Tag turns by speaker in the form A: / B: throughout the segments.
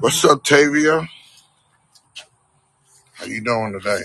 A: What's up, Tavia? How you doing today?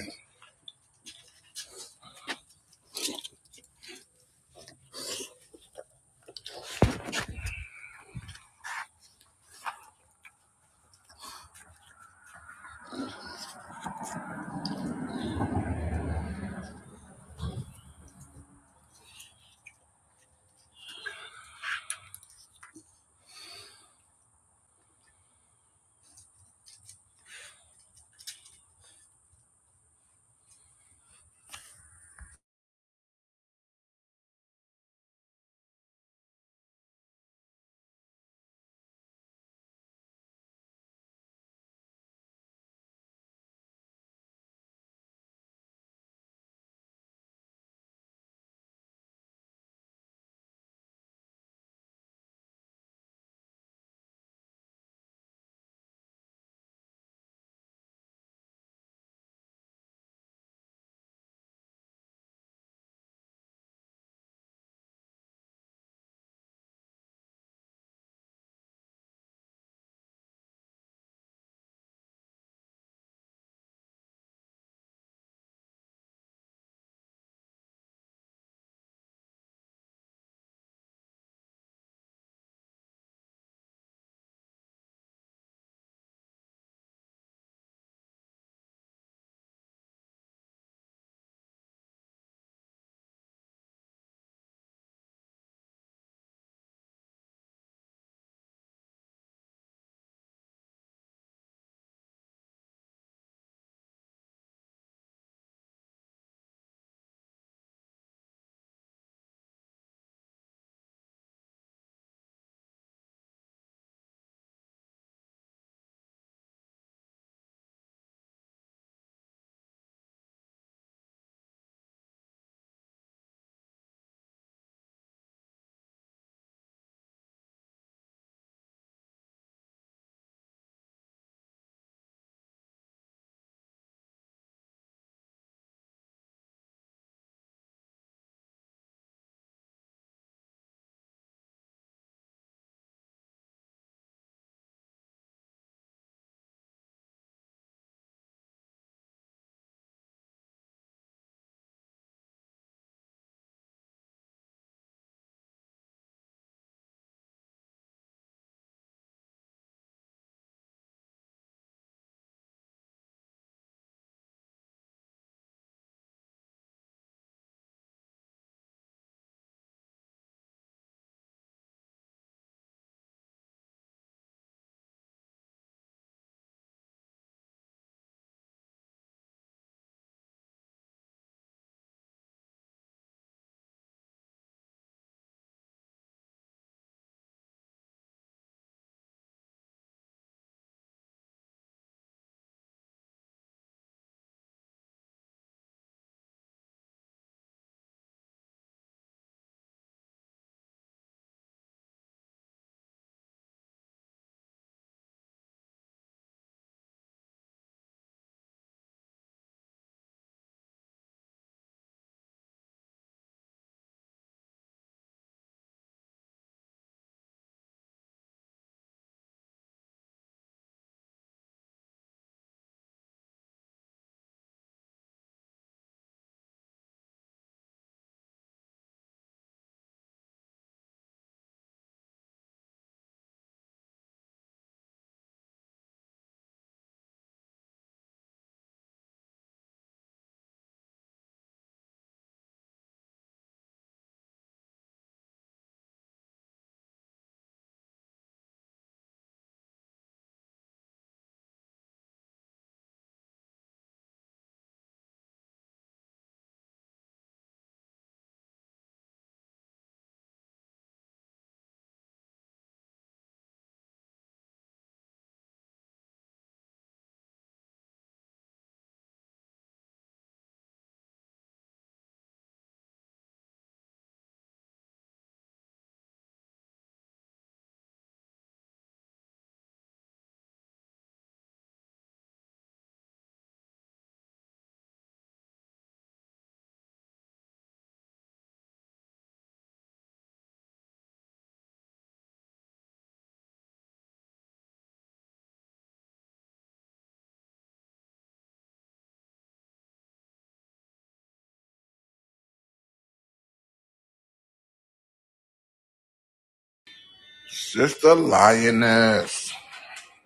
A: Sister Lioness.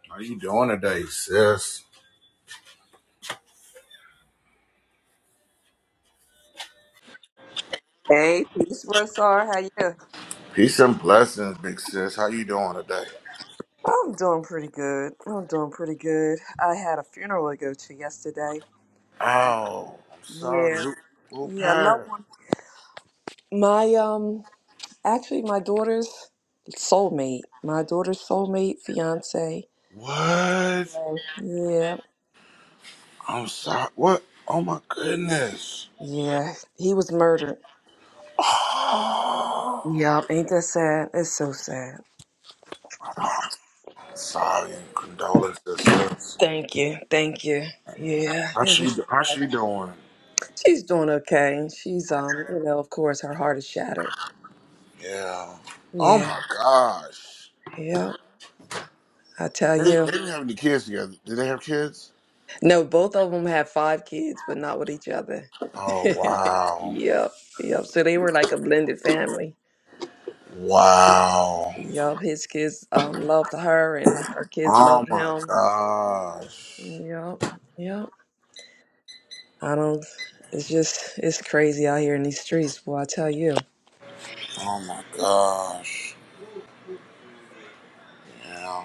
A: How you doing today, sis?
B: Hey, peace, Rosar. How you?
A: Peace and blessings, big sis. How you doing today?
B: I'm doing pretty good. I'm doing pretty good. I had a funeral to go to yesterday. Um,
A: Oh, I'm sorry.
B: yeah,
A: Who, who
B: yeah, I love
A: passed?
B: one. My um, actually, my daughter's soulmate. My daughter's soulmate, fiance.
A: What?
B: Yeah,
A: I'm sorry. What? Oh my goodness.
B: yeah, he was murdered.
A: Oh,
B: Yup, ain't that sad? It's so sad.
A: I'm sorry and condolences, sis.
B: Thank you, thank you. Yeah,
A: How
B: it
A: she,
B: was
A: how
B: sad.
A: she doing?
B: She's doing okay. She's um, you know, of course, her heart is shattered.
A: Yeah. Oh
B: Yeah.
A: my gosh.
B: Yep, I tell
A: They, they
B: you.
A: didn't have any kids together. Did they have kids?
B: No, both of them have five kids, but not with each other.
A: Oh wow,
B: Yep, yep. So they were like a blended family.
A: wow.
B: Yep, his kids um loved her and her kids
A: Oh
B: loved
A: my
B: him.
A: gosh.
B: Yep, yep. I don't, it's just, it's crazy out here in these streets. Boy, I tell you.
A: Oh my gosh. Yeah.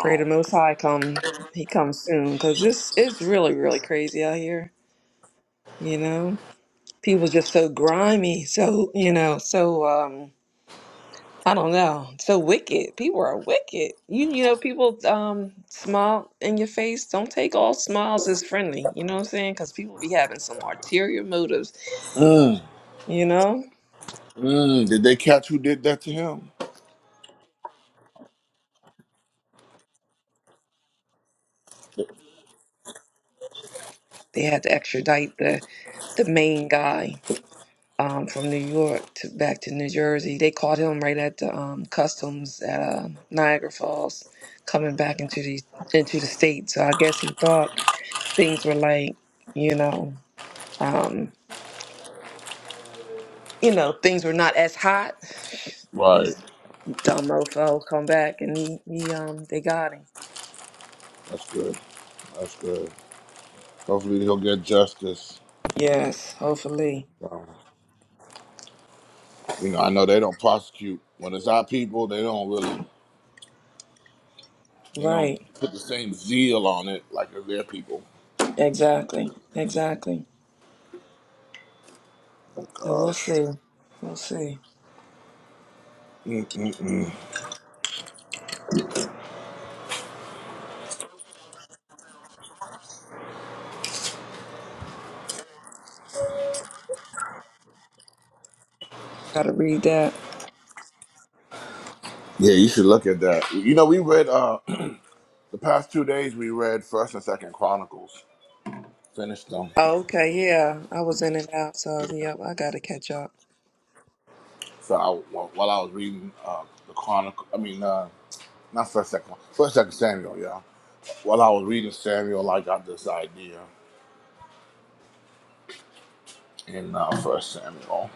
B: Pray the Most High come, he comes soon, because it's, it's really, really crazy out here. You know, people just so grimy, so, you know, so, um, I don't know. So wicked. People are wicked. You you know people um smile in your face. Don't take all smiles as friendly. You know what I'm saying? Because people be having some ulterior motives.
A: Mm,
B: You know
A: mm. Did they catch who did that to him?
B: they had to extradite the the main guy um from New York to back to New Jersey. They caught him right at the um customs at uh, Niagara Falls, coming back into the into the state. So I guess he thought things were like you know um you know things were not as hot.
A: Right.
B: Dumb mofo come back and he, he um they got him.
A: That's good. That's good. Hopefully he'll get justice.
B: Yes, hopefully.
A: Um, you know, I know they don't prosecute when it's our people. They don't really. They don't
B: Right.
A: put the same zeal on it like it's their people.
B: Exactly. Exactly.
A: Oh
B: So we'll
A: gosh.
B: see. We'll see.
A: Mm-mm-mm.
B: Gotta read that.
A: Yeah, you should look at that. You know, we read uh the past two days. We read First and Second Chronicles. Finished them.
B: Oh, okay, yeah. I was in and out, so yep, I gotta catch up.
A: So I, while while I was reading uh, the Chronicle, I mean, uh, not First Second, First Second Samuel. Yeah. While I was reading Samuel, I got this idea in uh, First Samuel.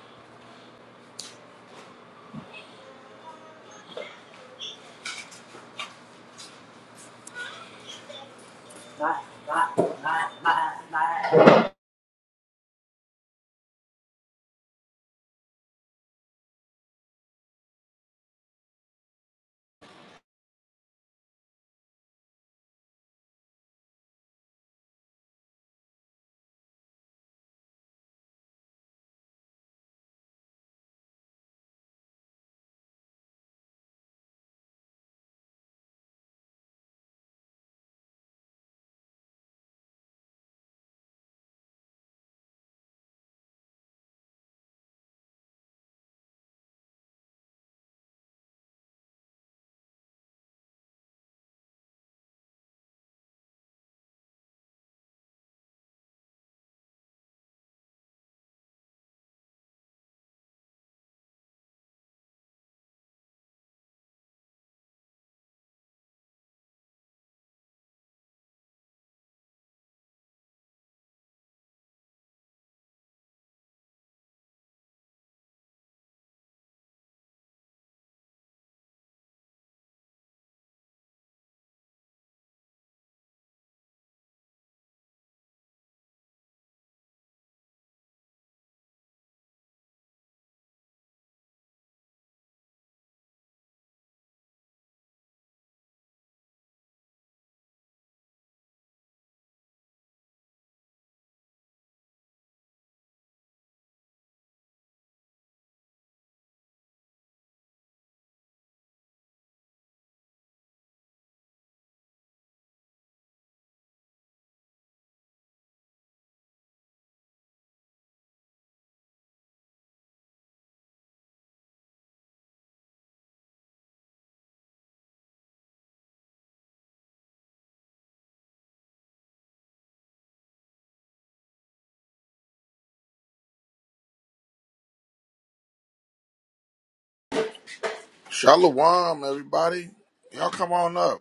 A: Shalom, everybody. Y'all come on up.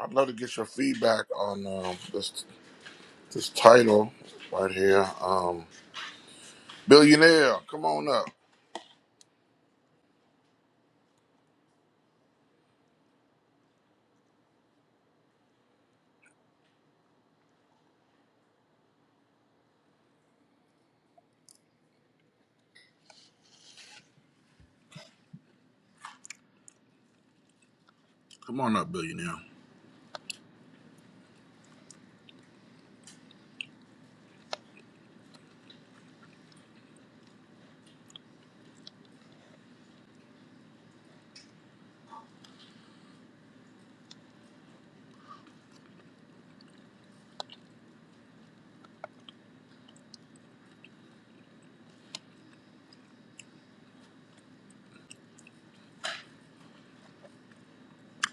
A: I'd love to get your feedback on um, this this title right here. Um, Billionaire, come on up. Come on up, billionaire.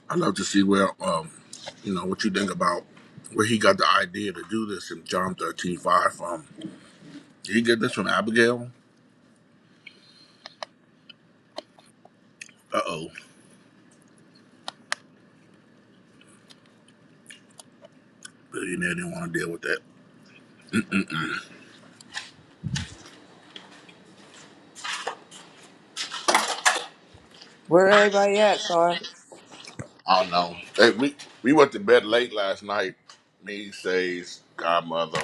A: I'd love to see where, um, you know, what you think about where he got the idea to do this in John thirteen five from. Did he get this from Abigail? Uh oh. Billionaire didn't want to deal with that.
B: Where everybody at, Sar?
A: I don't know. Hey, we, we went to bed late last night. Me, says Godmother.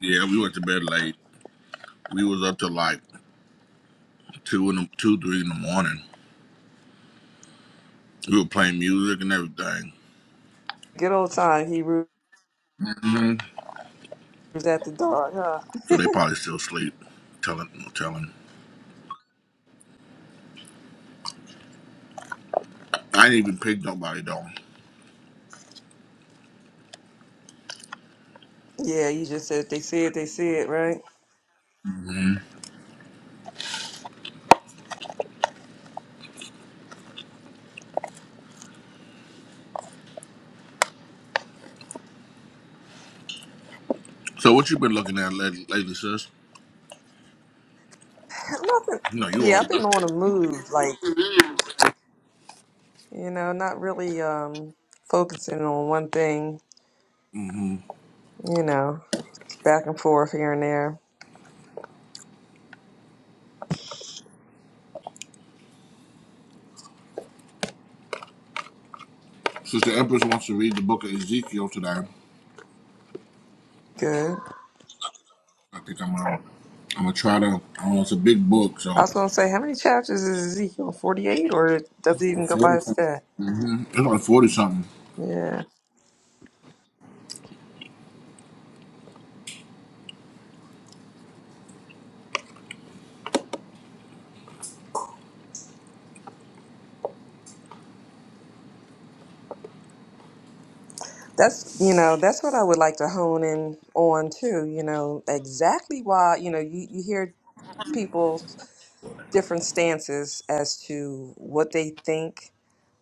A: Yeah, we went to bed late. We was up till like 2, in the, 2 3 in the morning. We were playing music and everything.
B: Good old time. Hebrews
A: hmm
B: at the dark, huh?
A: So they probably still asleep. Telling, telling. I ain't even picked nobody though.
B: Yeah, you just said they see it, they see it, right?
A: So what you been looking at lately, lately sis?
B: Nothing.
A: No, you are.
B: Yeah, I've been on a move, like, you know, not really um focusing on one thing
A: Mm-hmm.
B: You know, just back and forth here and there.
A: Since the Empress wants to read the book of Ezekiel today,
B: Good.
A: I think I'm gonna I'm gonna try to. I don't know. It's a big book,
B: I
A: so
B: was gonna say, how many chapters is Ezekiel? Forty-eight, or does it even go by
A: forty
B: his
A: something.
B: day?
A: Mm-hmm. It's like forty something.
B: Yeah, that's you know, that's what I would like to hone in on too. You know, exactly why you know you you hear people's different stances as to what they think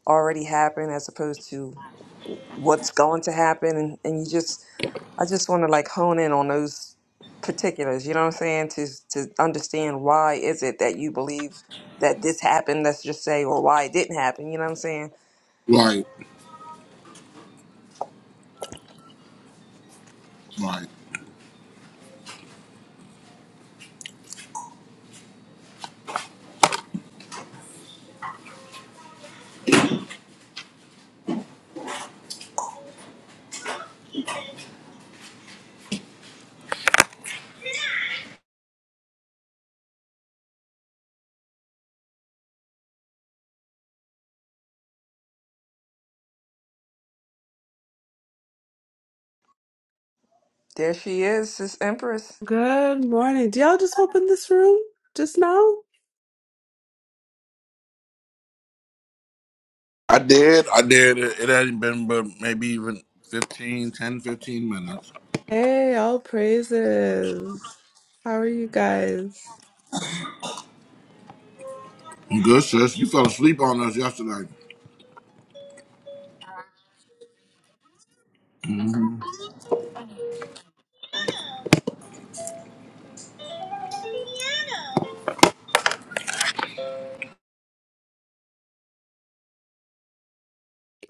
B: already happened as opposed to what's going to happen and, and you just I just want to like hone in on those particulars, you know what I'm saying? To to understand why is it that you believe that this happened, let's just say, or why it didn't happen, you know what I'm saying?
A: Right, right.
B: There she is, this Empress.
C: Good morning. Did y'all just open this room just now?
A: I did. I did. It, it hadn't been but maybe even fifteen, ten, fifteen minutes.
C: Hey, all praises. How are you guys?
A: 15 minutes. Good sis, you fell asleep on us yesterday. Mm.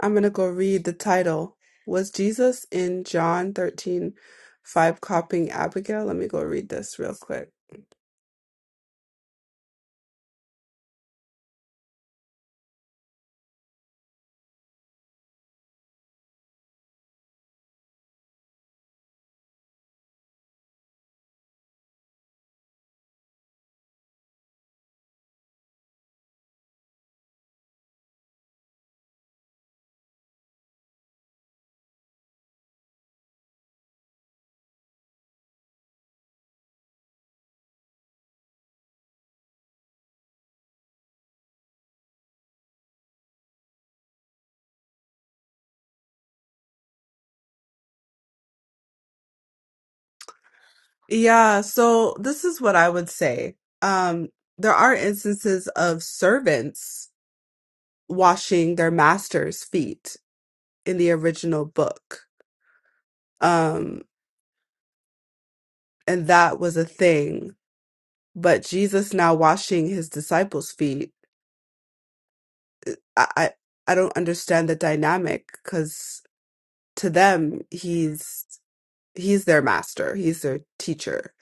C: I'm gonna go read the title. Was Jesus in John 13, 5 copying Abigail? Let me go read this real quick. Yeah, so this is what I would say. Um, there are instances of servants washing their master's feet in the original book. Um, and that was a thing but Jesus now washing his disciples' feet. I I, I don't understand the dynamic because to them he's he's their master, he's their teacher.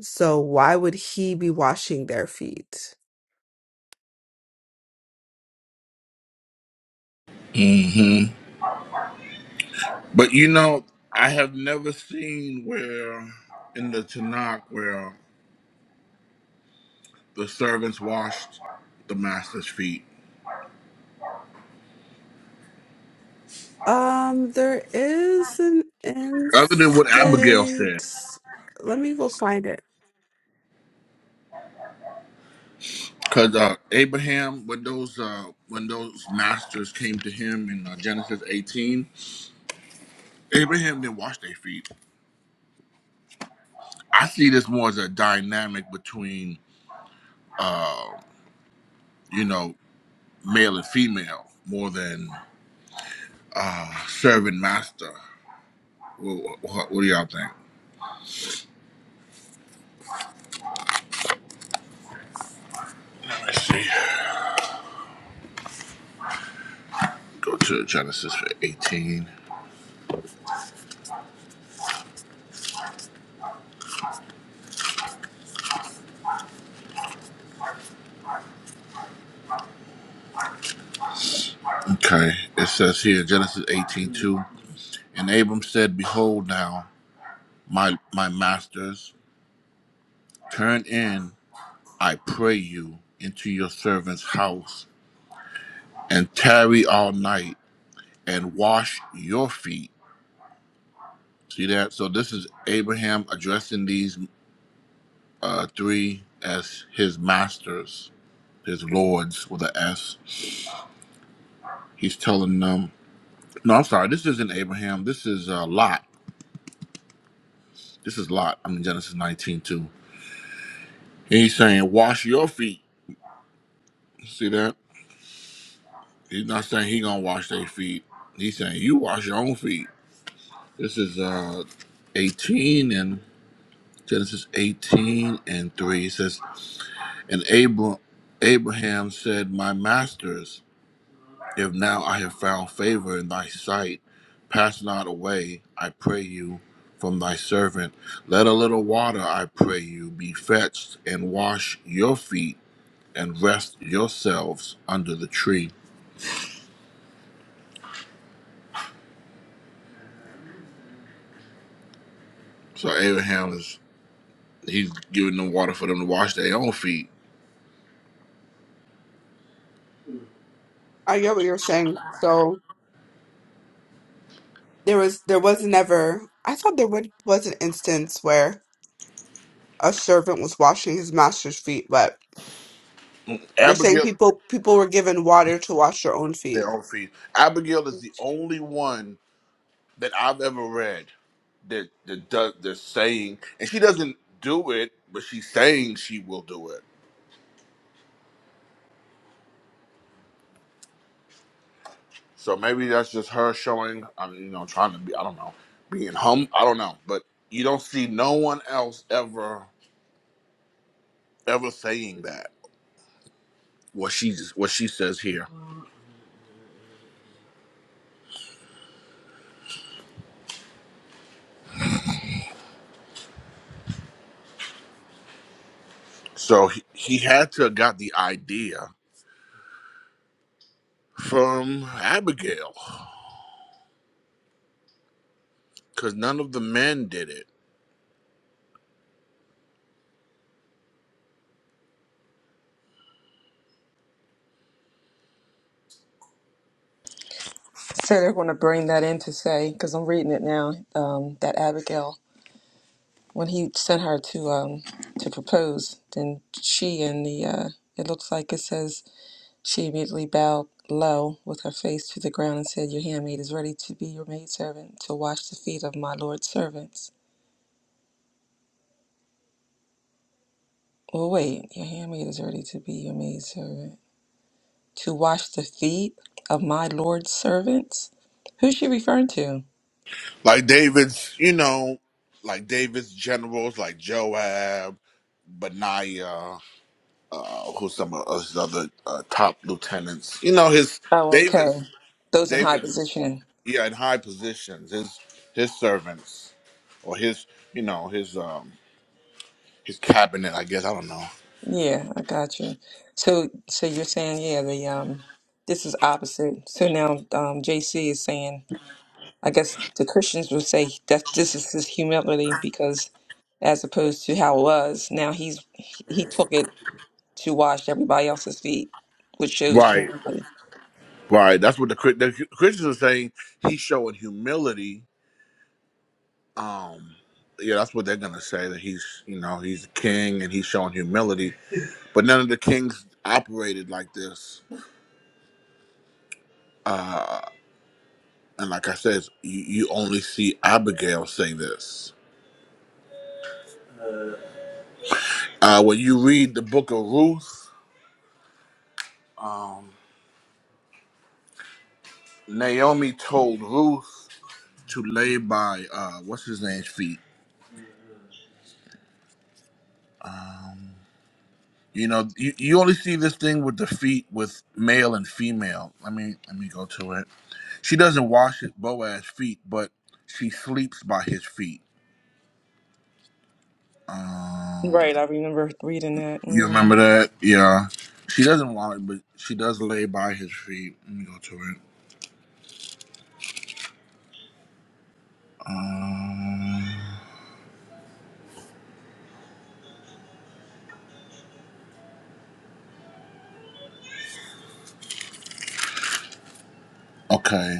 C: So why would he be washing their feet?
A: Mm-hmm. But you know, I have never seen where in the Tanakh where the servants washed the master's feet,
C: Um, there is an
A: other than what
C: instinct.
A: Abigail said.
C: Let me go find it.
A: Because uh, Abraham, when those uh, when those masters came to him in uh, Genesis 18, Abraham didn't wash their feet. I see this more as a dynamic between uh, you know male and female more than uh, servant master. What, what, what do y'all think? Let me see. Go to Genesis 18. Okay. It says here, Genesis 18:2. And Abram said, Behold, now, my, my masters, turn in, I pray you, into your servant's house, and tarry all night, and wash your feet. See that? So this is Abraham addressing these uh, three as his masters, his lords with an S. He's telling them, no, I'm sorry, this isn't Abraham. This is uh, Lot. This is Lot. I'm in Genesis 19 too. And he's saying, wash your feet. See that? He's not saying he gonna wash their feet. He's saying you wash your own feet. This is uh 18 and Genesis 18 and 3. He says, And Abra- Abraham said, My masters, if now I have found favor in thy sight, pass not away, I pray you, from thy servant. Let a little water, I pray you, be fetched, and wash your feet and rest yourselves under the tree. So Abraham is he's giving them water for them to wash their own feet.
C: I get what you're saying. So there was there was never I thought there would, was an instance where a servant was washing his master's feet, but you're saying
A: Abigail
C: people people were given water to wash their own
A: their
C: feet.
A: own feet. Abigail is the only one that I've ever read that that does they saying and she doesn't do it, but she's saying she will do it. So maybe that's just her showing I mean, you know, trying to be I don't know, being hum I don't know. But you don't see no one else ever ever saying that. What she just what she says here. So he, he had to have got the idea from Abigail because none of the men did it.
B: So they're going to bring that in to say, because I'm reading it now, um, that Abigail, when he sent her to um, to propose, then she and the, uh, it looks like it says She immediately bowed low with her face to the ground and said, Your handmaid is ready to be your maidservant, to wash the feet of my Lord's servants. Well, wait, your handmaid is ready to be your maidservant, to wash the feet of my Lord's servants? Who's she referring to?
A: Like David's, you know, like David's generals, like Joab, Benaiah, who's some of his other uh, top lieutenants. You know, his
B: Oh, okay.
A: David's,
B: Those in high
A: David's,
B: position.
A: yeah, in high positions, his his servants or his, you know, his um his cabinet. I guess I don't know.
B: Yeah, I got you. So, so you're saying, yeah, the um, this is opposite. So now, um, JC is saying I guess the Christians would say that this is his humility because, as opposed to how it was, now he's he took it to wash everybody else's feet, which shows
A: Right,
B: humility.
A: right. That's what the, Chri- the Christians are saying. He's showing humility Um, yeah, that's what they're gonna say that he's, you know, he's a king and he's showing humility. But none of the kings operated like this. Uh, and like I said, you, you only see Abigail say this. Uh, when you read the book of Ruth, um, Naomi told Ruth to lay by uh, what's his name's feet. Um, you know, you, you only see this thing with the feet with male and female. Let me let me go to it. She doesn't wash Boaz's feet, but she sleeps by his feet. Um,
B: Right, I remember reading that.
A: you remember that? Yeah. She doesn't want it, but she does lay by his feet. Let me go to it. Um, okay.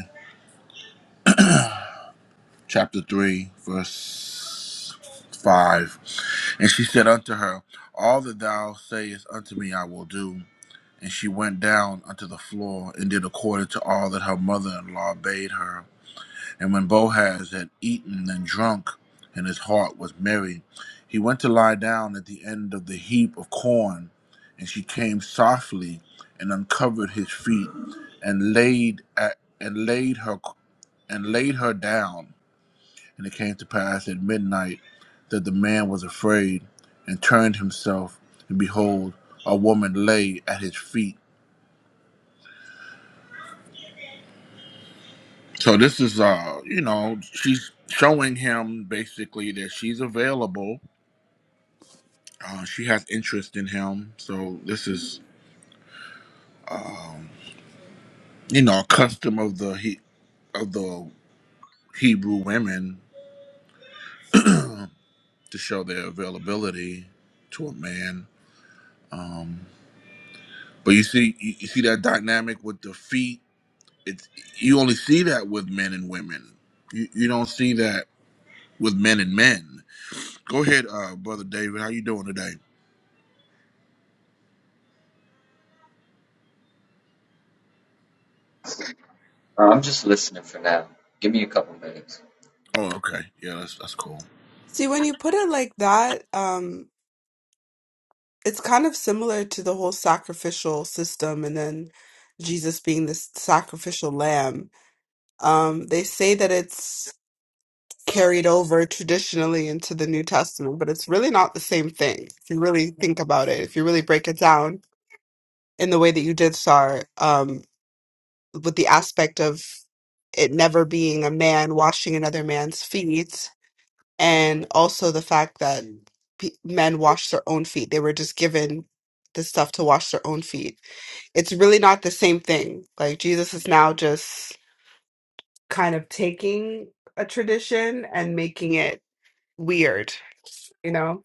A: Chapter 3, verse 5. And she said unto her, All that thou sayest unto me I will do. And she went down unto the floor and did according to all that her mother in law bade her. And when Boaz had eaten and drunk, and his heart was merry, he went to lie down at the end of the heap of corn. And she came softly and uncovered his feet, and laid at, and laid her and laid her down. And it came to pass at midnight that the man was afraid and turned himself, and behold, a woman lay at his feet. So this is uh, you know, she's showing him basically that she's available Uh, she has interest in him, so this is you know a custom of the he of the Hebrew women to show their availability to a man. Um, but you see, you, you see that dynamic with the feet. It's you only see that with men and women. You you don't see that with men and men. Go ahead, uh, brother David. How you doing today?
D: Awesome. Uh, I'm just listening for now. Give me a couple minutes.
A: Oh, okay. Yeah, that's that's cool.
C: See, when you put it like that, um, it's kind of similar to the whole sacrificial system and then Jesus being this sacrificial lamb. Um, they say that it's carried over traditionally into the New Testament, but it's really not the same thing. If you really think about it, if you really break it down in the way that you did, Sar, um, with the aspect of it never being a man washing another man's feet, and also the fact that pe men wash their own feet, they were just given the stuff to wash their own feet. It's really not the same thing. Like Jesus is now just kind of taking a tradition and making it weird. You know,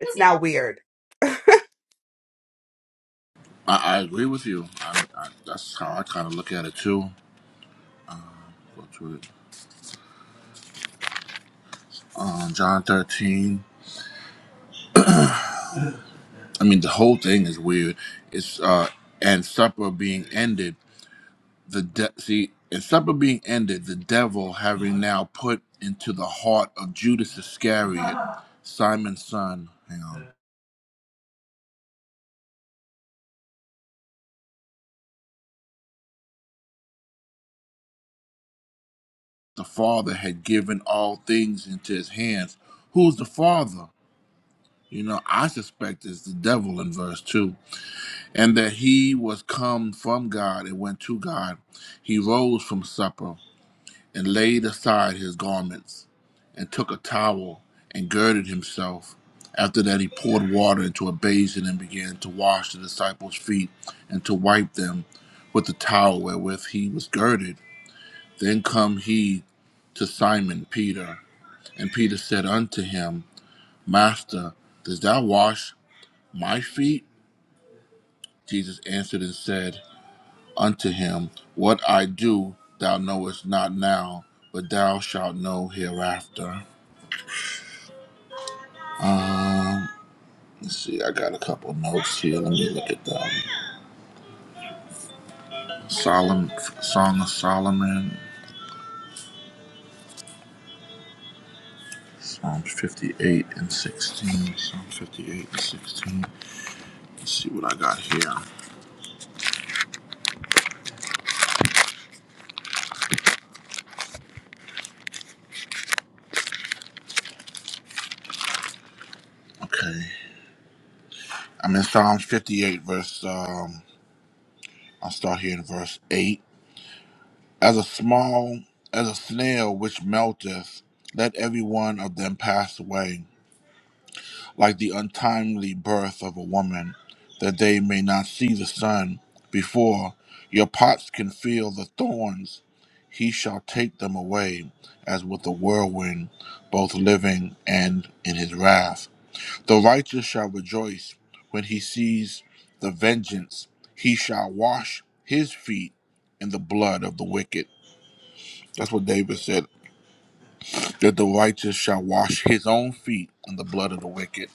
C: it's now weird.
A: I, I agree with you. I, I, that's how I kind of look at it too. Go to it. Um, John thirteen. I mean, the whole thing is weird. It's uh, and supper being ended. The de- see, and supper being ended. The devil having now put into the heart of Judas Iscariot, Simon's son. Hang on. The father had given all things into his hands. Who's the father? You know, I suspect it's the devil in verse two, and that he was come from God and went to God. He rose from supper. and laid aside his garments, and took a towel and girded himself. After that, he poured water into a basin and began to wash the disciples' feet and to wipe them with the towel wherewith he was girded. Then come he to Simon Peter, and Peter said unto him, Master, dost thou wash my feet? Jesus answered and said unto him, What I do thou knowest not now, but thou shalt know hereafter. Um, let's see, I got a couple notes here. Let me look at them. Solomon, Song of Solomon, Psalms 58 and 16. Psalm 58 and 16. Let's see what I got here. Okay, I'm in Psalms 58, verse. Um, I'll start here in verse 8. As a small, as a snail which melteth, let every one of them pass away. like the untimely birth of a woman, that they may not see the sun. Before your pots can feel the thorns, he shall take them away as with a whirlwind, both living and in his wrath. The righteous shall rejoice when he sees the vengeance. He shall wash his feet in the blood of the wicked. That's what David said, that the righteous shall wash his own feet in the blood of the wicked.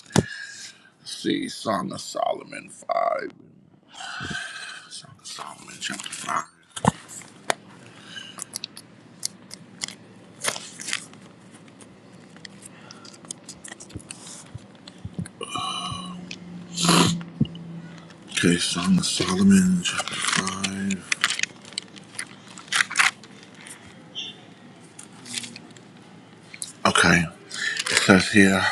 A: Let's see Song of Solomon 5. Song of Solomon chapter 5. Okay, Song of Solomon chapter 5. Okay, it says here.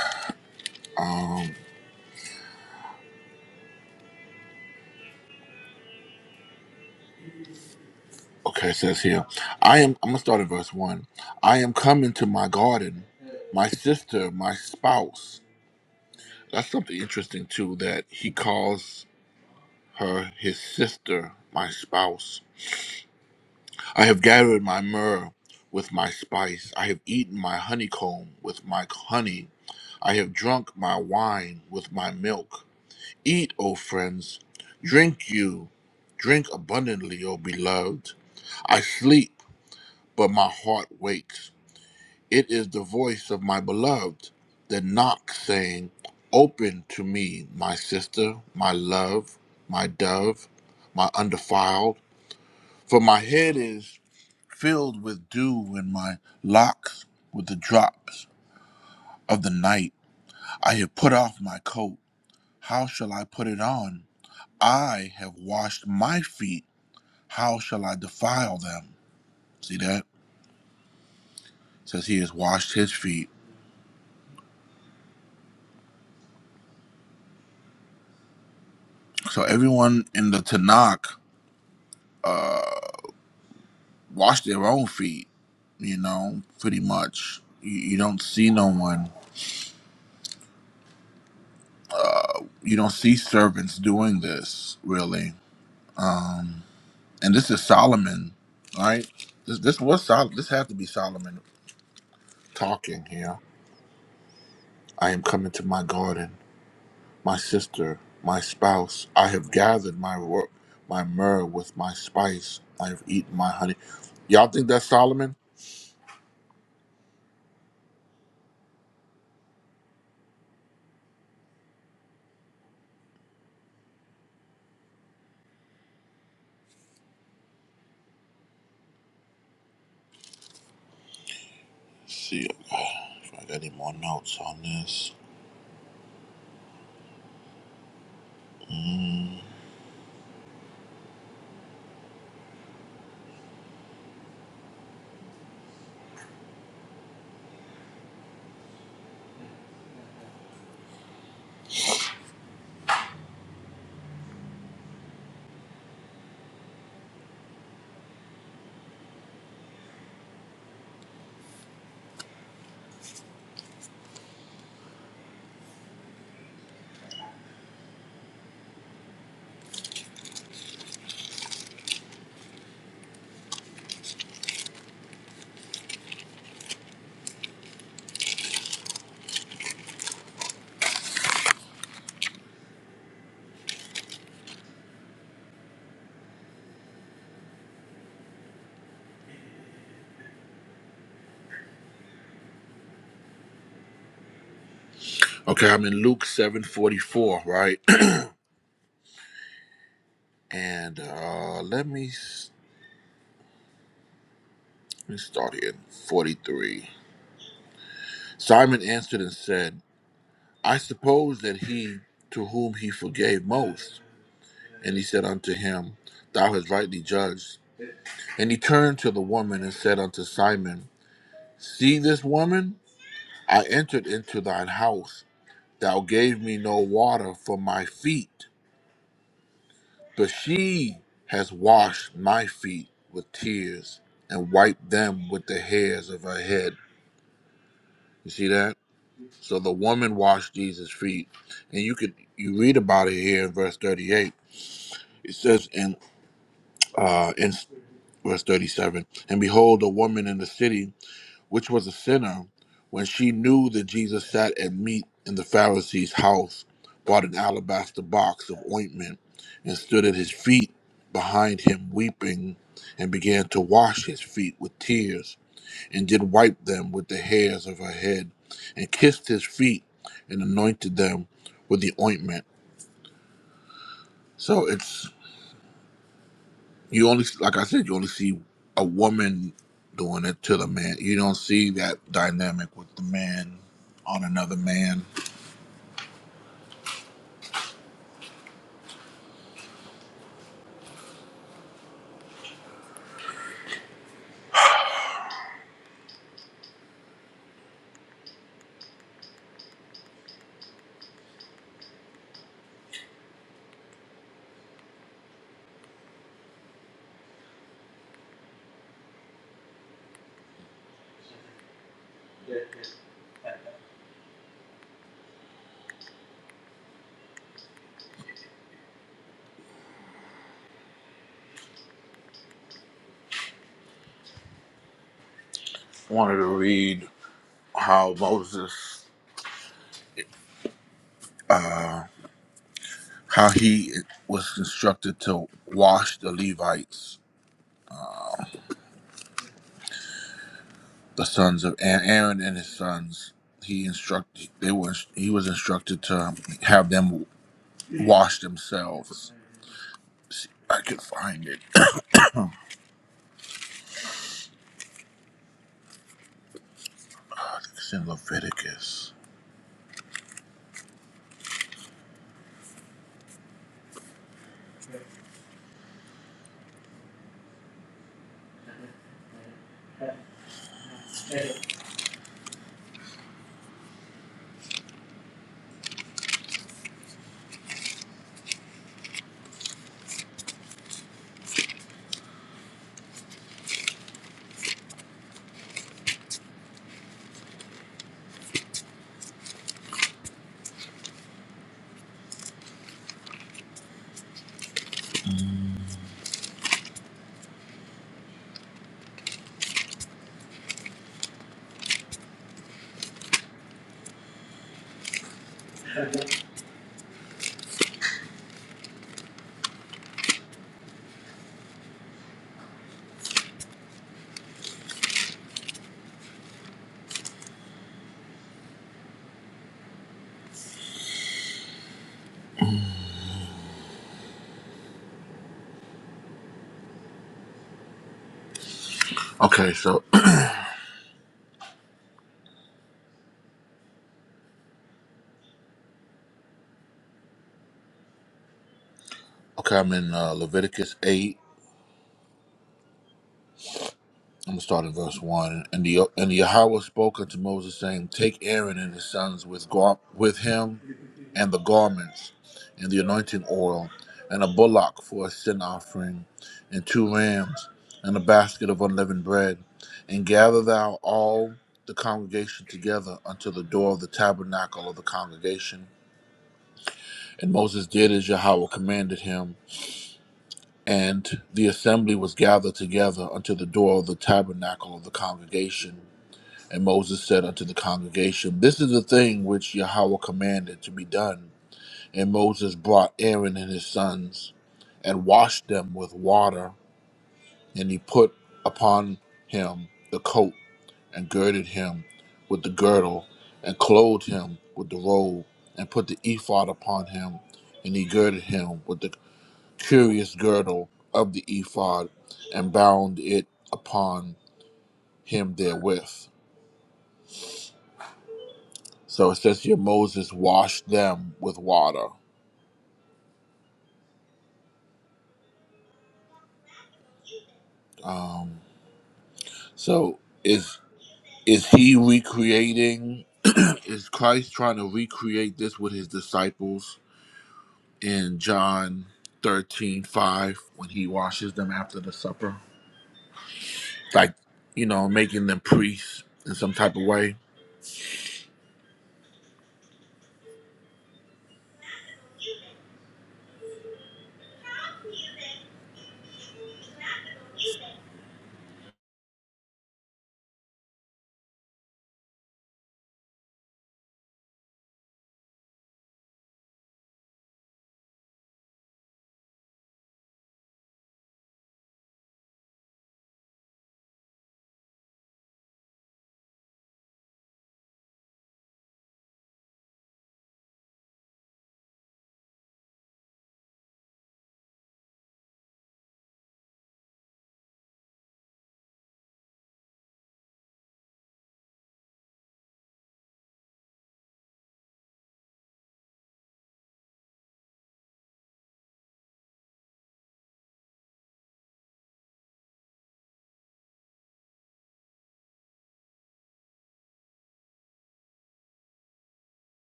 A: Okay, it says here. I am, I'm going to start at verse 1. I am coming to my garden, my sister, my spouse. That's something interesting, too, that he calls her his sister, my spouse. I have gathered my myrrh with my spice. I have eaten my honeycomb with my honey. I have drunk my wine with my milk. Eat, O friends, drink you, drink abundantly, O beloved. I sleep, but my heart wakes. It is the voice of my beloved that knocks, saying, Open to me, my sister, my love, my dove, my undefiled. For my head is filled with dew in my locks with the drops of the night. I have put off my coat. How shall I put it on? I have washed my feet. How shall I defile them? See that? It says he has washed his feet. So everyone in the Tanakh washed their own feet, you know, pretty much. You, you don't see no one, uh, you don't see servants doing this, really. Um, and this is Solomon, right? This this was Sol. This had to be Solomon talking here. I am coming to my garden, my sister, my spouse. I have gathered my work, my myrrh with my spice. I have eaten my honey. Y'all think that's Solomon? see if I got any more notes on this. Mm. Okay, I'm in Luke seven forty four, right? And uh, let me s- let me start here in forty three. Simon answered and said. I suppose that he to whom he forgave most, and he said unto him, Thou hast rightly judged. And he turned to the woman and said unto Simon, See this woman? I entered into thine house. Thou gave me no water for my feet, but she has washed my feet with tears and wiped them with the hairs of her head. You see that? So the woman washed Jesus' feet. And you could you read about it here in verse 38. It says, "And uh, in verse 37 and behold a woman in the city which was a sinner when she knew that jesus sat at meat in the pharisee's house bought an alabaster box of ointment and stood at his feet behind him weeping and began to wash his feet with tears and did wipe them with the hairs of her head and kissed his feet and anointed them with the ointment so it's You only, like I said, you only see a woman doing it to the man. You don't see that dynamic with the man on another man. Wanted to read how Moses, uh, how he was instructed to wash the Levites, uh, the sons of Aa- Aaron and his sons. He instructed they were he was instructed to have them wash themselves. See, I could find it. it's in Leviticus. Okay, so Okay, I'm in uh, Leviticus 8. I'm going to start in verse 1. And the and Yahweh spoke unto Moses, saying, Take Aaron and his sons with, gar- with him, and the garments, and the anointing oil, and a bullock for a sin offering, and two rams, and a basket of unleavened bread. And gather thou all the congregation together unto the door of the tabernacle of the congregation. And Moses did as Yahweh commanded him. And the assembly was gathered together unto the door of the tabernacle of the congregation. And Moses said unto the congregation, This is the thing which Yahweh commanded to be done. And Moses brought Aaron and his sons, and washed them with water. And he put upon him the coat, and girded him with the girdle, and clothed him with the robe, and put the ephod upon him, and he girded him with the curious girdle of the ephod and bound it upon him therewith. So it says here Moses washed them with water. Um, so is is he recreating? is Christ trying to recreate this with his disciples in John thirteen five when he washes them after the supper? Like, you know, making them priests in some type of way.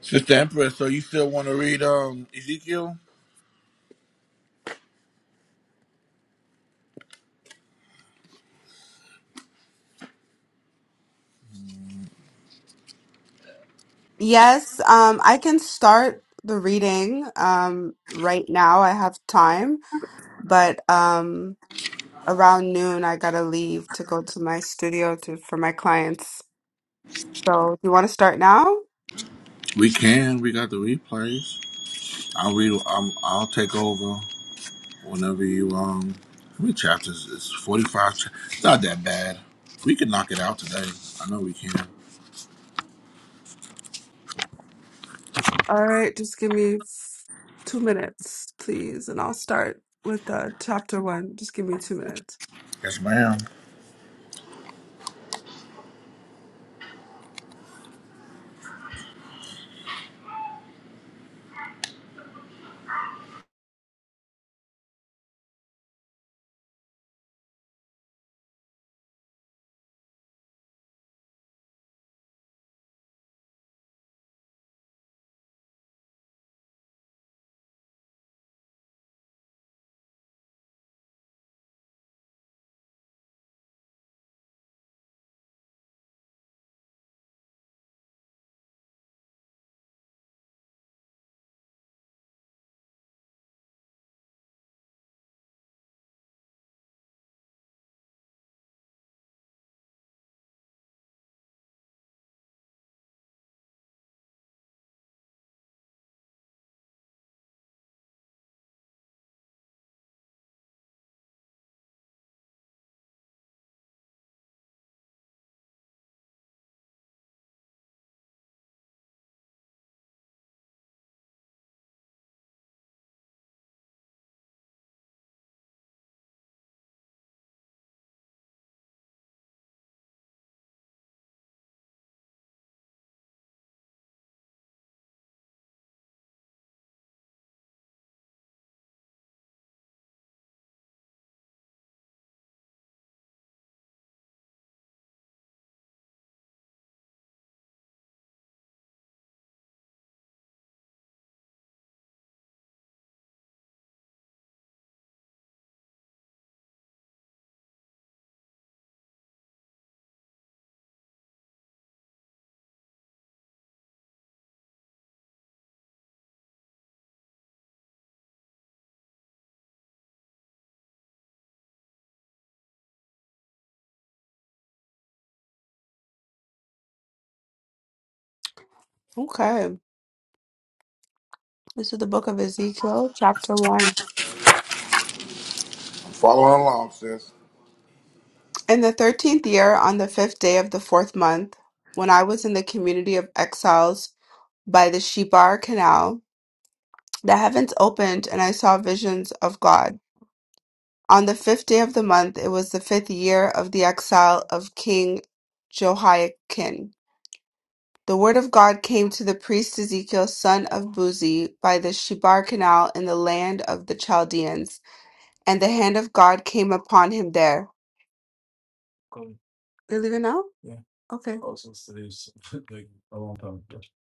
A: Sister Empress, so you still want to read um Ezekiel?
C: Yes, um, I can start the reading um, right now. I have time, but um, around noon, I gotta leave to go to my studio to for my clients. So, you want to start now?
A: We can. We got the replays. I'll read. Um, I'll take over whenever you. Um, how many chapters? It's forty-five. Cha- it's not that bad. We can knock it out today. I know we can.
C: All right, just give me f- two minutes, please, and I'll start with uh, chapter one. Just give me two minutes.
A: Yes, ma'am.
C: Okay. This is the book of Ezekiel, chapter one.
A: I'm following along, sis.
C: In the thirteenth year, on the fifth day of the fourth month, when I was in the community of exiles by the Shebar Canal, the heavens opened and I saw visions of God. On the fifth day of the month, it was the fifth year of the exile of King Jehoiakim. The word of God came to the priest Ezekiel, son of Buzi, by the Shebar Canal in the land of the Chaldeans, and the hand of God came upon him there. They're leaving now? Okay.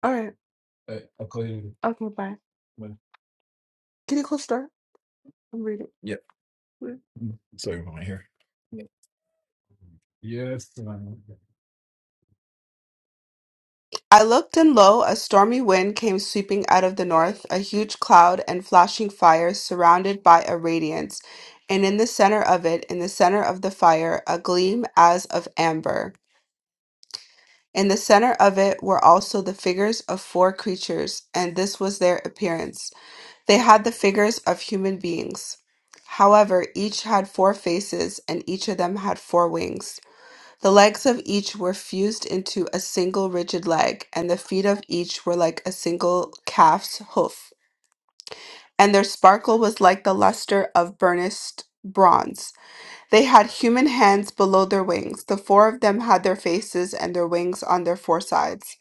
C: All right. Okay. Bye. Get it closer. I'm reading. Wait. I looked, and lo, a stormy wind came sweeping out of the north, a huge cloud and flashing fire surrounded by a radiance, and in the center of it, in the center of the fire, a gleam as of amber. In the center of it were also the figures of four creatures, and this was their appearance. They had the figures of human beings. However, each had four faces, and each of them had four wings. The legs of each were fused into a single rigid leg, and the feet of each were like a single calf's hoof, and their sparkle was like the luster of burnished bronze. They had human hands below their wings. The four of them had their faces and their wings on their four sides.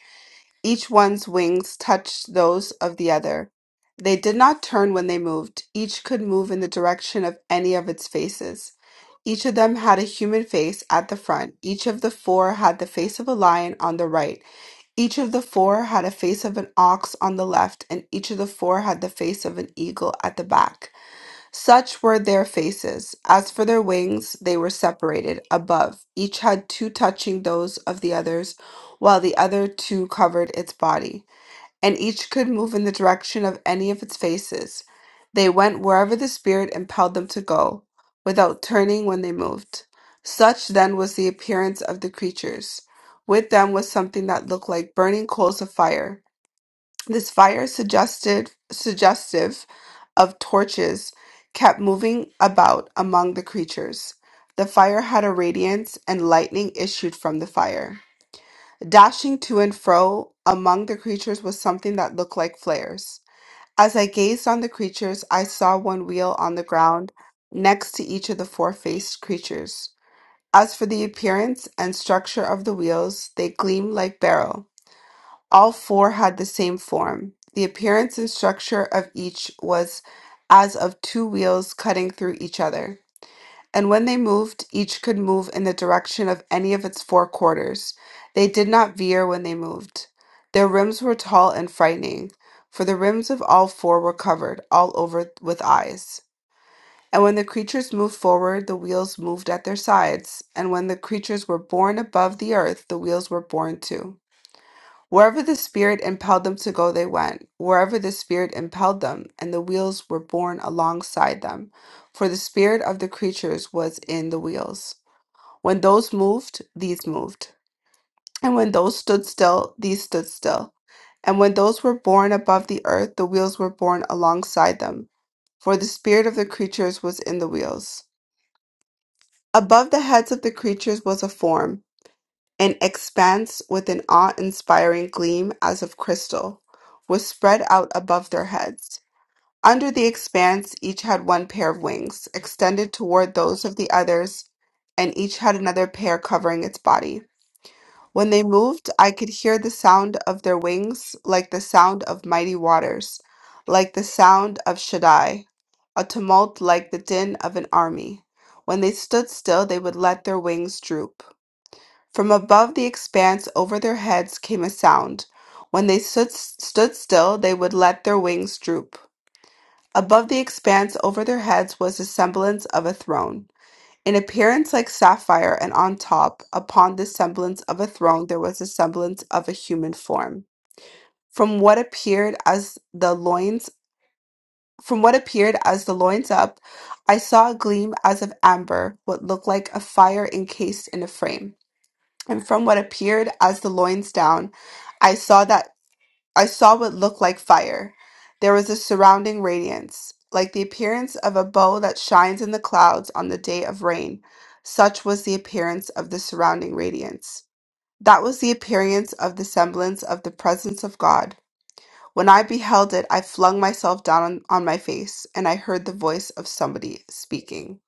C: Each one's wings touched those of the other. They did not turn when they moved. Each could move in the direction of any of its faces. Each of them had a human face at the front. Each of the four had the face of a lion on the right. Each of the four had a face of an ox on the left, and each of the four had the face of an eagle at the back. Such were their faces. As for their wings, they were separated above. Each had two touching those of the others, while the other two covered its body. And each could move in the direction of any of its faces. They went wherever the Spirit impelled them to go, without turning when they moved. Such then was the appearance of the creatures. With them was something that looked like burning coals of fire. This fire suggested suggestive of torches kept moving about among the creatures. The fire had a radiance and lightning issued from the fire. Dashing to and fro among the creatures was something that looked like flares. As I gazed on the creatures, I saw one wheel on the ground next to each of the four faced creatures. As for the appearance and structure of the wheels, they gleamed like beryl. All four had the same form. The appearance and structure of each was as of two wheels cutting through each other. And when they moved, each could move in the direction of any of its four quarters. They did not veer when they moved. Their rims were tall and frightening, for the rims of all four were covered all over with eyes. And when the creatures moved forward, the wheels moved at their sides. And when the creatures were borne above the earth, the wheels were borne too. Wherever the Spirit impelled them to go, they went. Wherever the Spirit impelled them, and the wheels were borne alongside them, for the spirit of the creatures was in the wheels. When those moved, these moved. And when those stood still, these stood still. And when those were borne above the earth, the wheels were borne alongside them, for the spirit of the creatures was in the wheels. Above the heads of the creatures was a form An expanse with an awe-inspiring gleam as of crystal was spread out above their heads. Under the expanse, each had one pair of wings, extended toward those of the others, and each had another pair covering its body. When they moved, I could hear the sound of their wings, like the sound of mighty waters, like the sound of Shaddai, a tumult like the din of an army. When they stood still, they would let their wings droop. From above the expanse over their heads came a sound. When they stood, stood still, they would let their wings droop. Above the expanse over their heads was the semblance of a throne, in appearance like sapphire, and on top, upon the semblance of a throne, there was the semblance of a human form. From what appeared as the loins, from what appeared as the loins up, I saw a gleam as of amber, what looked like a fire encased in a frame. and from what appeared as the loins down, I saw that I saw what looked like fire. There was a surrounding radiance, like the appearance of a bow that shines in the clouds on the day of rain. Such was the appearance of the surrounding radiance. That was the appearance of the semblance of the presence of God. When I beheld it, I flung myself down on, on my face, and I heard the voice of somebody speaking.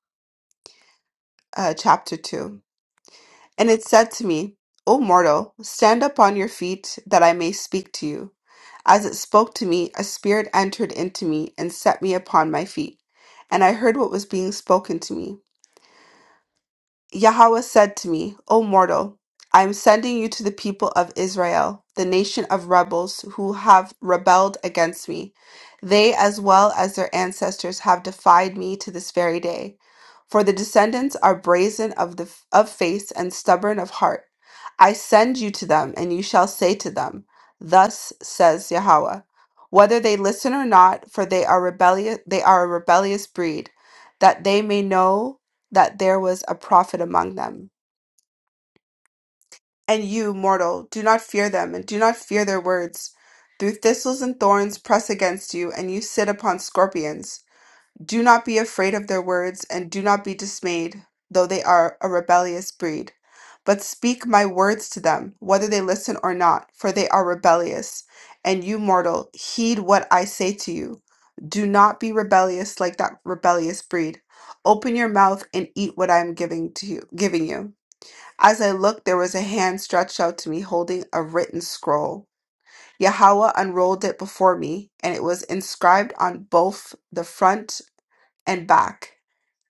C: Uh, chapter 2. And it said to me, O mortal, stand up on your feet, that I may speak to you. As it spoke to me, a spirit entered into me and set me upon my feet. And I heard what was being spoken to me. Yahweh said to me, O mortal, I am sending you to the people of Israel, the nation of rebels who have rebelled against me. They, as well as their ancestors, have defied me to this very day. For the descendants are brazen of, the, of face and stubborn of heart. I send you to them, and you shall say to them, Thus says Yahweh. Whether they listen or not, for they are rebellious, they are a rebellious breed, that they may know that there was a prophet among them. And you, mortal, do not fear them, and do not fear their words. Through thistles and thorns press against you, and you sit upon scorpions. Do not be afraid of their words, and do not be dismayed, though they are a rebellious breed. But speak my words to them, whether they listen or not, for they are rebellious. And you, mortal, heed what I say to you. Do not be rebellious like that rebellious breed. Open your mouth and eat what I am giving to you, giving you. As I looked, there was a hand stretched out to me holding a written scroll. Yahweh unrolled it before me, and it was inscribed on both the front and back,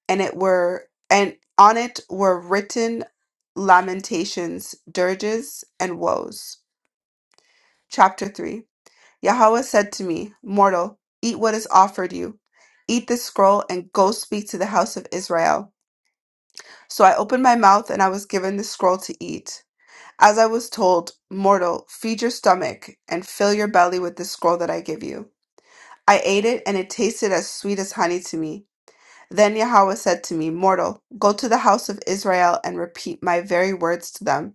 C: and it were and on it were written lamentations, dirges, and woes. Chapter three. Yahweh said to me, Mortal, eat what is offered you. Eat this scroll and go speak to the house of Israel. So I opened my mouth and I was given the scroll to eat. As I was told, mortal, feed your stomach and fill your belly with the scroll that I give you. I ate it, and it tasted as sweet as honey to me. Then Yahweh said to me, Mortal, go to the house of Israel and repeat my very words to them,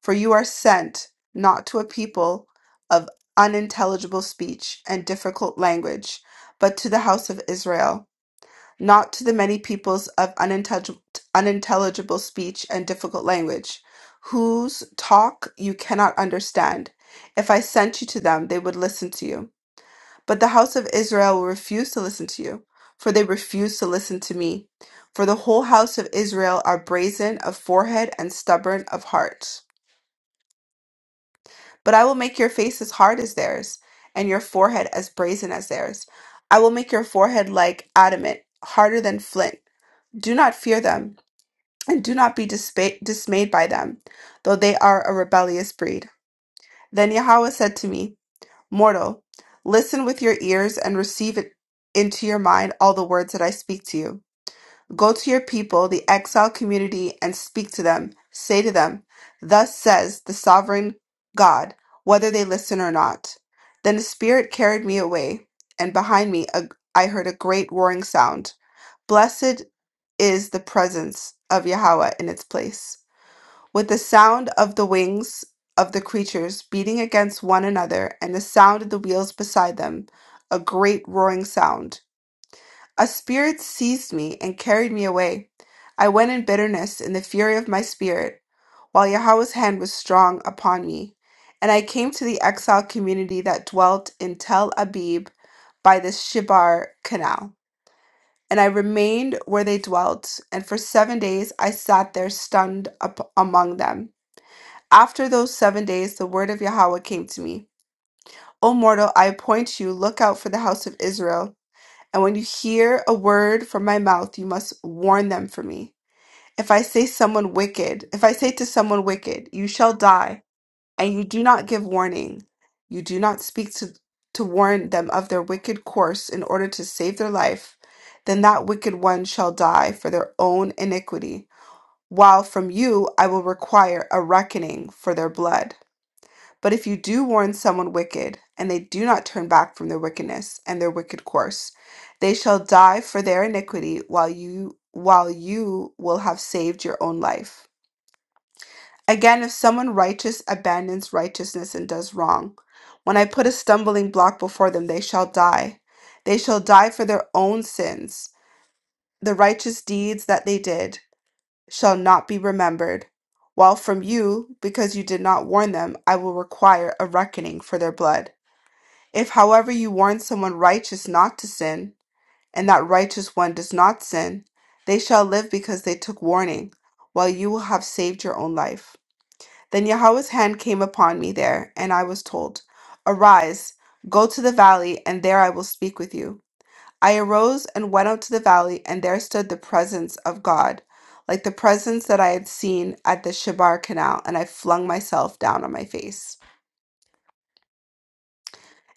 C: for you are sent not to a people of unintelligible speech and difficult language, but to the house of Israel not to the many peoples of unintelligible, unintelligible speech and difficult language, whose talk you cannot understand. If I sent you to them, they would listen to you. But the house of Israel will refuse to listen to you, for they refuse to listen to me. For the whole house of Israel are brazen of forehead and stubborn of heart. But I will make your face as hard as theirs, and your forehead as brazen as theirs. I will make your forehead like adamant, harder than flint. Do not fear them. and do not be dispa- dismayed by them, though they are a rebellious breed. Then Yahweh said to me, Mortal, listen with your ears and receive it into your mind all the words that I speak to you. Go to your people, the exiled community, and speak to them. Say to them, Thus says the sovereign God, whether they listen or not. Then the Spirit carried me away, and behind me a- I heard a great roaring sound. Blessed is the presence of Yahweh in its place with the sound of the wings of the creatures beating against one another and the sound of the wheels beside them, a great roaring sound. A spirit seized me and carried me away. I went in bitterness in the fury of my spirit, while Yahweh's hand was strong upon me. And I came to the exile community that dwelt in Tel Abib by the Shibar Canal. And I remained where they dwelt, and for seven days I sat there stunned up among them. After those seven days, the word of Yahweh came to me. O mortal, I appoint you, look out for the house of Israel. And when you hear a word from my mouth, you must warn them for me. If I say someone wicked, if I say to someone wicked, you shall die, and you do not give warning, you do not speak to, to warn them of their wicked course in order to save their life, then that wicked one shall die for their own iniquity, while from you I will require a reckoning for their blood. But if you do warn someone wicked, and they do not turn back from their wickedness and their wicked course, they shall die for their iniquity while you while you will have saved your own life. Again, if someone righteous abandons righteousness and does wrong, when I put a stumbling block before them, they shall die. They shall die for their own sins. The righteous deeds that they did shall not be remembered. While from you, because you did not warn them, I will require a reckoning for their blood. If, however, you warn someone righteous not to sin, and that righteous one does not sin, they shall live because they took warning, while you will have saved your own life. Then Yahweh's hand came upon me there, and I was told, Arise, go to the valley, and there I will speak with you. I arose and went out to the valley, and there stood the presence of God, like the presence that I had seen at the Shebar canal, and I flung myself down on my face.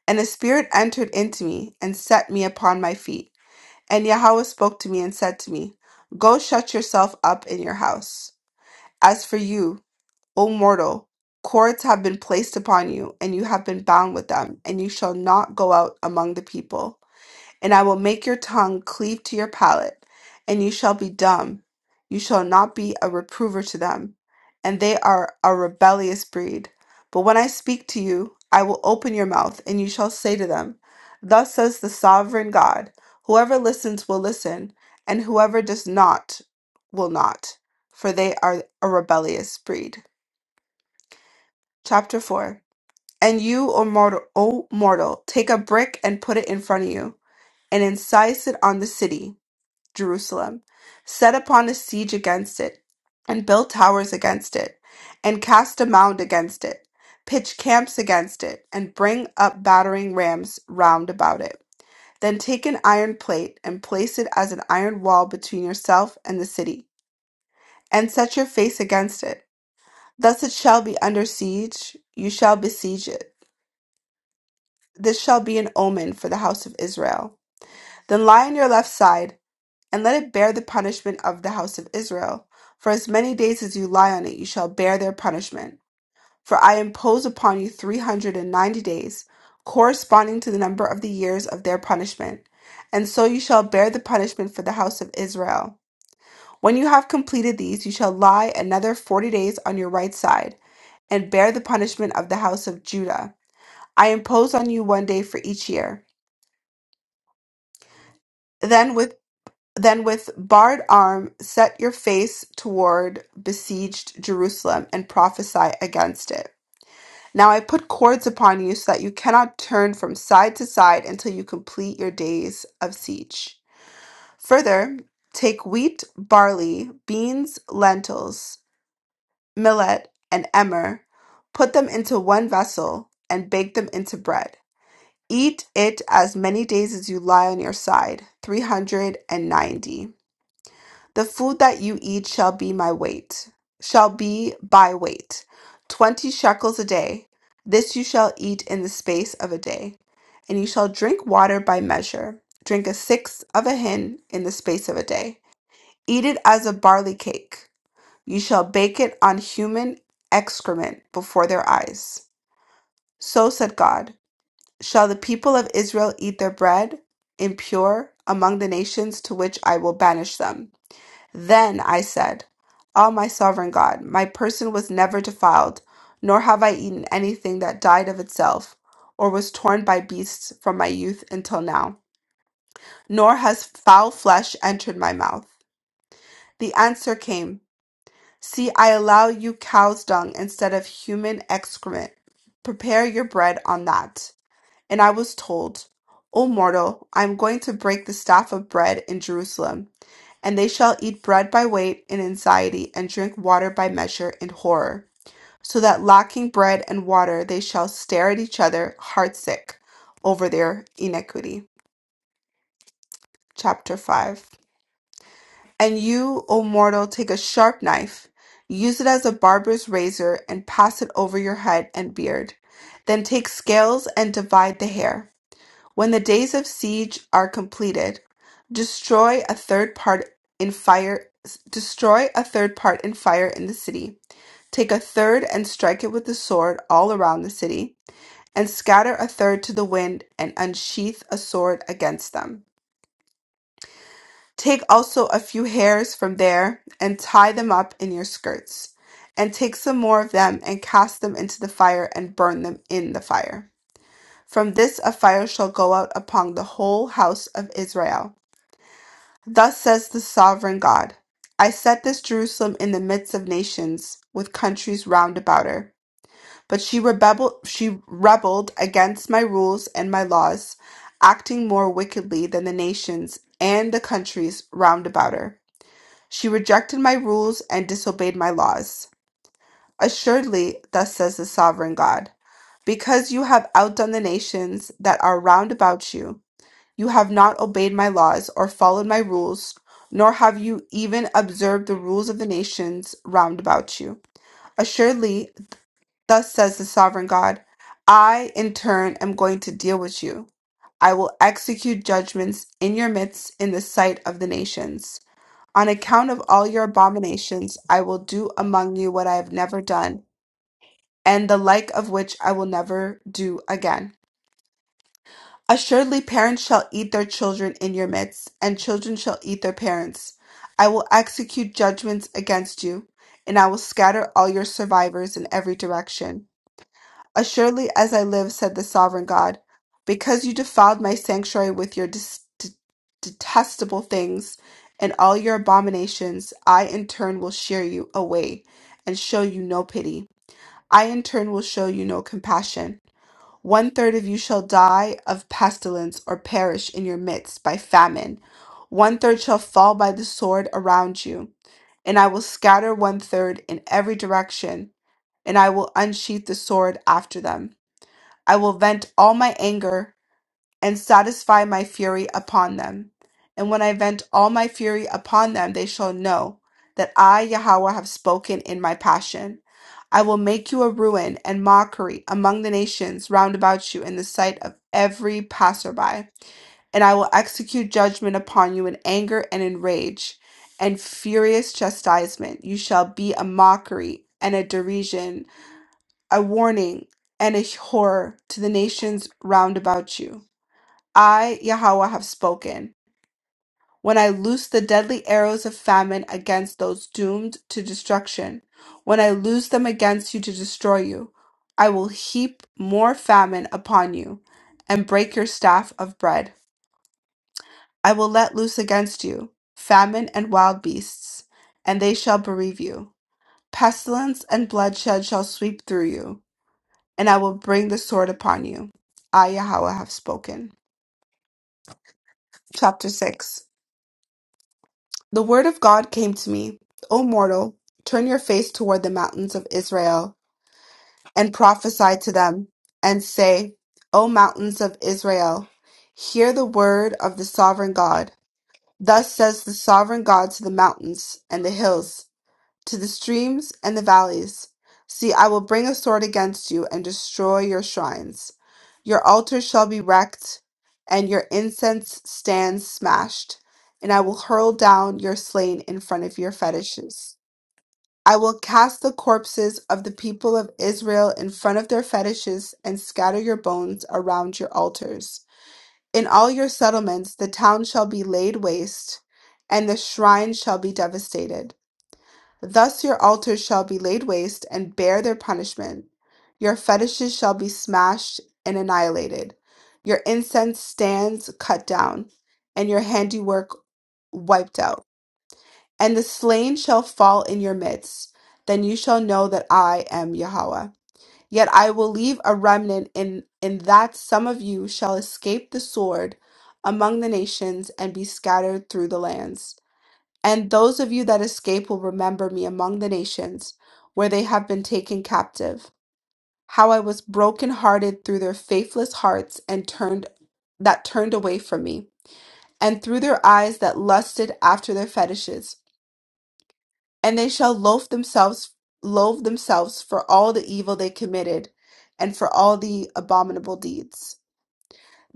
C: And a spirit entered into me and set me upon my feet. And Yahweh spoke to me and said to me, Go shut yourself up in your house. As for you, O mortal, cords have been placed upon you, and you have been bound with them, and you shall not go out among the people and I will make your tongue cleave to your palate, and you shall be dumb. You shall not be a reprover to them, and they are a rebellious breed. But when I speak to you, I will open your mouth, and you shall say to them, Thus says the sovereign God, whoever listens will listen, and whoever does not will not, for they are a rebellious breed. Chapter 4 And you, O mortal, o mortal take a brick and put it in front of you, and incise it on the city Jerusalem, set upon a siege against it, and build towers against it, and cast a mound against it, pitch camps against it, and bring up battering rams round about it. Then take an iron plate and place it as an iron wall between yourself and the city, and set your face against it. Thus it shall be under siege, you shall besiege it. This shall be an omen for the house of Israel. Then lie on your left side, and let it bear the punishment of the house of Israel. For as many days as you lie on it, you shall bear their punishment. For I impose upon you three hundred and ninety days, corresponding to the number of the years of their punishment. And so you shall bear the punishment for the house of Israel. When you have completed these, you shall lie another forty days on your right side, and bear the punishment of the house of Judah. I impose on you one day for each year. Then with Then with bared arm set your face toward besieged Jerusalem and prophesy against it. Now I put cords upon you so that you cannot turn from side to side until you complete your days of siege. Further, take wheat, barley, beans, lentils, millet, and emmer, put them into one vessel, and bake them into bread. Eat it as many days as you lie on your side, 390. The food that you eat shall be my weight, shall be by weight, twenty shekels a day. This you shall eat in the space of a day, and you shall drink water by measure. Drink a sixth of a hin in the space of a day. Eat it as a barley cake. You shall bake it on human excrement before their eyes. So said God, shall the people of Israel eat their bread impure among the nations to which I will banish them. Then I said, Ah, my sovereign God, my person was never defiled, nor have I eaten anything that died of itself, or was torn by beasts from my youth until now, nor has foul flesh entered my mouth. The answer came, See, I allow you cow's dung instead of human excrement. Prepare your bread on that. And I was told, O mortal, I am going to break the staff of bread in Jerusalem and they shall eat bread by weight in anxiety, and drink water by measure in horror. So that lacking bread and water, they shall stare at each other, heartsick, over their iniquity. Chapter 5. And you, O mortal, take a sharp knife, use it as a barber's razor, and pass it over your head and beard. Then take scales and divide the hair When the days of siege are completed, destroy a third part in fire destroy a third part in fire in the city. Take a third and strike it with the sword all around the city, and scatter a third to the wind and unsheath a sword against them. Take also a few hairs from there and tie them up in your skirts, and take some more of them and cast them into the fire and burn them in the fire. From this a fire shall go out upon the whole house of Israel Thus says the sovereign God I set this Jerusalem in the midst of nations, with countries round about her. But she rebelled, she rebelled against my rules and my laws, acting more wickedly than the nations and the countries round about her. She rejected my rules and disobeyed my laws. Assuredly, thus says the sovereign God, because you have outdone the nations that are round about you you have not obeyed my laws or followed my rules, nor have you even observed the rules of the nations round about you. Assuredly, thus says the sovereign God, I in turn am going to deal with you. I will execute judgments in your midst in the sight of the nations. On account of all your abominations, I will do among you what I have never done, and the like of which I will never do again. Assuredly parents shall eat their children in your midst, and children shall eat their parents. I will execute judgments against you, and I will scatter all your survivors in every direction. Assuredly as I live, said the sovereign God, because you defiled my sanctuary with your dis- d- detestable things and all your abominations, I in turn will shear you away and show you no pity. I in turn will show you no compassion. One third of you shall die of pestilence or perish in your midst by famine. One third shall fall by the sword around you. And I will scatter one third in every direction, and I will unsheath the sword after them. I will vent all my anger and satisfy my fury upon them. And when I vent all my fury upon them, they shall know that I, Yahweh, have spoken in my passion. I will make you a ruin and mockery among the nations round about you in the sight of every passerby. And I will execute judgment upon you in anger and in rage and furious chastisement. You shall be a mockery and a derision, a warning and a horror to the nations round about you. I, Yahweh, have spoken. When I loose the deadly arrows of famine against those doomed to destruction, when I loose them against you to destroy you, I will heap more famine upon you and break your staff of bread. I will let loose against you famine and wild beasts, and they shall bereave you. Pestilence and bloodshed shall sweep through you, and I will bring the sword upon you. I, Yahweh, have spoken. Chapter 6 The word of God came to me, O mortal, turn your face toward the mountains of Israel, and prophesy to them, and say, O mountains of Israel, hear the word of the sovereign God. Thus says the sovereign God to the mountains and the hills to the streams and the valleys. See, I will bring a sword against you and destroy your shrines. Your altars shall be wrecked, and your incense stands smashed, and I will hurl down your slain in front of your fetishes. I will cast the corpses of the people of Israel in front of their fetishes and scatter your bones around your altars. In all your settlements, the town shall be laid waste, and the shrine shall be devastated. Thus your altars shall be laid waste and bear their punishment. Your fetishes shall be smashed and annihilated. Your incense stands cut down, and your handiwork wiped out. And the slain shall fall in your midst. Then you shall know that I am Yahweh. Yet I will leave a remnant in, in that some of you shall escape the sword among the nations and be scattered through the lands. And those of you that escape will remember me among the nations where they have been taken captive, how I was brokenhearted through their faithless hearts and turned that turned away from me, and through their eyes that lusted after their fetishes. And they shall loathe themselves loathe themselves for all the evil they committed and for all the abominable deeds.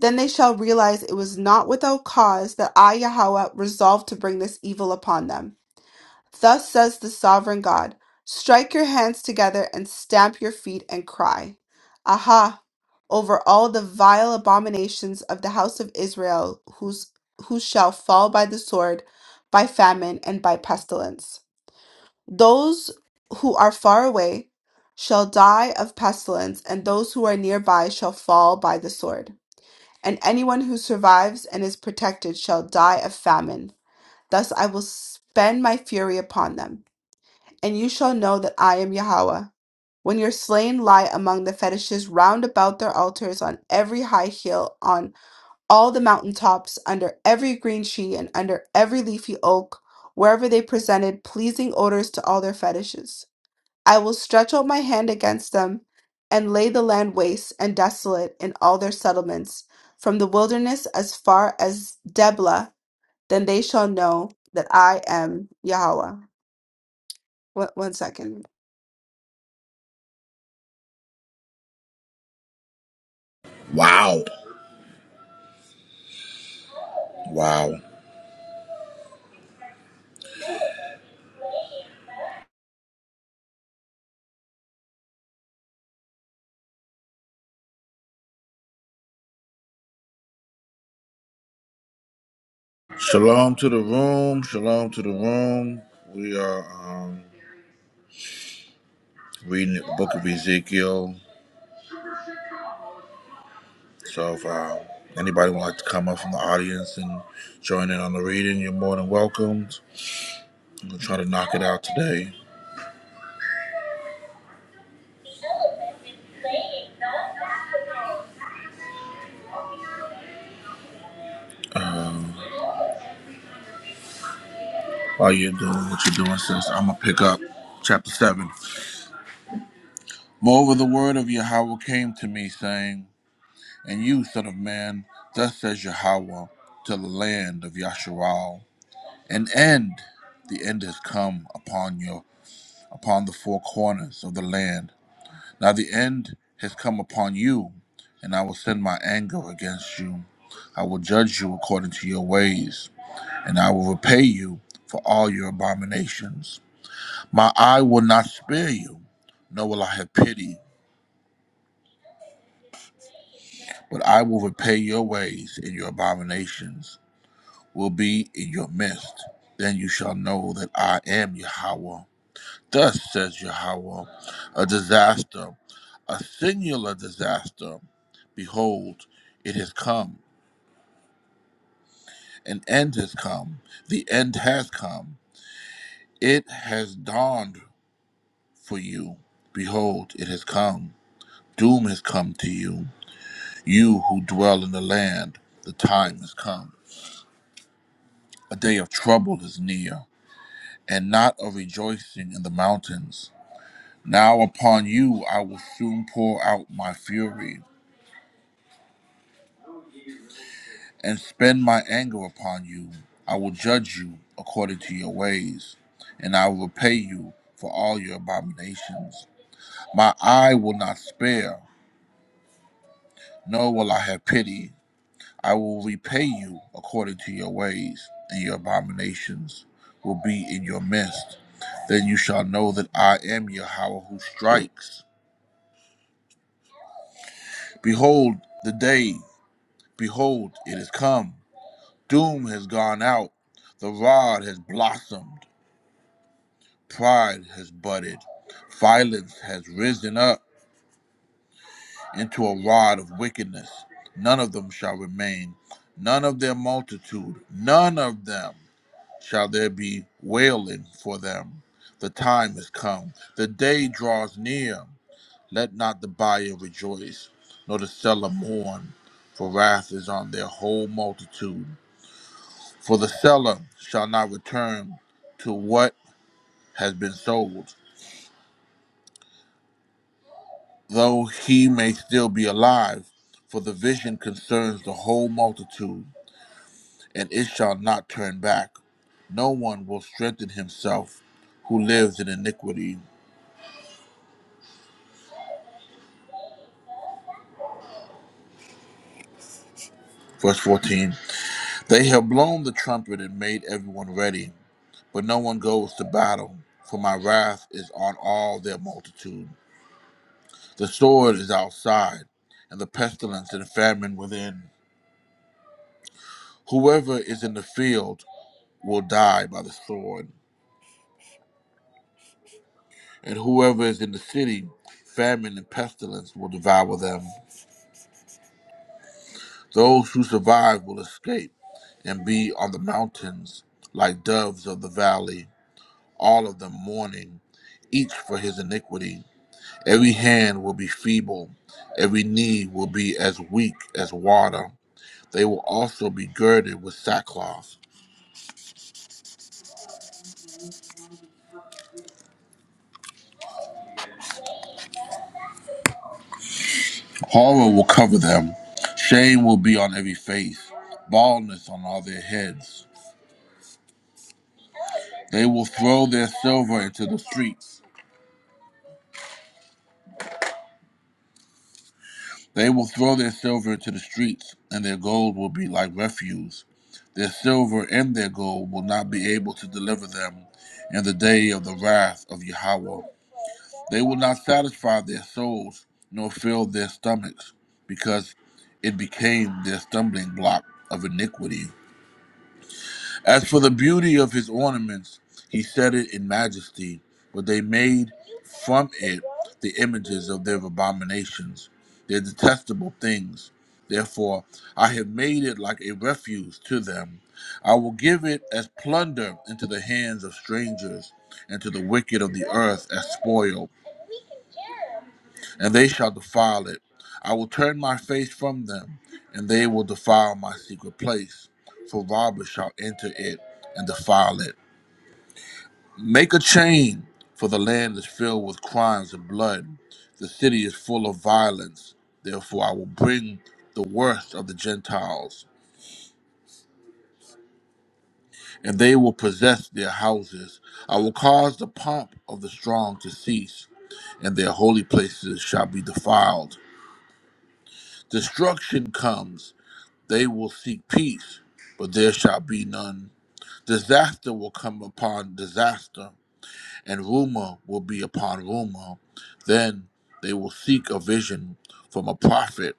C: Then they shall realize it was not without cause that I Yahweh resolved to bring this evil upon them. Thus says the sovereign God Strike your hands together and stamp your feet and cry, Aha! over all the vile abominations of the house of Israel, whose, who shall fall by the sword, by famine, and by pestilence. Those who are far away shall die of pestilence, and those who are nearby shall fall by the sword. And anyone who survives and is protected shall die of famine. Thus I will spend my fury upon them and you shall know that I am Yahweh. When your slain lie among the fetishes round about their altars, on every high hill, on all the mountain tops, under every green tree, and under every leafy oak, wherever they presented pleasing odors to all their fetishes, I will stretch out my hand against them, and lay the land waste and desolate in all their settlements, from the wilderness as far as Deblah. Then they shall know that I am Yahweh. One, one second.
A: Wow. Wow. Shalom to the room. Shalom to the room. We are um, reading the book of Ezekiel. So if uh, anybody would like to come up from the audience and join in on the reading, you're more than welcome. I'm gonna try to knock it out today. Um, while you're doing what you're doing, sis, I'm gonna pick up chapter seven. Moreover, the word of Yahweh came to me, saying, "And you, son of man, thus says Yahweh to the land of Yasharal, an end, the end has come upon your upon the four corners of the land." Now the end has come upon you, and I will send my anger against you. I will judge you according to your ways, and I will repay you for all your abominations. My eye will not spare you, nor will I have pity, but I will repay your ways, and your abominations will be in your midst. Then you shall know that I am Yahweh. Thus says Yahweh, a disaster, a singular disaster. Behold, it has come. An end has come. The end has come. It has dawned for you. Behold, it has come. Doom has come to you. You who dwell in the land, the time has come. A day of trouble is near, and not of rejoicing in the mountains. Now upon you I will soon pour out my fury. and spend my anger upon you. I will judge you according to your ways, and I will repay you for all your abominations. My eye will not spare, nor will I have pity. I will repay you according to your ways, and your abominations will be in your midst. Then you shall know that I am Yahweh who strikes. Behold the day, behold, it is come. Doom has gone out, the rod has blossomed Pride has budded. Violence has risen up into a rod of wickedness. None of them shall remain. None of their multitude. None of them shall there be wailing for them. The time is come. The day draws near. Let not the buyer rejoice, nor the seller mourn, for wrath is on their whole multitude. For the seller shall not return to what has been sold, though he may still be alive, for the vision concerns the whole multitude, and it shall not turn back. No one will strengthen himself who lives in iniquity. Verse 14 They have blown the trumpet and made everyone ready, but no one goes to battle, for my wrath is on all their multitude. The sword is outside, and the pestilence and famine within. Whoever is in the field will die by the sword. and whoever is in the city, famine and pestilence will devour them. Those who survive will escape and be on the mountains like doves of the valley, all of them mourning, each for his iniquity. Every hand will be feeble, every knee will be as weak as water. They will also be girded with sackcloth. Horror will cover them, shame will be on every face, baldness on all their heads. They will throw their silver into the streets. They will throw their silver into the streets, and their gold will be like refuse. Their silver and their gold will not be able to deliver them in the day of the wrath of Yahweh. They will not satisfy their souls, nor fill their stomachs, because it became their stumbling block of iniquity. As for the beauty of his ornaments, he set it in majesty, but they made from it the images of their abominations, their detestable things. Therefore, I have made it like a refuse to them. I will give it as plunder into the hands of strangers, and to the wicked of the earth as spoil, and they shall defile it. I will turn my face from them, and they will defile my secret place for robbers shall enter it and defile it. Make a chain, for the land is filled with crimes and blood. The city is full of violence. Therefore, I will bring the worst of the Gentiles, and they will possess their houses. I will cause the pomp of the strong to cease, and their holy places shall be defiled. Destruction comes. They will seek peace, but there shall be none. Disaster will come upon disaster and rumor will be upon rumor. Then they will seek a vision from a prophet,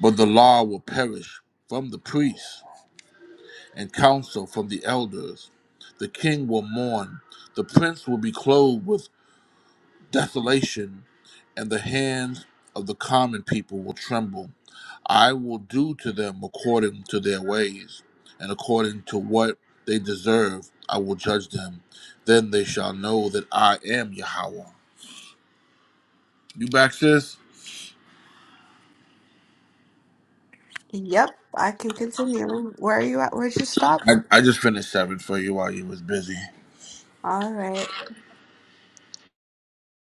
A: but the law will perish from the priests and counsel from the elders. The king will mourn, the prince will be clothed with desolation, and the hands of the common people will tremble. I will do to them according to their ways, and according to what they deserve, I will judge them. Then they shall know that I am Yahweh. You back, sis?
C: Yep, I can continue. Where are you at? Where'd you stop?
A: I, I just finished seven for you while you was busy.
C: All right.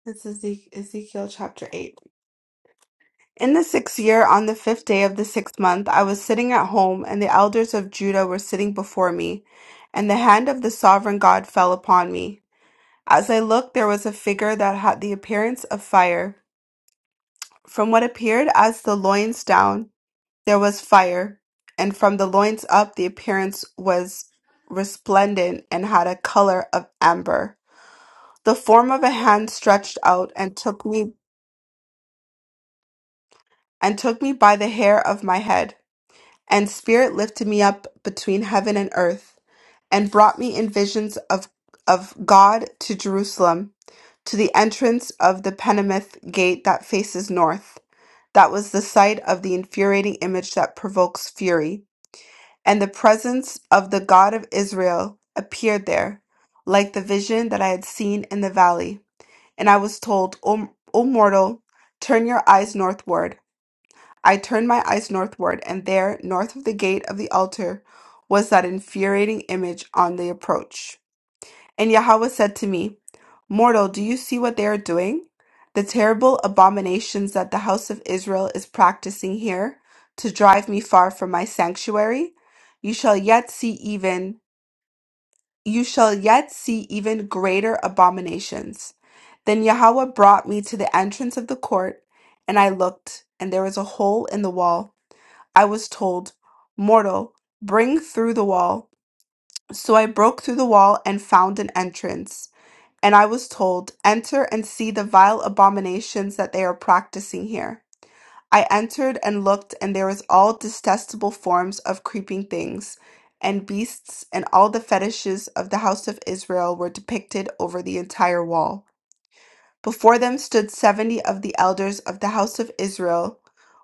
C: This is Ezek- Ezekiel chapter 8. In the sixth year, on the fifth day of the sixth month, I was sitting at home, and the elders of Judah were sitting before me. And the hand of the sovereign God fell upon me. As I looked, there was a figure that had the appearance of fire. From what appeared as the loins down, there was fire. And from the loins up, the appearance was resplendent and had a color of amber. The form of a hand stretched out and took me and took me by the hair of my head, and spirit lifted me up between heaven and earth, and brought me in visions of of God to Jerusalem, to the entrance of the Penamith gate that faces north. That was the sight of the infuriating image that provokes fury, and the presence of the God of Israel appeared there, like the vision that I had seen in the valley. And I was told, O, o mortal, turn your eyes northward. I turned my eyes northward, and there, north of the gate of the altar, was that infuriating image on the approach. And Yahweh said to me, Mortal, do you see what they are doing? The terrible abominations that the house of Israel is practicing here to drive me far from my sanctuary? You shall yet see even you shall yet see even greater abominations. Then Yahweh brought me to the entrance of the court, and I looked, and there was a hole in the wall. I was told, Mortal, bring through the wall. So I broke through the wall and found an entrance. And I was told, Enter and see the vile abominations that they are practicing here. I entered and looked, and there was all detestable forms of creeping things and beasts, and all the fetishes of the house of Israel were depicted over the entire wall. Before them stood seventy of the elders of the house of Israel,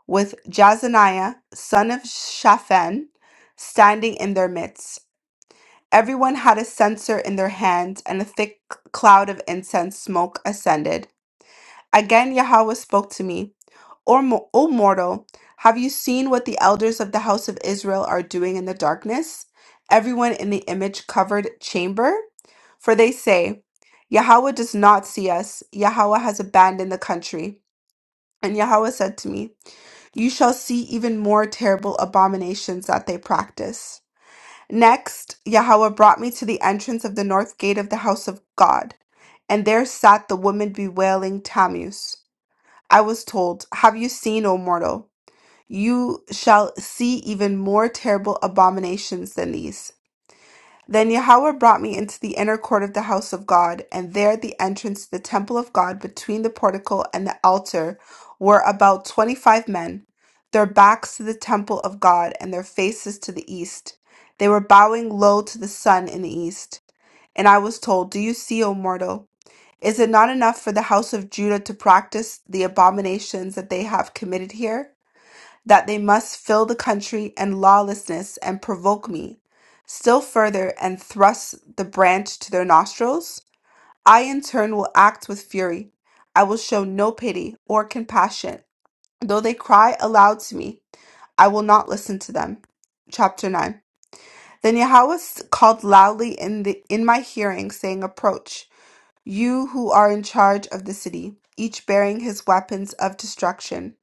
C: with Jazaniah, son of Shaphan, standing in their midst. Everyone had a censer in their hand, and a thick cloud of incense smoke ascended Again, Yahweh spoke to me, or, mo- O mortal, have you seen what the elders of the house of Israel are doing in the darkness? Everyone in the image covered chamber? For they say, Yahweh does not see us. Yahweh has abandoned the country. And Yahweh said to me, You shall see even more terrible abominations that they practice. Next, Yahweh brought me to the entrance of the north gate of the house of God, and there sat the woman bewailing Tammuz. I was told, Have you seen, O mortal? You shall see even more terrible abominations than these. Then Yahweh brought me into the inner court of the house of God, and there at the entrance to the temple of God between the portico and the altar were about twenty five men, their backs to the temple of God and their faces to the east. They were bowing low to the sun in the east. And I was told, Do you see, O mortal? Is it not enough for the house of Judah to practice the abominations that they have committed here? That they must fill the country and lawlessness and provoke me still further and thrust the branch to their nostrils? I in turn will act with fury. I will show no pity or compassion. Though they cry aloud to me, I will not listen to them. Chapter 9. Then Yahweh called loudly in, the, in my hearing, saying, Approach you who are in charge of the city, each bearing his weapons of destruction.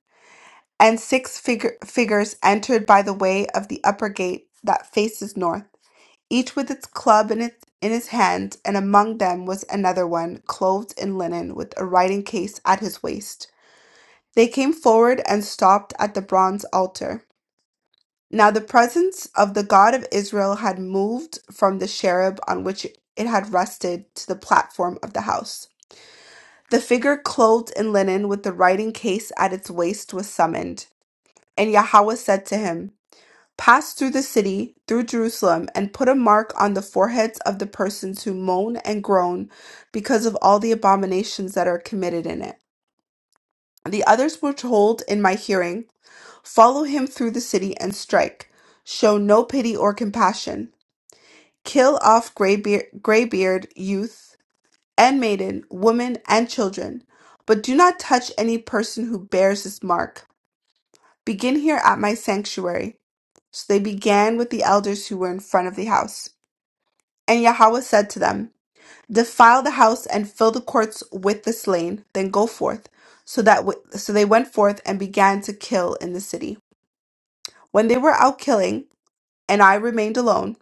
C: And six fig- figures entered by the way of the upper gate that faces north, each with its club in, its, in his hand, and among them was another one, clothed in linen, with a writing case at his waist. They came forward and stopped at the bronze altar. Now the presence of the God of Israel had moved from the cherub on which it had rested to the platform of the house. The figure clothed in linen with the writing case at its waist was summoned. And Yahweh said to him, Pass through the city, through Jerusalem, and put a mark on the foreheads of the persons who moan and groan because of all the abominations that are committed in it. The others were told in my hearing, Follow him through the city and strike. Show no pity or compassion. Kill off graybeard, graybeard youth and maiden, women, and children. But do not touch any person who bears this mark. Begin here at my sanctuary. So they began with the elders who were in front of the house. And Yahweh said to them, Defile the house and fill the courts with the slain, then go forth. So that w- so they went forth and began to kill in the city. When they were out killing, and I remained alone,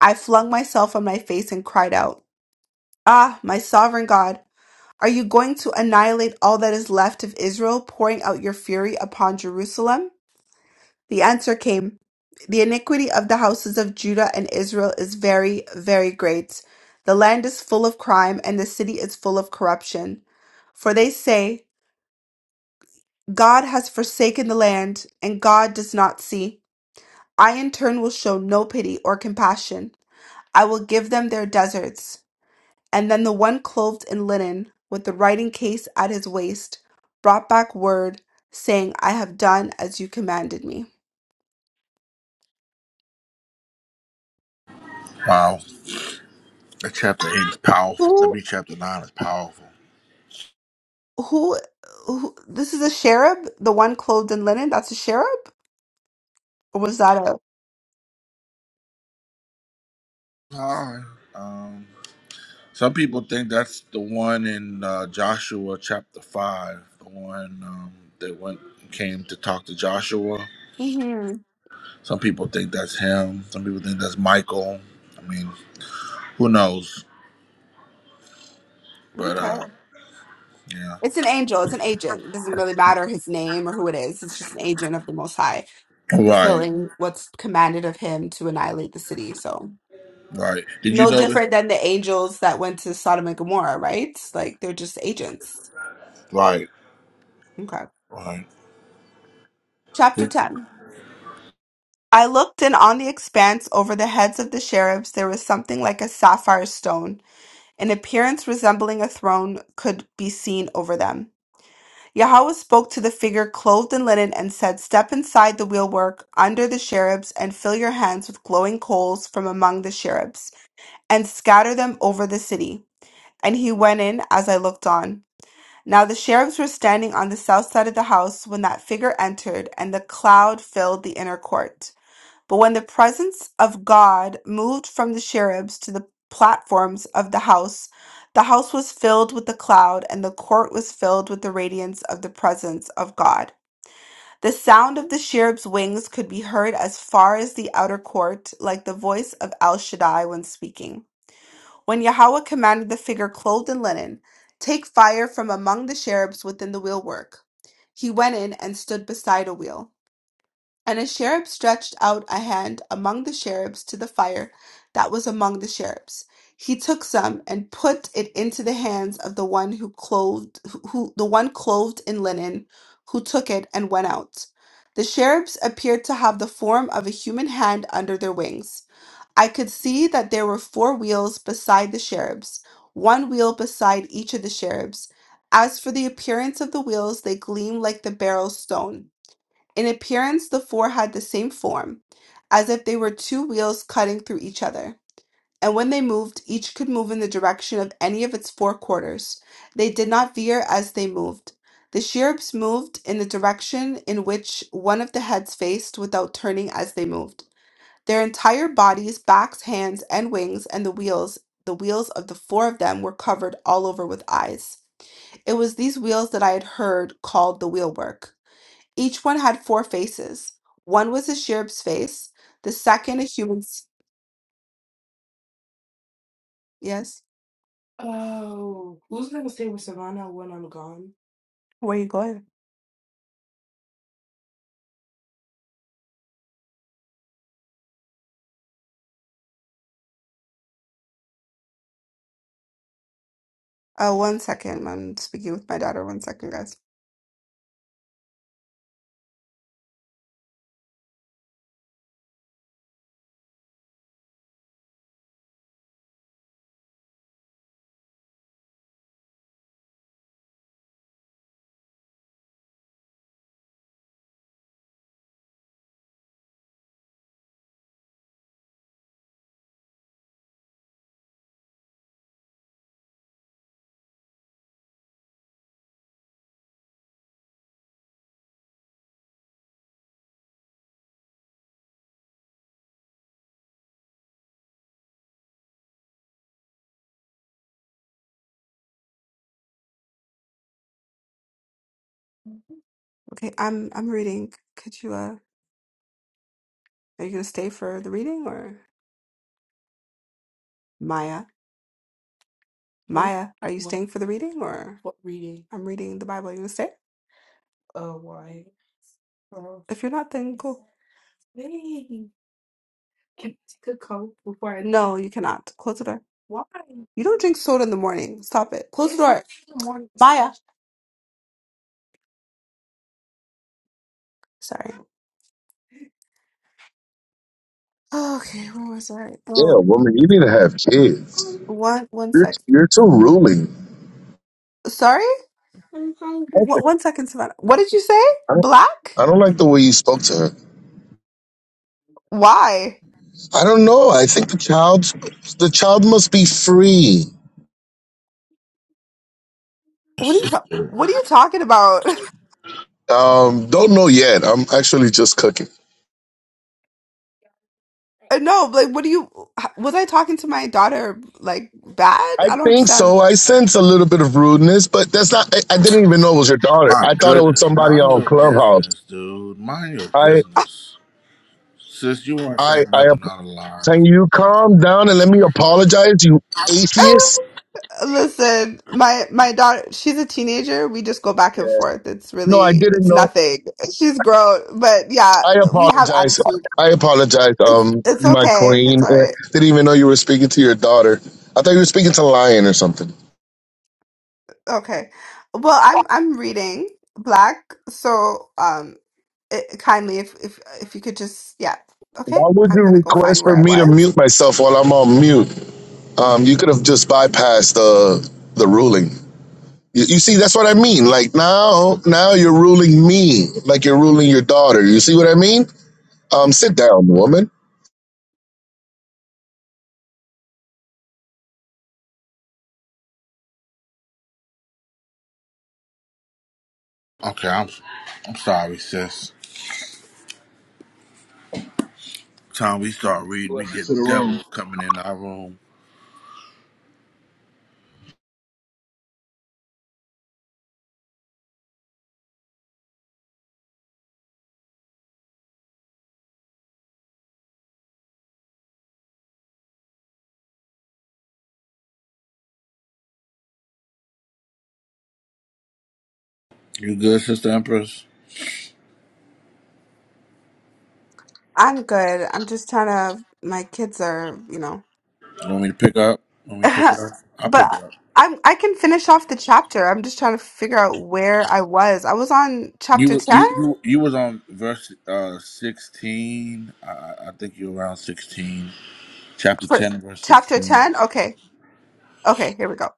C: I flung myself on my face and cried out, Ah, my sovereign God! Are you going to annihilate all that is left of Israel, pouring out your fury upon Jerusalem? The answer came The iniquity of the houses of Judah and Israel is very, very great. The land is full of crime, and the city is full of corruption. For they say, God has forsaken the land, and God does not see. I in turn will show no pity or compassion. I will give them their deserts. And then the one clothed in linen, with the writing case at his waist, brought back word, saying, I have done as you commanded me.
A: Wow. That chapter eight is powerful. I
C: Who,
A: mean, chapter nine is powerful.
C: who, who this is a cherub? The one clothed in linen? That's a cherub? Or was that a.
A: All right. Um, some people think that's the one in uh, Joshua chapter five, the one um, that went came to talk to Joshua.
C: hmm
A: Some people think that's him. Some people think that's Michael. I mean, who knows? But
C: Okay.
A: uh, yeah.
C: It's an angel. It's an agent. It doesn't really matter his name or who it is. It's just an agent of the Most High,
A: Right.
C: fulfilling what's commanded of him to annihilate the city. So,
A: Right. Did you
C: no
A: notice?
C: different than the angels that went to Sodom and Gomorrah, right? Like, they're just agents.
A: Right.
C: Okay.
A: Right.
C: Chapter 10. I looked, and on the expanse over the heads of the sheriffs there was something like a sapphire stone. An appearance resembling a throne could be seen over them. Yahweh spoke to the figure clothed in linen and said, Step inside the wheelwork under the cherubs and fill your hands with glowing coals from among the cherubs and scatter them over the city. And he went in as I looked on. Now the cherubs were standing on the south side of the house when that figure entered, and the cloud filled the inner court. But when the presence of God moved from the cherubs to the platforms of the house, the house was filled with the cloud, and the court was filled with the radiance of the presence of God. The sound of the cherubs' wings could be heard as far as the outer court, like the voice of El Shaddai when speaking. When Yahweh commanded the figure clothed in linen, Take fire from among the cherubs within the wheelwork, he went in and stood beside a wheel. And a cherub stretched out a hand among the cherubs to the fire that was among the cherubs. He took some and put it into the hands of the one who clothed, who who- the one clothed in linen, who took it and went out. The cherubs appeared to have the form of a human hand under their wings. I could see that there were four wheels beside the cherubs, one wheel beside each of the cherubs. As for the appearance of the wheels, they gleamed like the beryl stone. In appearance, the four had the same form, as if they were two wheels cutting through each other. And when they moved, each could move in the direction of any of its four quarters. They did not veer as they moved. The cherubs moved in the direction in which one of the heads faced without turning as they moved. Their entire bodies, backs, hands, and wings, and the wheels, the wheels of the four of them were covered all over with eyes. It was these wheels that I had heard called the wheelwork. Each one had four faces. One was a cherub's face, the second a human's. Yes. Oh, who's gonna stay with Savannah when I'm gone? Where are you going? Uh, one second. I'm speaking with my daughter. One second, guys. Okay, I'm I'm reading. Could you uh, are you gonna stay for the reading or Maya? What? Maya, are you What? staying for the reading or What reading? I'm reading the Bible? Are you gonna stay? If you're not, then cool. leave? No, you cannot. Close the door. why? You don't drink soda in the morning. Stop it. Close the door. not Maya. Sorry. Okay, where was I?
E: Yeah,
C: Oh,
E: woman, you need to have kids.
C: one one
E: You're
C: sec.
E: you're too ruling.
C: Sorry?
E: I don't,
C: What
E: think-
C: one second, Savannah. What did you say?
E: I don't
C: Black?
E: I don't like the way you spoke to her.
C: Why?
E: I don't know. I think the child the child must be free.
C: What are you ta- what are you talking about?
E: Um, don't know yet. I'm actually just cooking.
C: Uh, no, like what do you was I talking to my daughter like bad?
E: I
C: I don't
E: think
C: understand.
E: so. I sense a little bit of rudeness, but that's not. I, I didn't even know it was your daughter.
A: My
E: I thought it was
A: goodness,
E: somebody
A: mind
E: on
A: your
E: Clubhouse.
A: business, dude. Mind your
E: I
A: business, sis. You weren't
E: I
A: saying
E: I
A: nothing
E: ap-
A: out of line.
E: can you calm down and let me apologize, you atheist?
C: Oh, listen, my my daughter, she's a teenager. We just go back
E: Yeah.
C: and forth. It's
E: No, I
C: really,
E: didn't
C: it's
E: know.
C: nothing. She's grown, but yeah,
E: I
C: we have
E: apologize.
C: attitude.
E: I apologize,
C: It's
E: um,
C: it's
E: my
C: okay. It's
E: queen.
C: all
E: Uh,
C: right.
E: Didn't even know you were speaking to your daughter. I thought you were speaking to Lion or something.
C: Okay. Well, I'm I'm reading Black, so um, it, kindly if if if you could just yeah, okay.
E: Why would
C: I'm
E: you
C: gonna go find
E: request for
C: where I
E: me to
C: was.
E: mute myself while I'm on mute? Um, you could have
C: Sure.
E: just bypassed the the ruling. You, you see, that's what I mean. Like now, now you're ruling me, like you're ruling your daughter. You see what I mean? Um, sit down, woman.
A: Okay, I'm, I'm sorry, sis. Time we start reading, we
F: Blessings
A: get
F: to the room.
A: devils coming in our room. You good, sister Empress?
C: I'm good. I'm just trying to, my kids are, you know,
A: You want me to pick up? Want me to pick it up? I'll pick
C: but
A: it up.
C: I'm, I can finish off the chapter. I'm just trying to figure out where I was. I was on chapter
A: You,
C: 10
A: you, you, you was on verse uh sixteen. I, I I think you're around sixteen, chapter
C: for
A: ten, verse
C: chapter
A: sixteen.
C: 10. Okay. Okay. Here we go.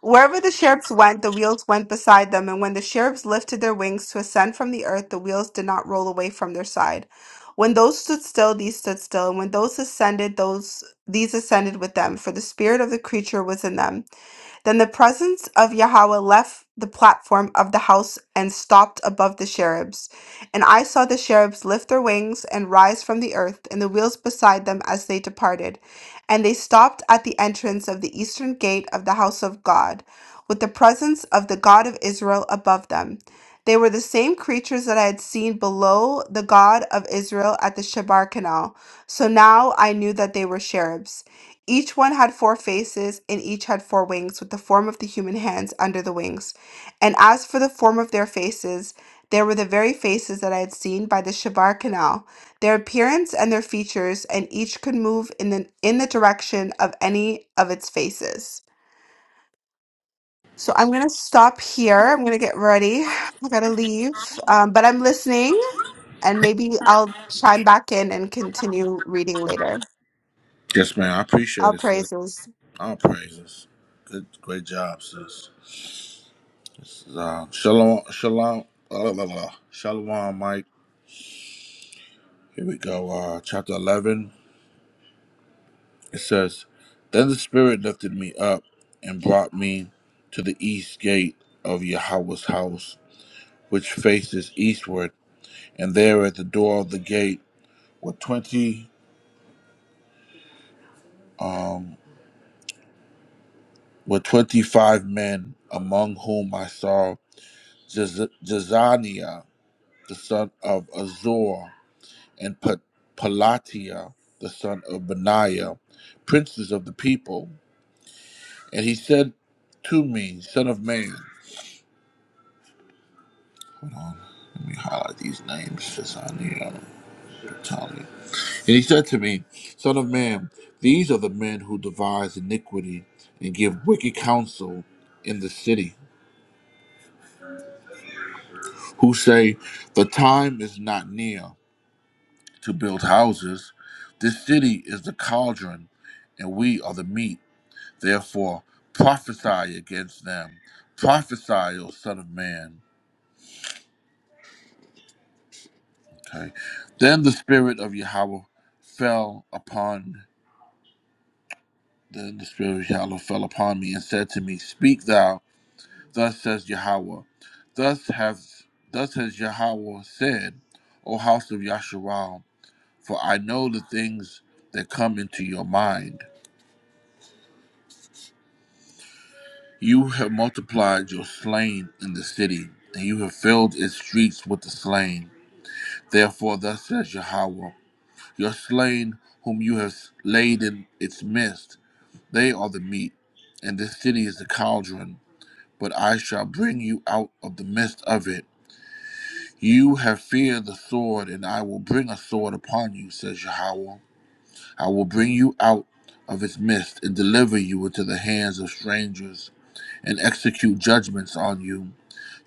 C: Wherever the cherubs went, the wheels went beside them, and when the cherubs lifted their wings to ascend from the earth, the wheels did not roll away from their side. When those stood still, these stood still, and when those ascended, those these ascended with them, for the spirit of the creature was in them. Then the presence of Yahweh left the platform of the house and stopped above the cherubs. And I saw the cherubs lift their wings and rise from the earth, and the wheels beside them as they departed. And they stopped at the entrance of the eastern gate of the house of God, with the presence of the God of Israel above them. They were the same creatures that I had seen below the God of Israel at the Shebar canal. So now I knew that they were cherubs. Each one had four faces, and each had four wings, with the form of the human hands under the wings. And as for the form of their faces, they were the very faces that I had seen by the Shabar Canal, their appearance and their features, and each could move in the, in the direction of any of its faces. So I'm going to stop here. I'm going to get ready. I got to leave. Um, but I'm listening, and maybe I'll chime back in and continue reading later.
A: Yes, man. I
C: All
A: appreciate it, sis.
C: praises.
A: I'll praise this. Good, great job, sis. Uh, shalom, shalom, uh, blah, blah, blah. shalom, Mike. Here we go. Uh, chapter 11. It says, Then the Spirit lifted me up and brought me to the east gate of Yahweh's house, which faces eastward. And there at the door of the gate were 20, um, were 25 men, among whom I saw Jez- Jezaniah, the son of Azor, and Pa- Palatiel, the son of Benaiah, princes of the people. And he said to me, Son of man, hold on, let me highlight these names since I need them to tell you. And he said to me, Son of man, these are the men who devise iniquity and give wicked counsel in the city, who say, The time is not near to build houses. This city is the cauldron, and we are the meat. Therefore, prophesy against them. Prophesy, O Son of Man. Okay. Then the Spirit of Yahweh fell upon then the Spirit of Yahweh fell upon me and said to me, Speak thou, thus says Yahweh. Thus has thus has Yahweh said, O house of Yasharal, for I know the things that come into your mind. You have multiplied your slain in the city, and you have filled its streets with the slain. Therefore, thus says Yahweh, Your slain, whom you have laid in its midst, they are the meat, and this city is the cauldron. But I shall bring you out of the midst of it. You have feared the sword, and I will bring a sword upon you, says Yahweh. I will bring you out of its midst, and deliver you into the hands of strangers, and execute judgments on you.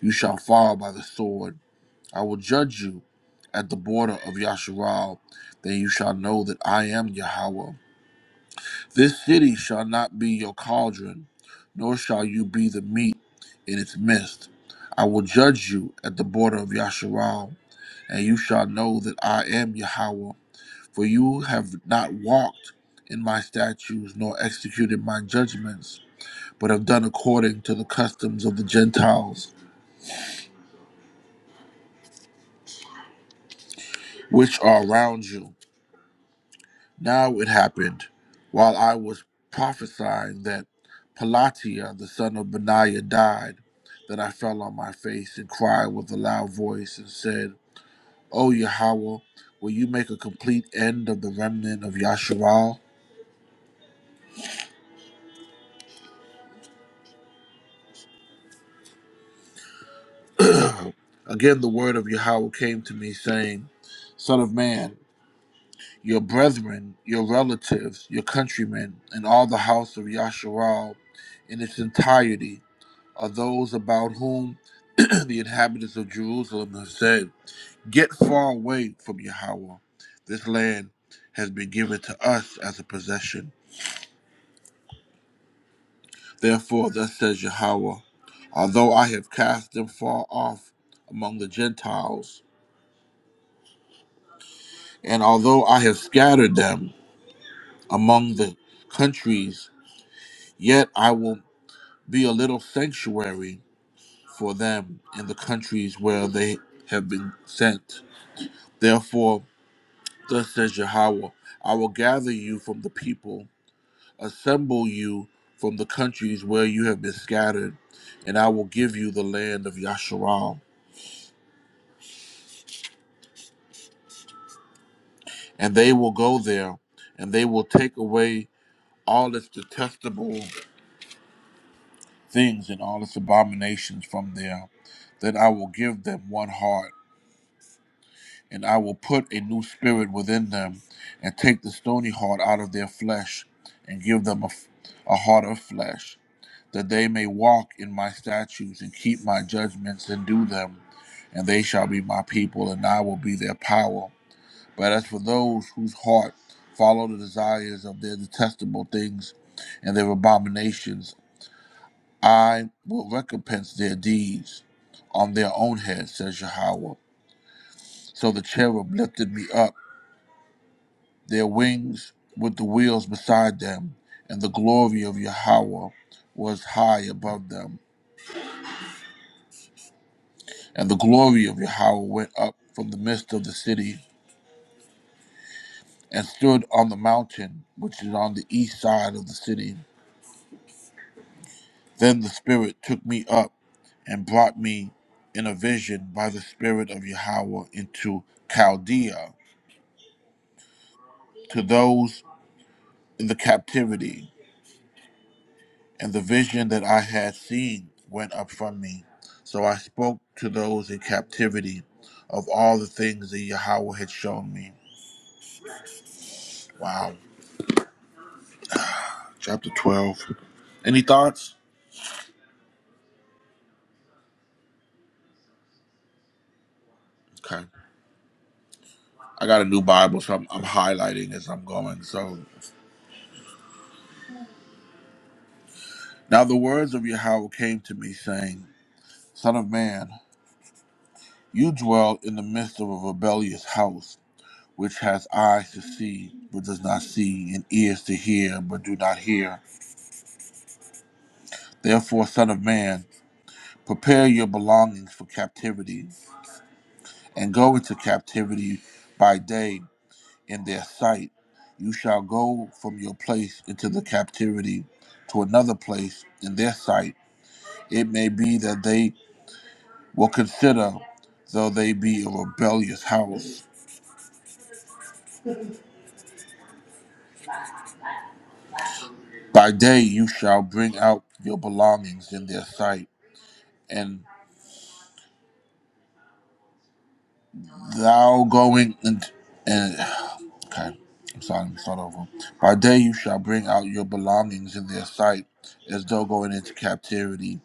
A: You shall fall by the sword I will judge you at the border of Yasharal. Then you shall know that I am Yahweh. This city shall not be your cauldron, nor shall you be the meat in its midst. I will judge you at the border of Yasharal, and you shall know that I am Yahweh. For you have not walked in my statutes, nor executed my judgments, but have done according to the customs of the Gentiles, which are around you Now it happened, while I was prophesying that Pelatiah the son of Benaiah died, that I fell on my face and cried with a loud voice and said, O Yahweh, will you make a complete end of the remnant of Yasharal? Again the word of Yahweh came to me, saying, Son of man, your brethren, your relatives, your countrymen, and all the house of Yasharal in its entirety are those about whom the inhabitants of Jerusalem have said, Get far away from Yahweh. This land has been given to us as a possession. Therefore, thus says Yahweh, although I have cast them far off among the Gentiles, and although I have scattered them among the countries, yet I will be a little sanctuary for them in the countries where they have been sent. Therefore, Thus says Yahweh, I will gather you from the people, assemble you from the countries where you have been scattered, and I will give you the land of Yasharal. And they will go there, and they will take away all its detestable things and all its abominations from there. Then I will give them one heart, and I will put a new spirit within them, and take the stony heart out of their flesh, and give them a, f- a heart of flesh that they may walk in my statutes and keep my judgments and do them, and they shall be my people, and I will be their power. But as for those whose heart follow the desires of their detestable things and their abominations, I will recompense their deeds on their own heads, says Yahweh. So the cherub lifted me up, their wings with the wheels beside them, and the glory of Yahweh was high above them. And the glory of Yahweh went up from the midst of the city, and stood on the mountain which is on the east side of the city. Then the Spirit took me up, and brought me in a vision by the Spirit of Yahweh into Chaldea to those in the captivity. And the vision that I had seen went up from me. So I spoke to those in captivity of all the things that Yahweh had shown me. Wow. Chapter 12. Any thoughts? Okay. I got a new Bible, so I'm, I'm highlighting as I'm going. So now the words of Yahweh came to me, saying, Son of man, you dwell in the midst of a rebellious house, which has eyes to see, but does not see, and ears to hear, but do not hear. Therefore, son of man, prepare your belongings for captivity, and go into captivity by day in their sight. You shall go from your place into the captivity to another place in their sight It may be that they will consider, though they be a rebellious house. By day you shall bring out your belongings in their sight, and thou going and, and okay, I'm sorry, I'm start over. By day you shall bring out your belongings in their sight, as though going into captivity,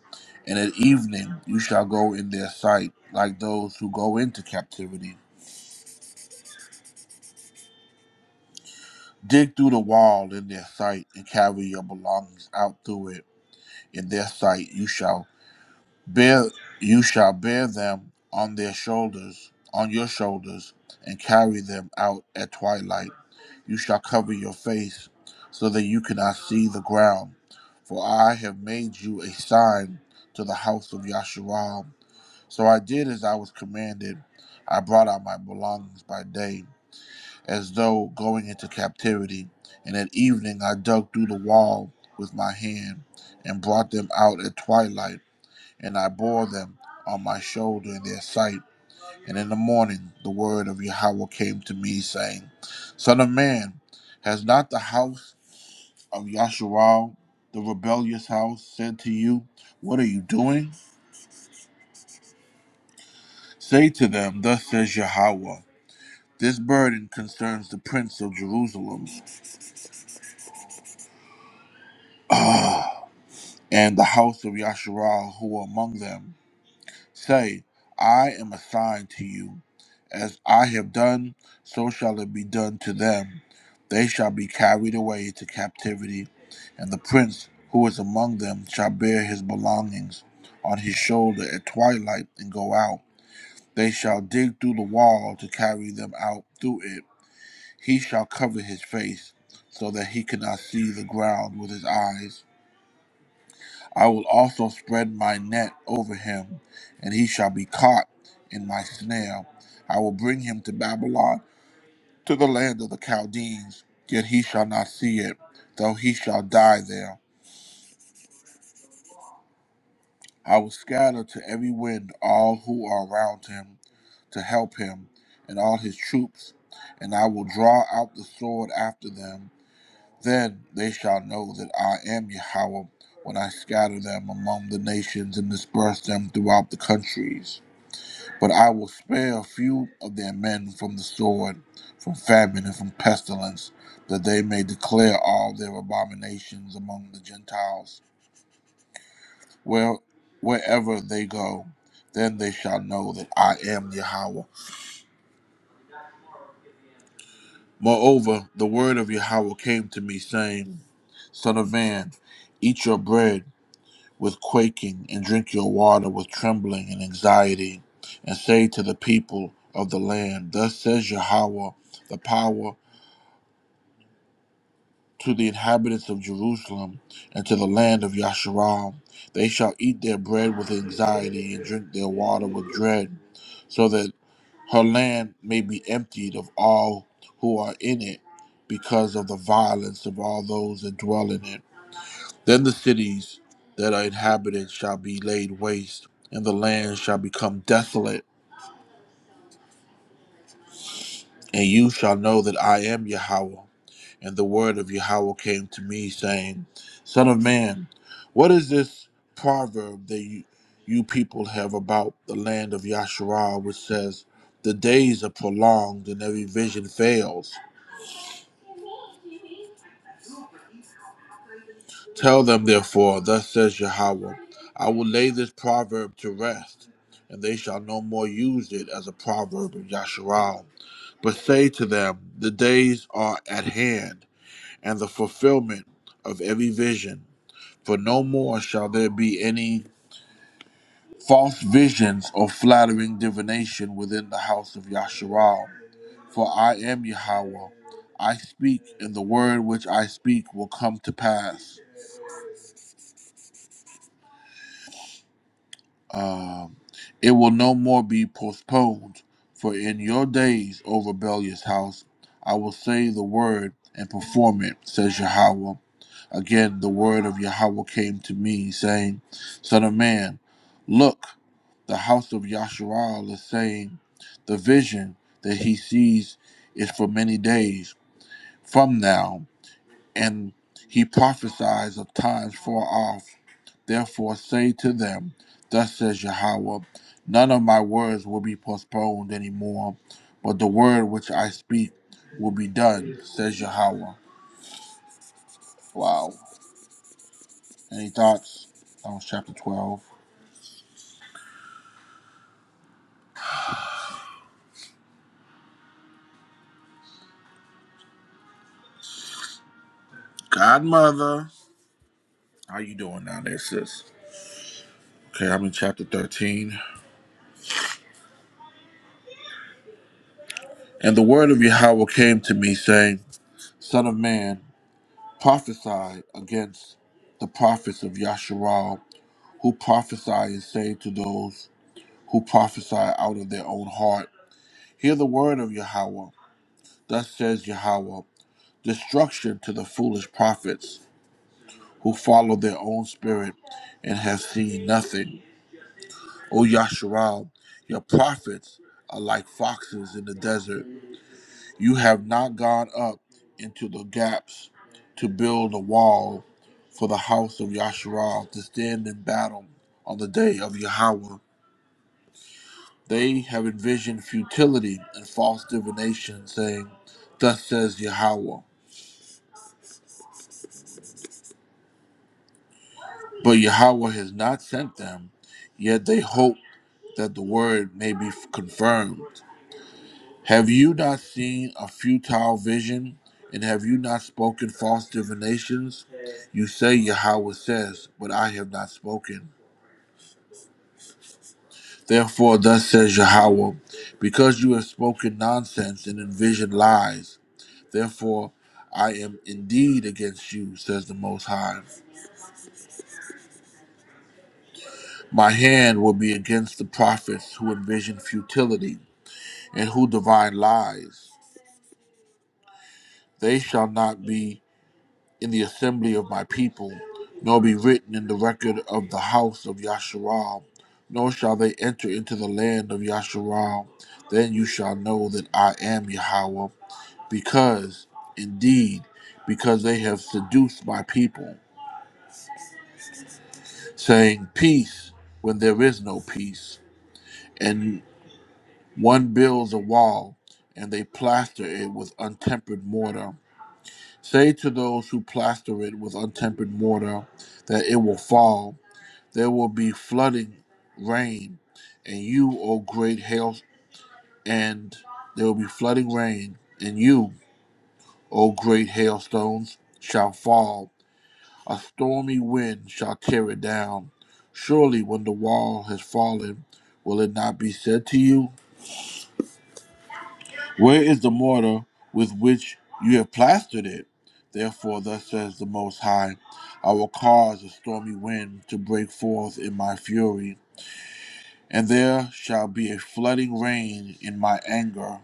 A: and at evening you shall go in their sight, like those who go into captivity. Dig through the wall in their sight, and carry your belongings out through it in their sight you shall bear you shall bear them on their shoulders on your shoulders and carry them out at twilight you shall cover your face so that you cannot see the ground for i have made you a sign to the house of yasharal so i did as i was commanded i brought out my belongings by day as though going into captivity. And at evening I dug through the wall with my hand and brought them out at twilight, and I bore them on my shoulder in their sight. And in the morning the word of Yahweh came to me, saying, Son of man, has not the house of Yasharal, the rebellious house, said to you, What are you doing? Say to them, Thus says Yahweh, This burden concerns the prince of Jerusalem. Ah, and the house of Yasharal who are among them. Say, I am a sign to you. As I have done, so shall it be done to them. They shall be carried away into captivity, and the prince who is among them shall bear his belongings on his shoulder at twilight and go out. They shall dig through the wall to carry them out through it. He shall cover his face, so that he cannot see the ground with his eyes I will also spread my net over him, and he shall be caught in my snare. I will bring him to Babylon, to the land of the Chaldeans, yet he shall not see it, though he shall die there. I will scatter to every wind all who are around him to help him and all his troops, and I will draw out the sword after them. Then they shall know that I am Yahweh when I scatter them among the nations and disperse them throughout the countries. But I will spare a few of their men from the sword, from famine, and from pestilence, that they may declare all their abominations among the Gentiles, where, wherever they go. Then they shall know that I am Yahweh. Moreover, the word of Yahweh came to me, saying, Son of man, eat your bread with quaking, and drink your water with trembling and anxiety, and say to the people of the land, Thus says Yahweh, the power to the inhabitants of Jerusalem and to the land of Yasharal. They shall eat their bread with anxiety and drink their water with dread, so that her land may be emptied of all who are in it because of the violence of all those that dwell in it. Then the cities that are inhabited shall be laid waste, and the land shall become desolate, and you shall know that I am Yahweh. And the word of Yahweh came to me, saying, Son of man, what is this proverb that you, you people have about the land of Yasharal, which says, The days are prolonged and every vision fails? Tell them, therefore, thus says Yahweh, I will lay this proverb to rest, and they shall no more use it as a proverb of Yasharal. But say to them, The days are at hand and the fulfillment of every vision. For no more shall there be any false visions or flattering divination within the house of Yasharal. For I am Yahweh. I speak, and the word which I speak will come to pass. Um, it will no more be postponed. For in your days, O rebellious house, I will say the word and perform it, says Yahweh. Again, the word of Yahweh came to me, saying, Son of man, look, the house of Yasharal is saying, The vision that he sees is for many days from now, and he prophesies of times far off. Therefore, say to them, Thus says Yahweh, none of my words will be postponed anymore, but the word which I speak will be done, says Yahweh. Wow. Any thoughts? That was chapter 12. Godmother, how you doing down there, sis? Okay, I'm in chapter 13. And the word of Yahweh came to me, saying, Son of man, prophesy against the prophets of Yasharal, who prophesy and say to those who prophesy out of their own heart, Hear the word of Yahweh. Thus says Yahweh, destruction to the foolish prophets who follow their own spirit and have seen nothing. O Yasharal, your prophets are like foxes in the desert. You have not gone up into the gaps to build a wall for the house of Yasharal to stand in battle on the day of Yahweh. They have envisioned futility and false divination, saying, Thus says Yahweh. But Yahweh has not sent them, yet they hope that the word may be confirmed. Have you not seen a futile vision, and have you not spoken false divinations? You say Yahweh says, but I have not spoken. Therefore, thus says Yahweh, because you have spoken nonsense and envisioned lies, therefore I am indeed against you, says the Most High. My hand will be against the prophets who envision futility and who divine lies. They shall not be in the assembly of my people, nor be written in the record of the house of Yasharal, nor shall they enter into the land of Yasharal. Then you shall know that I am Yahweh, because, indeed, because they have seduced my people, saying, Peace, when there is no peace. And one builds a wall, and they plaster it with untempered mortar. Say to those who plaster it with untempered mortar that it will fall There will be flooding, rain, and you, O great hail, and there will be flooding rain, and you, O great hailstones, shall fall. A stormy wind shall tear it down. Surely, when the wall has fallen, will it not be said to you, Where is the mortar with which you have plastered it? Therefore, thus says the Most High, I will cause a stormy wind to break forth in my fury And there shall be a flooding rain in my anger,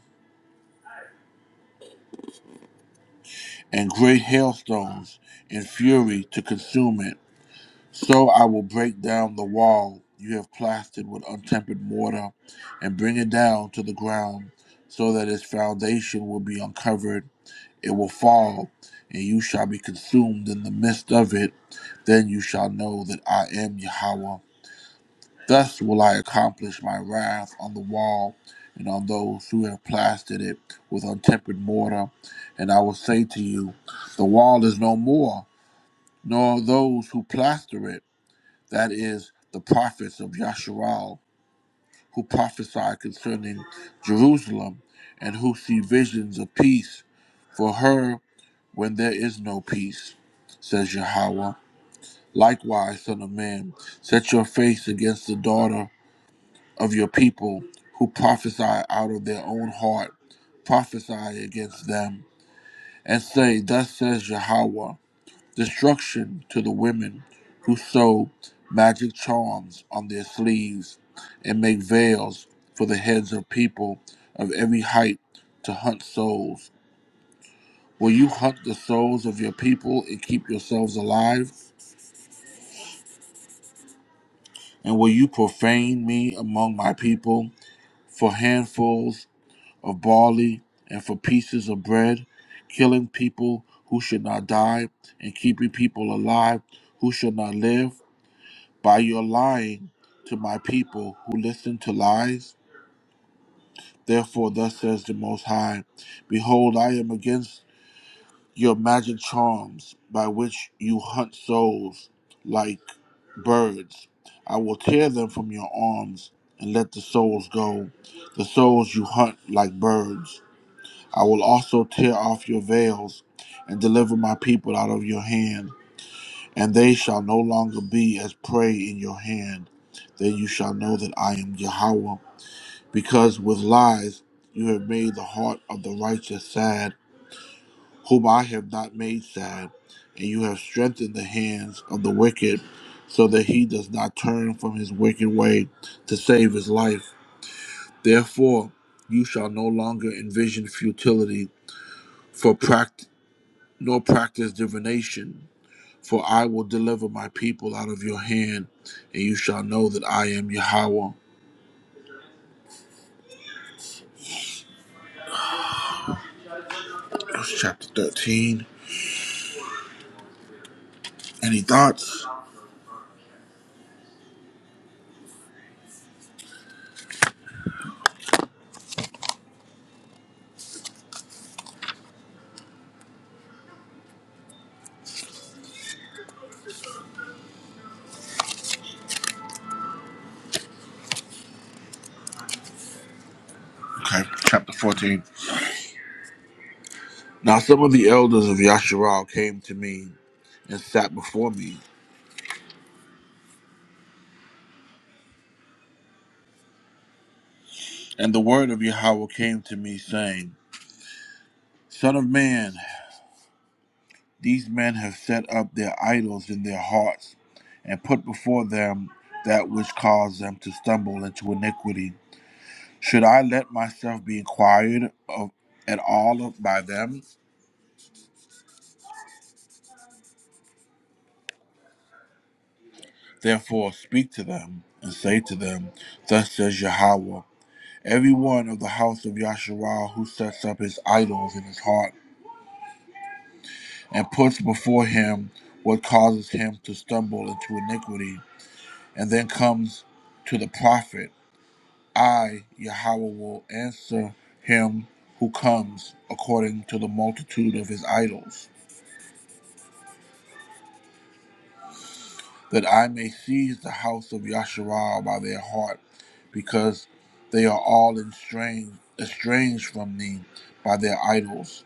A: and great hailstones in fury to consume it. So I will break down the wall you have plastered with untempered mortar, and bring it down to the ground, so that its foundation will be uncovered. It will fall, and you shall be consumed in the midst of it. Then you shall know that I am Yahweh. Thus will I accomplish my wrath on the wall and on those who have plastered it with untempered mortar. And I will say to you, The wall is no more, nor those who plaster it, that is, the prophets of Yasharal, who prophesy concerning Jerusalem, and who see visions of peace for her when there is no peace, says Yahweh. Likewise, Son of Man, set your face against the daughter of your people who prophesy out of their own heart, prophesy against them, and say, Thus says Yahweh, destruction to the women who sew magic charms on their sleeves and make veils for the heads of people of every height to hunt souls. Will you hunt the souls of your people and keep yourselves alive? And will you profane me among my people for handfuls? of barley and for pieces of bread, killing people who should not die and keeping people alive who should not live by your lying to my people who listen to lies. Therefore, thus says the Most High Behold, I am against your magic charms by which you hunt souls like birds. I will tear them from your arms and let the souls go, the souls you hunt like birds. I will also tear off your veils and deliver my people out of your hand, and they shall no longer be as prey in your hand. Then you shall know that I am Yahweh, because with lies you have made the heart of the righteous sad, whom I have not made sad, and you have strengthened the hands of the wicked, so that he does not turn from his wicked way to save his life. Therefore, you shall no longer envision futility. For practice. nor practice divination. For I will deliver my people out of your hand, and you shall know that I am Yahweh. That's chapter 13. Any thoughts? Okay, chapter 14. Now some of the elders of Yasharal came to me and sat before me. And the word of Yahweh came to me, saying, Son of man, these men have set up their idols in their hearts, and put before them that which caused them to stumble into iniquity. Should I let myself be inquired of at all of- by them? Therefore speak to them and say to them, Thus says Yahweh. Every one of the house of Yasharal who sets up his idols in his heart and puts before him what causes him to stumble into iniquity, and then comes to the prophet, I, Yahweh, will answer him who comes according to the multitude of his idols. that I may seize the house of Yasharal by their heart, because they are all estranged, estranged from me by their idols.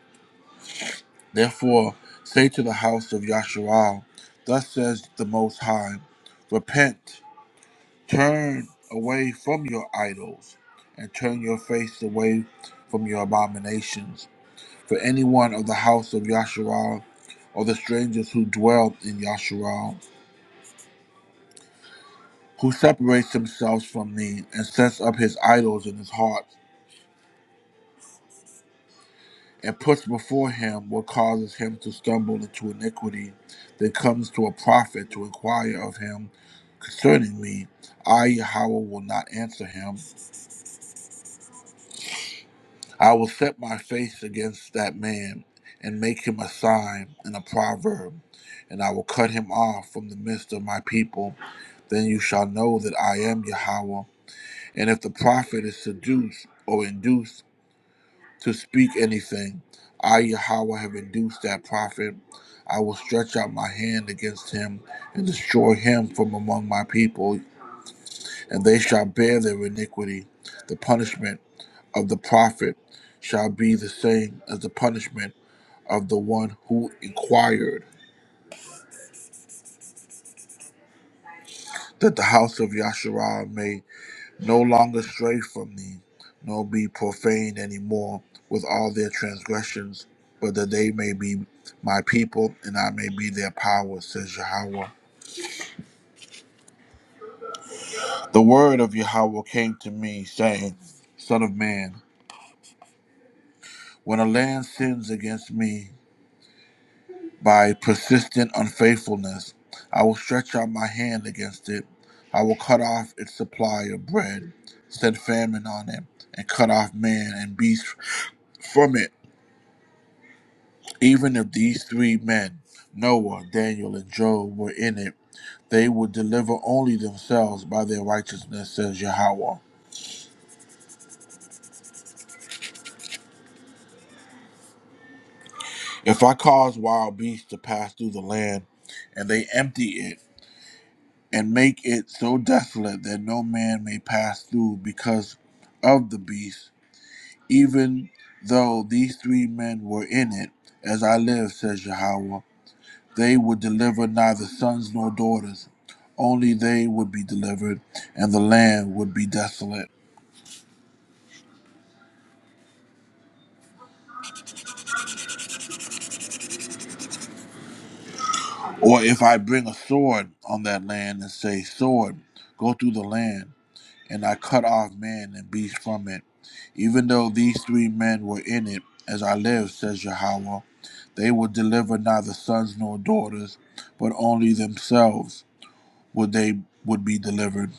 A: Therefore, say to the house of Yasharal, Thus says the Most High, Repent, turn away from your idols, and turn your face away from your abominations. For anyone of the house of Yasharal, or the strangers who dwell in Yasharal, who separates himself from me and sets up his idols in his heart and puts before him what causes him to stumble into iniquity, then comes to a prophet to inquire of him concerning me. I, Yahweh, will not answer him. I will set my face against that man and make him a sign and a proverb, and I will cut him off from the midst of my people. Then you shall know that I am Yahweh. And if the prophet is seduced or induced, to speak anything. I, Yahweh, have induced that prophet. I will stretch out my hand against him and destroy him from among my people, and they shall bear their iniquity. The punishment of the prophet shall be the same as the punishment of the one who inquired, that the house of Yahshua may no longer stray from thee, nor be profaned any more with all their transgressions, but that they may be my people and I may be their power, says Yahweh. The word of Yahweh came to me, saying, Son of man, when a land sins against me by persistent unfaithfulness, I will stretch out my hand against it. I will cut off its supply of bread, send famine on it, and cut off man and beast from it Even if these three men, Noah, Daniel, and Job, were in it, they would deliver only themselves by their righteousness, says Yahweh. If I cause wild beasts to pass through the land, and they empty it, and make it so desolate that no man may pass through because of the beast, even though these three men were in it, as I live, says Yahweh, They would deliver neither sons nor daughters. Only they would be delivered, and the land would be desolate. Or if I bring a sword on that land and say, Sword, go through the land, and I cut off man and beast from it, even though these three men were in it, as I live, says Yahweh, they will deliver neither sons nor daughters, but only themselves would they would be delivered.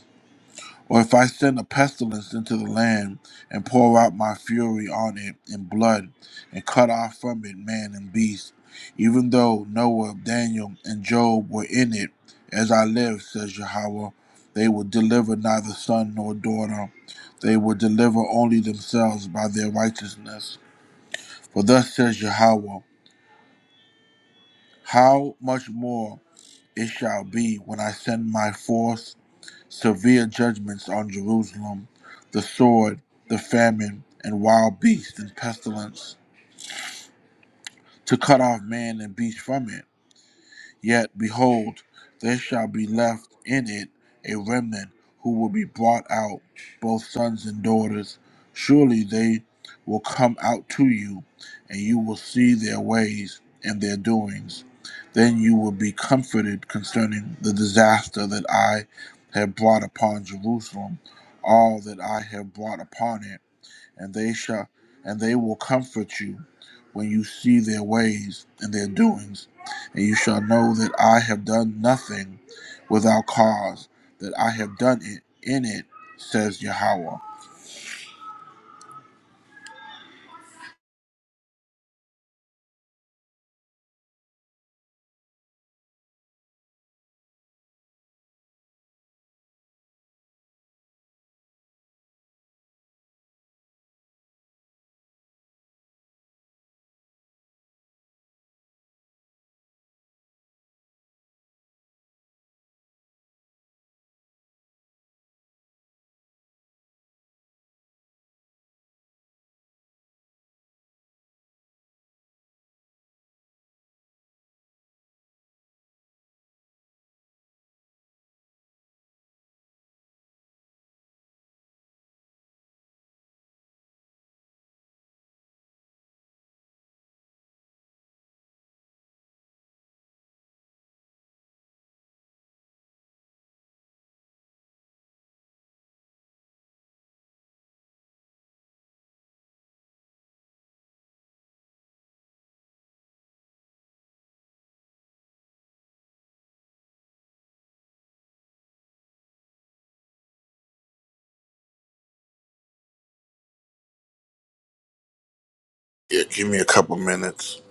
A: Or if I send a pestilence into the land and pour out my fury on it in blood and cut off from it man and beast, even though Noah, Daniel, and Job were in it, as I live, says Yahweh, they will deliver neither son nor daughter. They will deliver only themselves by their righteousness. For thus says Yahweh, how much more it shall be when I send my force severe judgments on Jerusalem, the sword, the famine, and wild beasts and pestilence, to cut off man and beast from it. Yet, behold, there shall be left in it a remnant who will be brought out, both sons and daughters. Surely they will come out to you, and you will see their ways and their doings. Then you will be comforted concerning the disaster that I have brought upon Jerusalem, all that I have brought upon it and they shall and they will comfort you when you see their ways and their doings and you shall know that i have done nothing without cause that i have done it in it says yahweh yeah give me a couple minutes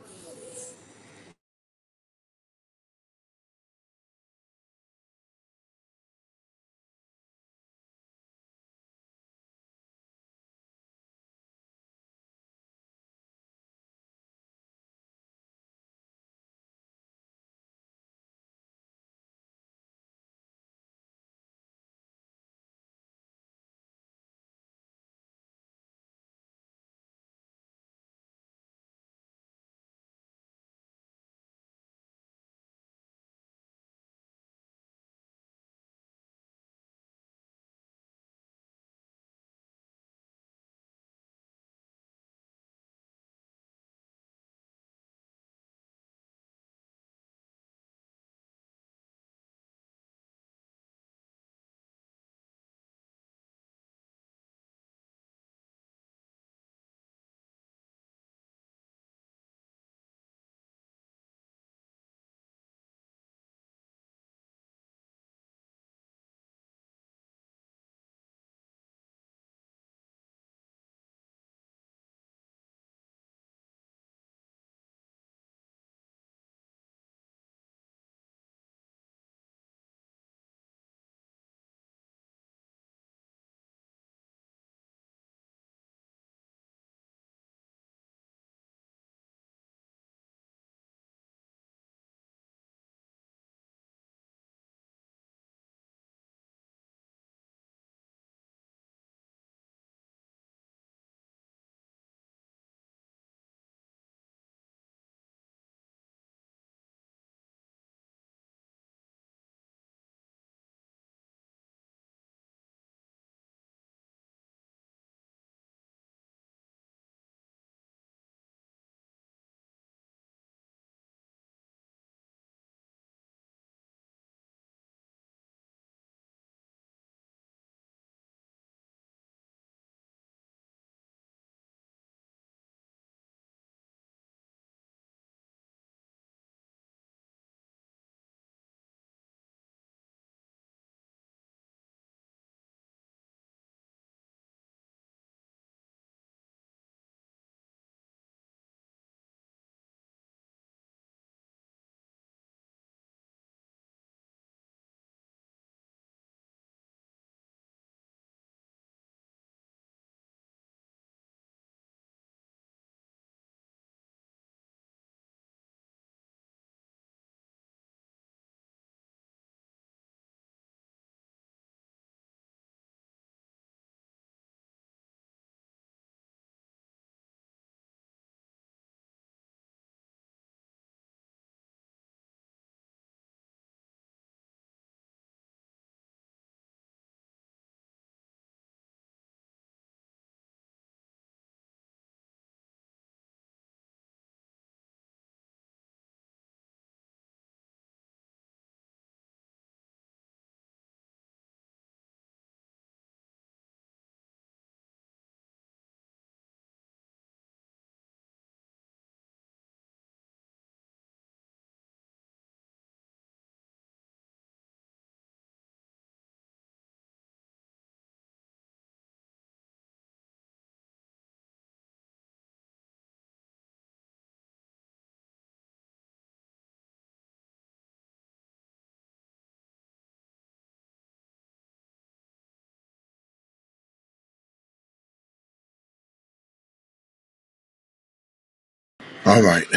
A: all right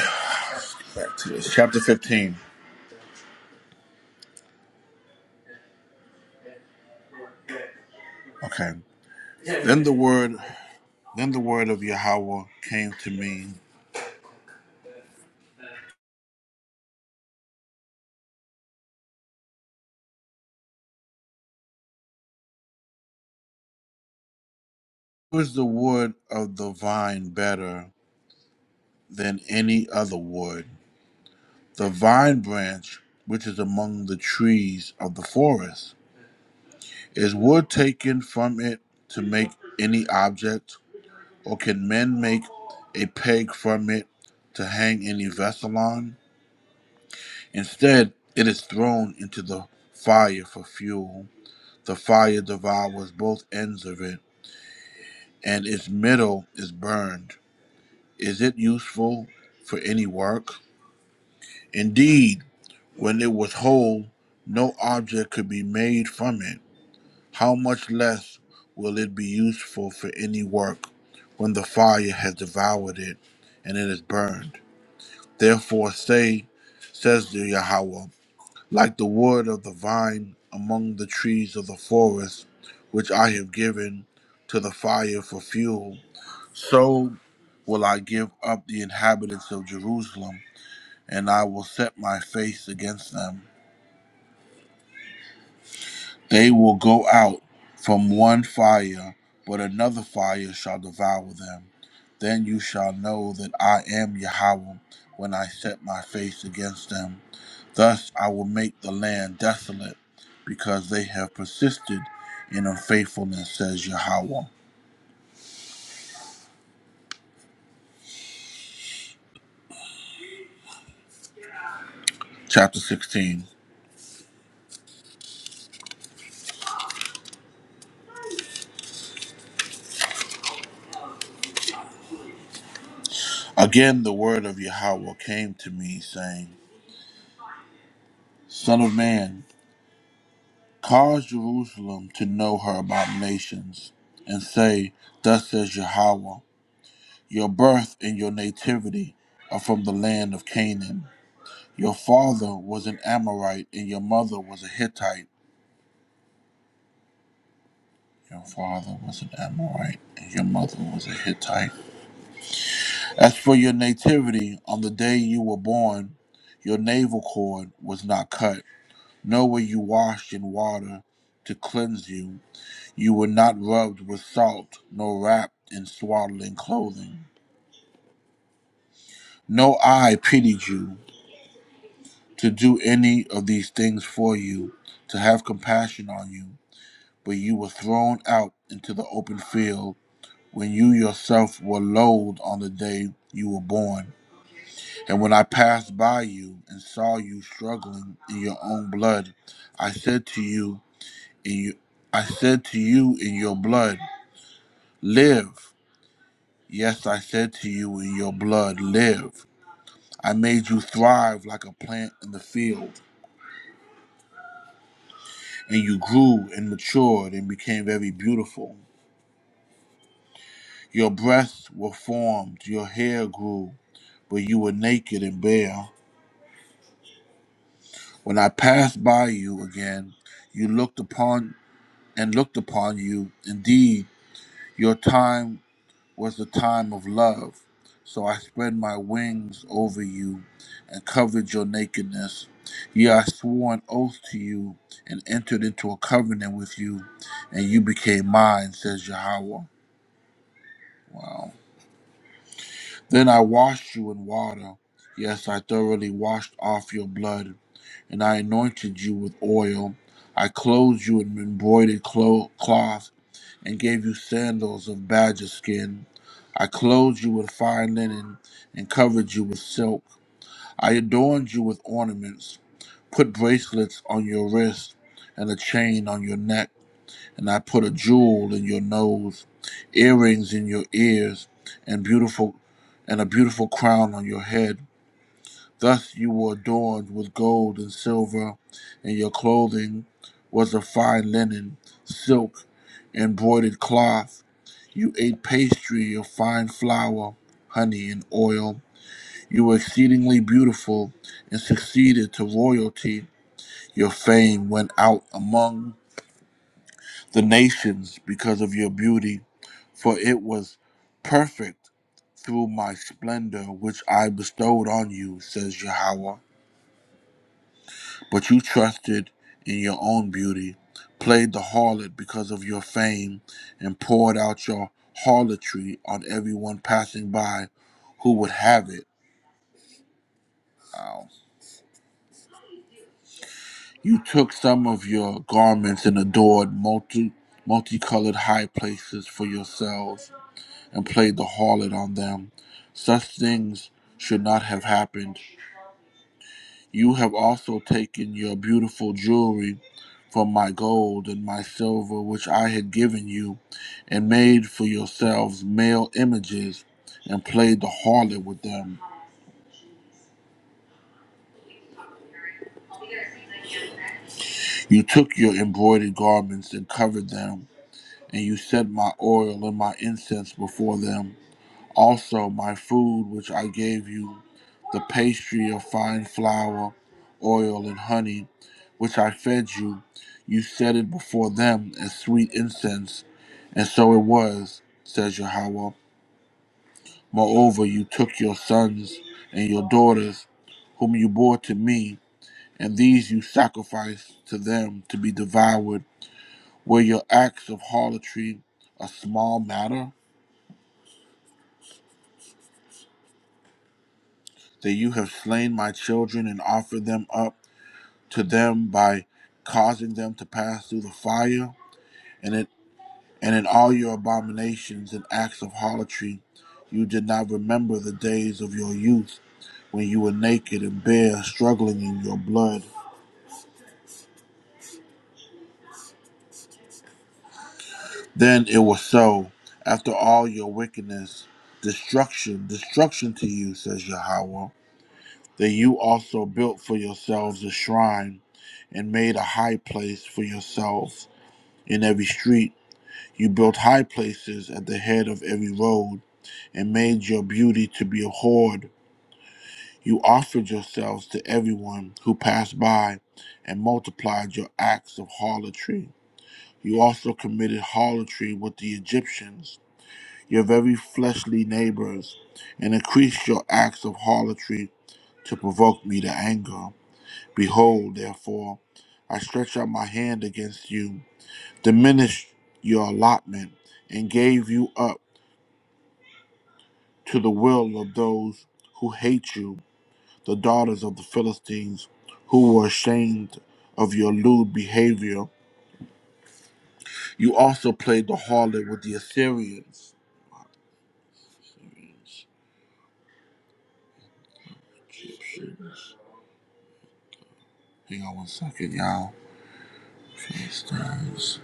A: back to this chapter 15 okay then the word then the word of yahweh came to me Who is the wood of the vine better than any other wood The vine branch, which is among the trees of the forest, is wood taken from it to make any object, or can men make a peg from it to hang any vessel on? Instead, it is thrown into the fire for fuel. The fire devours both ends of it, and its middle is burned. Is it useful for any work? Indeed, when it was whole, no object could be made from it How much less will it be useful for any work when the fire has devoured it and it is burned? Therefore say, says the Yahweh, like the wood of the vine among the trees of the forest, which I have given to the fire for fuel, so will I give up the inhabitants of Jerusalem, and I will set my face against them. They will go out from one fire, but another fire shall devour them. Then you shall know that I am Yahweh when I set my face against them. Thus I will make the land desolate, because they have persisted in unfaithfulness, says Yahweh. Chapter 16 Again the word of Yahweh came to me, saying, Son of man, cause Jerusalem to know her abominations, and say, Thus says Yahweh. Your birth and your nativity are from the land of Canaan. Your father was an Amorite and your mother was a Hittite. Your father was an Amorite and your mother was a Hittite. As for your nativity, on the day you were born, your navel cord was not cut, nor were you washed in water to cleanse you. You were not rubbed with salt, nor wrapped in swaddling clothing. No eye pitied you, to do any of these things for you, to have compassion on you, but you were thrown out into the open field when you yourself were loathed on the day you were born. And when I passed by you and saw you struggling in your own blood, I said to you in you, I said to you in your blood, live. Yes, I said to you in your blood, live. I made you thrive like a plant in the field. and you grew and matured and became very beautiful. Your breasts were formed, your hair grew, but you were naked and bare. When I passed by you again, you looked upon and looked upon you. Indeed, your time was the time of love. So I spread my wings over you and covered your nakedness. Yea, I swore an oath to you and entered into a covenant with you, and you became mine, says Yahweh. Wow. Then I washed you in water. Yes, I thoroughly washed off your blood, and I anointed you with oil. I clothed you in embroidered clo- cloth, and gave you sandals of badger skin. I clothed you with fine linen, and covered you with silk. I adorned you with ornaments, put bracelets on your wrists, and a chain on your neck and I put a jewel in your nose, earrings in your ears, and beautiful and a beautiful crown on your head. Thus you were adorned with gold and silver, and your clothing was of fine linen, silk, embroidered cloth. You ate pastry of fine flour, honey, and oil. You were exceedingly beautiful and succeeded to royalty. Your fame went out among the nations because of your beauty for it was perfect through my splendor which I bestowed on you, says Yahweh. But you trusted in your own beauty, played the harlot because of your fame, and poured out your harlotry on everyone passing by who would have it. Wow. You took some of your garments and adored multi multicolored high places for yourselves and played the harlot on them. Such things should not have happened You have also taken your beautiful jewelry from my gold and my silver, which I had given you, and made for yourselves male images and played the harlot with them. You took your embroidered garments and covered them, and you set my oil and my incense before them. Also, my food which I gave you, the pastry of fine flour, oil, and honey, which I fed you, you set it before them as sweet incense. And so it was, says Yahweh. Moreover, you took your sons and your daughters, whom you bore to me, and these you sacrificed to them to be devoured. Were your acts of harlotry a small matter, that you have slain my children and offered them up? to them by causing them to pass through the fire, and it and in all your abominations and acts of harlotry, you did not remember the days of your youth when you were naked and bare, struggling in your blood. Then it was so, after all your wickedness, destruction, destruction to you, says Yahweh, that you also built for yourselves a shrine and made a high place for yourselves in every street You built high places at the head of every road and made your beauty to be abhorred. You offered yourselves to everyone who passed by and multiplied your acts of harlotry. You also committed harlotry with the Egyptians, your very fleshly neighbors, and increased your acts of harlotry to provoke me to anger. Behold, therefore, I stretch out my hand against you, diminished your allotment, and gave you up. to the will of those who hate you, the daughters of the Philistines, who were ashamed of your lewd behavior. You also played the harlot with the Assyrians. Assyrians, Egyptians. Hang on one second, y'all. Philistines.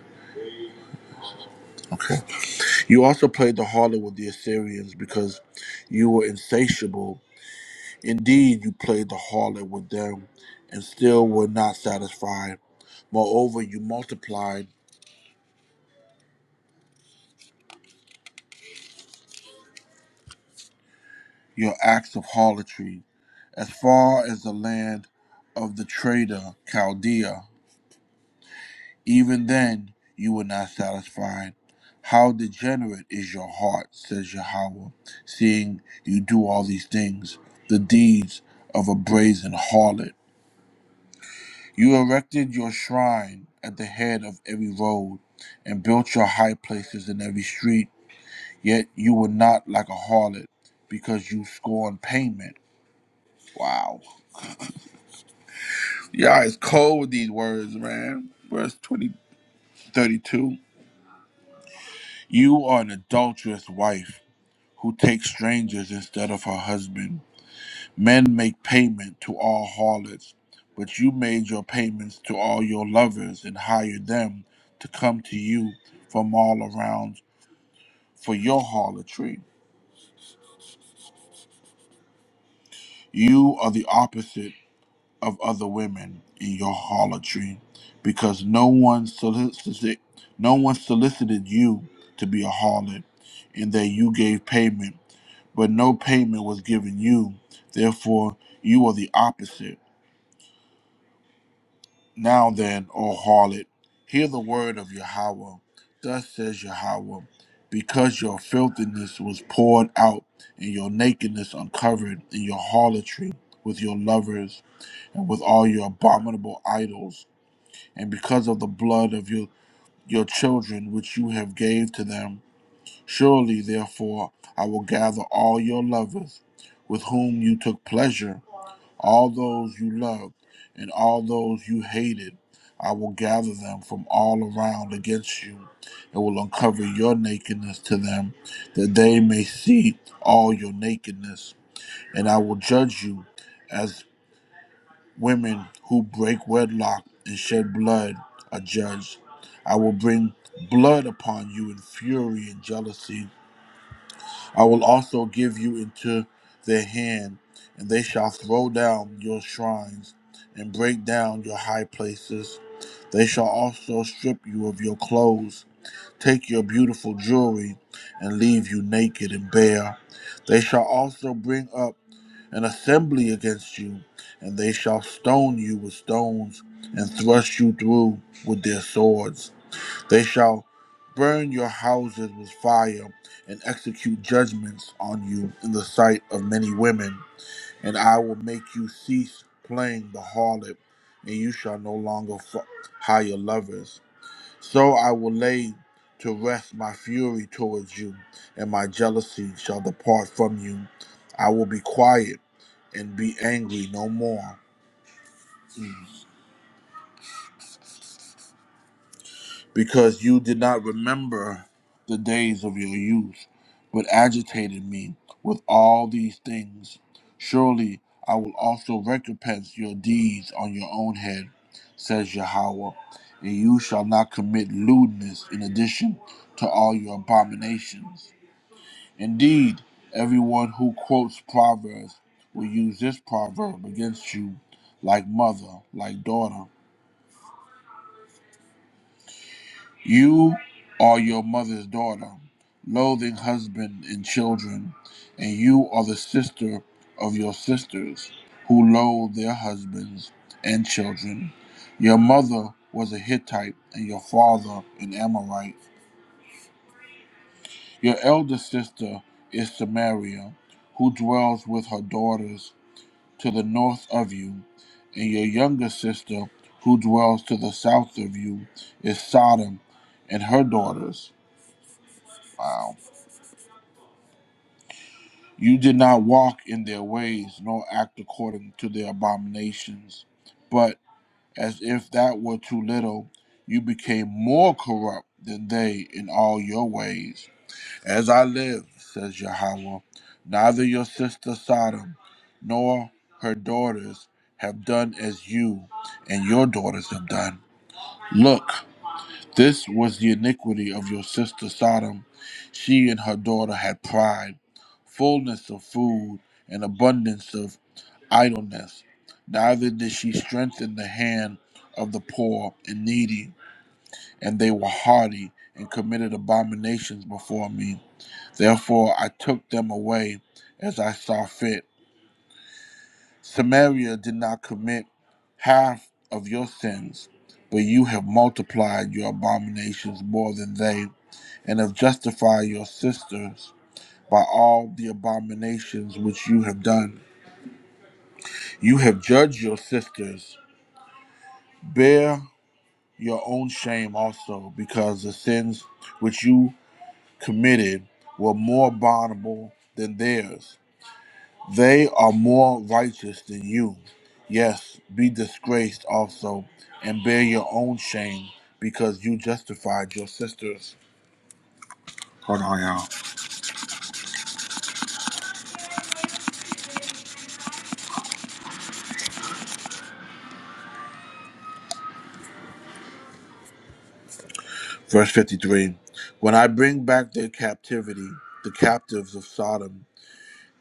A: Okay. You also played the harlot with the Assyrians because you were insatiable. Indeed, you played the harlot with them and still were not satisfied. Moreover, you multiplied your acts of harlotry, as far as the land of the traitor Chaldea. Even then you were not satisfied. How degenerate is your heart, says Yahweh, seeing you do all these things, the deeds of a brazen harlot. You erected your shrine at the head of every road, and built your high places in every street, yet you were not like a harlot, because you scorned payment. Wow. Y'all is cold with these words, man. Verse 20, 32. You are an adulterous wife who takes strangers instead of her husband. Men make payment to all harlots, but you made your payments to all your lovers and hired them to come to you from all around for your harlotry. You are the opposite of other women in your harlotry, because no one solicited, no one solicited you to be a harlot, and that you gave payment, but no payment was given you. Therefore, you are the opposite. Now then, O harlot, hear the word of Yahweh. Thus says Yahweh, because your filthiness was poured out, and your nakedness uncovered, in your harlotry with your lovers, and with all your abominable idols and because of the blood of your, your children which you have gave to them. Surely, therefore, I will gather all your lovers with whom you took pleasure, all those you loved, and all those you hated. I will gather them from all around against you, and will uncover your nakedness to them, that they may see all your nakedness. And I will judge you as. Women who break wedlock and shed blood are judged. I will bring blood upon you in fury and jealousy. I will also give you into their hand, and they shall throw down your shrines and break down your high places. They shall also strip you of your clothes, take your beautiful jewelry, and leave you naked and bare. They shall also bring up an assembly against you, and they shall stone you with stones, and thrust you through with their swords. They shall burn your houses with fire, and execute judgments on you in the sight of many women. And I will make you cease playing the harlot, and you shall no longer f- hire lovers. So I will lay to rest my fury towards you, and my jealousy shall depart from you. I will be quiet and be angry no more, because you did not remember the days of your youth, but agitated me with all these things. Surely I will also recompense your deeds on your own head, says Yahweh, and you shall not commit lewdness in addition to all your abominations. Indeed, everyone who quotes Proverbs will use this proverb against you like mother, like daughter. You are your mother's daughter, loathing husband and children, and you are the sister of your sisters who loathe their husbands and children. Your mother was a Hittite and your father an Amorite. Your elder sister is Samaria, who dwells with her daughters to the north of you, and your younger sister, who dwells to the south of you, is Sodom and her daughters. Wow. You did not walk in their ways, nor act according to their abominations. But as if that were too little, you became more corrupt than they in all your ways. As I live, says Yahweh, neither your sister Sodom nor her daughters have done as you and your daughters have done. Look, this was the iniquity of your sister Sodom. She and her daughter had pride, fullness of food, and abundance of idleness. Neither did she strengthen the hand of the poor and needy, and they were haughty and committed abominations before me. Therefore I took them away as I saw fit. Samaria did not commit half of your sins, but you have multiplied your abominations more than they, and have justified your sisters by all the abominations which you have done. You have judged your sisters. Bear your own shame also, because the sins which you committed were more abominable than theirs. They are more righteous than you. Yes, be disgraced also, and bear your own shame, because you justified your sisters. Hold on, y'all. Verse 53 When I bring back their captivity, the captives of Sodom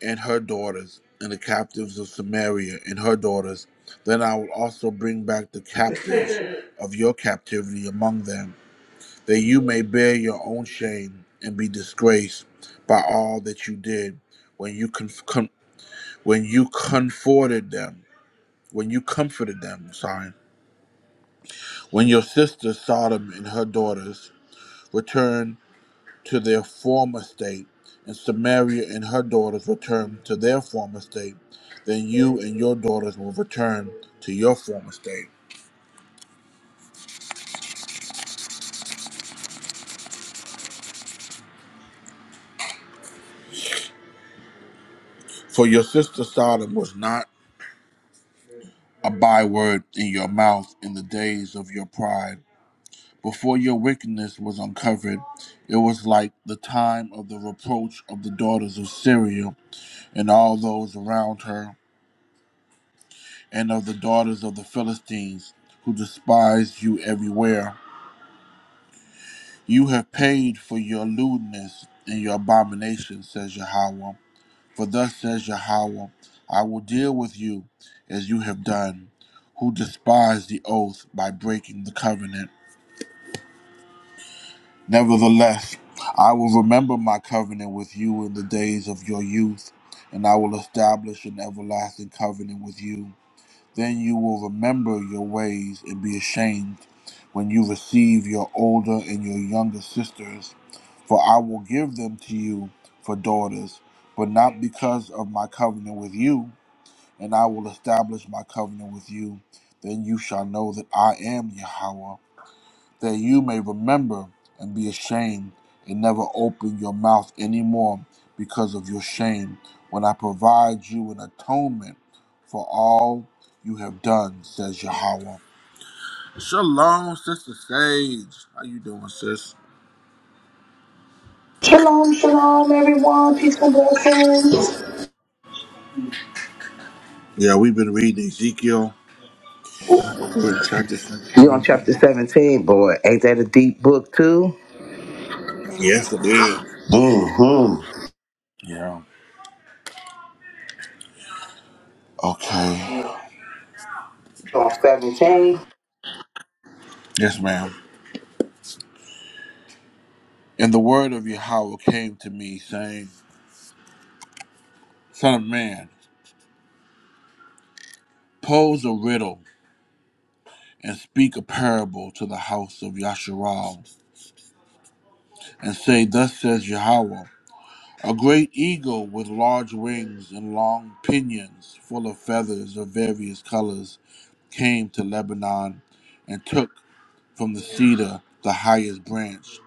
A: and her daughters, and the captives of Samaria and her daughters, then I will also bring back the captives of your captivity among them, that you may bear your own shame and be disgraced by all that you did when you conf- com- when you comforted them when you comforted them sorry when your sister Sodom and her daughters returned to their former state and Samaria and her daughters returned to their former state then you and your daughters will return to your former state for your sister Sodom was not a byword in your mouth in the days of your pride Before your wickedness was uncovered, it was like the time of the reproach of the daughters of Syria and all those around her, and of the daughters of the Philistines, who despised you everywhere. You have paid for your lewdness and your abomination, says Yahweh. For thus says Yahweh, I will deal with you as you have done, who despise the oath by breaking the covenant. Nevertheless, I will remember my covenant with you in the days of your youth, and I will establish an everlasting covenant with you. Then you will remember your ways and be ashamed when you receive your older and your younger sisters, for I will give them to you for daughters, but not because of my covenant with you, and I will establish my covenant with you. Then you shall know that I am Yahweh that you may remember and be ashamed, and never open your mouth anymore because of your shame, when I provide you an atonement for all you have done, says Yahweh. Shalom, Sister Sage. How you doing, sis?
G: Shalom, shalom, everyone. Peace and blessings.
A: Yeah, we've been reading Ezekiel. We're in chapter 17 now. Yes, it is. Yeah. Okay. Yes, ma'am. And the word of Yahweh came to me, saying, Son of man, pose a riddle and speak a parable to the house of Yasharal, and say, Thus says Yahweh, a great eagle with large wings and long pinions full of feathers of various colors came to Lebanon and took from the cedar the highest branch.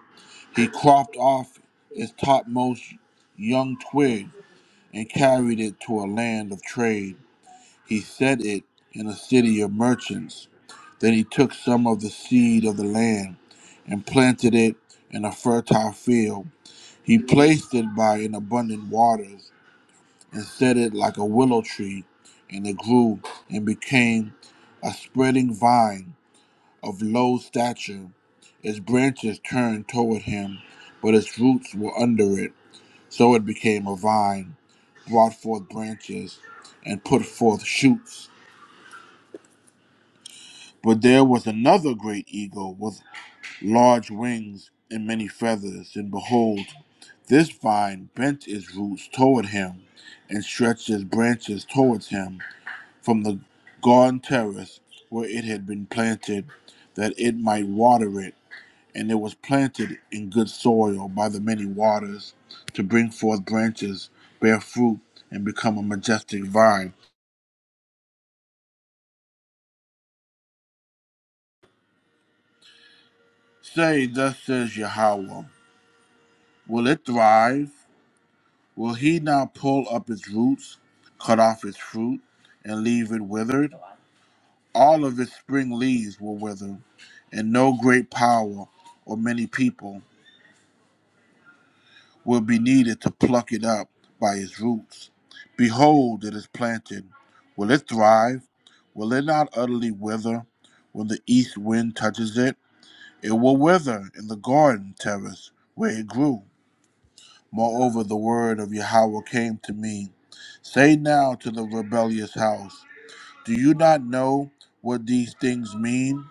A: He cropped off its topmost young twig and carried it to a land of trade. He set it in a city of merchants. Then he took some of the seed of the land and planted it in a fertile field. He placed it by an abundant waters and set it like a willow tree, and it grew and became a spreading vine of low stature. Its branches turned toward him, but its roots were under it. So it became a vine, brought forth branches, and put forth shoots But there was another great eagle with large wings and many feathers, and behold, this vine bent its roots toward him and stretched its branches towards him from the garden terrace where it had been planted, that it might water it. And it was planted in good soil by the many waters to bring forth branches, bear fruit, and become a majestic vine. Say, thus says Yahweh, will it thrive? Will he not pull up its roots, cut off its fruit, and leave it withered? All of its spring leaves will wither, and no great power or many people will be needed to pluck it up by its roots. Behold, it is planted. Will it thrive? Will it not utterly wither when the east wind touches it? It will wither in the garden terrace where it grew. Moreover, the word of Yahweh came to me Say now to the rebellious house, Do you not know what these things mean?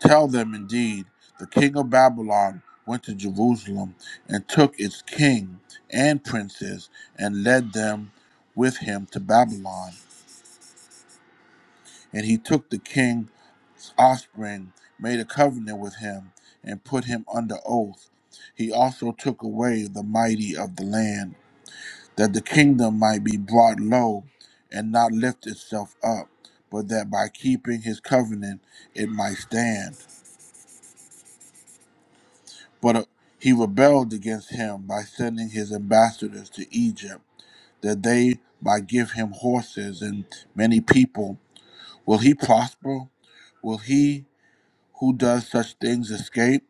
A: Tell them indeed, the king of Babylon went to Jerusalem and took its king and princes and led them with him to Babylon. And he took the king's offspring, made a covenant with him, and put him under oath. He also took away the mighty of the land that the kingdom might be brought low and not lift itself up, but that by keeping his covenant it might stand. But uh, he rebelled against him by sending his ambassadors to Egypt, that they might give him horses and many people. Will he prosper? Will he who does such things escape?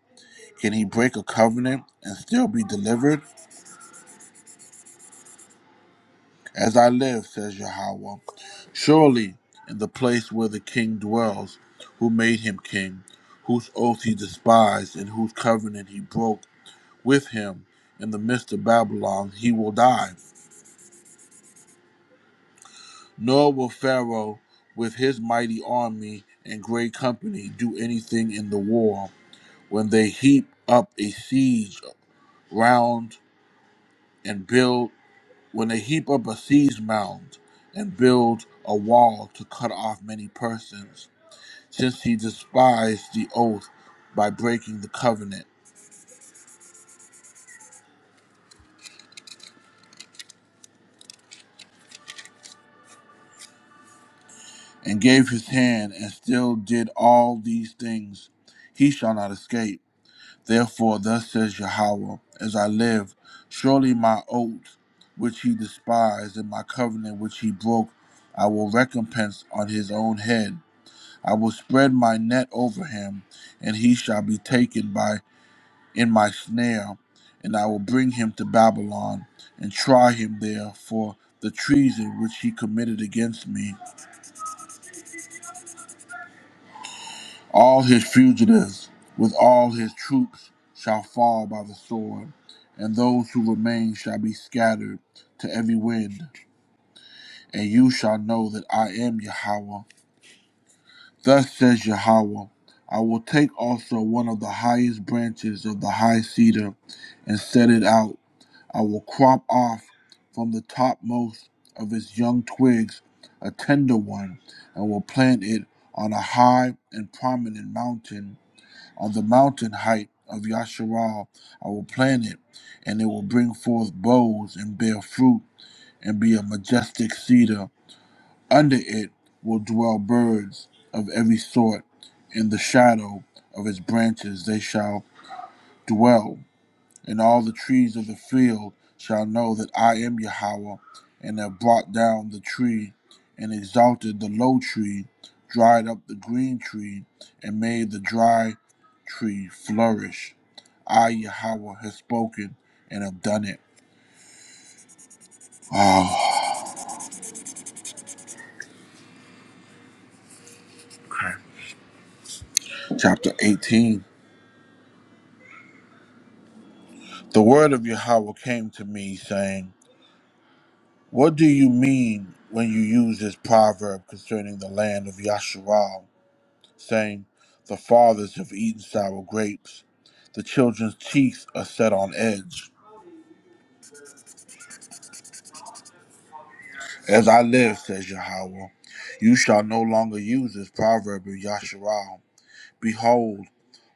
A: Can he break a covenant and still be delivered? As I live, says Yahweh, surely in the place where the king dwells, who made him king, whose oath he despised, and whose covenant he broke with him in the midst of Babylon, he will die. Nor will Pharaoh, with his mighty army and great company, do anything in the war. When they heap up a siege round and build, when they heap up a siege mound and build a wall to cut off many persons, since he despised the oath by breaking the covenant, and gave his hand and still did all these things, he shall not escape. Therefore, thus says Yahweh, as I live, surely my oath which he despised and my covenant which he broke, I will recompense on his own head. I will spread my net over him, and he shall be taken by in my snare, and I will bring him to Babylon and try him there for the treason which he committed against me. All his fugitives with all his troops shall fall by the sword, and those who remain shall be scattered to every wind. And you shall know that I am Yahweh. Thus says Yahweh. I will take also one of the highest branches of the high cedar and set it out I will crop off from the topmost of its young twigs a tender one, and will plant it on a high and prominent mountain. On the mountain height of Yasharal, I will plant it, and it will bring forth boughs and bear fruit, and be a majestic cedar. Under it will dwell birds of every sort. In the shadow of its branches they shall dwell and all the trees of the field shall know that I am Yahweh, and have brought down the tree, and exalted the low tree, dried up the green tree, and made the dry tree flourish. I, Yahweh, have spoken and have done it. Oh, chapter 18. The word of Yahweh came to me, saying, What do you mean when you use this proverb concerning the land of Yahshua? saying, The fathers have eaten sour grapes. The children's teeth are set on edge. As I live, says Yahweh, you shall no longer use this proverb of Yasharal. Behold,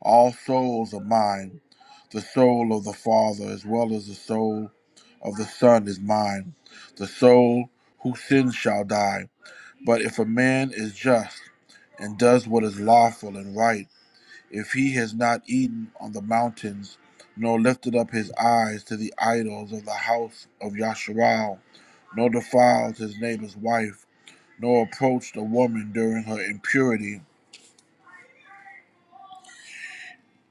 A: all souls are mine. The soul of the Father as well as the soul of the Son is mine. The soul who sins shall die. But if a man is just and does what is lawful and right, if he has not eaten on the mountains, nor lifted up his eyes to the idols of the house of Yasharal, nor defiled his neighbor's wife, nor approached a woman during her impurity,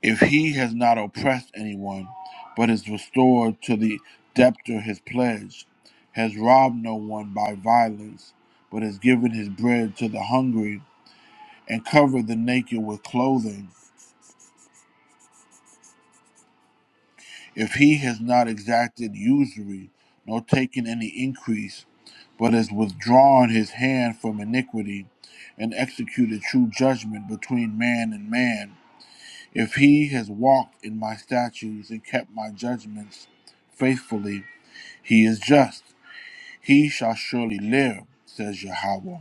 A: if he has not oppressed anyone, but is restored to the debtor his pledge, has robbed no one by violence, but has given his bread to the hungry, and covered the naked with clothing, if he has not exacted usury, nor taken any increase, but has withdrawn his hand from iniquity, and executed true judgment between man and man, if he has walked in my statutes and kept my judgments faithfully, he is just. He shall surely live, says Yahweh.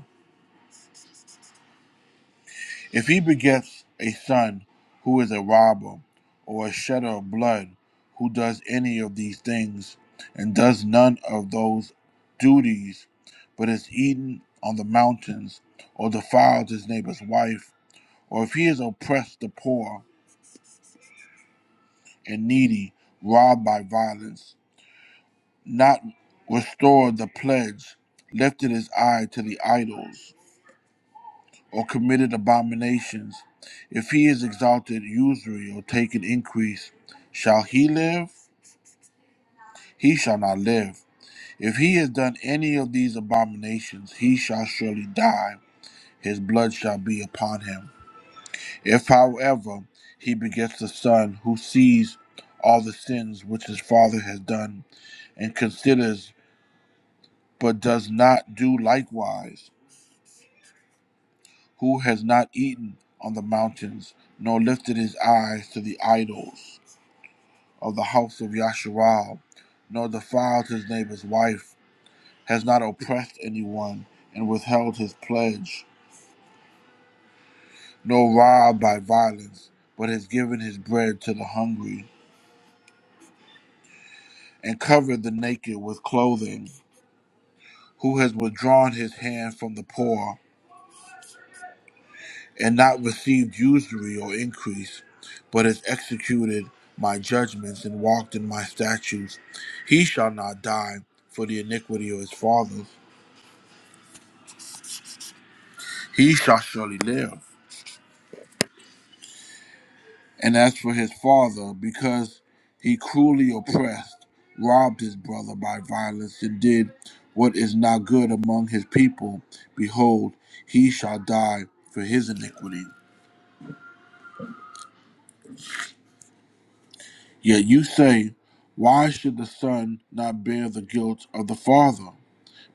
A: If he begets a son who is a robber or a shedder of blood, who does any of these things and does none of those duties, but is eaten on the mountains or defiles his neighbor's wife, or if he has oppressed the poor and needy, robbed by violence, not restored the pledge, lifted his eye to the idols, or committed abominations, if he is exalted usury or taken increase, shall he live? He shall not live. If he has done any of these abominations, he shall surely die. His blood shall be upon him. If, however, he begets a son who sees all the sins which his father has done and considers but does not do likewise, who has not eaten on the mountains, nor lifted his eyes to the idols, of the house of Yasharal, nor defiled his neighbor's wife, has not oppressed anyone, and withheld his pledge, nor robbed by violence, but has given his bread to the hungry, and covered the naked with clothing, who has withdrawn his hand from the poor, and not received usury or increase, but has executed my judgments and walked in my statutes, he shall not die for the iniquity of his fathers. He shall surely live And as for his father, because he cruelly oppressed, robbed his brother by violence, and did what is not good among his people, behold, he shall die for his iniquity. Yet you say, Why should the son not bear the guilt of the father?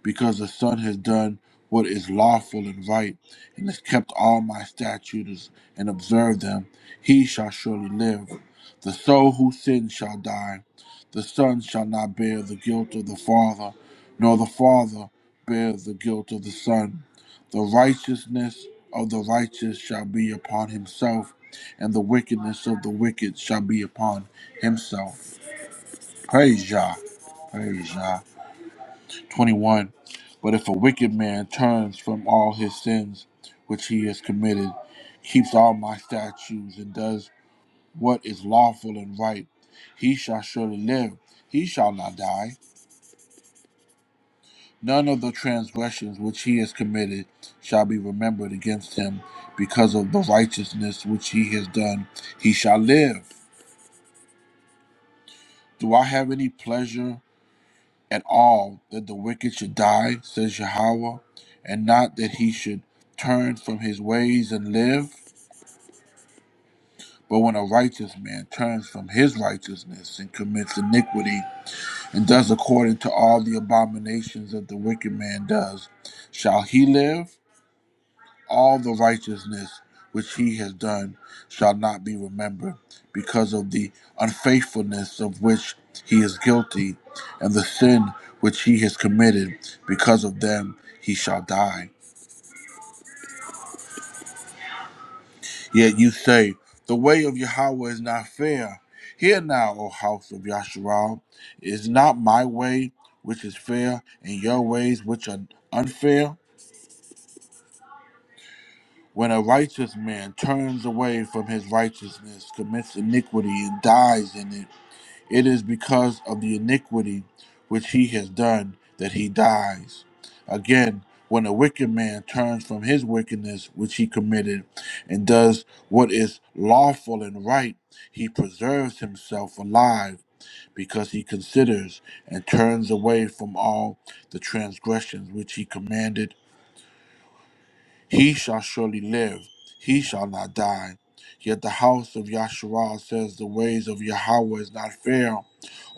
A: because the Son has done what is lawful and right, and has kept all my statutes and observed them, he shall surely live. The soul who sins shall die. The Son shall not bear the guilt of the Father, nor the Father bear the guilt of the Son. The righteousness of the righteous shall be upon himself, and the wickedness of the wicked shall be upon himself. Praise Yah. Praise Yah. 21. But if a wicked man turns from all his sins which he has committed, keeps all my statutes, and does what is lawful and right, he shall surely live, he shall not die. None of the transgressions which he has committed shall be remembered against him. Because of the righteousness which he has done, he shall live. Do I have any pleasure? at all that the wicked should die, says Yahweh, and not that he should turn from his ways and live. But when a righteous man turns from his righteousness and commits iniquity and does according to all the abominations that the wicked man does, shall he live? all the righteousness which he has done shall not be remembered because of the unfaithfulness of which he is guilty and the sin which he has committed because of them he shall die yet you say the way of yahweh is not fair hear now o house of yasharal is not my way which is fair and your ways which are unfair When a righteous man turns away from his righteousness, commits iniquity, and dies in it, it is because of the iniquity which he has done that he dies. Again, when a wicked man turns from his wickedness which he committed and does what is lawful and right, he preserves himself alive because he considers and turns away from all the transgressions which he commanded he shall surely live, he shall not die. Yet the house of Yasharal says the ways of Yahweh is not fair.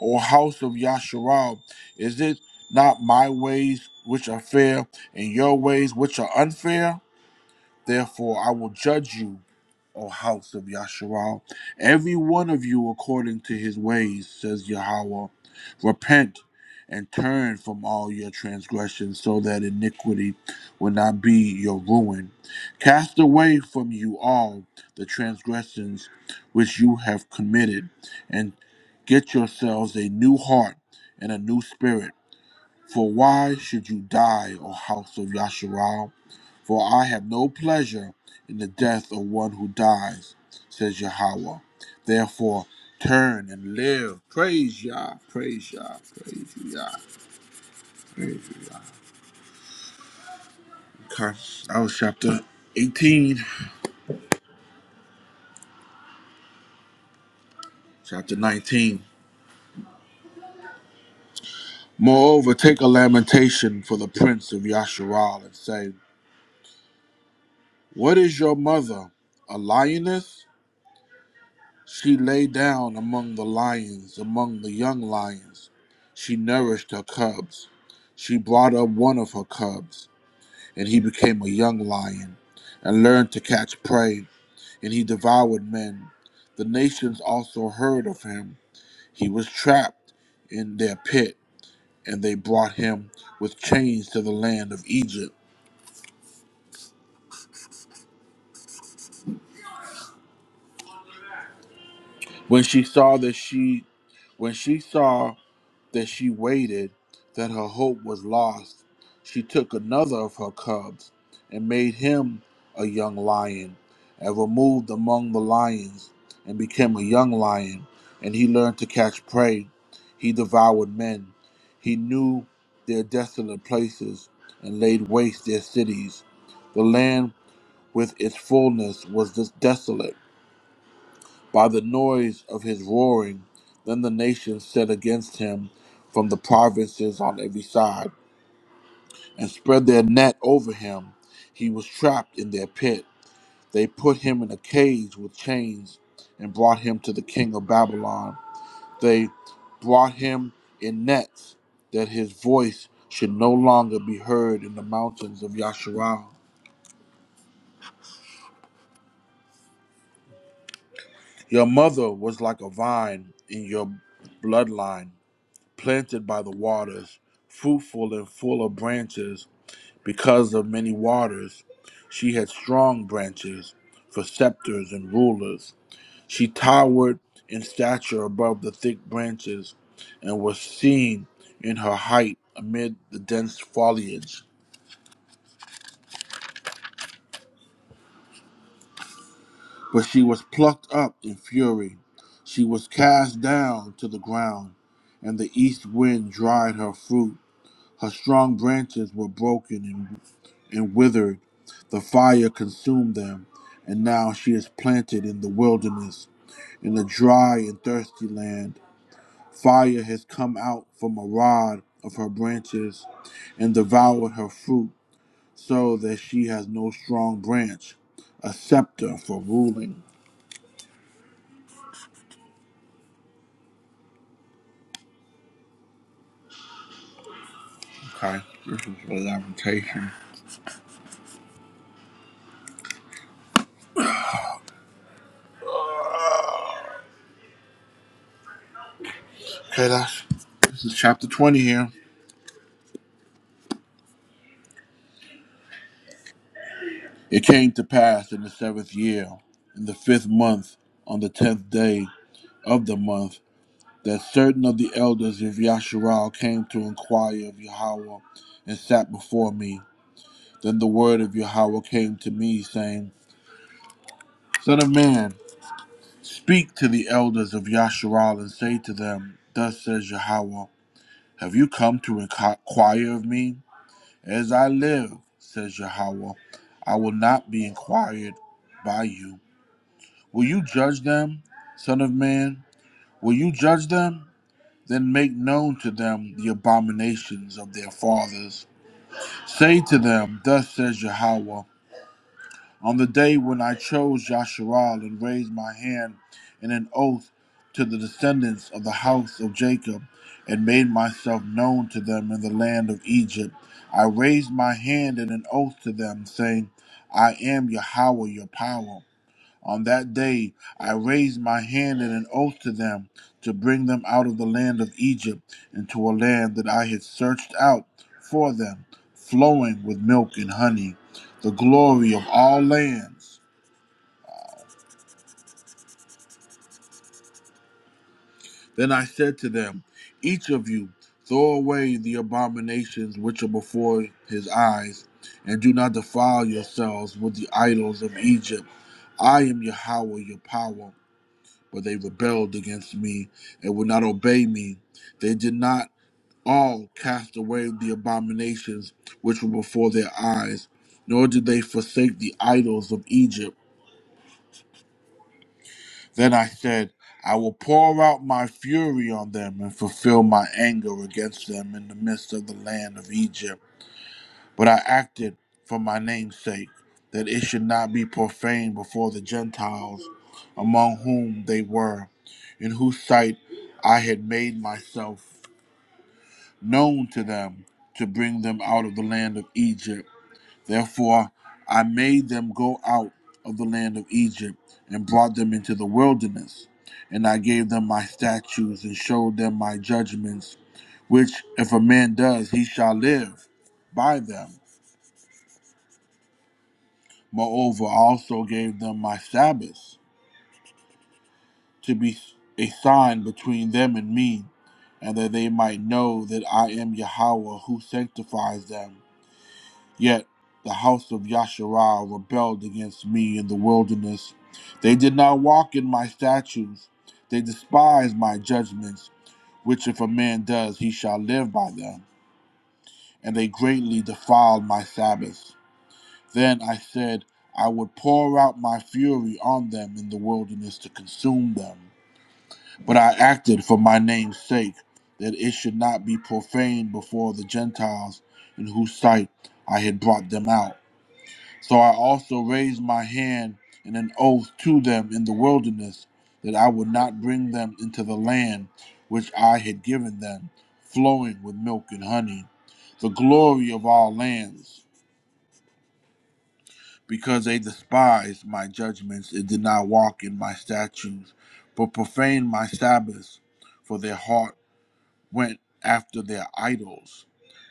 A: O house of Yasharal, is it not my ways which are fair and your ways which are unfair? Therefore, I will judge you, O house of Yasharal, every one of you according to his ways, says Yahweh. Repent and turn from all your transgressions, so that iniquity will not be your ruin. Cast away from you all the transgressions which you have committed, and get yourselves a new heart and a new spirit. For why should you die, O house of Yasharal? For I have no pleasure in the death of one who dies, says Yahweh. Therefore, turn and live. Praise Yah, praise Yah, praise Yah, praise Yah. Okay, that was chapter 18, chapter 19. Moreover, take a lamentation for the prince of Yasharal and say, What is your mother, a lioness? She lay down among the lions, among the young lions. She nourished her cubs. She brought up one of her cubs, and he became a young lion, and learned to catch prey, and he devoured men. The nations also heard of him. He was trapped in their pit, and they brought him with chains to the land of Egypt. When she saw that she when she saw that she waited, that her hope was lost. She took another of her cubs and made him a young lion, and removed among the lions, and became a young lion, and he learned to catch prey. He devoured men. He knew their desolate places and laid waste their cities. The land with its fullness was des- desolate by the noise of his roaring. Then the nations set against him from the provinces on every side and spread their net over him. He was trapped in their pit. They put him in a cage with chains and brought him to the king of Babylon. They brought him in nets that his voice should no longer be heard in the mountains of Yasharal. Your mother was like a vine in your bloodline planted by the waters, fruitful and full of branches because of many waters. She had strong branches for scepters and rulers. She towered in stature above the thick branches and was seen in her height amid the dense foliage. But she was plucked up in fury. She was cast down to the ground, and the east wind dried her fruit. Her strong branches were broken and. and withered. The fire consumed them, and now she is planted in the wilderness, in a dry and thirsty land. Fire has come out from a rod of her branches and devoured her fruit, so that she has no strong branch, a scepter for ruling. Okay, this is for lamentation. Okay, that's this is chapter 20 here. It came to pass in the seventh year, in the fifth month, on the tenth day of the month that certain of the elders of Yasharal came to inquire of Yahweh and sat before me. Then the word of Yahweh came to me, saying, Son of man, speak to the elders of Yasharal and say to them, Thus says Yahweh, have you come to inquire of me? As I live, says Yahweh, I will not be inquired by you. Will you judge them, son of man? Will you judge them? Then make known to them the abominations of their fathers. Say to them, Thus says Yahweh, on the day when I chose Yasharal and raised my hand in an oath to the descendants of the house of Jacob, and made myself known to them in the land of Egypt, I raised my hand in an oath to them, saying, I am Yahweh your power. On that day I raised my hand in an oath to them to bring them out of the land of Egypt into a land that I had searched out for them, flowing with milk and honey, the glory of all lands. Then I said to them, Each of you, throw away the abominations which are before his eyes, and do not defile yourselves with the idols of Egypt. I am Yahweh your power. but they rebelled against me and would not obey me. They did not all cast away the abominations which were before their eyes, nor did they forsake the idols of Egypt. Then I said, I will pour out my fury on them and fulfill my anger against them in the midst of the land of Egypt. But I acted for my name's sake, that it should not be profaned before the Gentiles, among whom they were, in whose sight I had made myself known to them to bring them out of the land of Egypt. Therefore I made them go out of the land of Egypt and brought them into the wilderness. And I gave them my statutes and showed them my judgments, which if a man does, he shall live by them. Moreover, I also gave them my Sabbaths to be a sign between them and me, and that they might know that I am Yahweh who sanctifies them. Yet the house of Yasharah rebelled against me in the wilderness. They did not walk in my statutes. They despised my judgments, which if a man does, he shall live by them. And they greatly defiled my Sabbaths. Then I said, I would pour out my fury on them in the wilderness to consume them. But I acted for my name's sake, that it should not be profaned before the Gentiles, in whose sight I had brought them out. So I also raised my hand in an oath to them in the wilderness, that I would not bring them into the land which I had given them, flowing with milk and honey, the glory of all lands. because they despised my judgments and did not walk in my statutes, but profaned my Sabbaths, for their heart went after their idols.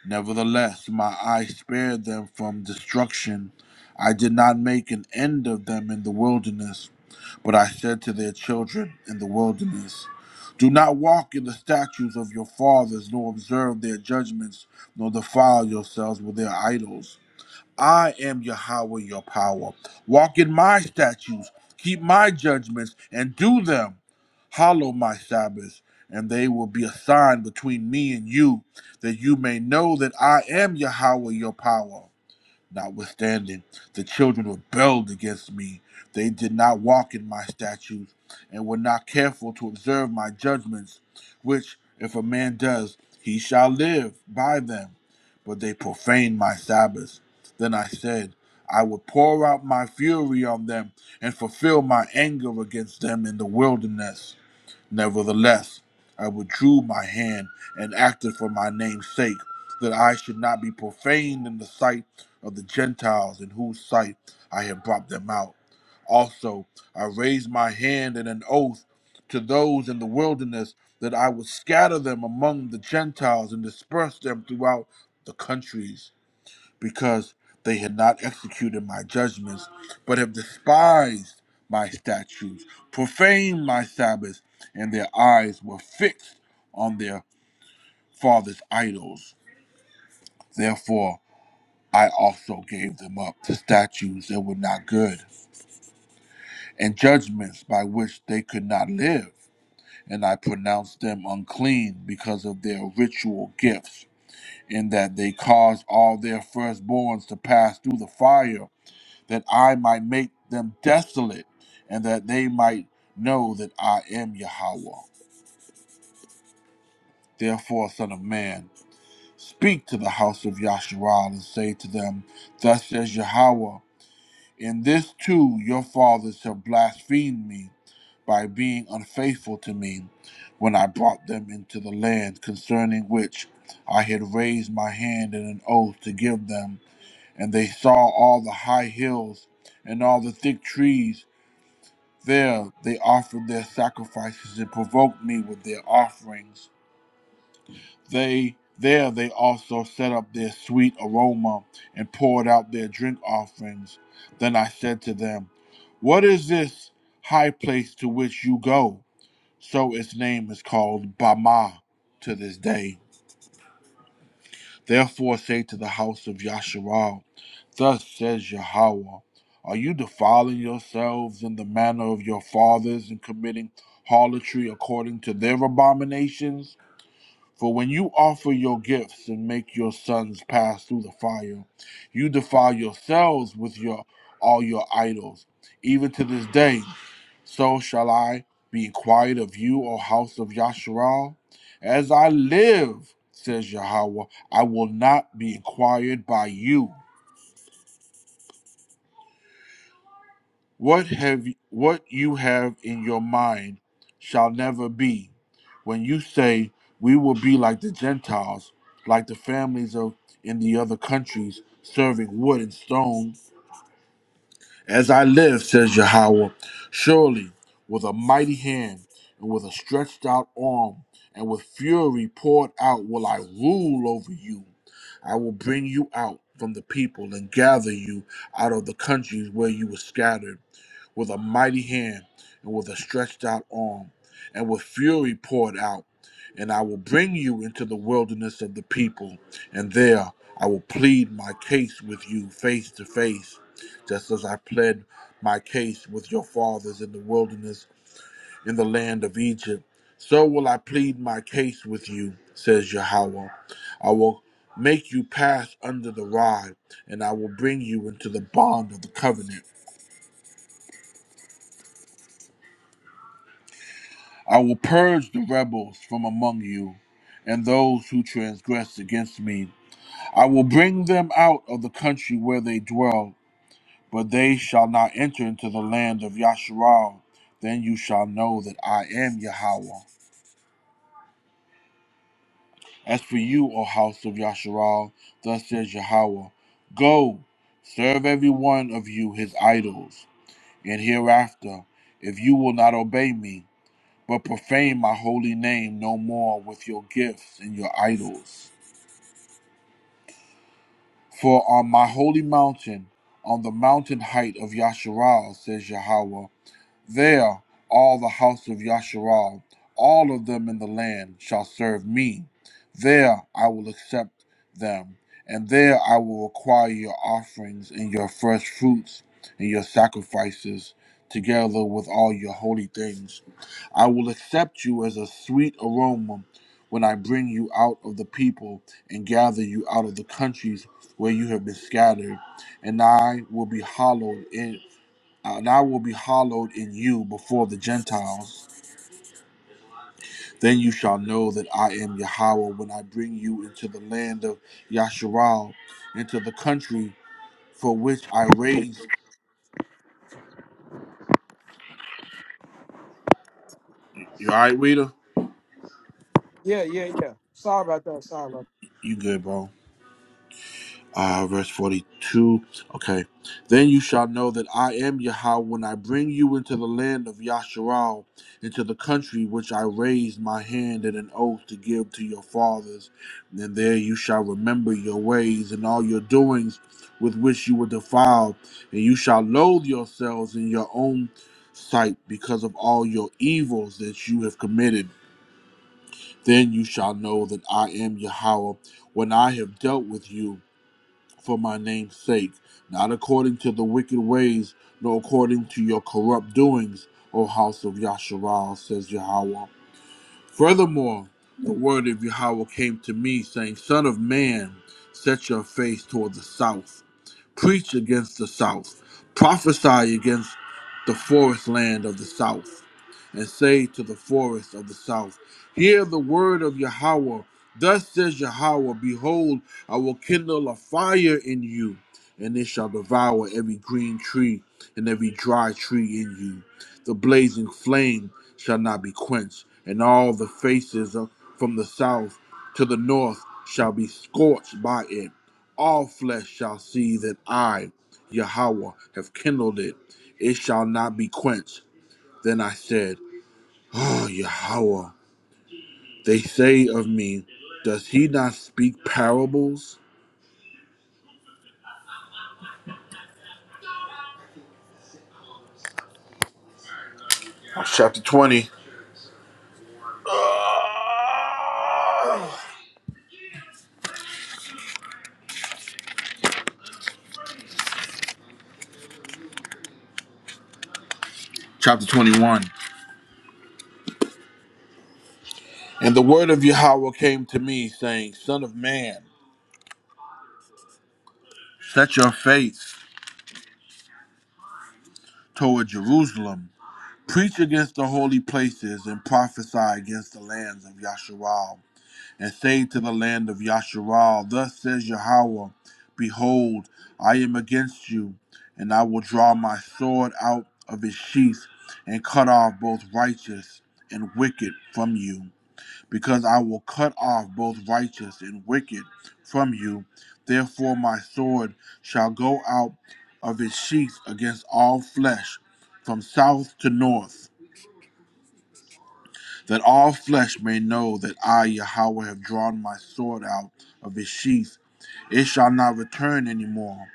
A: Nevertheless, my eye spared them from destruction. I did not make an end of them in the wilderness, but I said to their children in the wilderness, Do not walk in the statutes of your fathers, nor observe their judgments, nor defile yourselves with their idols. I am Yahweh, your power. Walk in my statutes, keep my judgments, and do them. Hallow my Sabbaths, and they will be a sign between me and you, that you may know that I am Yahweh, your power. Notwithstanding, the children rebelled against me. They did not walk in my statutes and were not careful to observe my judgments, which, if a man does, he shall live by them. But they profaned my Sabbaths. Then I said, I would pour out my fury on them and fulfill my anger against them in the wilderness. Nevertheless, I withdrew my hand and acted for my name's sake, that I should not be profaned in the sight of the Gentiles in whose sight I had brought them out. Also, I raised my hand in an oath to those in the wilderness that I would scatter them among the Gentiles and disperse them throughout the countries because they had not executed my judgments, but have despised my statutes, profaned my Sabbaths, and their eyes were fixed on their father's idols. Therefore, I also gave them up to statues that were not good, and judgments by which they could not live. And I pronounced them unclean because of their ritual gifts, in that they caused all their firstborns to pass through the fire that I might make them desolate, and that they might know that I am Yahweh. Therefore, Son of Man, speak to the house of Yasharal and say to them, Thus says Yahweh, in this too your fathers have blasphemed me by being unfaithful to me when I brought them into the land concerning which I had raised my hand in an oath to give them. And they saw all the high hills and all the thick trees There they offered their sacrifices and provoked me with their offerings. They there they also set up their sweet aroma and poured out their drink offerings. Then I said to them, What is this high place to which you go? So its name is called Bama to this day. Therefore say to the house of Yasharal, Thus says Yahweh, Are you defiling yourselves in the manner of your fathers and committing harlotry according to their abominations? For when you offer your gifts and make your sons pass through the fire, you defile yourselves with your all your idols. Even to this day so shall I be quiet of you, O house of Yasharal? As I live, says Yahweh, I will not be inquired by you. What have what you have in your mind shall never be. When you say we will be like the Gentiles, like the families of in the other countries, serving wood and stone, As I live, says Yahweh, surely with a mighty hand and with a stretched out arm and with fury poured out will I rule over you. I will bring you out from the people and gather you out of the countries where you were scattered with a mighty hand and with a stretched out arm, and with fury poured out. And I will bring you into the wilderness of the people, and there I will plead my case with you face to face, just as I pled my case with your fathers in the wilderness in the land of Egypt. So will I plead my case with you, says Yahweh. I will make you pass under the rod, and I will bring you into the bond of the covenant. I will purge the rebels from among you, and those who transgress against me. I will bring them out of the country where they dwell, but they shall not enter into the land of Yasharal. Then you shall know that I am Yahweh. As for you, O house of Yasharal, thus says Yahweh, Go, serve every one of you his idols, and hereafter, if you will not obey me. but profane my holy name no more with your gifts and your idols. For on my holy mountain, on the mountain height of Yasharal, says Yahweh, there all the house of Yasharal, all of them in the land, shall serve me. There I will accept them, and there I will require your offerings and your first fruits and your sacrifices, together with all your holy things. I will accept you as a sweet aroma when I bring you out of the people and gather you out of the countries where you have been scattered, and I will be hallowed in and I will be hallowed in you before the Gentiles. Then you shall know that I am Yahweh when I bring you into the land of Yasharal, into the country for which I raised. You all right, reader.
H: Yeah, yeah, yeah. Sorry about that. Sorry about
A: You good, bro? uh, verse 42. Okay. Then you shall know that I am Yahweh when I bring you into the land of Yasharal, into the country which I raised my hand and an oath to give to your fathers. And there you shall remember your ways and all your doings with which you were defiled, and you shall loathe yourselves in your own sight because of all your evils that you have committed. Then you shall know that I am Yahweh when I have dealt with you for my name's sake, not according to the wicked ways, nor according to your corrupt doings, O house of Yasharal, says Yahweh. Furthermore, the word of Yahweh came to me, saying, Son of man, set your face toward the south. Preach against the South. Prophesy against the forest land of the South. And say to the forest of the South, Hear the word of Yahweh. Thus says Yahweh, Behold, I will kindle a fire in you, and it shall devour every green tree and every dry tree in you. The blazing flame shall not be quenched, and all the faces of- from the south to the north shall be scorched by it. All flesh shall see that I, Yahweh, have kindled it. It shall not be quenched. Then I said, Oh, Yahweh, they say of me, does he not speak parables? Chapter 20, chapter 21. And the word of Yahweh came to me, saying, Son of man, set your face. toward Jerusalem. Preach against the holy places and prophesy against the lands of Yasharal. And say to the land of Yasharal, Thus says Yahweh, Behold, I am against you, and I will draw my sword out of its sheath and cut off both righteous and wicked from you because I will cut off both righteous and wicked from you. Therefore, my sword shall go out of its sheath against all flesh, from south to north, that all flesh may know that I, Yahweh, have drawn my sword out of its sheath. It shall not return any more.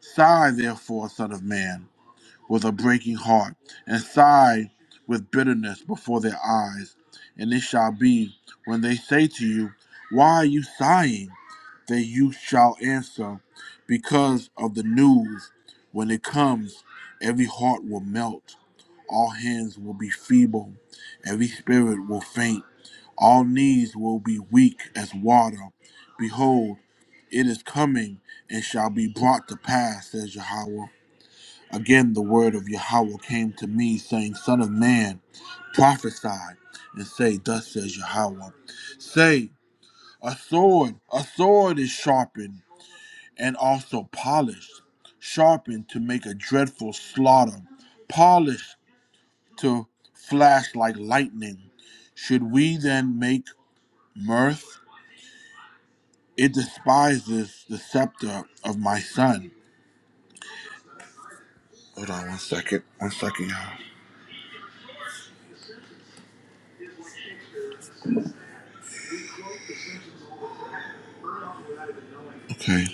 A: Sigh, therefore, Son of Man with a breaking heart, and sigh with bitterness before their eyes. And it shall be when they say to you, Why are you sighing? that you shall answer, Because of the news. When it comes, every heart will melt, all hands will be feeble, every spirit will faint, all knees will be weak as water. Behold, it is coming and shall be brought to pass, says Yahweh. Again, the word of Yahweh came to me, saying, Son of man, prophesy and say, Thus says Yahweh. Say, A sword, a sword is sharpened and also polished, sharpened to make a dreadful slaughter, polished to flash like lightning. Should we then make mirth? It despises the scepter of my son. Hold on one second. One second, y'all. Okay.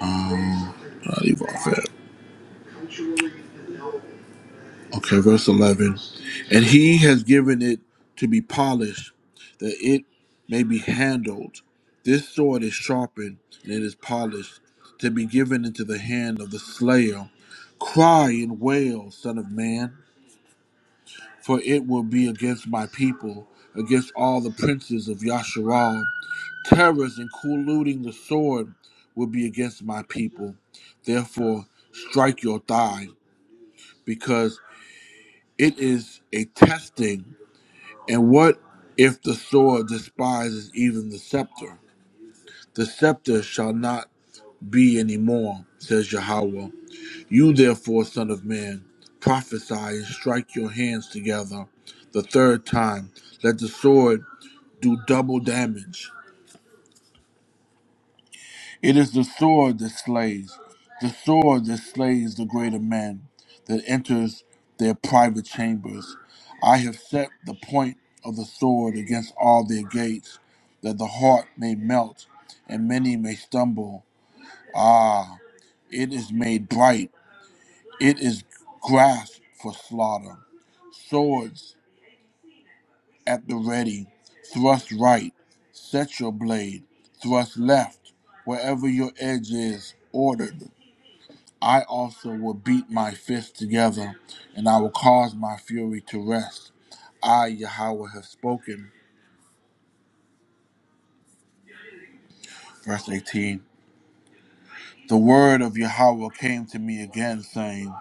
A: Um, I'll leave off it. Okay, verse 11. And he has given it to be polished, that it may be handled. This sword is sharpened, and it is polished, to be given into the hand of the slayer. Cry and wail, son of man, for it will be against my people, against all the princes of Yasharal. Terrors and colluding the sword will be against my people. Therefore, strike your thigh, because it is a testing And what if the sword despises even the scepter? The scepter shall not be any more, says Yahweh. You therefore, son of man, prophesy and strike your hands together the third time. Let the sword do double damage. It is the sword that slays, the sword that slays the greater man that enters their private chambers. I have set the point of the sword against all their gates, that the heart may melt and many may stumble. Ah, it is made bright, it is grasped for slaughter. Swords at the ready, thrust right, set your blade, thrust left, wherever your edge is ordered. I also will beat my fists together, and I will cause my fury to rest. I, Yahweh, have spoken. Verse 18. The word of Yahweh came to me again, saying,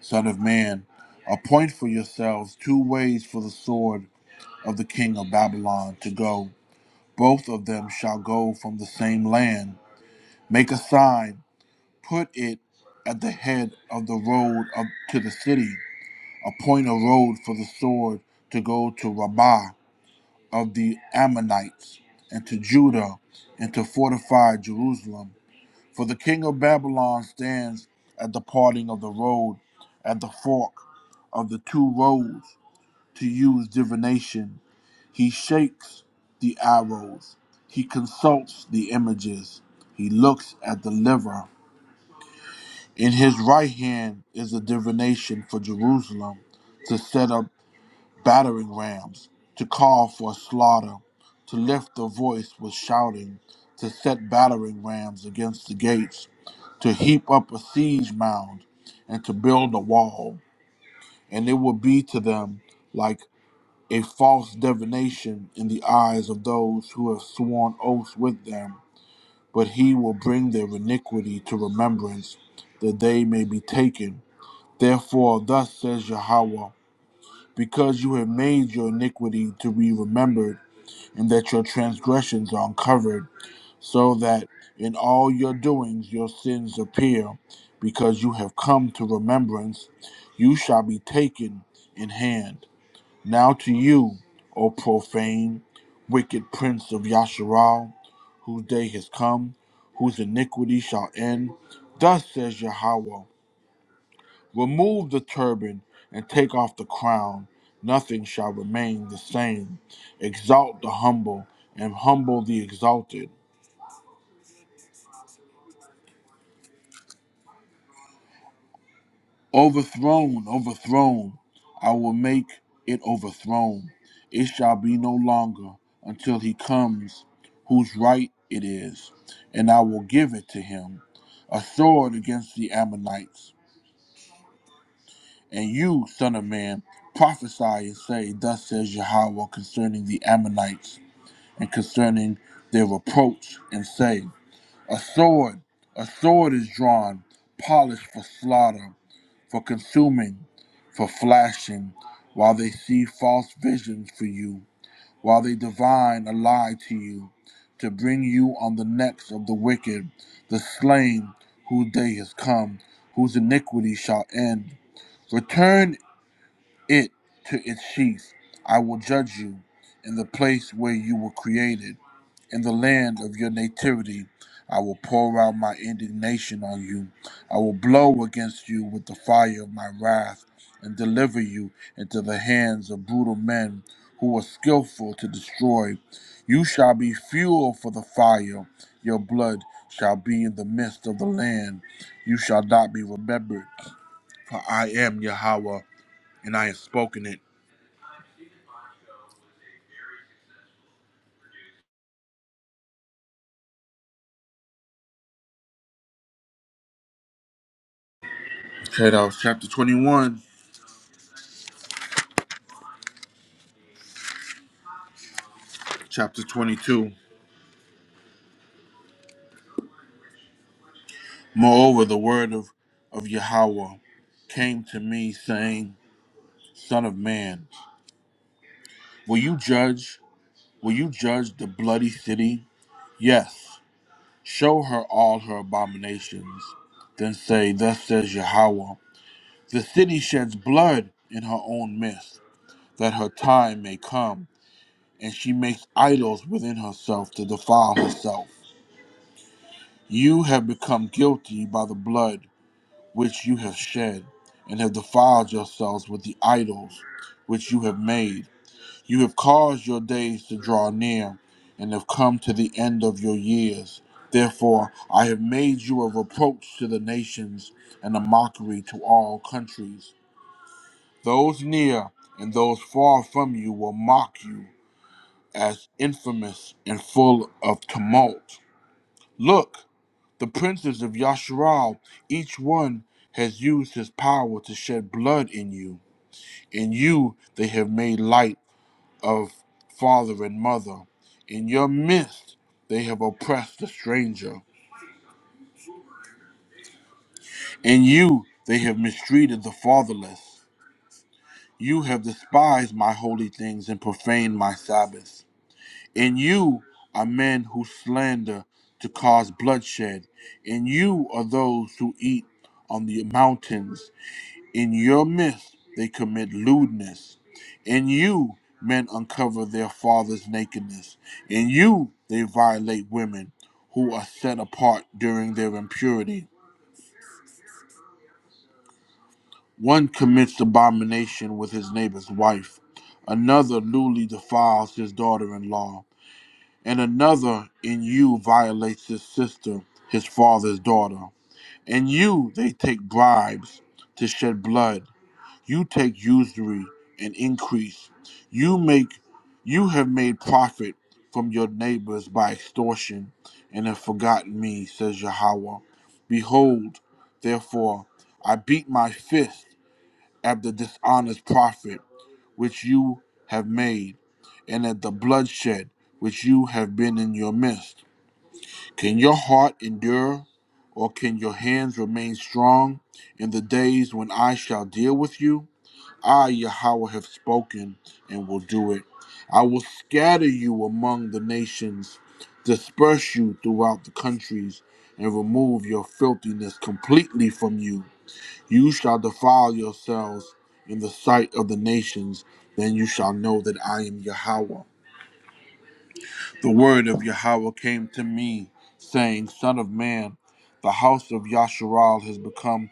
A: Son of man, appoint for yourselves two ways for the sword of the king of Babylon to go. Both of them shall go from the same land. Make a sign, put it at the head of the road up to the city. Appoint a road for the sword to go to Rabbah of the Ammonites and to Judah and to fortify Jerusalem. For the king of Babylon stands at the parting of the road, at the fork of the two roads, to use divination. He shakes the arrows, he consults the images, he looks at the liver. In his right hand is a divination for Jerusalem to set up battering rams, to call for slaughter, to lift the voice with shouting, to set battering rams against the gates, to heap up a siege mound, and to build a wall. And it will be to them like a false divination in the eyes of those who have sworn oaths with them. But he will bring their iniquity to remembrance, that they may be taken. Therefore, thus says Yahweh, because you have made your iniquity to be remembered, and that your transgressions are uncovered, so that in all your doings your sins appear, because you have come to remembrance, you shall be taken in hand. Now to you, O profane, wicked prince of Yasharal, whose day has come, whose iniquity shall end. Thus says Yahweh, Remove the turban and take off the crown. Nothing shall remain the same. Exalt the humble and humble the exalted. Overthrown, overthrown. I will make it overthrown. It shall be no longer until he comes whose right it is, and I will give it to him. A sword against the Ammonites. And you, son of man, prophesy and say, Thus says Yahweh concerning the Ammonites. and concerning their reproach, and say, A sword, a sword is drawn, polished for slaughter, for consuming, for flashing, while they see false visions for you, while they divine a lie to you, to bring you on the necks of the wicked, the slain, whose day has come, whose iniquity shall end. Return it to its sheath. I will judge you in the place where you were created, in the land of your nativity. I will pour out my indignation on you. I will blow against you with the fire of my wrath and deliver you into the hands of brutal men who are skillful to destroy. You shall be fuel for the fire. Your blood shall be in the midst of the land. You shall not be remembered, for I am Yahweh, and I have spoken it. Okay, that was chapter 21, chapter 22. Moreover, the word of, of Yahweh came to me, saying, Son of man, will you judge? Will you judge the bloody city? Yes, show her all her abominations. Then say, Thus says Yahweh, the city sheds blood in her own midst, that her time may come, and she makes idols within herself to defile herself. You have become guilty by the blood which you have shed, and have defiled yourselves with the idols which you have made. You have caused your days to draw near, and have come to the end of your years. Therefore, I have made you a reproach to the nations, and a mockery to all countries. Those near and those far from you will mock you as infamous and full of tumult. Look, the princes of Yasharal, each one has used his power to shed blood in you. In you they have made light of father and mother. In your midst they have oppressed the stranger. In you they have mistreated the fatherless. You have despised my holy things and profaned my Sabbaths. In you are men who slander to cause bloodshed. In you are those who eat on the mountains In your midst they commit lewdness. In you men uncover their father's nakedness. In you they violate women who are set apart during their impurity. One commits abomination with his neighbor's wife. Another lewdly defiles his daughter in law. And another in you violates his sister, his father's daughter. In you they take bribes to shed blood. You take usury and increase. You make you have made profit from your neighbors by extortion and have forgotten me, says Yahweh. Behold, therefore, I beat my fist at the dishonest profit which you have made, and at the bloodshed which you have been in your midst. Can your heart endure, or can your hands remain strong in the days when I shall deal with you? I, Yahweh, have spoken and will do it. I will scatter you among the nations, disperse you throughout the countries, and remove your filthiness completely from you. You shall defile yourselves in the sight of the nations, then you shall know that I am Yahweh. The word of Yahweh came to me, saying, Son of man, the house of Yasharal has become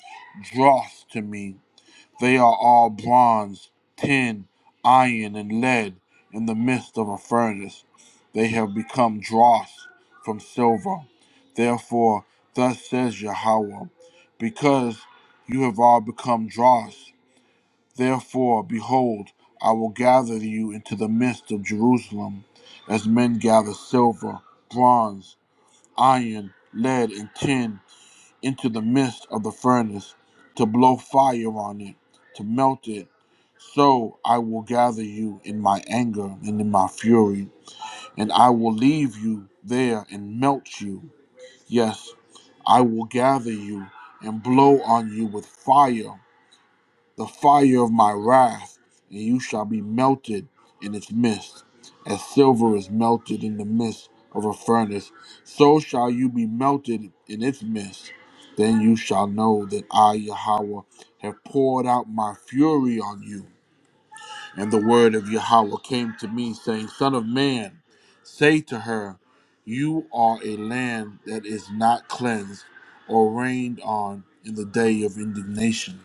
A: dross to me they are all bronze, tin, iron, and lead in the midst of a furnace. They have become dross from silver. Therefore, thus says Yahweh, because you have all become dross, therefore, behold, I will gather you into the midst of Jerusalem, as men gather silver, bronze, iron, lead, and tin into the midst of the furnace to blow fire on it, to melt it. So I will gather you in my anger and in my fury, and I will leave you there and melt you. Yes, I will gather you and blow on you with fire the fire of my wrath, and you shall be melted in its midst. As silver is melted in the midst of a furnace, so shall you be melted in its midst. Then you shall know that I, Yahweh, have poured out my fury on you. And the word of Yahweh came to me, saying, Son of man, say to her, You are a land that is not cleansed or rained on in the day of indignation.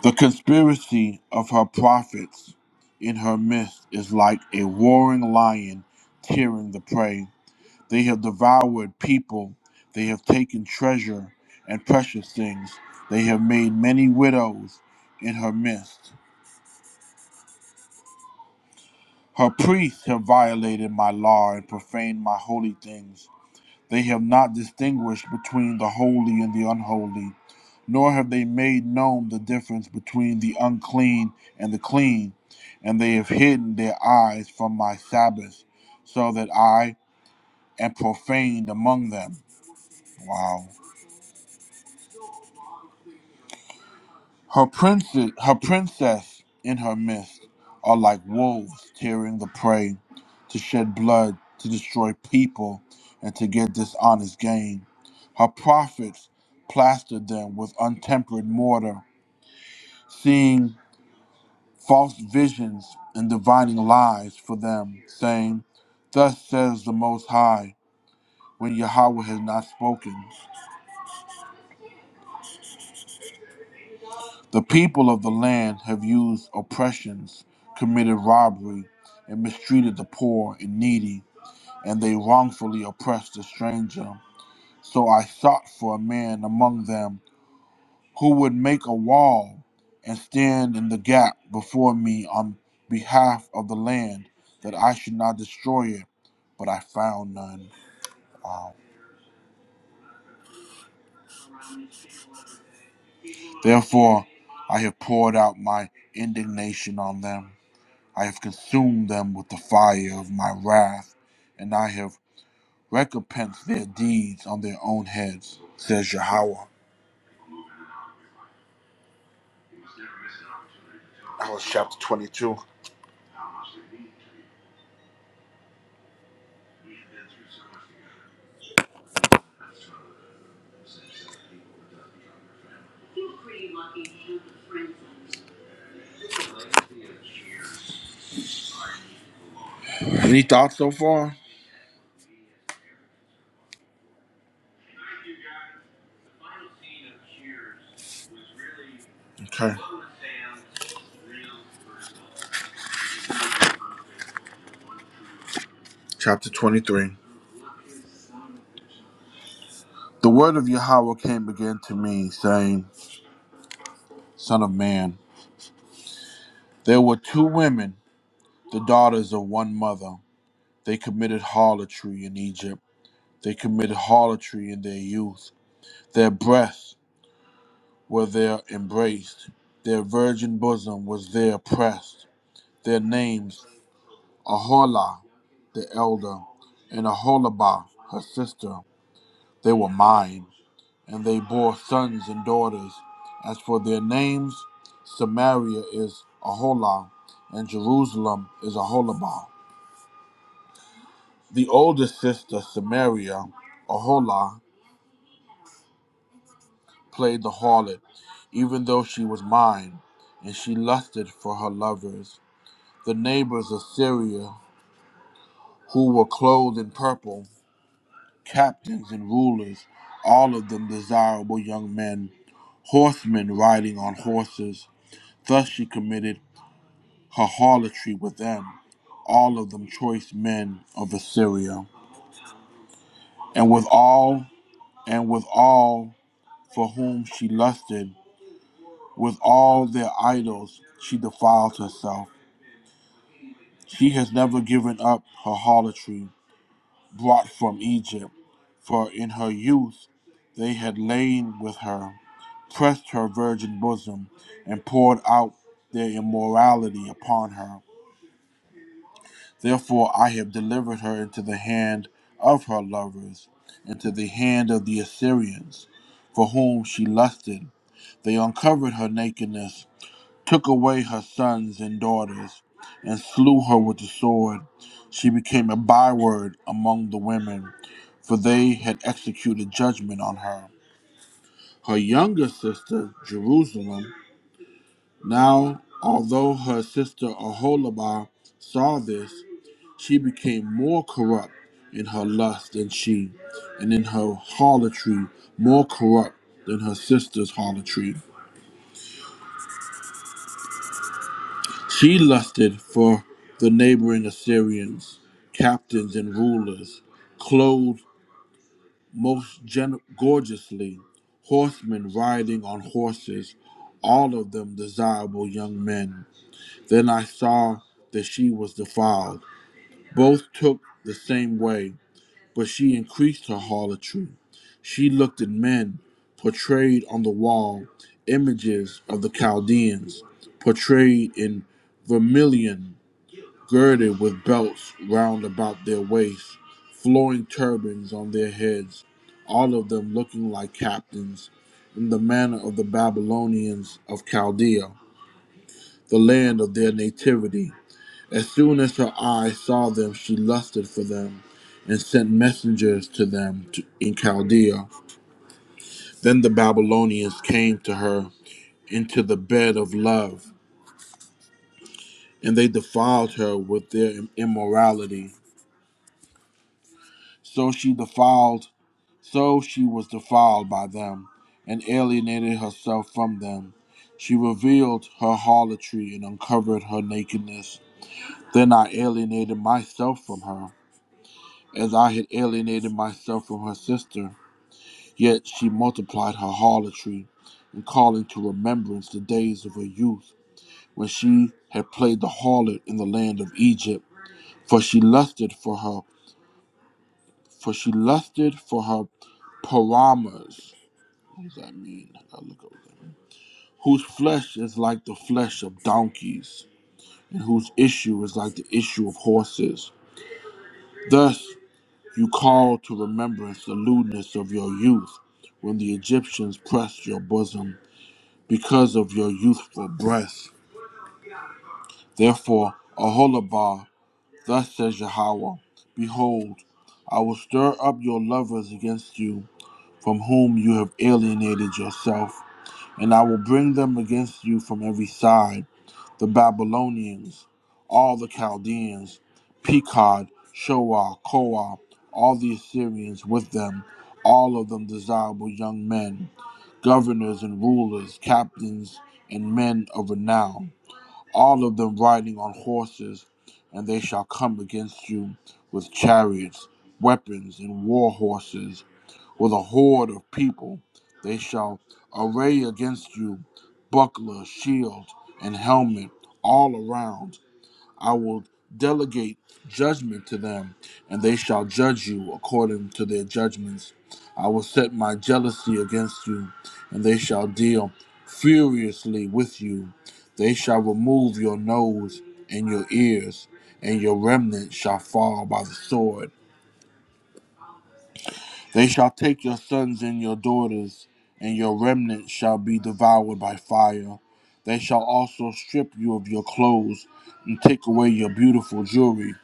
A: The conspiracy of her prophets in her midst is like a roaring lion tearing the prey. They have devoured people, they have taken treasure and precious things, they have made many widows in her midst. Her priests have violated my law and profaned my holy things. They have not distinguished between the holy and the unholy, nor have they made known the difference between the unclean and the clean, and they have hidden their eyes from my Sabbath, so that I am profaned among them. Wow. Her princes, her princess in her midst are like wolves tearing the prey to shed blood, to destroy people, and to get dishonest gain. Her prophets plastered them with untempered mortar, seeing false visions and divining lies for them, saying, Thus says the Most High, when Yahweh has not spoken. The people of the land have used oppressions, committed robbery, and mistreated the poor and needy, and they wrongfully oppressed the stranger. So I sought for a man among them who would make a wall and stand in the gap before me on behalf of the land, that I should not destroy it. But I found none. Therefore, I have poured out my indignation on them. I have consumed them with the fire of my wrath, and I have recompensed their deeds on their own heads, says Yahweh. That was chapter 22. Any thoughts so far? Okay. Chapter 23. The word of Yahweh came again to me, saying, Son of man, there were two women, the daughters of one mother. They committed harlotry in Egypt. They commit harlotry in their youth. Their breasts were there embraced. Their virgin bosom was there pressed. Their names, Aholah, the elder, and Aholabah, her sister, they were mine. And they bore sons and daughters. As for their names, Samaria is Aholah, and Jerusalem is Aholabah. The oldest sister, Samaria, Aholah, played the harlot, even though she was mine, and she lusted for her lovers. The neighbors of Syria, who were clothed in purple, captains and rulers, all of them desirable young men, horsemen riding on horses. Thus she committed her harlotry with them, all of them choice men of Assyria. And with all, and with all for whom she lusted, with all their idols she defiled herself She has never given up her harlotry brought from Egypt, for in her youth they had lain with her, pressed her virgin bosom, and poured out their immorality upon her. Therefore I have delivered her into the hand of her lovers, into the hand of the Assyrians, for whom she lusted. They uncovered her nakedness took away her sons and daughters, and slew her with the sword. She became a byword among the women, for they had executed judgment on her. Her younger sister, Jerusalem, now, although her sister Aholibah saw this, she became more corrupt in her lust than she, and in her harlotry more corrupt than her sister's harlotry. She lusted for the neighboring Assyrians, captains and rulers, clothed most gen- gorgeously, horsemen riding on horses, all of them desirable young men. Then I saw that she was defiled. Both took the same way, but she increased her harlotry. She looked at men portrayed on the wall, images of the Chaldeans, portrayed in vermilion girded with belts round about their waists, flowing turbans on their heads, all of them looking like captains, in the manner of the Babylonians of Chaldea, the land of their nativity. As soon as her eyes saw them, she lusted for them and sent messengers to them to, in Chaldea. Then the Babylonians came to her into the bed of love, and they defiled her with their immorality. So she defiled So she was defiled by them and alienated herself from them. She revealed her harlotry and uncovered her nakedness. Then I alienated myself from her, as I had alienated myself from her sister. Yet she multiplied her harlotry, and calling to remembrance the days of her youth, when she had played the harlot in the land of Egypt, for she lusted for her, for she lusted for her paramours. What does that mean? I look over there. whose flesh is like the flesh of donkeys, and whose issue is like the issue of horses. Thus you call to remembrance the lewdness of your youth, when the Egyptians pressed your bosom because of your youthful breasts. Therefore, Aholabah, thus says Yahweh, Behold, I will stir up your lovers against you, from whom you have alienated yourself, And I will bring them against you from every side the Babylonians, all the Chaldeans, Pekod, Shoah, Koah, all the Assyrians with them, all of them desirable young men, governors and rulers, captains and men of renown, all of them riding on horses, and they shall come against you with chariots, weapons, and war horses with a horde of people. They shall array against you buckler, shield, and helmet all around. I will delegate judgment to them, and they shall judge you according to their judgments. I will set my jealousy against you, and they shall deal furiously with you. They shall remove your nose and your ears, and your remnant shall fall by the sword they shall take your sons and your daughters, and your remnant shall be devoured by fire. They shall also strip you of your clothes and take away your beautiful jewelry.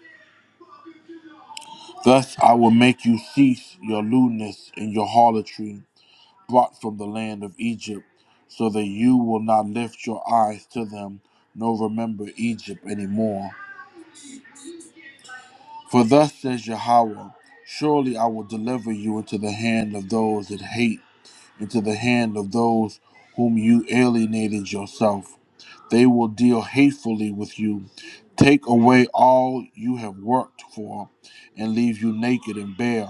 A: Thus I will make you cease your lewdness and your harlotry, brought from the land of Egypt, so that you will not lift your eyes to them, nor remember Egypt any more. For thus says Yahweh Surely I will deliver you into the hand of those that hate into the hand of those whom you alienated yourself. They will deal hatefully with you, take away all you have worked for, and leave you naked and bare.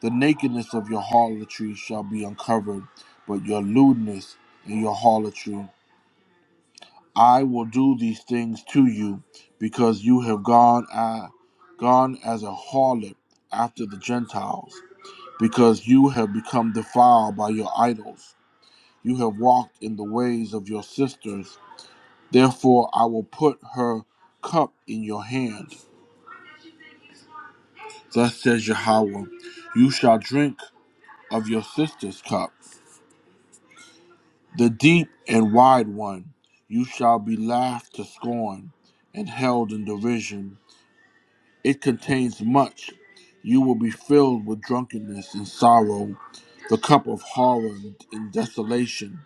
A: The nakedness of your harlotry shall be uncovered, but your lewdness and your harlotry. I will do these things to you, because you have gone, uh, gone as a harlot after the Gentiles, because you have become defiled by your idols. You have walked in the ways of your sisters. Therefore, I will put her cup in your hand. Thus says Yahweh, you shall drink of your sister's cup, the deep and wide one. You shall be laughed to scorn and held in derision. It contains much. You will be filled with drunkenness and sorrow, the cup of horror and desolation,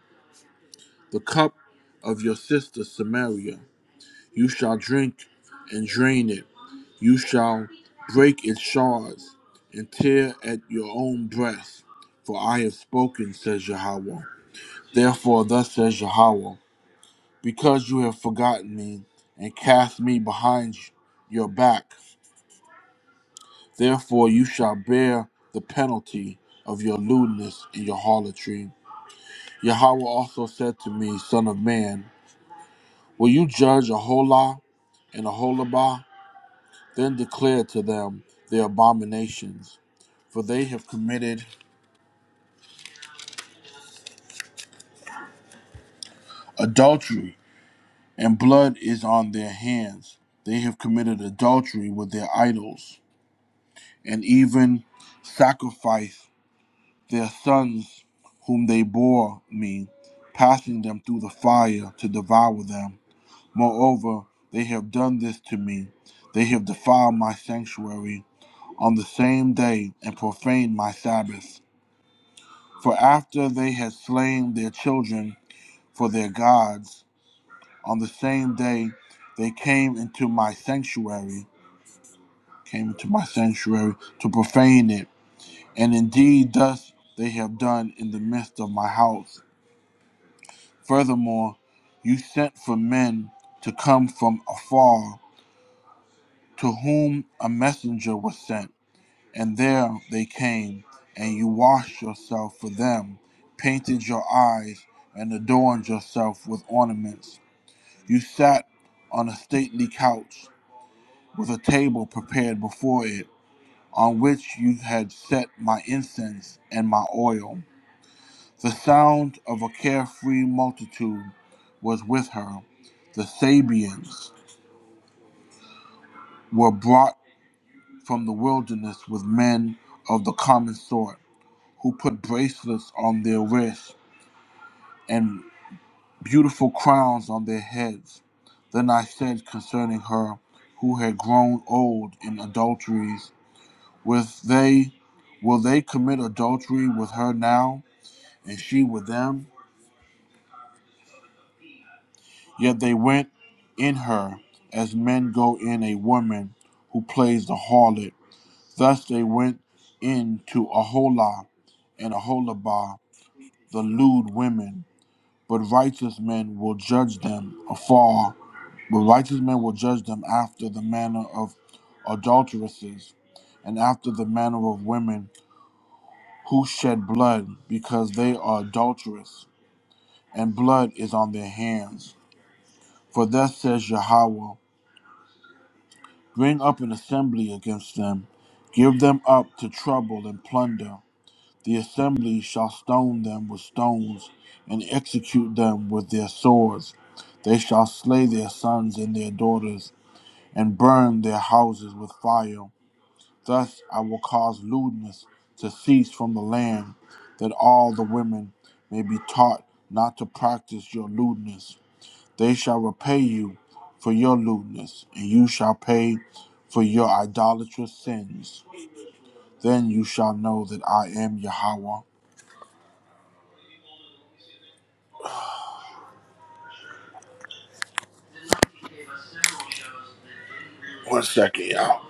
A: the cup of your sister Samaria. You shall drink and drain it. You shall break its shards and tear at your own breast. For I have spoken, says Yahweh. Therefore, thus says Yahweh, because you have forgotten me and cast me behind your back, therefore you shall bear the penalty of your lewdness and your harlotry. Yahweh also said to me, Son of man, will you judge Aholah and Aholabah? Then declare to them their abominations, for they have committed adultery, and blood is on their hands. They have committed adultery with their idols, and even sacrificed their sons whom they bore me, passing them through the fire to devour them. Moreover, they have done this to me. They have defiled my sanctuary on the same day and profaned my Sabbath. For after they had slain their children for their gods, on the same day they came into my sanctuary, came into my sanctuary to profane it. And indeed, thus they have done in the midst of my house. Furthermore, you sent for men to come from afar, to whom a messenger was sent. And there they came, and you washed yourself for them, painted your eyes, and adorned yourself with ornaments. You sat on a stately couch with a table prepared before it on which you had set my incense and my oil. The sound of a carefree multitude was with her. The Sabians were brought from the wilderness with men of the common sort who put bracelets on their wrists and beautiful crowns on their heads. Then I said concerning her who had grown old in adulteries With they will they commit adultery with her now, and she with them? Yet they went in her as men go in a woman who plays the harlot. Thus they went in to Aholah and Aholabah, the lewd women. But righteous men will judge them afar. But righteous men will judge them after the manner of adulteresses, and after the manner of women who shed blood, because they are adulterous, and blood is on their hands. For thus says Yahweh, Bring up an assembly against them, give them up to trouble and plunder. The assembly shall stone them with stones, and execute them with their swords. They shall slay their sons and their daughters, and burn their houses with fire. Thus I will cause lewdness to cease from the land, that all the women may be taught not to practice your lewdness. They shall repay you for your lewdness, and you shall pay for your idolatrous sins. Then you shall know that I am Yahweh. One second, y'all.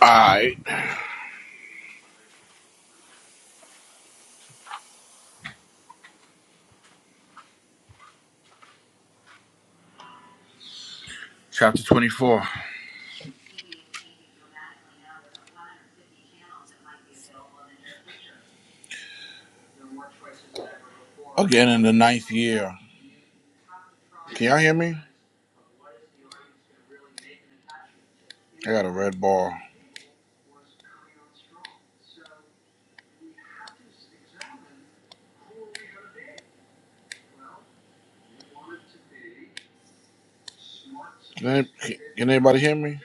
A: Alright. Chapter 24. Again in the ninth year. Can y'all hear me? I got a red ball. Can, any- can anybody hear me?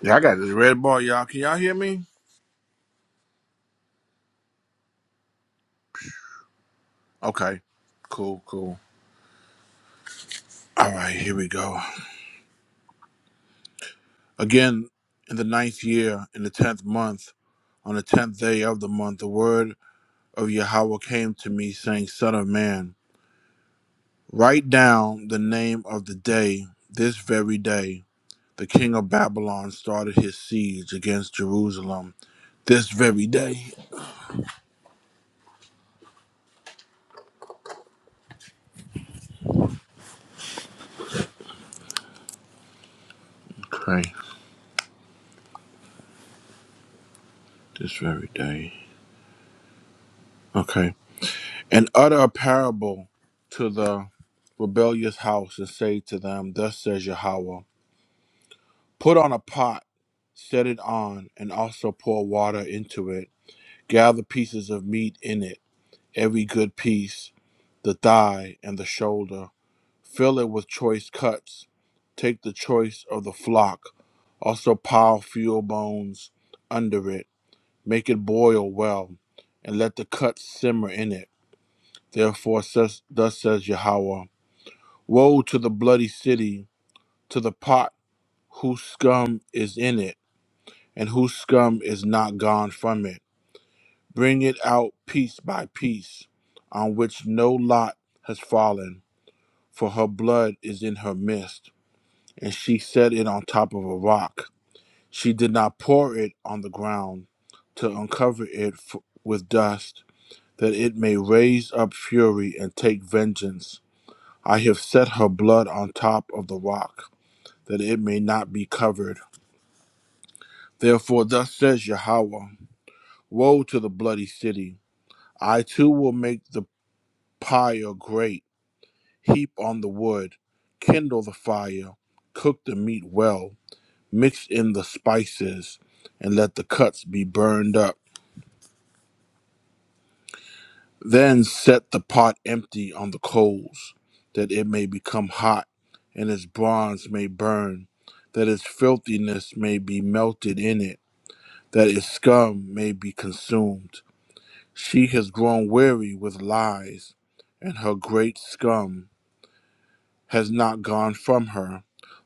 A: Yeah, I got this red ball, y'all. Can y'all hear me? Okay. Cool, cool. All right, here we go. Again, in the ninth year, in the tenth month, on the tenth day of the month, the word of Yahweh came to me, saying, Son of man, write down the name of the day, this very day. The king of Babylon started his siege against Jerusalem this very day. Okay, this very day. Okay. and utter a parable to the rebellious house and say to them, Thus says Yahweh, put on a pot, set it on, and also pour water into it. Gather pieces of meat in it, every good piece, the thigh and the shoulder. Fill it with choice cuts. Take the choice of the flock. Also pile fuel bones under it. Make it boil well, and let the cuts simmer in it. Therefore, says, thus says Yahweh. Woe to the bloody city, to the pot whose scum is in it, and whose scum is not gone from it. Bring it out piece by piece, on which no lot has fallen, for her blood is in her midst, and she set it on top of a rock. She did not pour it on the ground to uncover it f- with dust, that it may raise up fury and take vengeance. I have set her blood on top of the rock that it may not be covered. Therefore, thus says Yahweh Woe to the bloody city! I too will make the pyre great, heap on the wood, kindle the fire, cook the meat well, mix in the spices, and let the cuts be burned up. Then set the pot empty on the coals, that it may become hot, and its bronze may burn, that its filthiness may be melted in it, that its scum may be consumed She has grown weary with lies, and her great scum has not gone from her.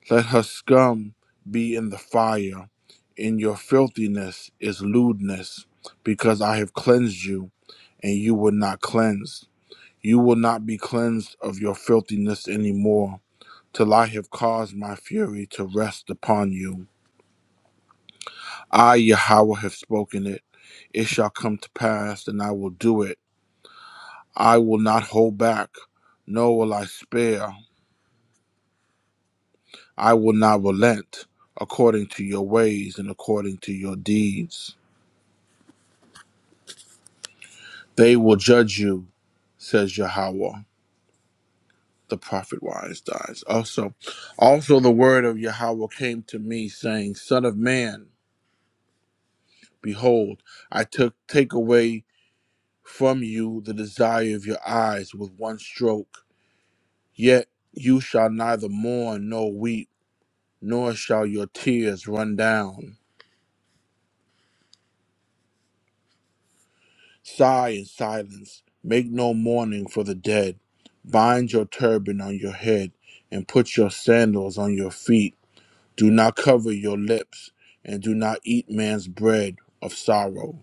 A: Let her scum be in the fire. In your filthiness is lewdness, because I have cleansed you, and you were not cleansed. You will not be cleansed of your filthiness any more, till I have caused my fury to rest upon you. I, Yahweh, have spoken it. It shall come to pass, and I will do it. I will not hold back, nor will I spare. I will not relent according to your ways and according to your deeds. They will judge you, says Yahweh. The prophet wise dies. Also, also the word of Yahweh came to me, saying, Son of man, behold, I took take away from you the desire of your eyes with one stroke. Yet you shall neither mourn nor weep, nor shall your tears run down Sigh in silence, make no mourning for the dead. Bind your turban on your head and put your sandals on your feet. Do not cover your lips and do not eat man's bread of sorrow.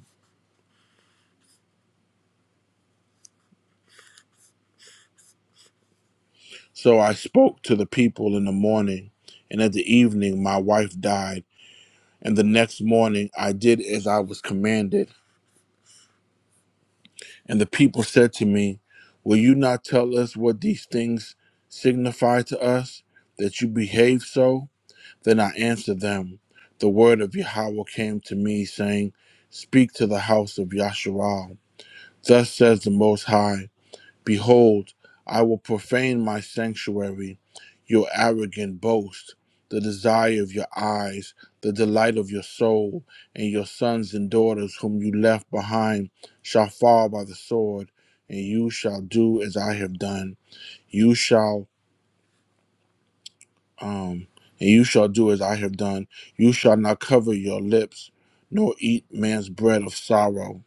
A: So I spoke to the people in the morning, and at the evening my wife died. And the next morning I did as I was commanded. And the people said to me, Will you not tell us what these things signify to us, that you behave so? Then I answered them, The word of Yahweh came to me, saying, Speak to the house of Yasharal. Thus says the Most High, Behold, I will profane my sanctuary, your arrogant boast, the desire of your eyes, the delight of your soul, and your sons and daughters whom you left behind shall fall by the sword, and you shall do as I have done. You shall Um, and you shall do as I have done. You shall not cover your lips, nor eat man's bread of sorrow.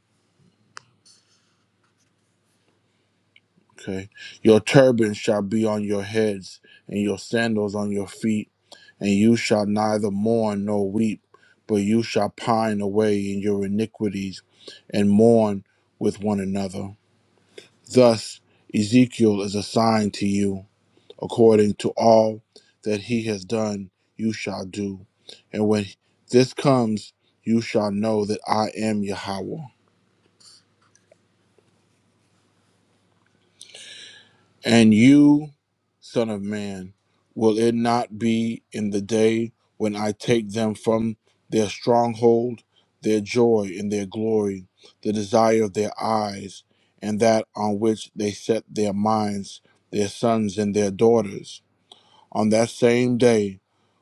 A: Okay. Your turban shall be on your heads, and your sandals on your feet. And you shall neither mourn nor weep, but you shall pine away in your iniquities and mourn with one another. Thus, Ezekiel is a sign to you according to all that he has done, you shall do. And when this comes, you shall know that I am Yahweh. And you, Son of Man, will it not be in the day when I take them from their stronghold, their joy and their glory, the desire of their eyes, and that on which they set their minds, their sons and their daughters? On that same day,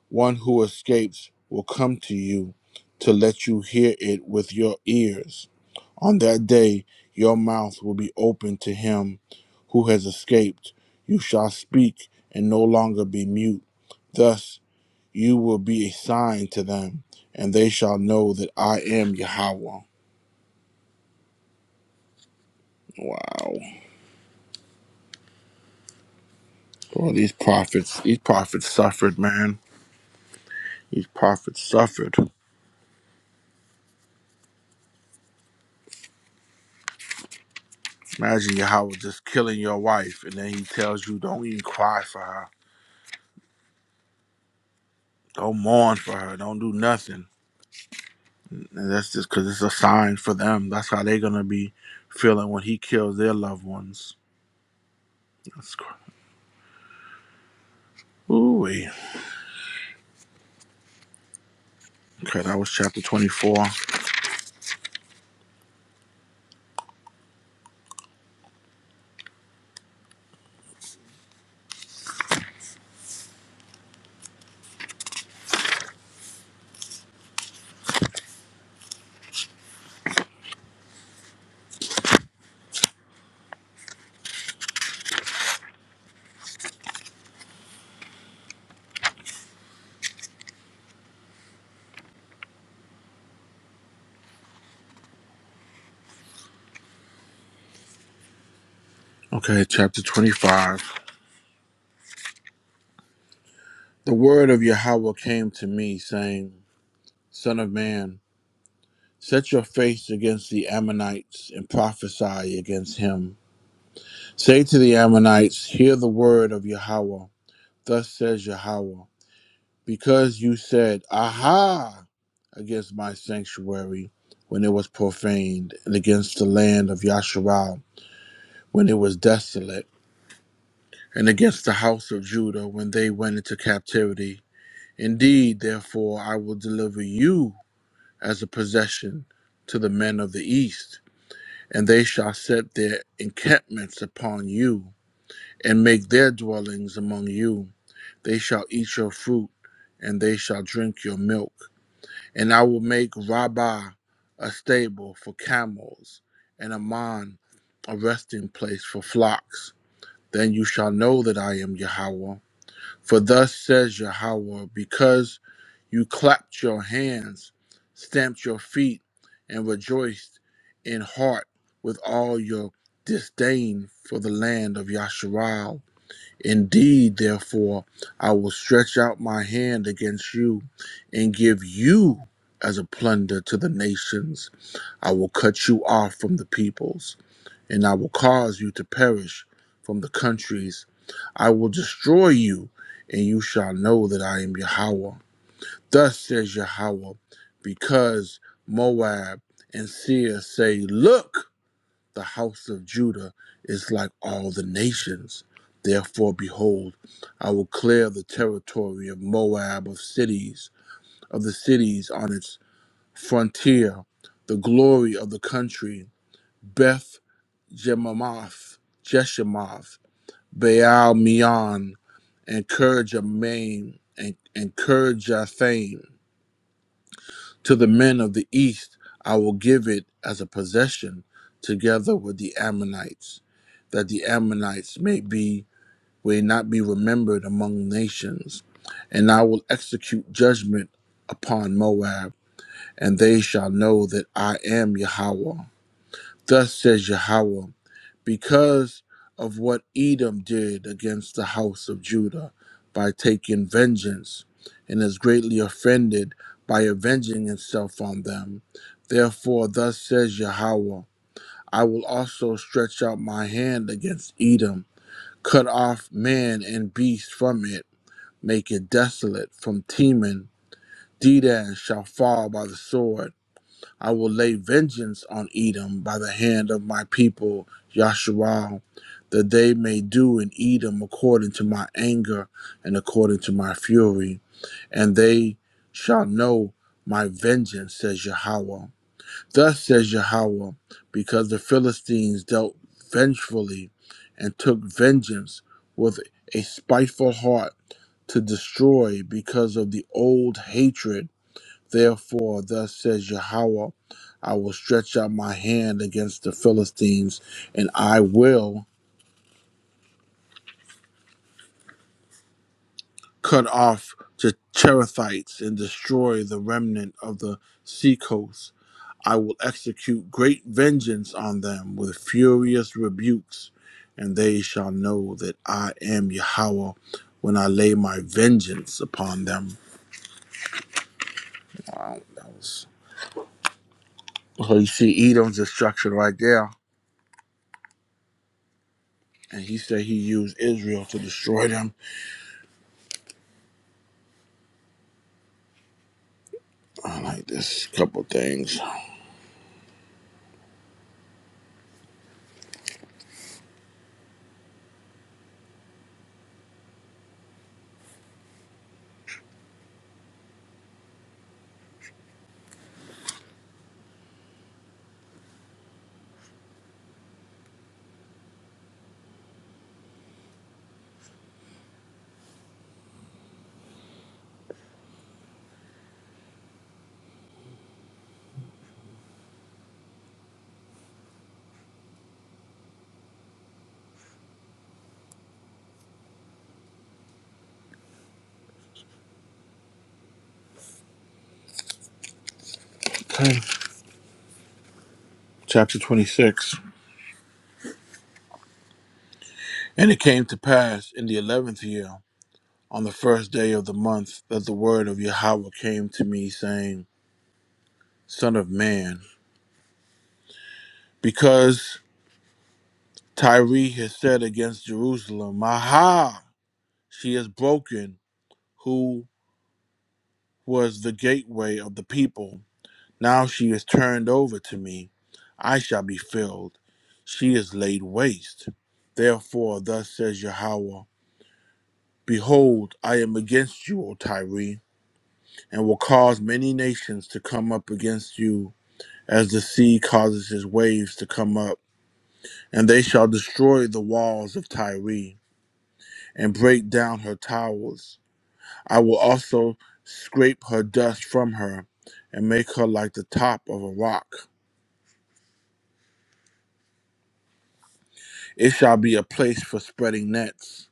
A: One who escapes will come to you to let you hear it with your ears. On that day, your mouth will be open to him who has escaped. You shall speak and no longer be mute. Thus, you will be a sign to them, and they shall know that I am Yahweh. Wow. Boy, these prophets, these prophets suffered, man. These prophets suffered. Imagine Yahweh just killing your wife, and then he tells you, don't even cry for her Don't mourn for her. Don't do nothing. And that's just because it's a sign for them. That's how they're gonna be feeling when he kills their loved ones. That's cr- Ooh, wee. okay, that was chapter 24. Okay, chapter 25. The word of Yahweh came to me, saying, Son of man, set your face against the Ammonites and prophesy against him. Say to the Ammonites, Hear the word of Yahweh. Thus says Yahweh. because you said, Aha, against my sanctuary when it was profaned, and against the land of Yasharal when it was desolate, and against the house of Judah when they went into captivity. Indeed, therefore, I will deliver you as a possession to the men of the east, and they shall set their encampments upon you, and make their dwellings among you. They shall eat your fruit, and they shall drink your milk And I will make Rabbah a stable for camels, and Ammon a resting place for flocks. Then you shall know that I am Yahweh. For thus says Yahweh, because you clapped your hands, stamped your feet, and rejoiced in heart with all your disdain for the land of Yasharal Indeed, therefore, I will stretch out my hand against you and give you as a plunder to the nations. I will cut you off from the peoples, and I will cause you to perish from the countries. I will destroy you, and you shall know that I am Yahweh. Thus says Yahweh, because Moab and Seir say, Look! the house of Judah is like all the nations. Therefore, behold, I will clear the territory of Moab of cities, of the cities on its frontier, the glory of the country, Beth Jemamoth, Jeshimoth, Baal Meon, and Kerjamain, and, and Kerjathaim. To the men of the east I will give it as a possession together with the Ammonites, that the Ammonites may be may not be remembered among nations, and I will execute judgment upon Moab, and they shall know that I am Yahweh. Thus says Yahweh, because of what Edom did against the house of Judah by taking vengeance, and is greatly offended by avenging itself on them. Therefore, thus says Yahweh, I will also stretch out my hand against Edom, cut off man and beast from it, make it desolate from Teman. Dedan shall fall by the sword I will lay vengeance on Edom by the hand of my people, Yasharal, that they may do in Edom according to my anger and according to my fury, and they shall know my vengeance, says Yahweh. Thus says Yahweh, because the Philistines dealt vengefully and took vengeance with a spiteful heart to destroy because of the old hatred Therefore, thus says Yahweh, I will stretch out my hand against the Philistines, and I will cut off the Cherethites and destroy the remnant of the seacoast. I will execute great vengeance on them with furious rebukes, and they shall know that I am Yahweh when I lay my vengeance upon them. Wow, that was so you see Edom's destruction right there. And he said he used Israel to destroy them. I like this couple things. Okay. Chapter 26. And it came to pass in the eleventh year, on the first day of the month, that the word of Yahweh came to me, saying, Son of man, because Tyre has said against Jerusalem, Aha! She is broken, who was the gateway of the people. Now she is turned over to me. I shall be filled. She is laid waste. Therefore, thus says Yahweh. Behold, I am against you, O Tyre, and will cause many nations to come up against you, as the sea causes his waves to come up. And they shall destroy the walls of Tyre, and break down her towers. I will also scrape her dust from her, and make her like the top of a rock. It shall be a place for spreading nets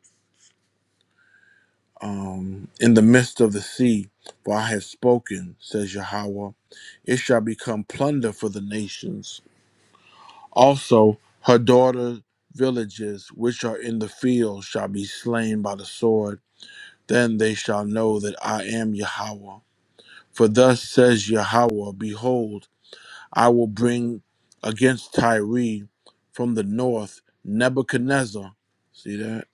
A: um, in the midst of the sea, for I have spoken, says Yahweh. It shall become plunder for the nations Also, her daughter villages which are in the field shall be slain by the sword. Then they shall know that I am Yahweh. For thus says Yahweh, Behold, I will bring against Tyre from the north Nebuchadnezzar. See that?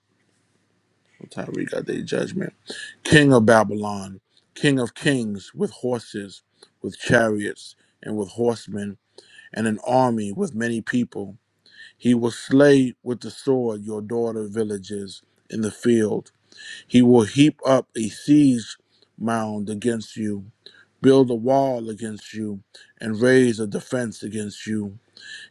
A: Well, Tyre got their judgment. King of Babylon, king of kings, with horses, with chariots, and with horsemen, and an army with many people. He will slay with the sword your daughter villages in the field. He will heap up a siege mound against you, build a wall against you, and raise a defense against you.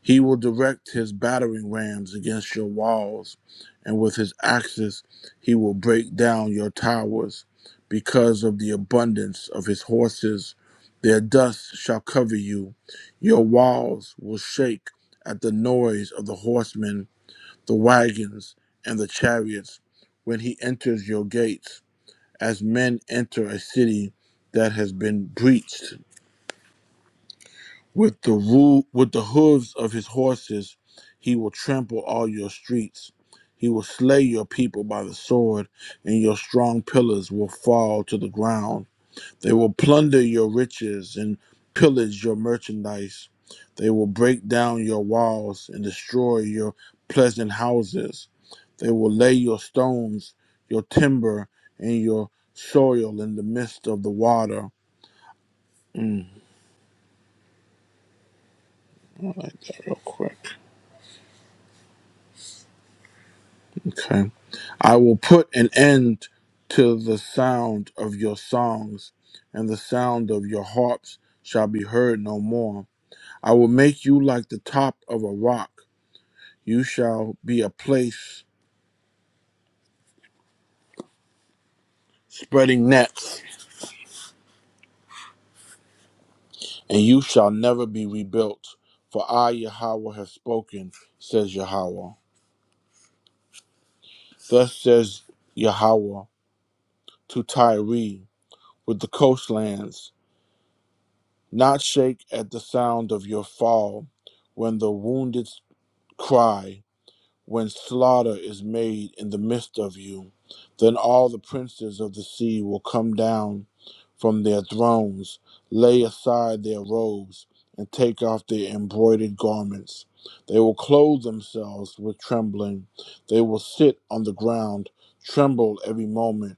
A: He will direct his battering rams against your walls, and with his axes he will break down your towers. Because of the abundance of his horses, their dust shall cover you. Your walls will shake at the noise of the horsemen the wagons and the chariots when he enters your gates, as men enter a city that has been breached. With the roo- with the hooves of his horses, he will trample all your streets. He will slay your people by the sword, and your strong pillars will fall to the ground. They will plunder your riches and pillage your merchandise. They will break down your walls and destroy your pleasant houses. They will lay your stones, your timber, and your soil in the midst of the water. Mm, I like that real quick. Okay. I will put an end to the sound of your songs, and the sound of your harps shall be heard no more. I will make you like the top of a rock You shall be a place spreading nets, and you shall never be rebuilt. For I, Yahweh, have spoken, says Yahweh. Thus says Yahweh to Tyre with the coastlands Not shake at the sound of your fall when the wounded cry, When slaughter is made in the midst of you, then all the princes of the sea will come down from their thrones, lay aside their robes, and take off their embroidered garments. They will clothe themselves with trembling. They will sit on the ground, tremble every moment,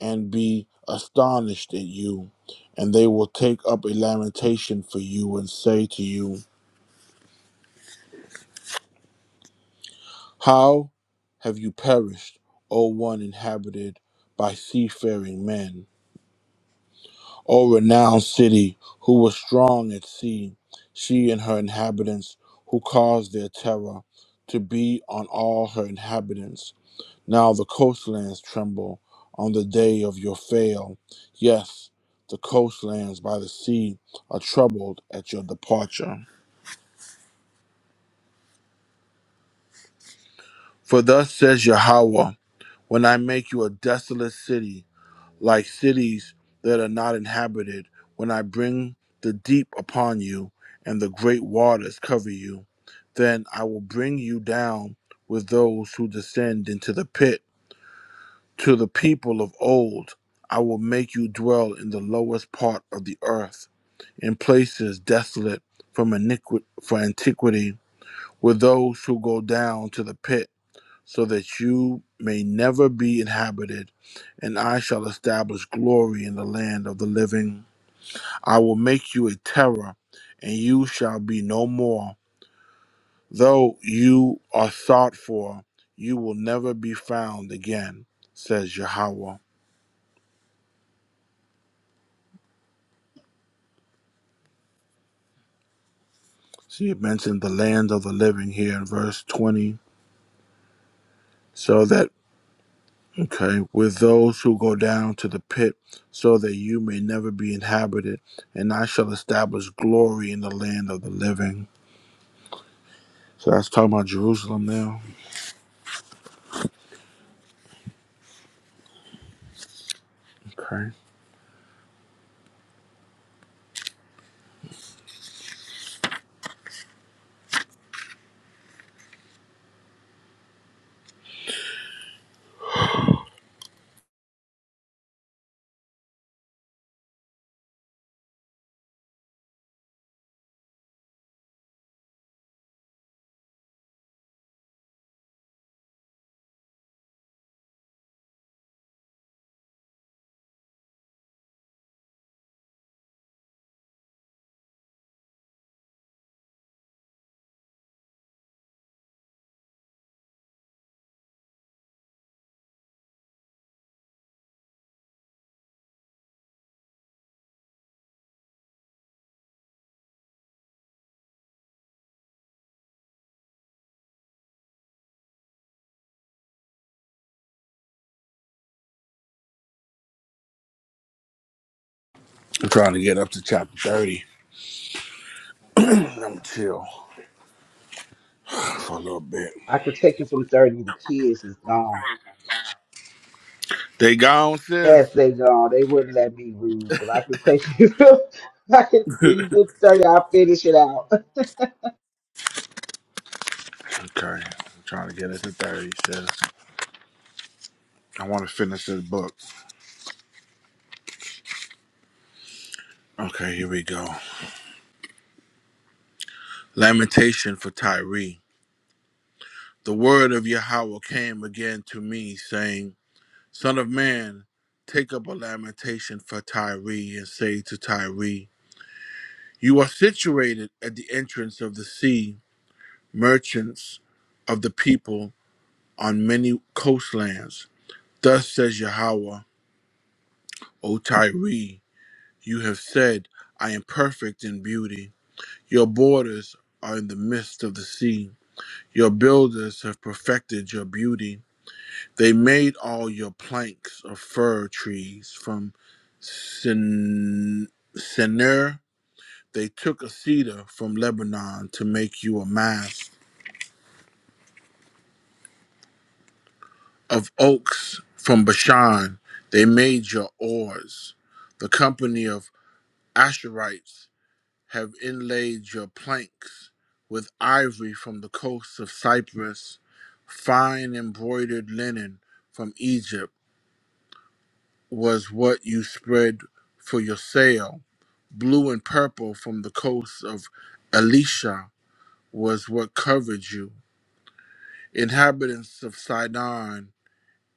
A: and be astonished at you. And they will take up a lamentation for you and say to you, How have you perished, O one inhabited by seafaring men? O renowned city, who was strong at sea, she and her inhabitants, who caused their terror to be on all her inhabitants. Now the coastlands tremble on the day of your fail. Yes, the coastlands by the sea are troubled at your departure. For thus says Yahweh, when I make you a desolate city, like cities that are not inhabited, when I bring the deep upon you and the great waters cover you, then I will bring you down with those who descend into the pit. To the people of old, I will make you dwell in the lowest part of the earth, in places desolate from iniqui- for antiquity, with those who go down to the pit so that you may never be inhabited, and I shall establish glory in the land of the living. I will make you a terror, and you shall be no more. Though you are sought for, you will never be found again, says Yahweh. So you mentioned the land of the living here in verse 20. So that, okay, with those who go down to the pit, so that you may never be inhabited, and I shall establish glory in the land of the living. So that's talking about Jerusalem now. Okay. I'm trying to get up to chapter 30. I'm gonna chill for a little bit. They gone, sis. okay. I'm trying to get it to 30, sis. I want to finish this book. Okay, here we go. Lamentation for Tyree. The word of Yahweh came again to me, saying, Son of man, take up a lamentation for Tyree and say to Tyree, You are situated at the entrance of the sea, merchants of the people. on many coastlands. Thus says Yahweh, O Tyre, you have said, I am perfect in beauty. Your borders are in the midst of the sea. Your builders have perfected your beauty. They made all your planks of fir trees from Sin- Senir. They took a cedar from Lebanon to make you a mast. Of oaks from Bashan, they made your oars. The company of Asherites have inlaid your planks with ivory from the coasts of Cyprus. Fine embroidered linen from Egypt was what you spread for your sail. Blue and purple from the coasts of Elisha was what covered you. Inhabitants of Sidon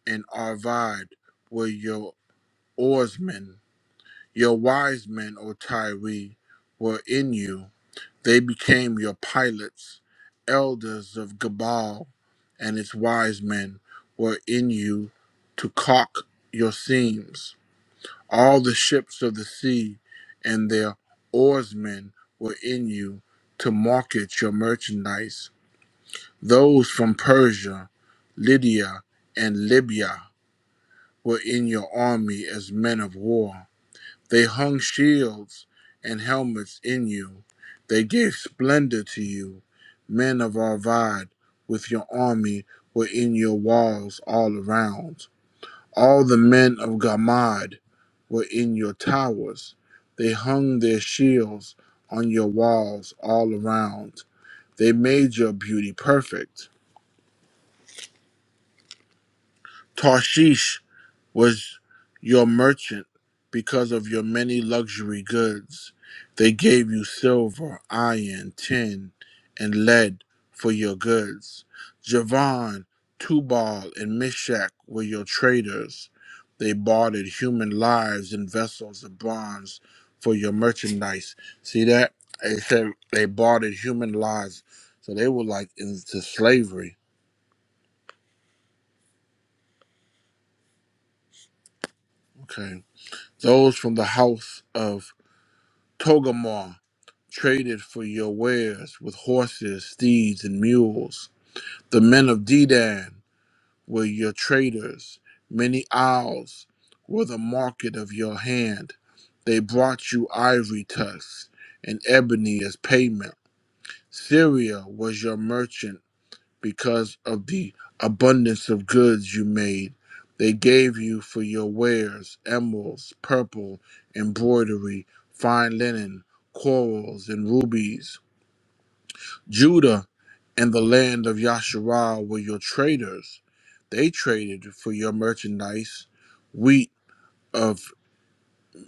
A: and Arvad were your oarsmen. Your wise men, O Tyre, were in you. They became your pilots, elders of Gabal and its wise men were in you to caulk your seams. All the ships of the sea and their oarsmen were in you to market your merchandise. Those from Persia, Lydia, and Libya were in your army as men of war. They hung shields and helmets in you. They gave splendor to you, men of Arvad, with your army were in your walls all around. All the men of Gamad were in your towers. They hung their shields on your walls all around. They made your beauty perfect. Tarshish was your merchant because of your many luxury goods. They gave you silver, iron, tin, and lead for your goods. Javan, Tubal, and Meshach were your traders. They bartered human lives in vessels of bronze for your merchandise. See that? They said they bartered human lives. So they were like into slavery. Okay. Those from the house of Togamor. traded for your wares with horses, steeds, and mules. The men of Dedan were your traders. Many isles were the market of your hand. They brought you ivory tusks and ebony as payment. Syria was your merchant because of the abundance of goods you made. They gave you for your wares emeralds, purple, embroidery, fine linen, corals, and rubies. Judah and the land of Yasharal were your traders. They traded for your merchandise wheat of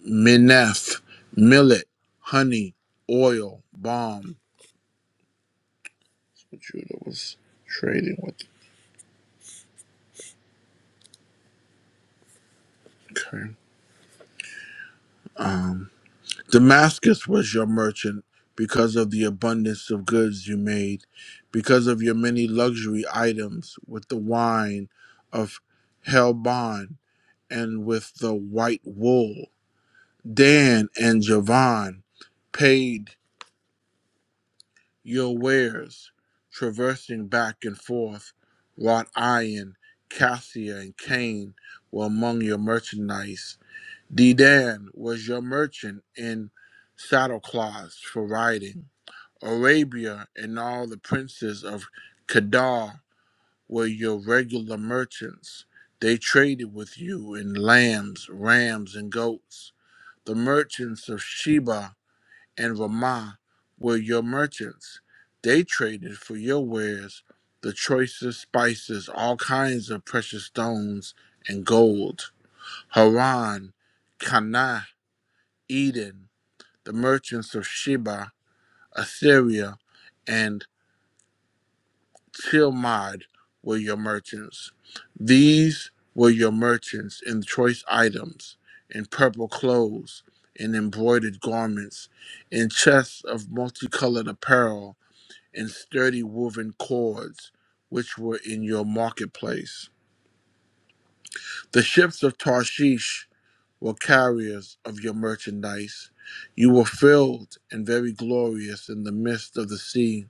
A: Mineth, millet, honey, oil, balm. Judah was trading with. Okay. Um, Damascus was your merchant because of the abundance of goods you made, because of your many luxury items with the wine of Helbon and with the white wool. Dan and Javon paid your wares, traversing back and forth. Wrought iron, cassia, and cane were among your merchandise. D Dan was your merchant in saddlecloths for riding. Arabia and all the princes of Kedar were your regular merchants. They traded with you in lambs, rams, and goats. The merchants of Sheba and Ramah were your merchants. They traded for your wares the choicest spices, all kinds of precious stones and gold. Haran, Cana, Eden, the merchants of Sheba, Assyria, and Tilmad were your merchants. These were your merchants in choice items, in purple clothes, in embroidered garments, in chests of multicolored apparel and sturdy woven cords which were in your marketplace. The ships of Tarshish were carriers of your merchandise. You were filled and very glorious in the midst of the sea.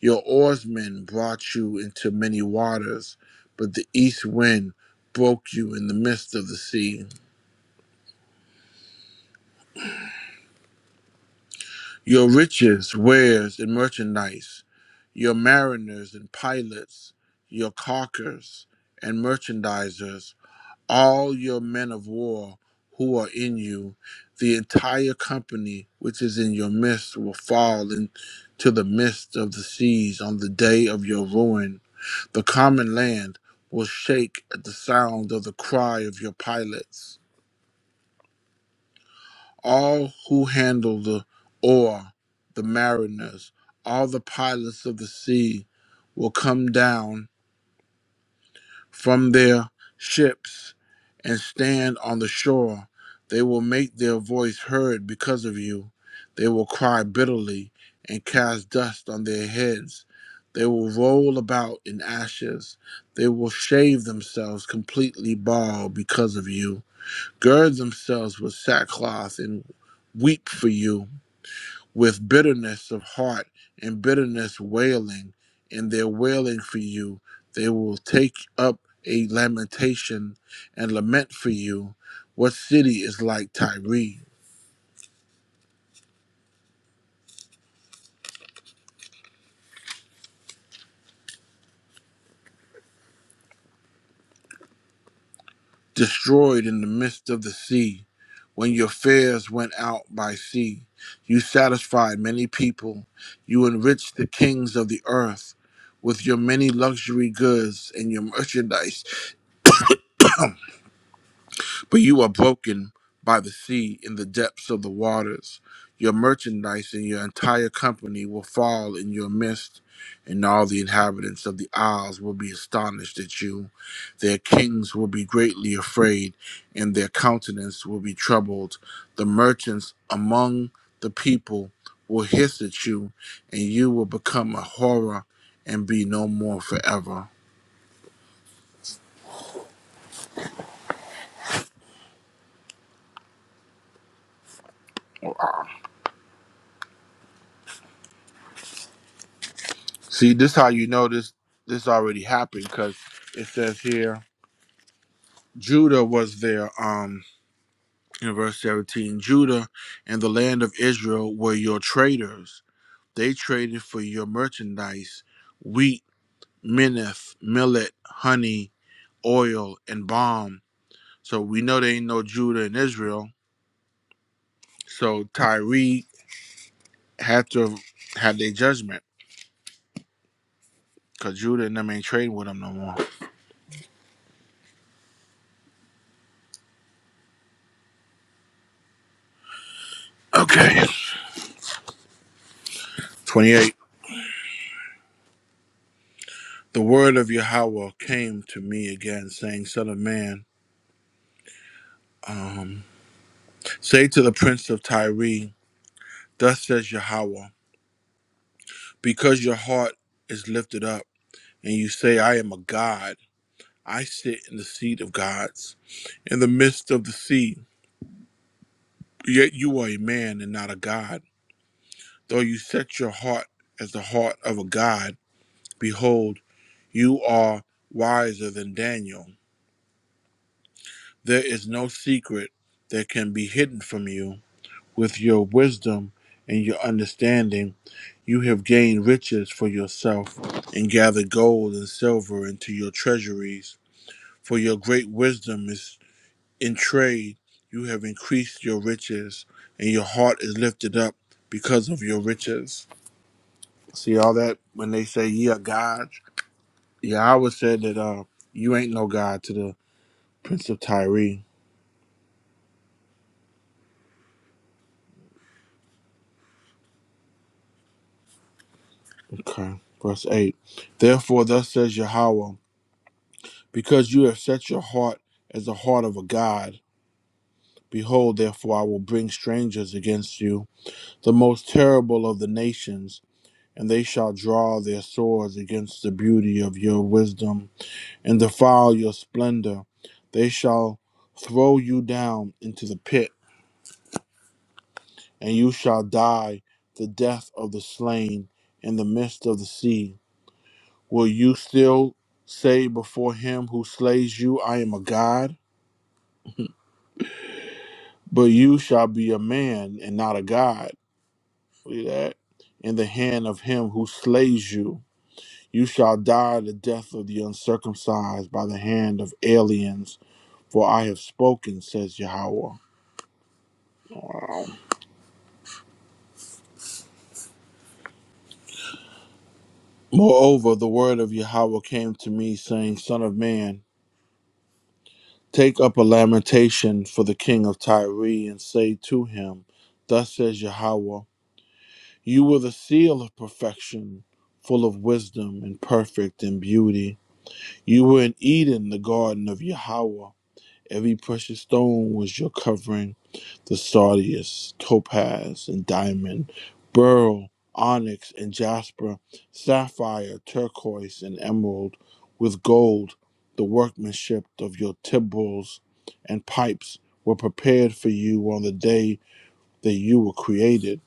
A: Your oarsmen brought you into many waters, but the east wind broke you in the midst of the sea. Your riches, wares, and merchandise, your mariners and pilots, your caulkers and merchandisers, all your men of war who are in you, the entire company which is in your midst will fall into the midst of the seas on the day of your ruin. The common land will shake at the sound of the cry of your pilots. All who handle the oar, the mariners, all the pilots of the sea will come down from their ships and stand on the shore. They will make their voice heard because of you. They will cry bitterly and cast dust on their heads. They will roll about in ashes. They will shave themselves completely bald because of you. Gird themselves with sackcloth and weep for you with bitterness of heart and bitterness wailing, in their wailing for you. They will take up a lamentation and lament for you. What city is like Tyre, destroyed in the midst of the sea? When your fares went out by sea, you satisfied many people. You enriched the kings of the earth with your many luxury goods and your merchandise But you are broken by the sea in the depths of the waters. Your merchandise and your entire company will fall in your midst, and all the inhabitants of the isles will be astonished at you. Their kings will be greatly afraid, and their countenance will be troubled. The merchants among the people will hiss at you, and you will become a horror and be no more forever. See, this is how you know this this already happened, because it says here Judah was their um in verse 17 Judah and the land of Israel were your traders they traded for your merchandise wheat minneth millet honey oil and balm so we know there ain't no Judah in Israel so Tyre had to have their judgment cuz Judah and them ain't trading with them no more okay 28 the word of Yahweh came to me again saying son of man um Say to the prince of Tyre, Thus says Yahweh, because your heart is lifted up, and you say, I am a God, I sit in the seat of gods, in the midst of the sea. Yet you are a man and not a God. Though you set your heart as the heart of a God, behold, you are wiser than Daniel. There is no secret that can be hidden from you. With your wisdom and your understanding, You have gained riches for yourself and gathered gold and silver into your treasuries. For your great wisdom is in trade. You have increased your riches, and your heart is lifted up because of your riches. See all that when they say ye are gods? Yahweh said that uh, you ain't no God to the Prince of Tyre. Okay. Verse 8. Therefore, thus says Yahweh, because you have set your heart as the heart of a God Behold, therefore, I will bring strangers against you, the most terrible of the nations, and they shall draw their swords against the beauty of your wisdom and defile your splendor. They shall throw you down into the pit, and you shall die the death of the slain in the midst of the sea. Will you still say before him who slays you, I am a god? But you shall be a man and not a god Look at that. In the hand of him who slays you, you shall die the death of the uncircumcised by the hand of aliens, for I have spoken, says Yahweh. Wow. Moreover, the word of Yahweh came to me, saying, Son of man, take up a lamentation for the king of Tyre, and say to him, Thus says Yahweh, You were the seal of perfection, full of wisdom and perfect in beauty. You were in Eden, the garden of Yahweh. Every precious stone was your covering the sardius, topaz, and diamond, beryl, onyx, and jasper, sapphire, turquoise, and emerald, with gold, the workmanship of your timbrels and pipes were prepared for you on the day that you were created.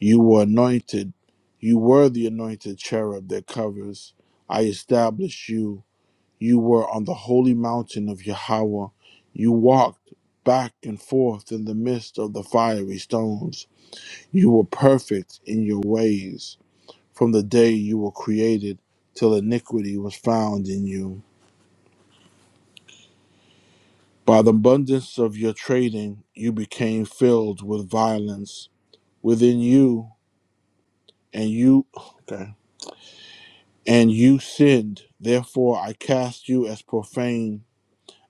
A: You were anointed. You were the anointed cherub that covers. I established you you were on the holy mountain of Yahweh. You walked back and forth in the midst of the fiery stones. You were perfect in your ways from the day you were created till iniquity was found in you. By the abundance of your trading, you became filled with violence within you, and you, okay, and you sinned. Therefore, I cast you as profane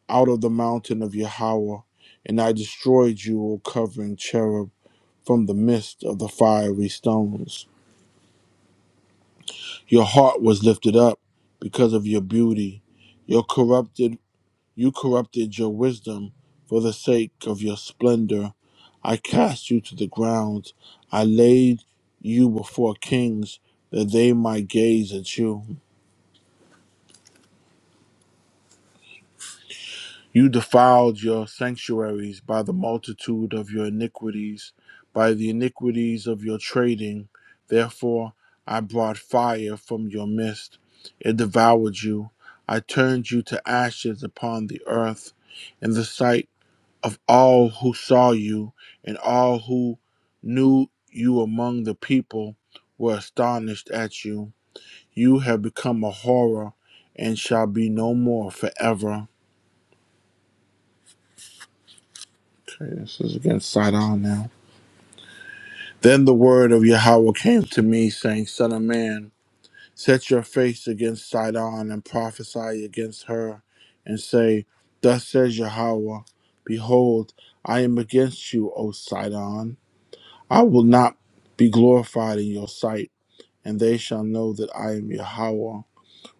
A: out of the mountain of Yahweh, and I destroyed you, O covering cherub, from the midst of the fiery stones. Your heart was lifted up because of your beauty. Your corrupted you corrupted your wisdom for the sake of your splendor. I cast you to the ground. I laid you before kings that they might gaze at you. You defiled your sanctuaries by the multitude of your iniquities, by the iniquities of your trading. Therefore, I brought fire from your midst. It devoured you. I turned you to ashes upon the earth in the sight of all who saw you and all who knew you among the people were astonished at you. You have become a horror and shall be no more forever. Okay, this is against Sidon now. Then the word of Yahweh came to me, saying, Son of man, set your face against Sidon and prophesy against her, and say, Thus says Yahweh, Behold, I am against you, O Sidon. I will not be glorified in your sight, and they shall know that I am Yahweh.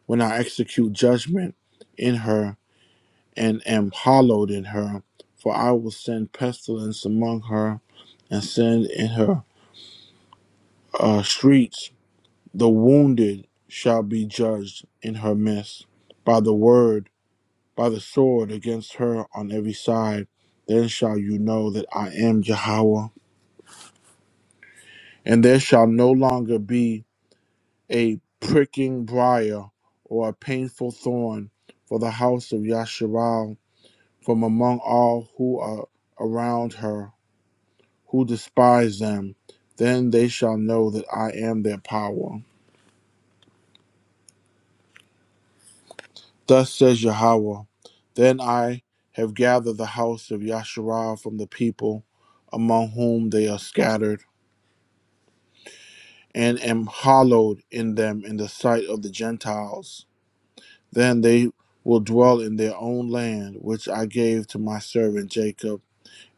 A: When I execute judgment in her and am hallowed in her, for I will send pestilence among her and send in her uh, streets, the wounded shall be judged in her midst. By the word, by the sword against her on every side, then shall you know that I am Jehovah. And there shall no longer be a pricking briar or a painful thorn for the house of Yasharal from among all who are around her, who despise them. Then they shall know that I am their power. Thus says Yahweh, Then I have gathered the house of Yasharah from the people among whom they are scattered, and am hallowed in them in the sight of the Gentiles. Then they will dwell in their own land, which I gave to my servant Jacob,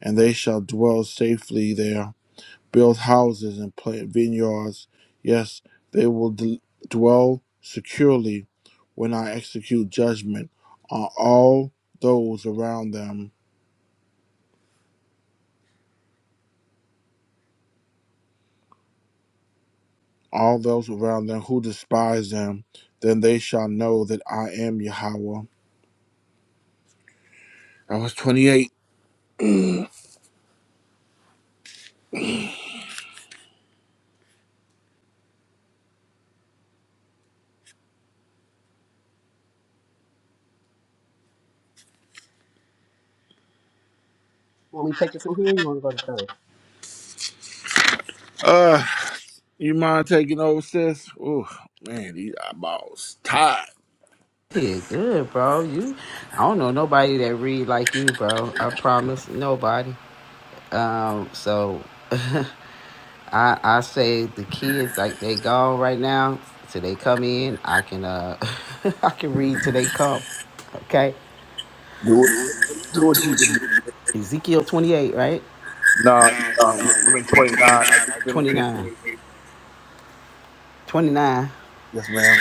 A: and they shall dwell safely there. build houses and plant vineyards. Yes, they will d- dwell securely when I execute judgment on all those around them, all those around them who despise them. Then they shall know that I am Yahweh. I was 28. Uh, you mind taking over, sis? Oh, man, these eyeballs tired. Do it. Do what you can do. Nah, nah, I'm in 29. I just finished 28. Yes, ma'am.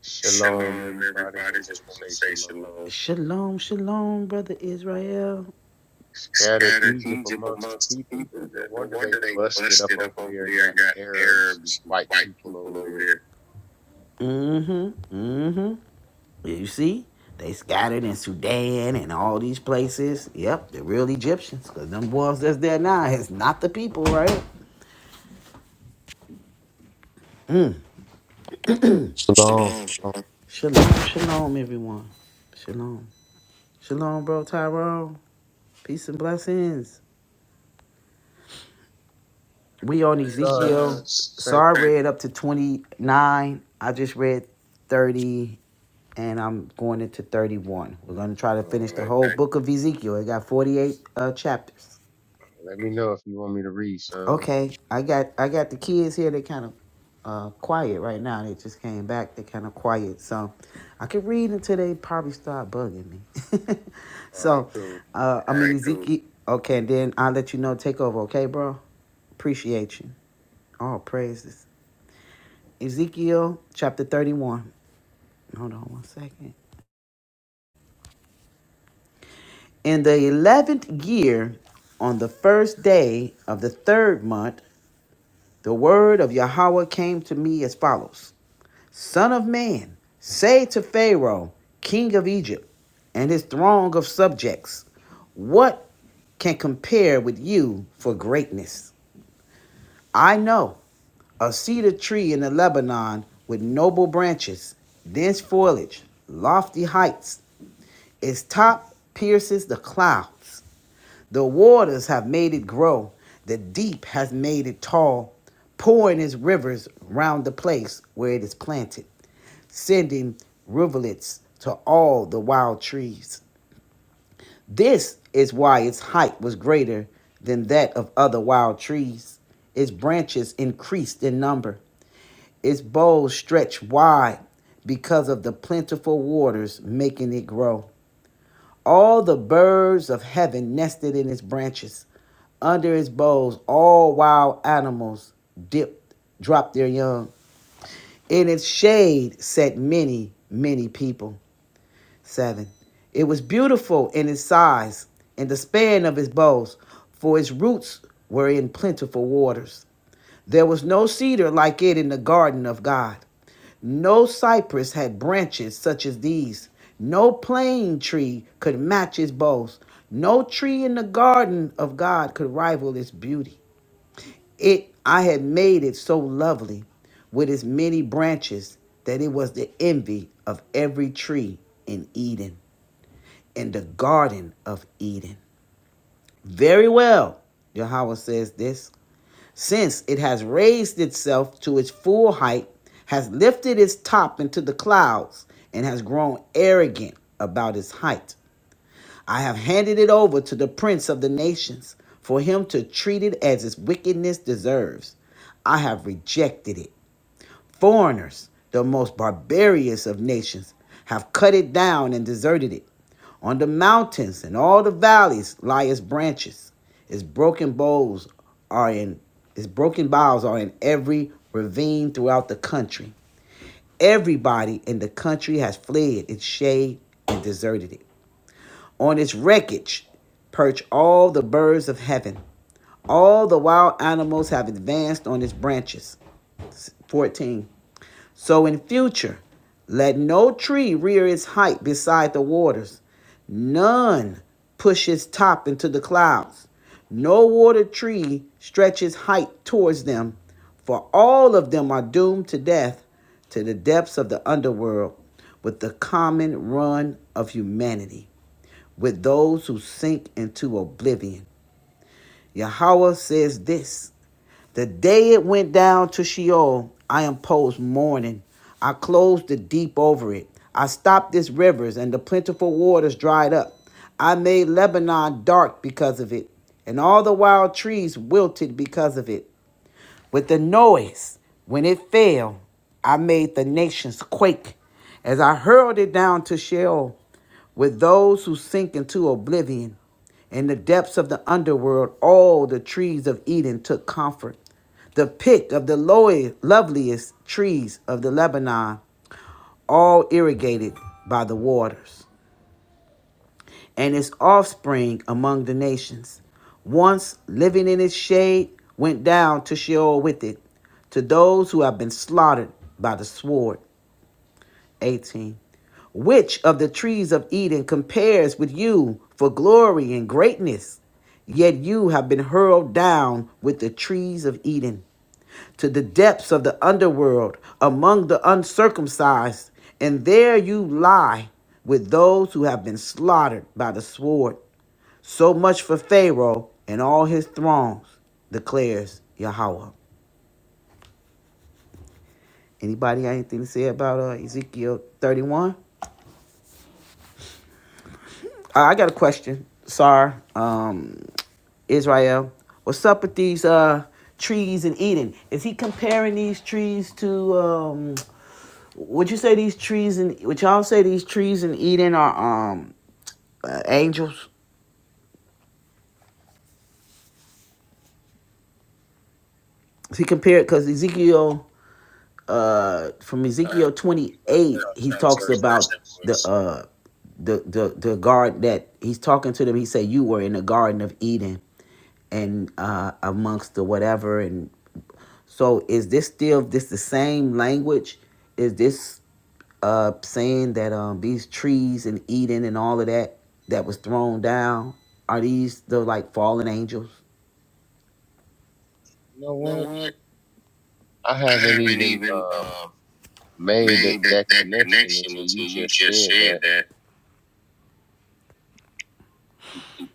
I: Shalom, everybody. Just want to say shalom. Scattered Egypt amongst the people. there. No wonder they busted up over there and got Arabs and white people over there.
J: Shalom, shalom.
I: After that, Son, had Psalms, right? Oh, okay. Let me know if you want me to read son. All right, cool. I'm going to which verse. I'm trying to see which verse that was. You know what? I haven't even um made that, that connection until you just said that.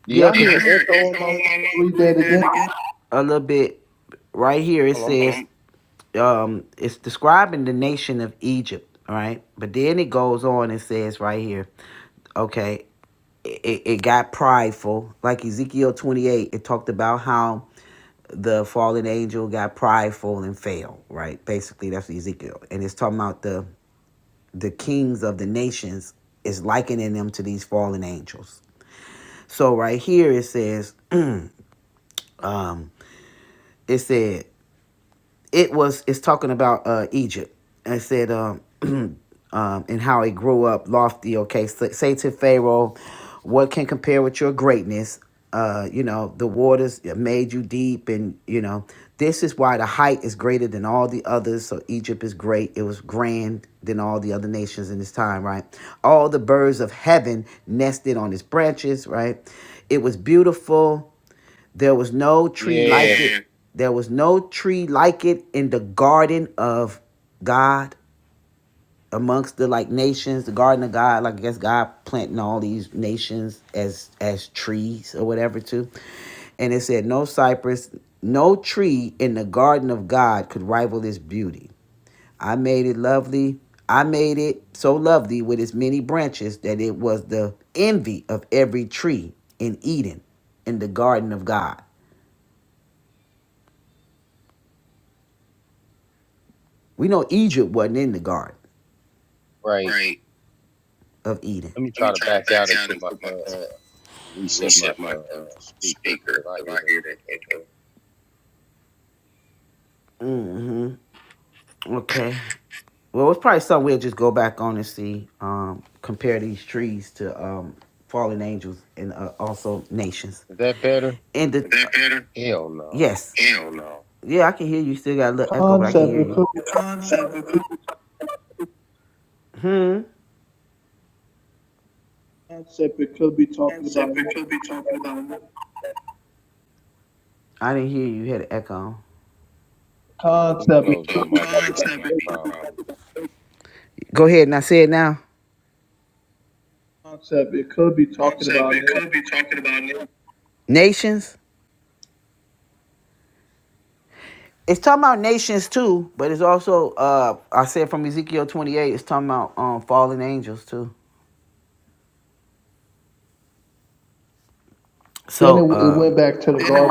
I: Do y'all hear an echo on my line?
F: Read that again.
I: Hold on. Yeah, right. Let me try to back out and put my uh reset my uh speaker because I hear that echo. Is that better? Hell no.
F: Concept. It could be concept. It could be talking about new
I: Let me, let me
F: concept. It
I: close my
F: could be
I: mic. That
F: talking about
I: might be the
F: new
I: problem.
F: concept. It could be talking about new. Then it, it went back to the garden.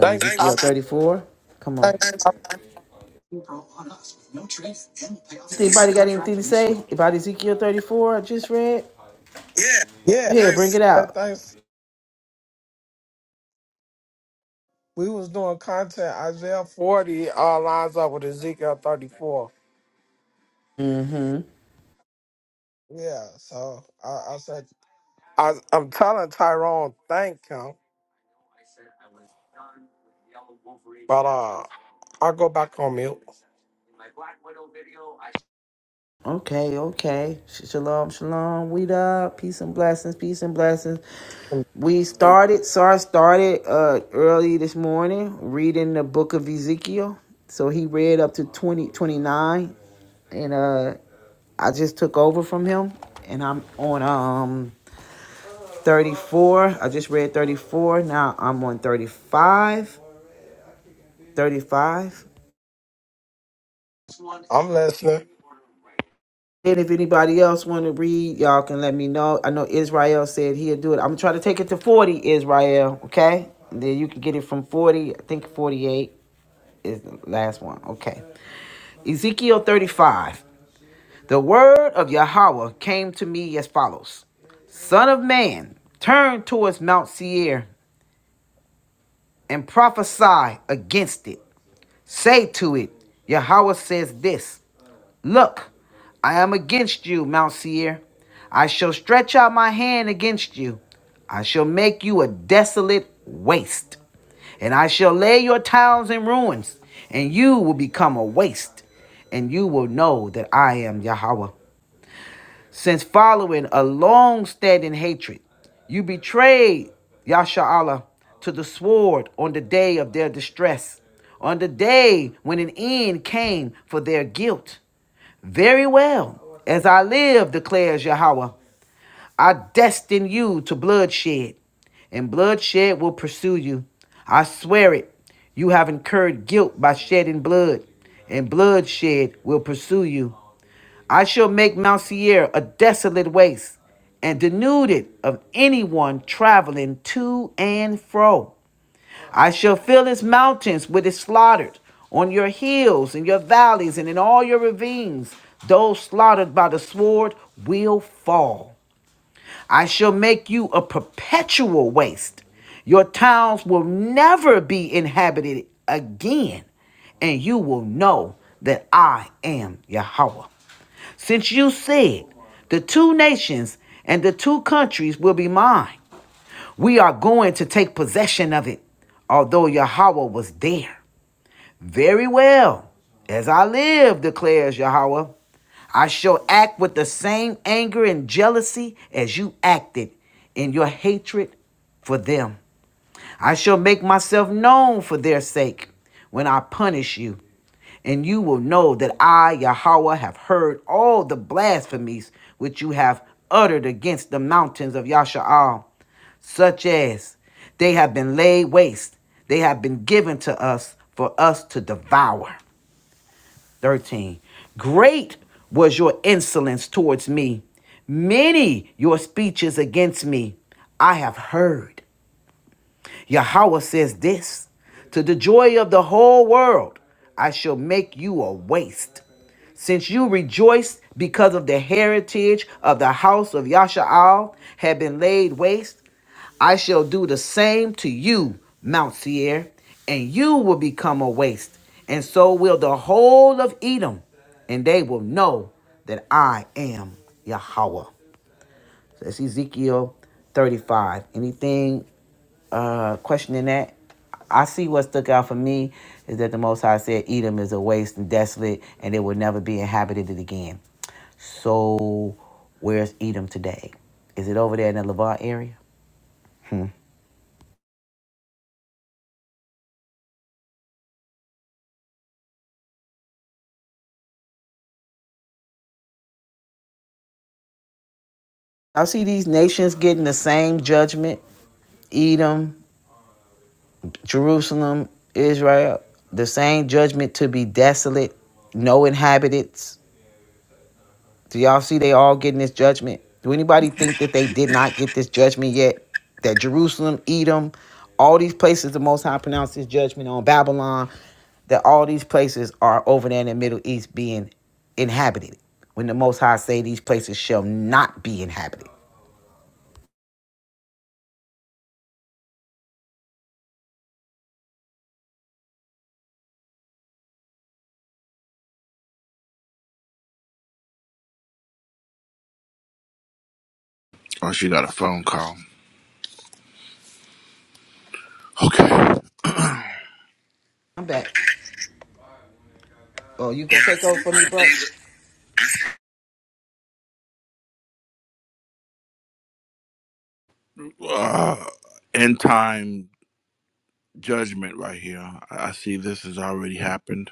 H: Thanks. I, thanks. I, yeah. and Thanks. We was doing content. Isaiah 40 uh, lines up with Ezekiel 34. Yeah. So I, I said, I, I'm telling Tyrone, thank him. But uh, I'll go back on mute. I'm listening.
A: Oh, she got a phone call. Okay. uh, end time judgment right here. I I see this has already happened,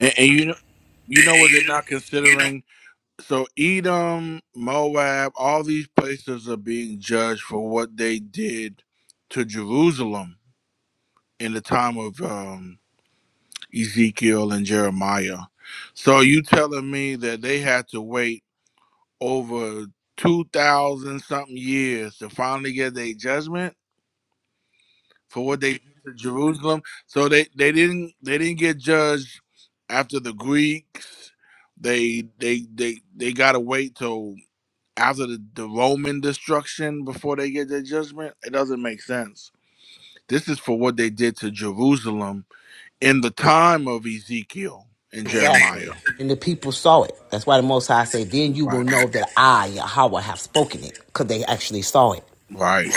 A: and, and you know, you know what they're not considering. So Edom, Moab, all these places are being judged for what they did to Jerusalem in the time of um, Ezekiel and Jeremiah. So you telling me that they had to wait over two thousand something years to finally get their judgment? for what they did to Jerusalem. So they, they didn't they didn't get judged after the Greeks. They they they they gotta wait till after the, the Roman destruction before they get their judgment. It doesn't make sense. This is for what they did to Jerusalem in the time of Ezekiel and Jeremiah. Right. Right.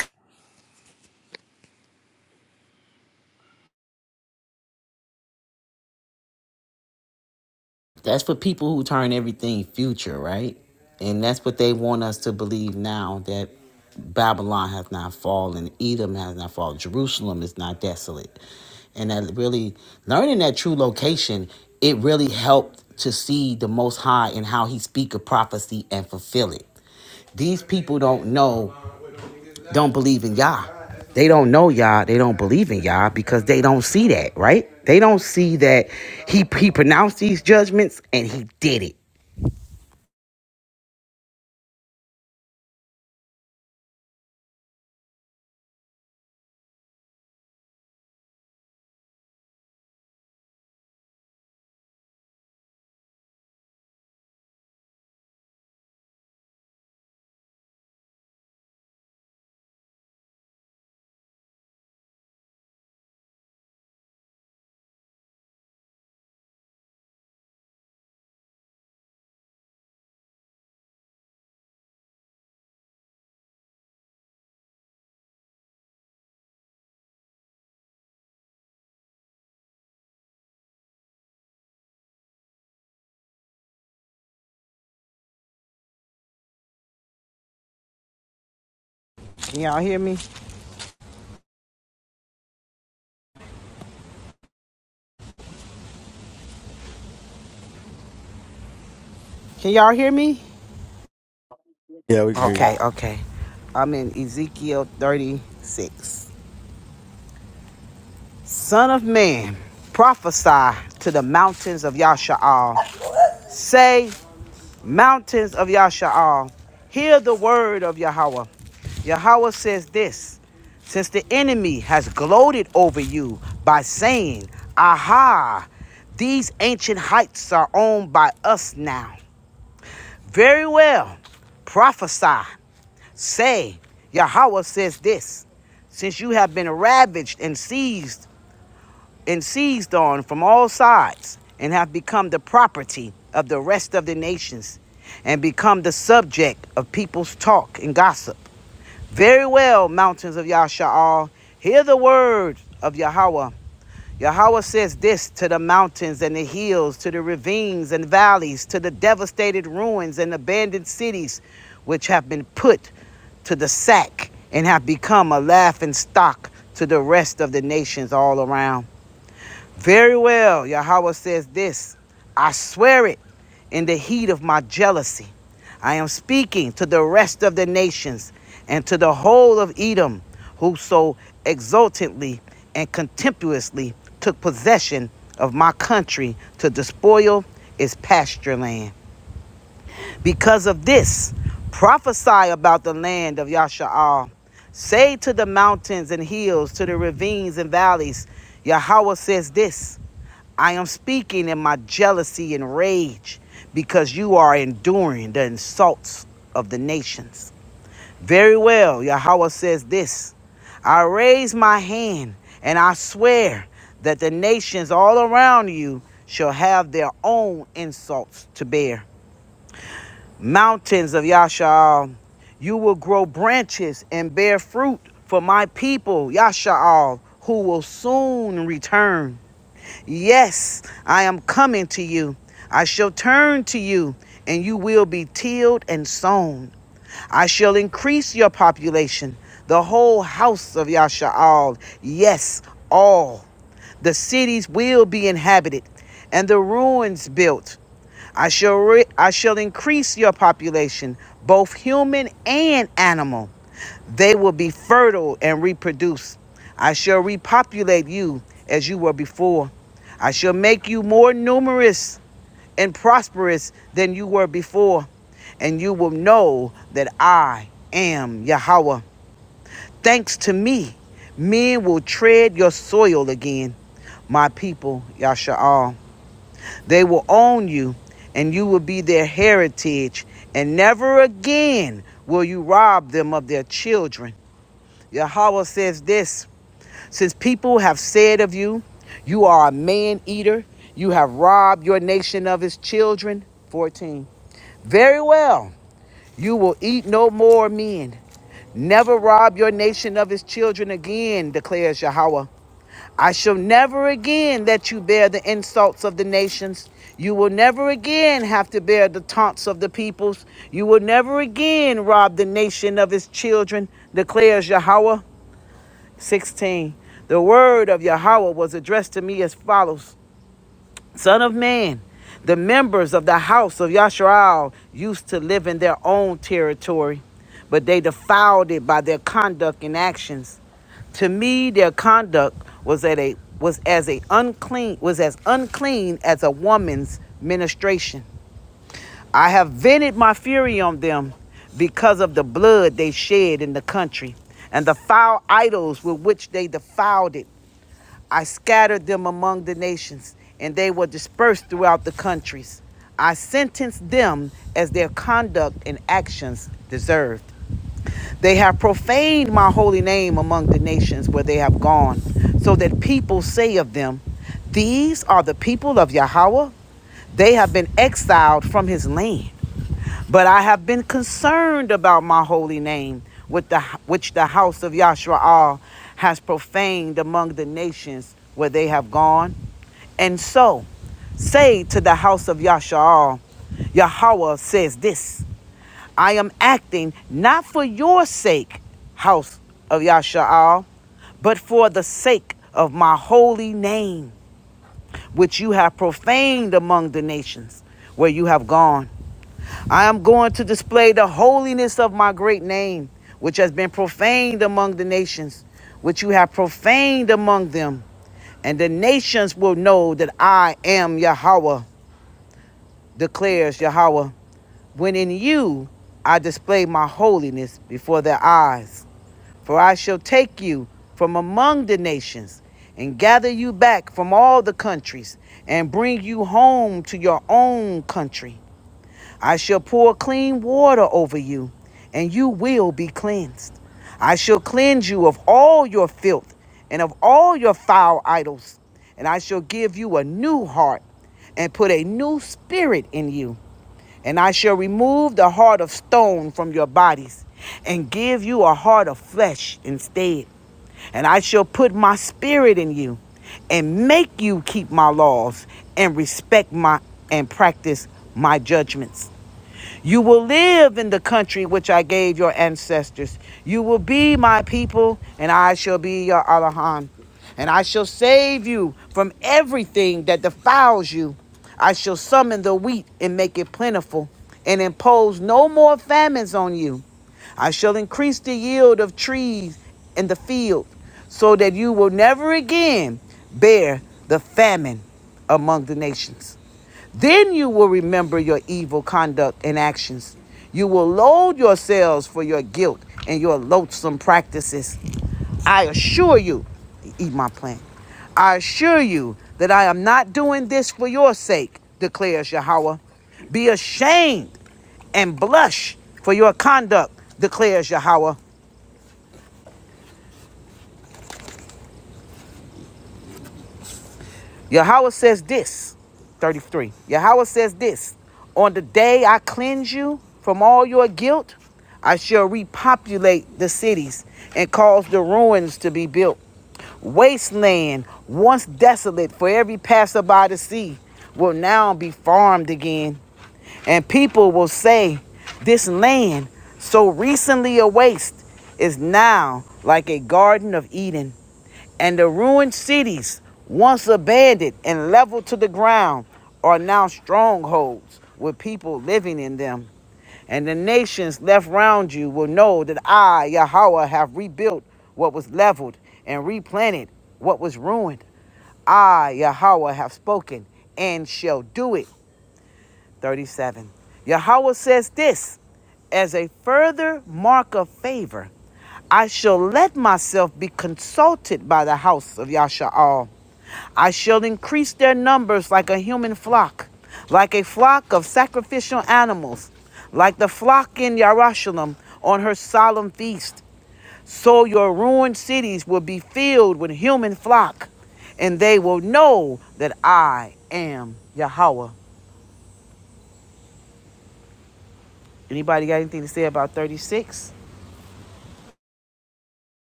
J: Yeah, we can hear you.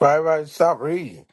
H: Right, right. Stop reading.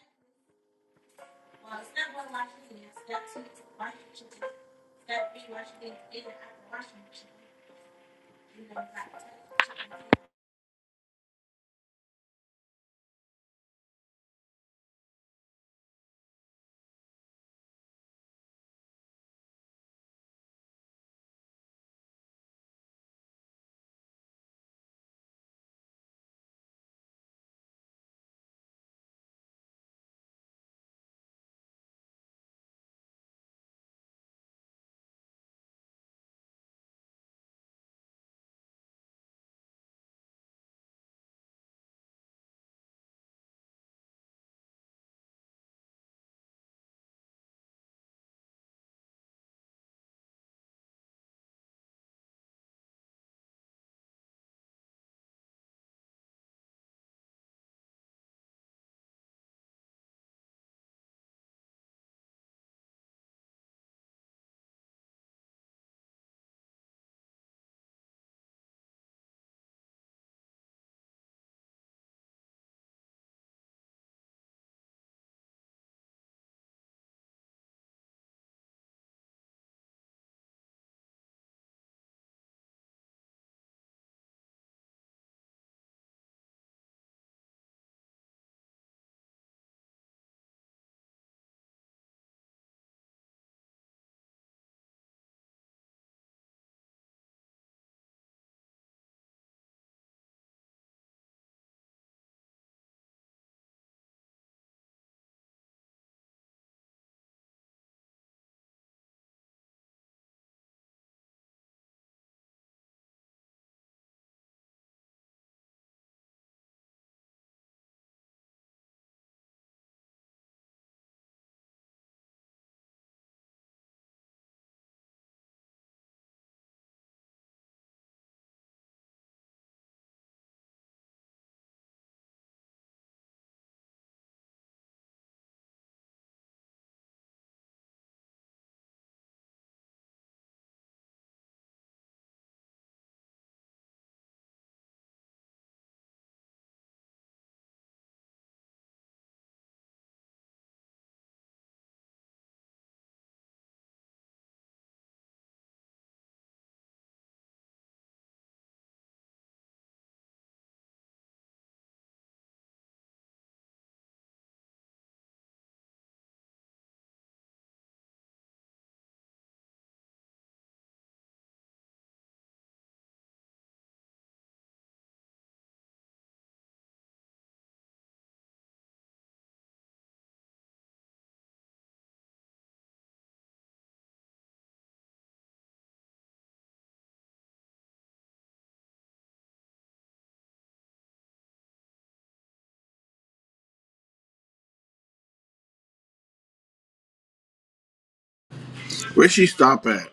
A: Where she stop at?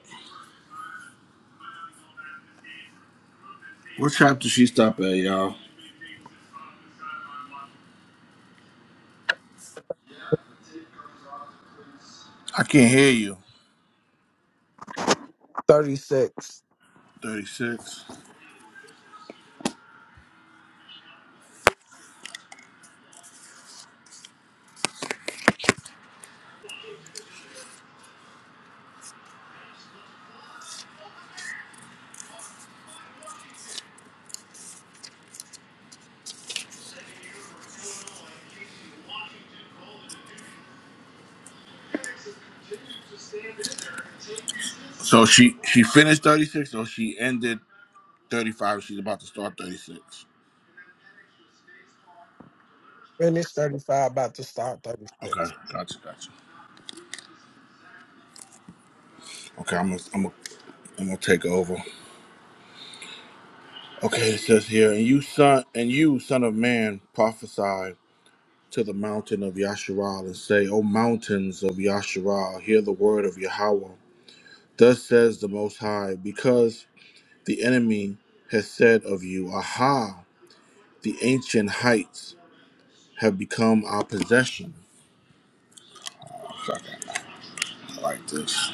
A: What chapter she stop at, y'all? I can't hear you.
H: 36.
A: Thirty six. So she she finished thirty six or she ended 35. She's about to start 36.
H: Finish 35, about to start 36.
A: Okay, gotcha, gotcha. Okay, I'm gonna, I'm gonna, I'm gonna take over. Okay, it says here, and you son, and you son of man, prophesy to the mountain of Yasharal and say, O mountains of Yasharal, hear the word of Yahweh. Thus says the Most High, because the enemy has said of you, Aha! The ancient heights have become our possession. I like this.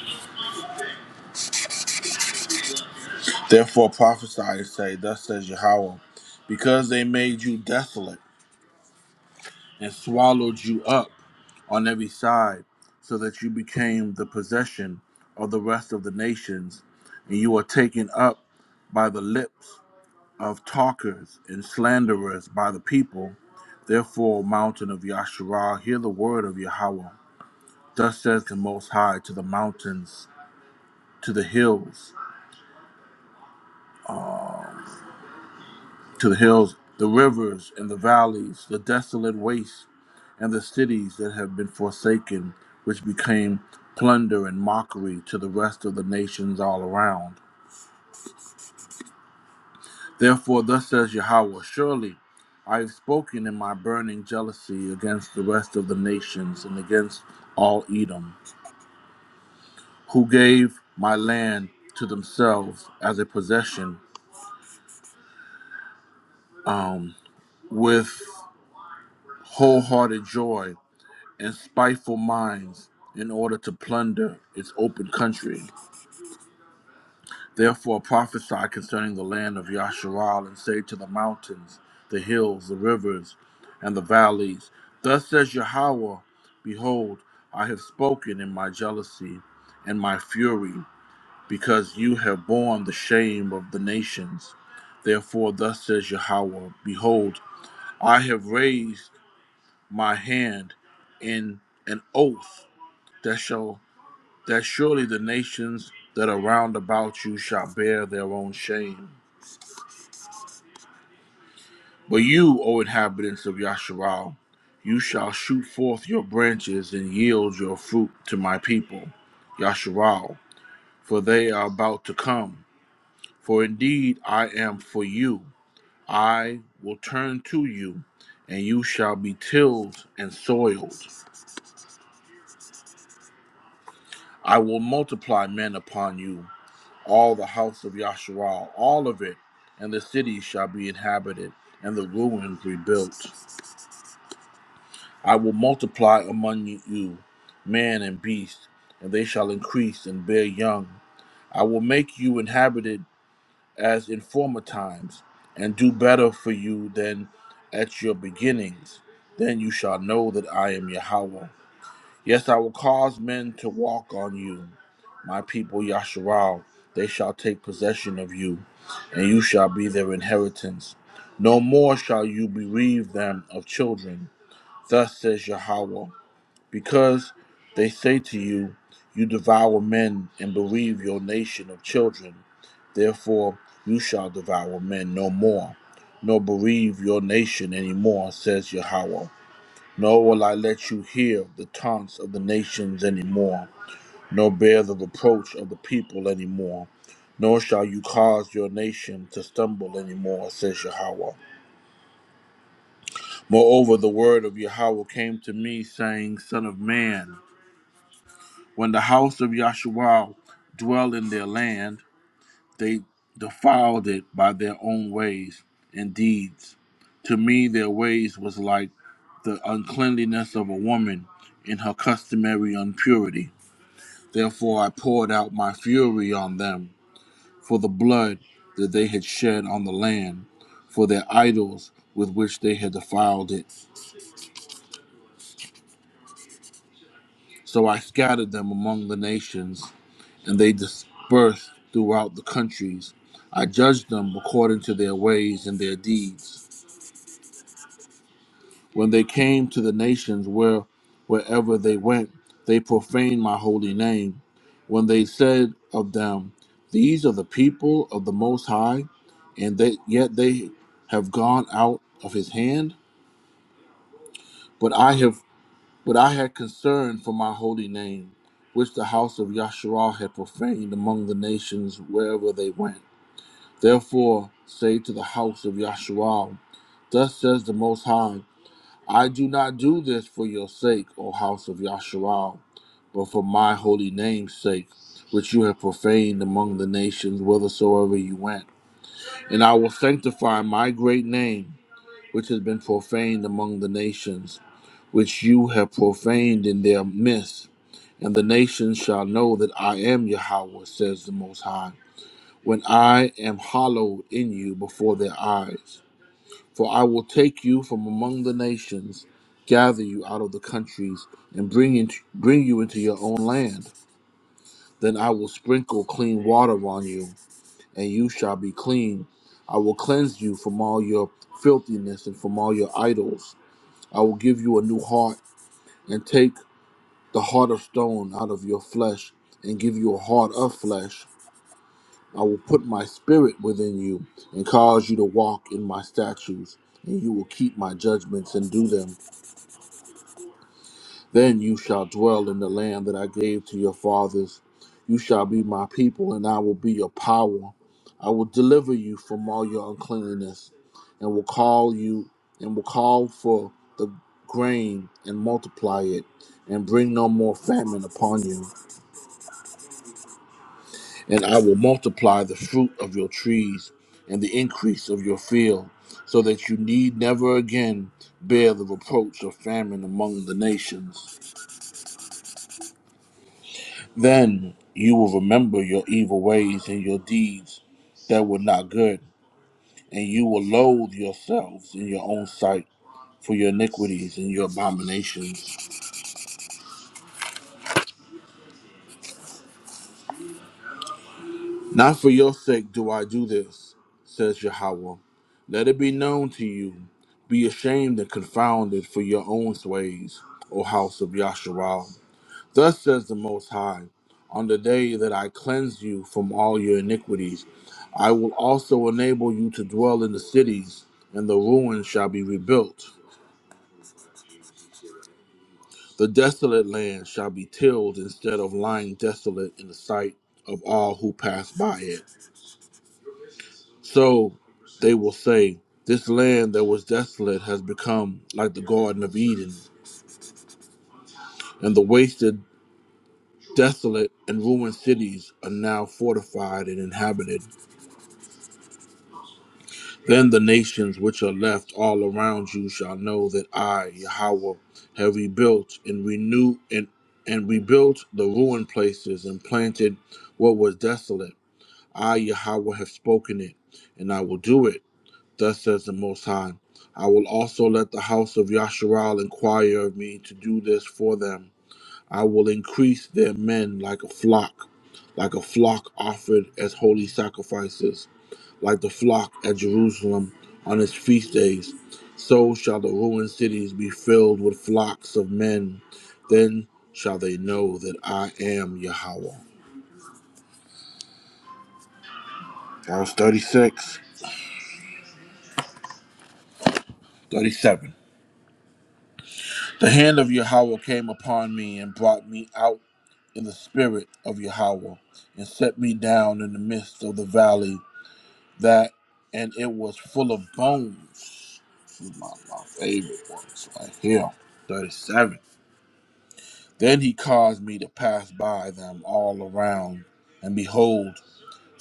A: Therefore prophesy and say, Thus says Yahweh, because they made you desolate and swallowed you up on every side, so that you became the possession of the rest of the nations, and you are taken up by the lips of talkers and slanderers by the people. Therefore, mountain of Yasharah, hear the word of Yahweh. Thus says the Most High to the mountains, to the hills. to the hills, the rivers and the valleys, the desolate wastes, and the cities that have been forsaken, which became plunder and mockery to the rest of the nations all around. Therefore, thus says Yahweh, surely I have spoken in my burning jealousy against the rest of the nations and against all Edom, who gave my land to themselves as a possession um, with wholehearted joy and spiteful minds in order to plunder its open country. Therefore prophesy concerning the land of Yasharal and say to the mountains, the hills, the rivers, and the valleys, Thus says Yahweh, Behold, I have spoken in my jealousy and my fury, because you have borne the shame of the nations. Therefore, thus says Yahweh, Behold, I have raised my hand in an oath that shall that surely the nations that are round about you shall bear their own shame. But you, O inhabitants of Yasharal, you shall shoot forth your branches and yield your fruit to my people, Yasharal, for they are about to come. For indeed I am for you. I will turn to you, and you shall be tilled and soiled. I will multiply men upon you, all the house of Yasharal, all of it, and the city shall be inhabited, and the ruins rebuilt. I will multiply among you man and beast, and they shall increase and bear young. I will make you inhabited as in former times, and do better for you than at your beginnings. Then you shall know that I am Yahweh. Yes, I will cause men to walk on you, my people Yasharal. They shall take possession of you, and you shall be their inheritance. No more shall you bereave them of children. Thus says Yahweh, because they say to you, You devour men and bereave your nation of children. Therefore, you shall devour men no more, nor bereave your nation any more, says Yahweh. Nor will I let you hear the taunts of the nations anymore, nor bear the reproach of the people anymore. Nor shall you cause your nation to stumble anymore, says Yahweh. Moreover, the word of Yahweh came to me, saying, Son of man, when the house of Yahshua dwell in their land, they defiled it by their own ways and deeds. To me, their ways was like the uncleanliness of a woman in her customary impurity. Therefore I poured out my fury on them for the blood that they had shed on the land, for their idols with which they had defiled it. So I scattered them among the nations, and they dispersed throughout the countries. I judged them according to their ways and their deeds. When they came to the nations where wherever they went, they profaned my holy name. When they said of them, These are the people of the Most High, and they, yet they have gone out of his hand. But I have but I had concern for my holy name, which the house of Yahshua had profaned among the nations wherever they went. Therefore say to the house of Yahshua, Thus says the Most High. I do not do this for your sake, O house of Yasharal, but for my holy name's sake, which you have profaned among the nations whithersoever you went. And I will sanctify my great name, which has been profaned among the nations, which you have profaned in their midst. And the nations shall know that I am Yahweh, says the Most High, when I am hallowed in you before their eyes. For I will take you from among the nations, gather you out of the countries, and bring, into, bring you into your own land. Then I will sprinkle clean water on you, and you shall be clean. I will cleanse you from all your filthiness and from all your idols. I will give you a new heart, and take the heart of stone out of your flesh, and give you a heart of flesh. I will put my spirit within you, and cause you to walk in my statutes, and you will keep my judgments and do them. Then you shall dwell in the land that I gave to your fathers. You shall be my people, and I will be your power. I will deliver you from all your uncleanness, and will call you and will call for the grain and multiply it, and bring no more famine upon you. And I will multiply the fruit of your trees and the increase of your field, so that you need never again bear the reproach of famine among the nations. Then you will remember your evil ways and your deeds that were not good, and you will loathe yourselves in your own sight for your iniquities and your abominations. Not for your sake do I do this, says Yahweh. Let it be known to you. Be ashamed and confounded for your own ways, O house of Yahshua. Thus says the Most High, on the day that I cleanse you from all your iniquities, I will also enable you to dwell in the cities, and the ruins shall be rebuilt. The desolate land shall be tilled instead of lying desolate in the sight of all who pass by it. So they will say, This land that was desolate has become like the Garden of Eden, and the wasted, desolate, and ruined cities are now fortified and inhabited. Then the nations which are left all around you shall know that I, Yahweh, have rebuilt and renewed and, and rebuilt the ruined places and planted what was desolate. I, Yahweh, have spoken it, and I will do it. Thus says the Most High. I will also let the house of Yasharal inquire of me to do this for them. I will increase their men like a flock, like a flock offered as holy sacrifices like the flock at Jerusalem on its feast days. So shall the ruined cities be filled with flocks of men. Then shall they know that I am Yahweh. Verse 36, 37. The hand of Yahweh came upon me and brought me out in the spirit of Yahweh and set me down in the midst of the valley that and it was full of bones. This is my, my favorite ones right here. 37. Then he caused me to pass by them all around, and behold,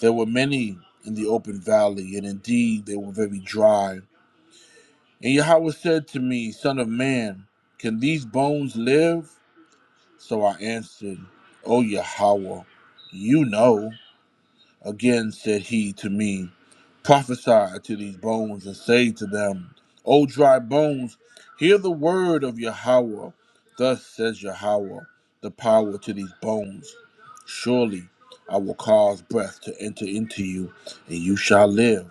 A: there were many in the open valley, and indeed they were very dry. And Yahweh said to me, Son of man, can these bones live? So I answered, O Yahweh, you know. Again said he to me, Prophesy to these bones and say to them, O dry bones, hear the word of Yahweh. Thus says Yahweh, the power to these bones. Surely I will cause breath to enter into you, and you shall live.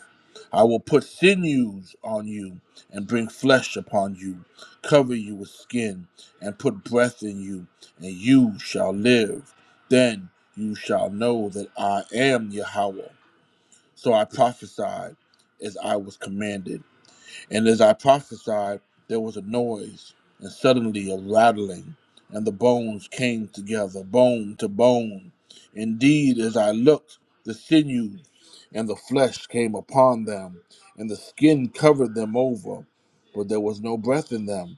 A: I will put sinews on you and bring flesh upon you, cover you with skin, and put breath in you, and you shall live. Then you shall know that I am Yahweh. So I prophesied as I was commanded. And as I prophesied, there was a noise, and suddenly a rattling, and the bones came together, bone to bone. Indeed, as I looked, the sinews and the flesh came upon them, and the skin covered them over, but there was no breath in them.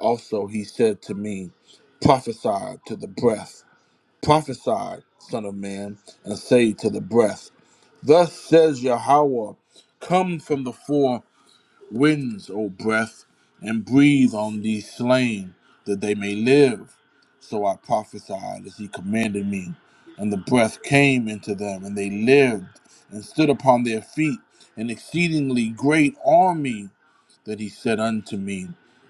A: Also, he said to me, Prophesy to the breath Prophesy, Son of Man, and say to the breath, Thus says Yahweh, Come from the four winds, O breath, and breathe on these slain, that they may live. So I prophesied as he commanded me, and the breath came into them, and they lived, and stood upon their feet, an exceedingly great army. That he said unto me,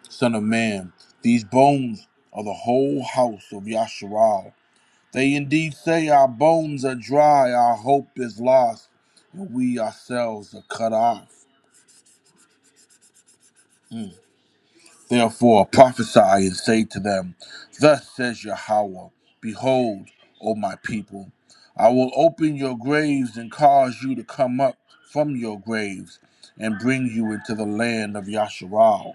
A: Son of man, these bones are the whole house of Yahshua. They indeed say our bones are dry, our hope is lost, and we ourselves are cut off. Mm. Therefore prophesy and say to them, Thus says Yahweh, Behold, O my people, I will open your graves and cause you to come up from your graves and bring you into the land of Yasharal.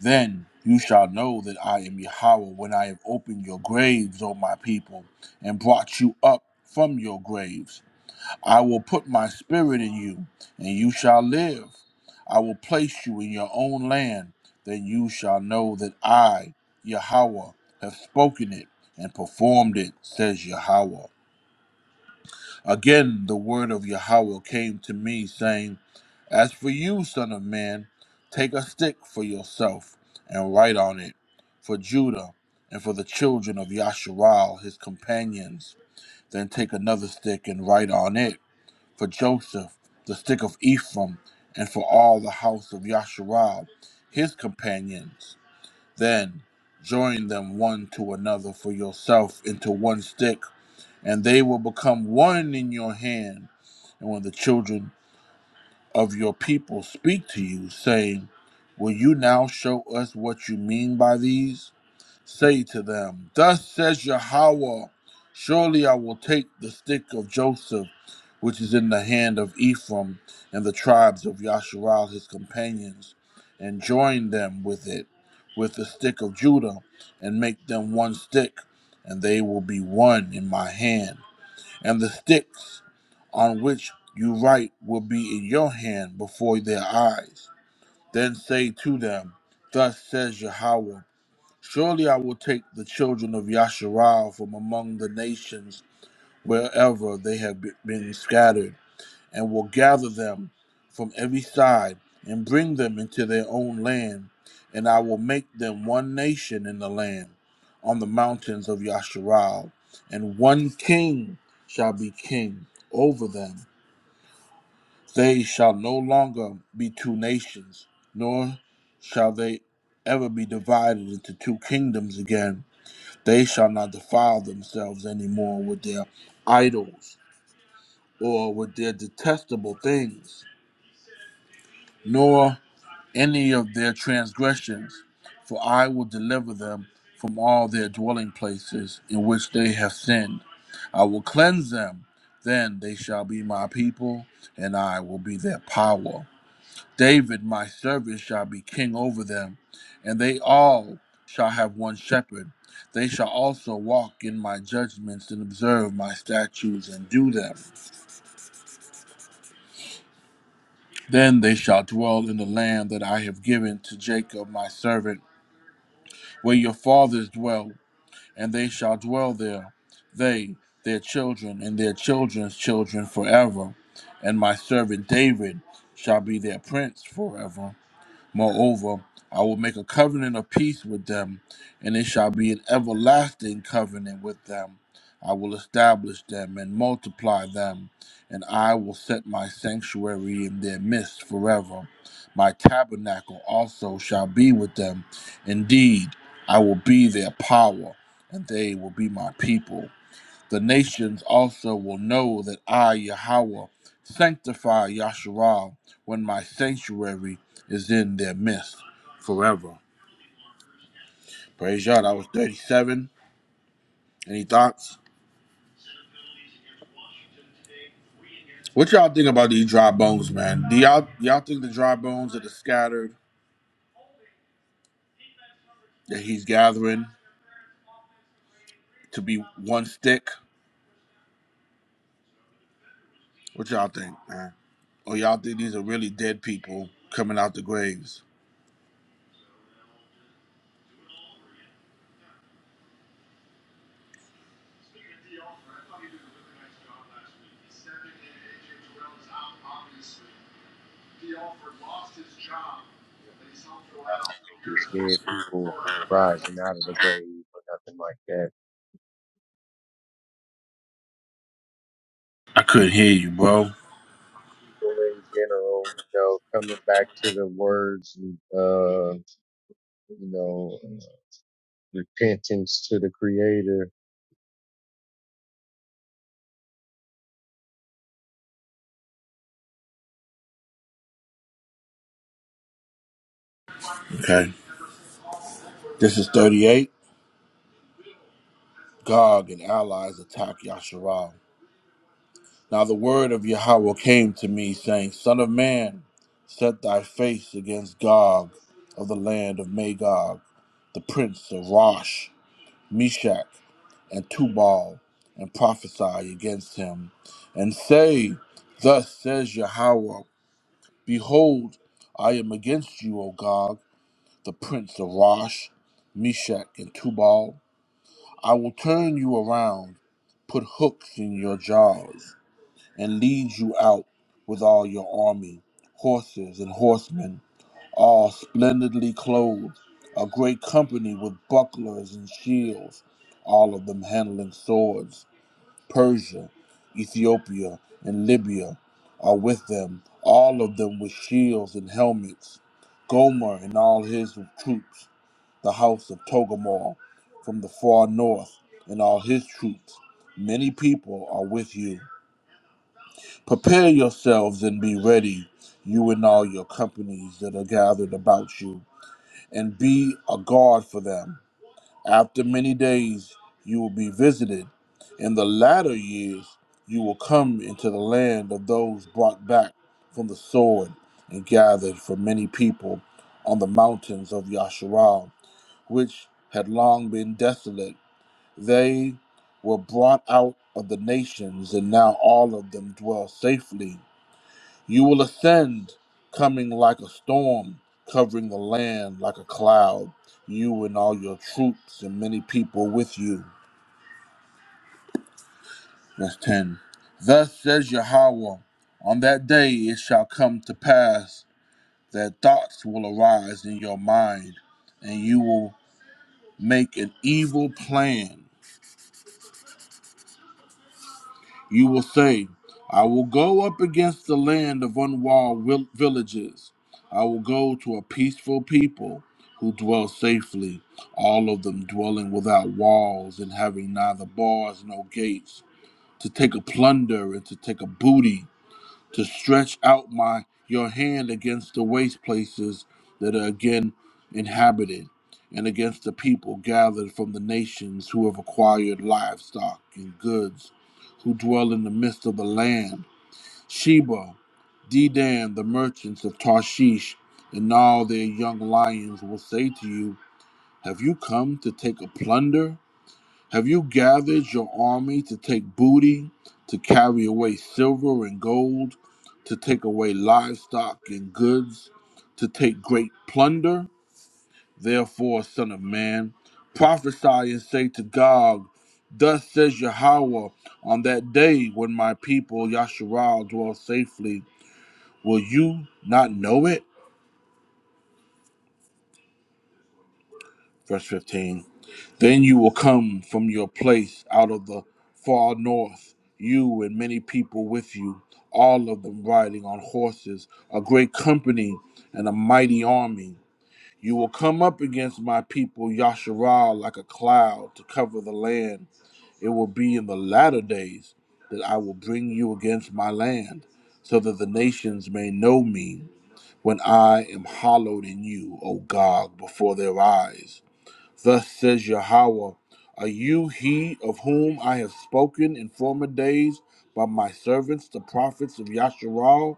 A: Then you shall know that I am Yahweh when I have opened your graves, O my people, and brought you up from your graves I will put my spirit in you, and you shall live. I will place you in your own land, then you shall know that I, Yahweh, have spoken it and performed it, says Yahweh. Again, the word of Yahweh came to me, saying, As for you, son of man, take a stick for yourself and write on it, for Judah and for the children of Yasharal, his companions. Then take another stick and write on it for Joseph, the stick of Ephraim, and for all the house of Yasharal, his companions. Then join them one to another for yourself into one stick, and they will become one in your hand. And when the children of your people speak to you, saying, Will you now show us what you mean by these? Say to them, Thus says Yahweh, surely I will take the stick of Joseph, which is in the hand of Ephraim and the tribes of Yasharal his companions, and join them with it, with the stick of Judah, and make them one stick, and they will be one in my hand. And the sticks on which you write will be in your hand before their eyes. Then say to them, Thus says Yahweh. Surely I will take the children of Yasharal from among the nations wherever they have be- been scattered, and will gather them from every side and bring them into their own land, and I will make them one nation in the land on the mountains of Yasharal, and one king shall be king over them. They shall no longer be two nations, nor shall they ever be divided into two kingdoms again they shall not defile themselves any more with their idols or with their detestable things, nor any of their transgressions, for I will deliver them from all their dwelling places in which they have sinned. I will cleanse them, then they shall be my people, and I will be their power. David, my servant, shall be king over them, and they all shall have one shepherd. They shall also walk in my judgments and observe my statutes and do them. Then they shall dwell in the land that I have given to Jacob, my servant, where your fathers dwelt, and they shall dwell there, they, their children, and their children's children forever. And my servant David shall be their prince forever. Moreover, I will make a covenant of peace with them, and it shall be an everlasting covenant with them. I will establish them and multiply them, and I will set my sanctuary in their midst forever. My tabernacle also shall be with them. Indeed, I will be their power, and they will be my people. The nations also will know that I, Yahweh, sanctify Yahshua when my sanctuary is in their midst forever. Praise y'all. That was 37. Any thoughts? What y'all think about these dry bones, man? Do y'all y'all think the dry bones that are scattered that he's gathering to be one stick? What y'all think, man? Or y'all think these are really dead people coming out the graves?
I: It's dead people rising out of the grave or nothing like that.
A: I couldn't hear you, bro.
I: People in general, you know, coming back to the words and uh, you know, uh, repentance to the Creator.
A: Okay. This is 38. Gog and allies attack Yasharal. Now the word of Yahweh came to me, saying, Son of man, set thy face against Gog of the land of Magog, the prince of Rosh, Meshach, and Tubal, and prophesy against him, and say, Thus says Yahweh, Behold, I am against you, O Gog, the prince of Rosh, Meshach, and Tubal, I will turn you around, put hooks in your jaws, and lead you out with all your army, horses and horsemen, all splendidly clothed, a great company with bucklers and shields, all of them handling swords. Persia, Ethiopia, and Libya are with them, all of them with shields and helmets. Gomer and all his troops the house of Togarmah, from the far north, and all his troops. Many people are with you. Prepare yourselves and be ready, you and all your companies that are gathered about you, and be a guard for them. After many days, you will be visited. In the latter years, you will come into the land of those brought back from the sword and gathered from many people on the mountains of Yasharal which had long been desolate. They were brought out of the nations, and now all of them dwell safely. You will ascend, coming like a storm, covering the land like a cloud, you and all your troops and many people with you. Verse 10 Thus says Yahweh, on that day it shall come to pass that thoughts will arise in your mind, and you will make an evil plan You will say, I will go up against the land of unwalled vil- villages. I will go to a peaceful people who dwell safely, all of them dwelling without walls and having neither bars nor gates, to take a plunder and to take a booty to stretch out my your hand against the waste places that are again inhabited and against the people gathered from the nations who have acquired livestock and goods who dwell in the midst of the land sheba dedan the merchants of tarshish and all their young lions will say to you have you come to take a plunder have you gathered your army to take booty, to carry away silver and gold, to take away livestock and goods, to take great plunder? Therefore, Son of Man, prophesy and say to Gog, Thus says Yahweh, on that day when my people Yasharal dwell safely, will you not know it? Verse 15. Then you will come from your place out of the far north, you and many people with you, all of them riding on horses, a great company and a mighty army. You will come up against my people Yasharal like a cloud to cover the land. It will be in the latter days that I will bring you against my land, so that the nations may know me when I am hallowed in you, O God, before their eyes. Thus says Yahweh, Are you he of whom I have spoken in former days by my servants, the prophets of Yasharal,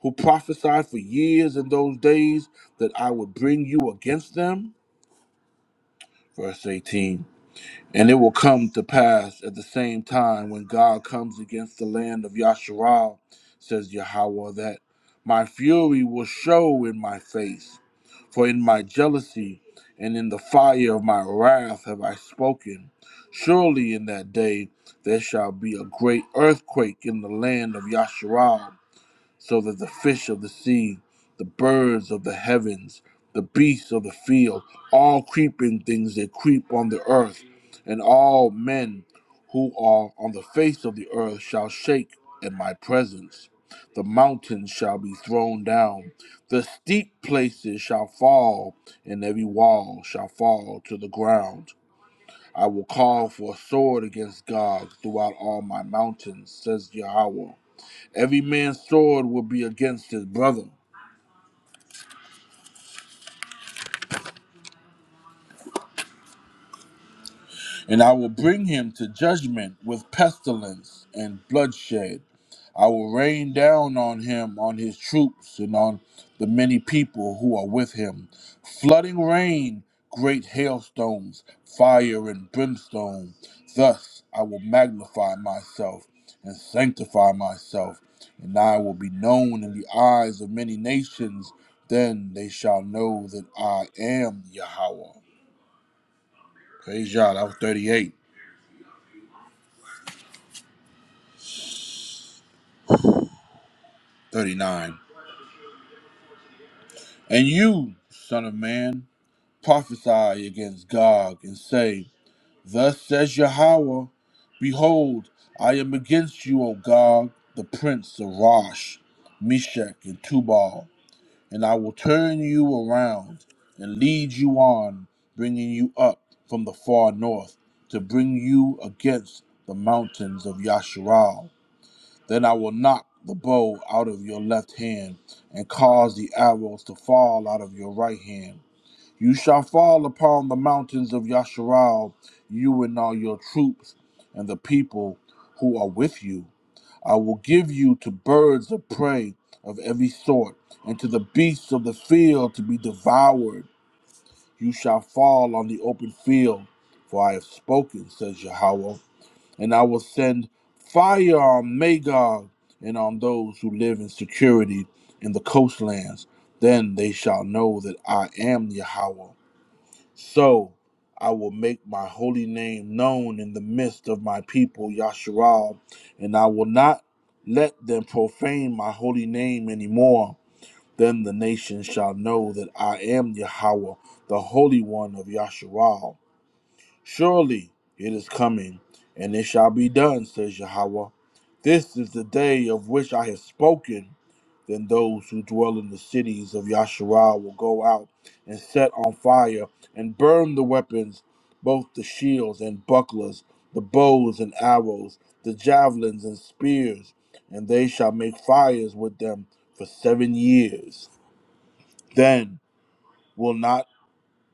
A: who prophesied for years in those days that I would bring you against them? Verse 18. And it will come to pass at the same time when God comes against the land of Yasharal, says Yahweh, that my fury will show in my face for in my jealousy and in the fire of my wrath have I spoken. Surely in that day there shall be a great earthquake in the land of Yasharal so that the fish of the sea, the birds of the heavens, the beasts of the field, all creeping things that creep on the earth, and all men who are on the face of the earth shall shake at my presence. The mountains shall be thrown down, the steep places shall fall, and every wall shall fall to the ground. I will call for a sword against God throughout all my mountains, says Yahweh. Every man's sword will be against his brother, And I will bring him to judgment with pestilence and bloodshed. I will rain down on him, on his troops, and on the many people who are with him. Flooding rain, great hailstones, fire, and brimstone. Thus I will magnify myself and sanctify myself, and I will be known in the eyes of many nations. Then they shall know that I am Yahweh. Praise God. I was 38. 39. And you, son of man, prophesy against Gog and say, Thus says Yahweh, Behold, I am against you, O Gog, the prince of Rosh, Meshach, and Tubal, and I will turn you around and lead you on, bringing you up from the far north to bring you against the mountains of Yasharal Then I will knock the bow out of your left hand and cause the arrows to fall out of your right hand. You shall fall upon the mountains of Yasharal, you and all your troops and the people who are with you. I will give you to birds of prey of every sort and to the beasts of the field to be devoured. You shall fall on the open field, for I have spoken, says Yahweh and I will send fire on Magog and on those who live in security in the coastlands. Then they shall know that I am Yahweh. So I will make my holy name known in the midst of my people, Yasharal, and I will not let them profane my holy name anymore. Then the nations shall know that I am Yahweh, the Holy One of Yasharal. Surely it is coming, and it shall be done, says Yahweh. This is the day of which I have spoken. Then those who dwell in the cities of Yasharal will go out and set on fire and burn the weapons, both the shields and bucklers, the bows and arrows, the javelins and spears, and they shall make fires with them for seven years. Then will not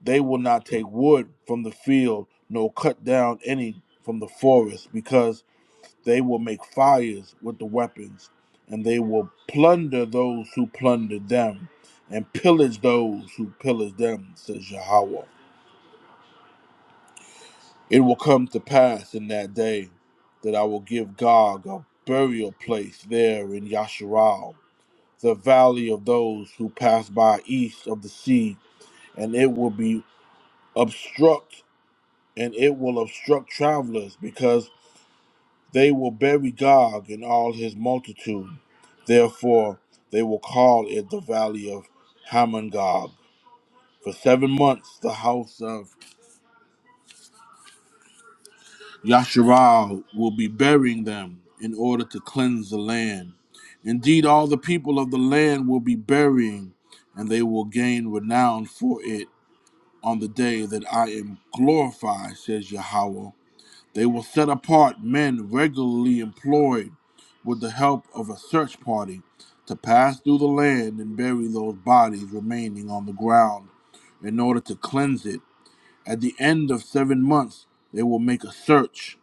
A: they will not take wood from the field, nor cut down any from the forest, because they will make fires with the weapons, and they will plunder those who plundered them, and pillage those who pillage them, says Yahweh. It will come to pass in that day that I will give Gog a burial place there in Yasharal, the valley of those who pass by east of the sea, and it will be obstruct and it will obstruct travelers, because they will bury Gog and all his multitude. Therefore, they will call it the valley of Hamon Gog. For seven months, the house of Yasharal will be burying them in order to cleanse the land. Indeed, all the people of the land will be burying, and they will gain renown for it on the day that I am glorified, says Yahweh. They will set apart men regularly employed with the help of a search party to pass through the land and bury those bodies remaining on the ground in order to cleanse it. At the end of seven months, they will make a search.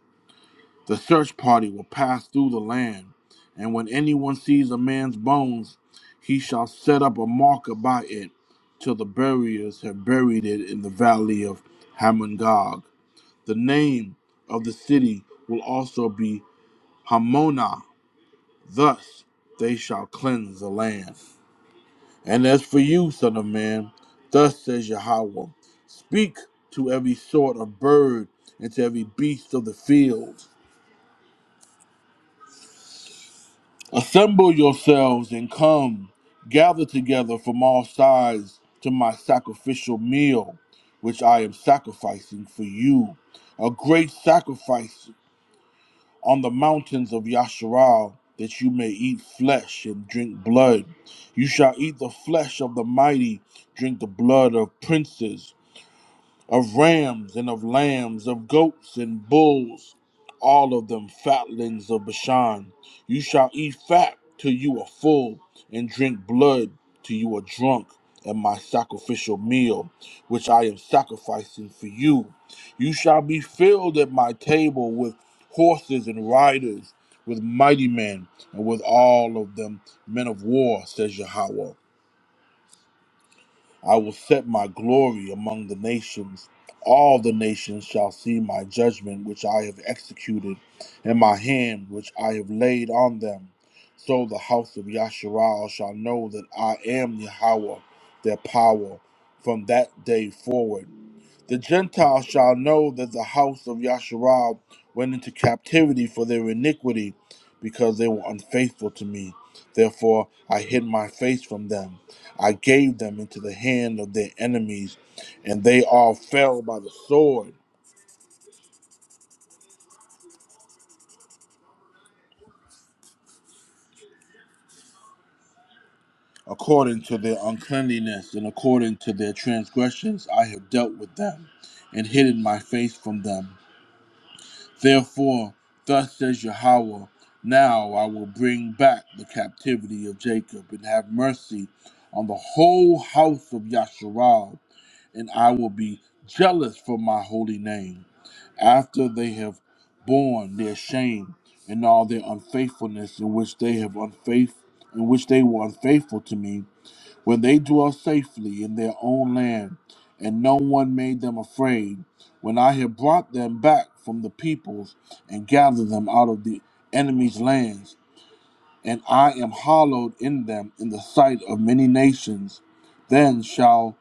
A: The search party will pass through the land, and when anyone sees a man's bones, he shall set up a marker by it till the buriers have buried it in the valley of Hamongog. The name of the city will also be Hamona. Thus they shall cleanse the land. And as for you, son of man, thus says Yahweh, speak to every sort of bird and to every beast of the field. Assemble yourselves and come, gather together from all sides to my sacrificial meal, which I am sacrificing for you. A great sacrifice on the mountains of Yasharal, that you may eat flesh and drink blood. You shall eat the flesh of the mighty, drink the blood of princes of rams and of lambs, of goats and bulls, all of them fatlings of Bashan. You shall eat fat till you are full, and drink blood till you are drunk. at my sacrificial meal, which I am sacrificing for you. You shall be filled at my table with horses and riders, with mighty men, and with all of them men of war, says Yahweh. I will set my glory among the nations. All the nations shall see my judgment, which I have executed, and my hand, which I have laid on them. So the house of Yasharal shall know that I am Yahweh, their power, from that day forward. The Gentiles shall know that the house of Yasharal went into captivity for their iniquity, because they were unfaithful to me. Therefore I hid my face from them. I gave them into the hand of their enemies, and they all fell by the sword. According to their uncleanliness and according to their transgressions, I have dealt with them and hidden my face from them. Therefore, thus says Yahweh, now I will bring back the captivity of Jacob and have mercy on the whole house of Yasharal, and I will be jealous for my holy name. After they have borne their shame and all their unfaithfulness in which they have unfaith in which they were unfaithful to me, when they dwell safely in their own land, and no one made them afraid, when I have brought them back from the peoples and gathered them out of the enemy's lands, and I am hallowed in them in the sight of many nations, then shall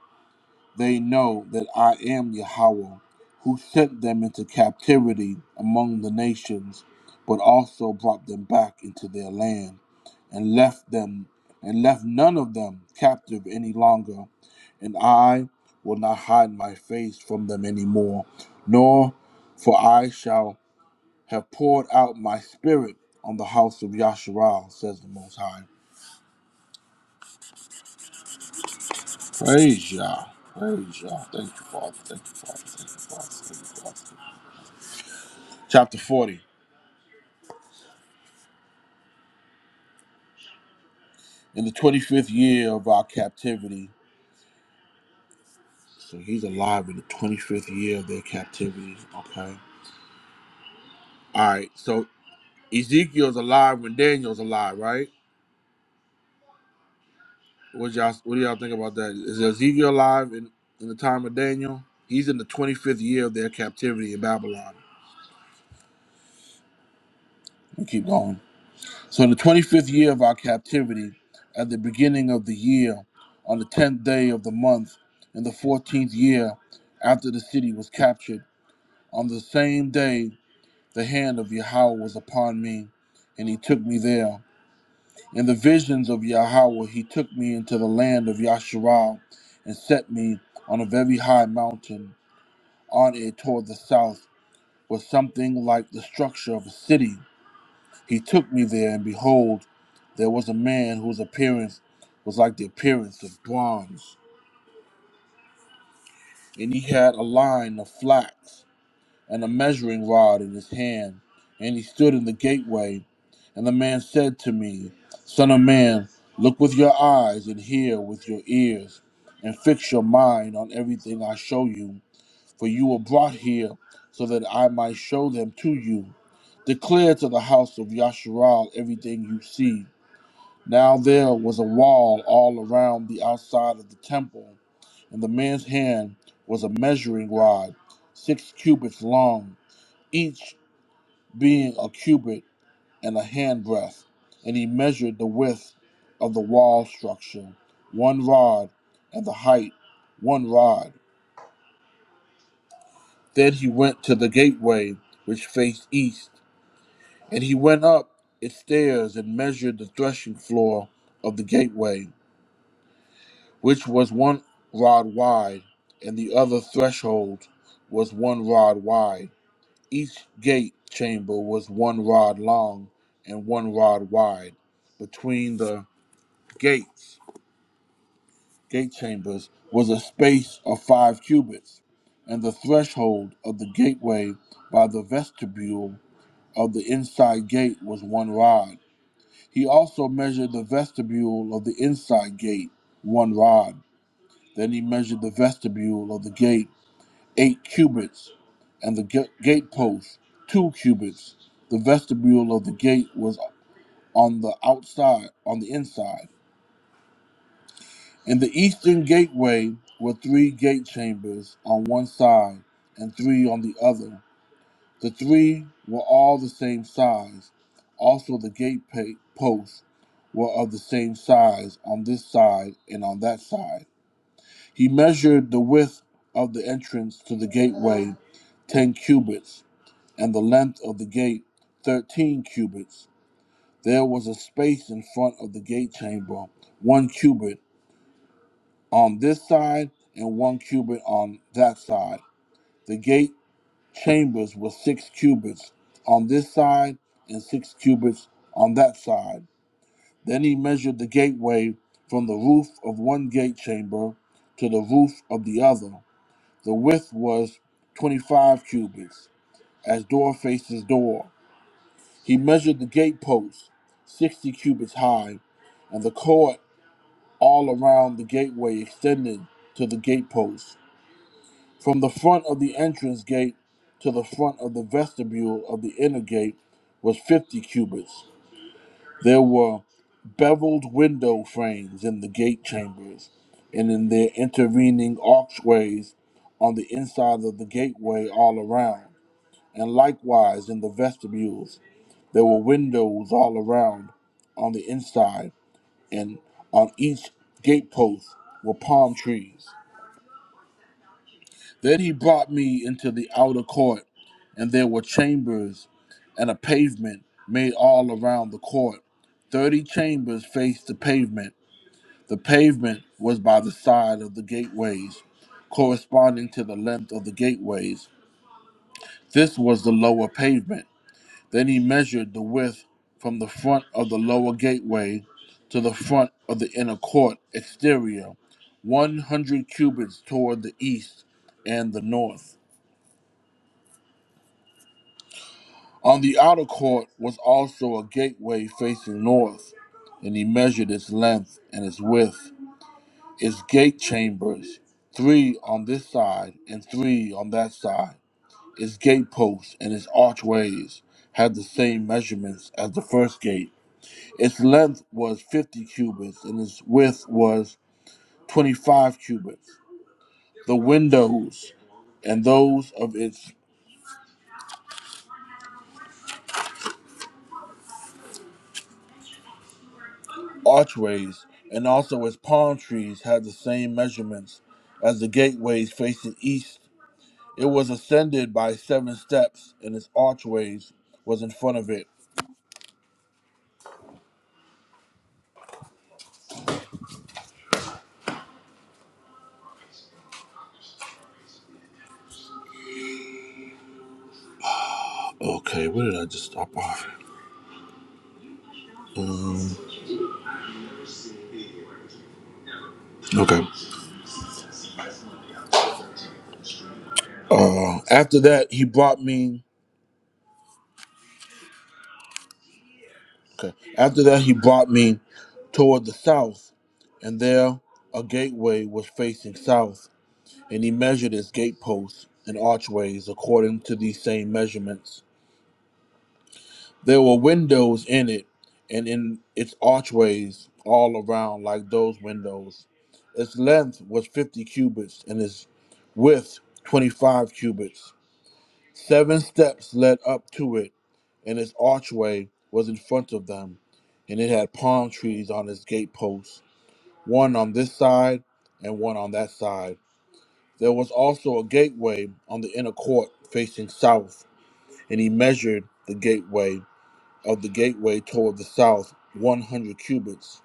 A: they know that I am Yahweh, who sent them into captivity among the nations, but also brought them back into their land, and left them and left none of them captive any longer. And I will not hide my face from them any more, nor for I shall have poured out my spirit on the house of Yasharal, says the Most High. Praise Yah. Praise Yah. Thank you, Father. Thank you, Father. Thank you, Father. Thank you, Father. chapter 40. In the 25th year of our captivity, so he's alive in the 25th year of their captivity. Okay. All right. So Ezekiel's alive when Daniel's alive, right? What y'all what do y'all think about that? Is Ezekiel alive in, in the time of Daniel? He's in the 25th year of their captivity in Babylon. We keep going. So in the 25th year of our captivity, at the beginning of the year, on the 10th day of the month, in the 14th year after the city was captured, On the same day, the hand of Yahweh was upon me, and he took me there. In the visions of Yahweh, he took me into the land of Yasharal, and set me on a very high mountain. On it toward the south was something like the structure of a city. He took me there, and behold, there was a man whose appearance was like the appearance of bronze, and he had a line of flax. and a measuring rod in his hand, and he stood in the gateway. And the man said to me, Son of man, look with your eyes and hear with your ears, and fix your mind on everything I show you, for you were brought here so that I might show them to you. Declare to the house of Yasharal everything you see. Now there was a wall all around the outside of the temple, and the man's hand was a measuring rod, six cubits long each being a cubit and a handbreadth. And he measured the width of the wall structure, one rod, and the height, one rod. Then he went to the gateway which faced east, and he went up its stairs and measured the threshing floor of the gateway, which was one rod wide, and the other threshold was one rod wide. Each gate chamber was one rod long and one rod wide. Between the gates, gate chambers, was a space of five cubits, and the threshold of the gateway by the vestibule of the inside gate was one rod. He also measured the vestibule of the inside gate, one rod. Then he measured the vestibule of the gate eight cubits, and the ga- gatepost two cubits. The vestibule of the gate was on the outside, on the inside. In the eastern gateway were three gate chambers on one side and three on the other. The three were all the same size. Also, the gate pa- posts were of the same size on this side and on that side. He measured the width of the entrance to the gateway, ten cubits and the length of the gate thirteen cubits. There was a space in front of the gate chamber, one cubit on this side and one cubit on that side. The gate chambers were six cubits on this side and six cubits on that side. Then he measured the gateway from the roof of one gate chamber to the roof of the other. The width was twenty five cubits, as door faces door He measured the gateposts sixty cubits high, and the court all around the gateway extended to the gateposts. From the front of the entrance gate to the front of the vestibule of the inner gate was fifty cubits. There were beveled window frames in the gate chambers, and in their intervening archways on the inside of the gateway all around, and likewise in the vestibules. There were windows all around on the inside, and on each gatepost were palm trees. Then he brought me into the outer court, and there were chambers and a pavement made all around the court. Thirty chambers faced the pavement. The pavement was by the side of the gateways, corresponding to the length of the gateways. This was the lower pavement. Then he measured the width from the front of the lower gateway to the front of the inner court exterior, 100 cubits toward the east and the north. On the outer court was also a gateway facing north, and he measured its length and its width, its gate chambers, three on this side and three on that side. Its gateposts and its archways had the same measurements as the first gate. Its length was 50 cubits, and its width was 25 cubits. The windows and those of its archways and also its palm trees had the same measurements as the gateways facing east. It was ascended by seven steps, and its archways was in front of it. Okay, where did I just stop off? Um, okay. Uh, after that, he brought me. Okay. After that, he brought me toward the south, and there a gateway was facing south. And he measured its gateposts and archways according to these same measurements. There were windows in it, and in its archways all around, like those windows. Its length was fifty cubits, and its width twenty-five cubits. Seven steps led up to it, and its archway was in front of them, and it had palm trees on its gateposts, one on this side and one on that side. There was also a gateway on the inner court facing south, and he measured the gateway of the gateway toward the south 100 cubits.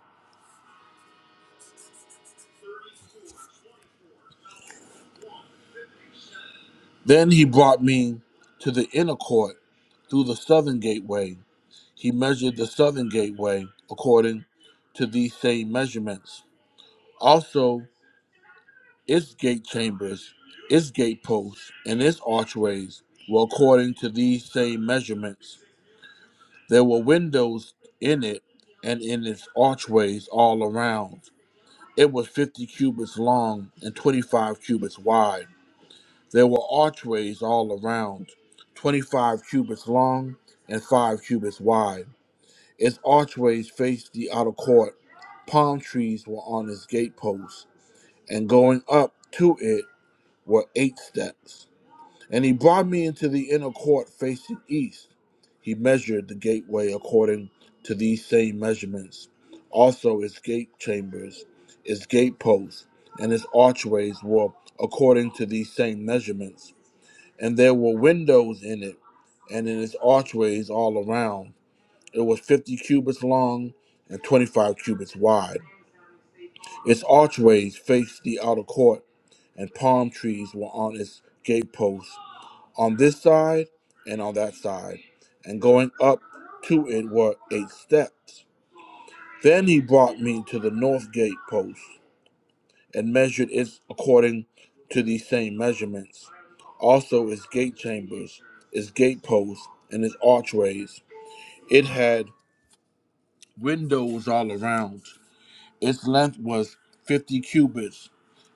A: Then he brought me to the inner court through the southern gateway. He measured the southern gateway according to these same measurements Also, its gate chambers, its gate posts, and its archways were according to these same measurements. There were windows in it and in its archways all around. It was fifty cubits long and twenty five cubits wide. There were archways all around, twenty five cubits long and five cubits wide. Its archways faced the outer court. Palm trees were on its gateposts, and going up to it were eight steps. And he brought me into the inner court facing east. He measured the gateway according to these same measurements, also its gate chambers, its gateposts, and its archways were according to these same measurements. And there were windows in it, and in its archways all around. It was fifty cubits long and twenty-five cubits wide. Its archways faced the outer court, and palm trees were on its gateposts on this side and on that side, and going up to it were eight steps. Then he brought me to the north gate post and measured it according to these same measurements. Also its gate chambers, its gate posts, and its archways. It had windows all around. Its length was fifty cubits,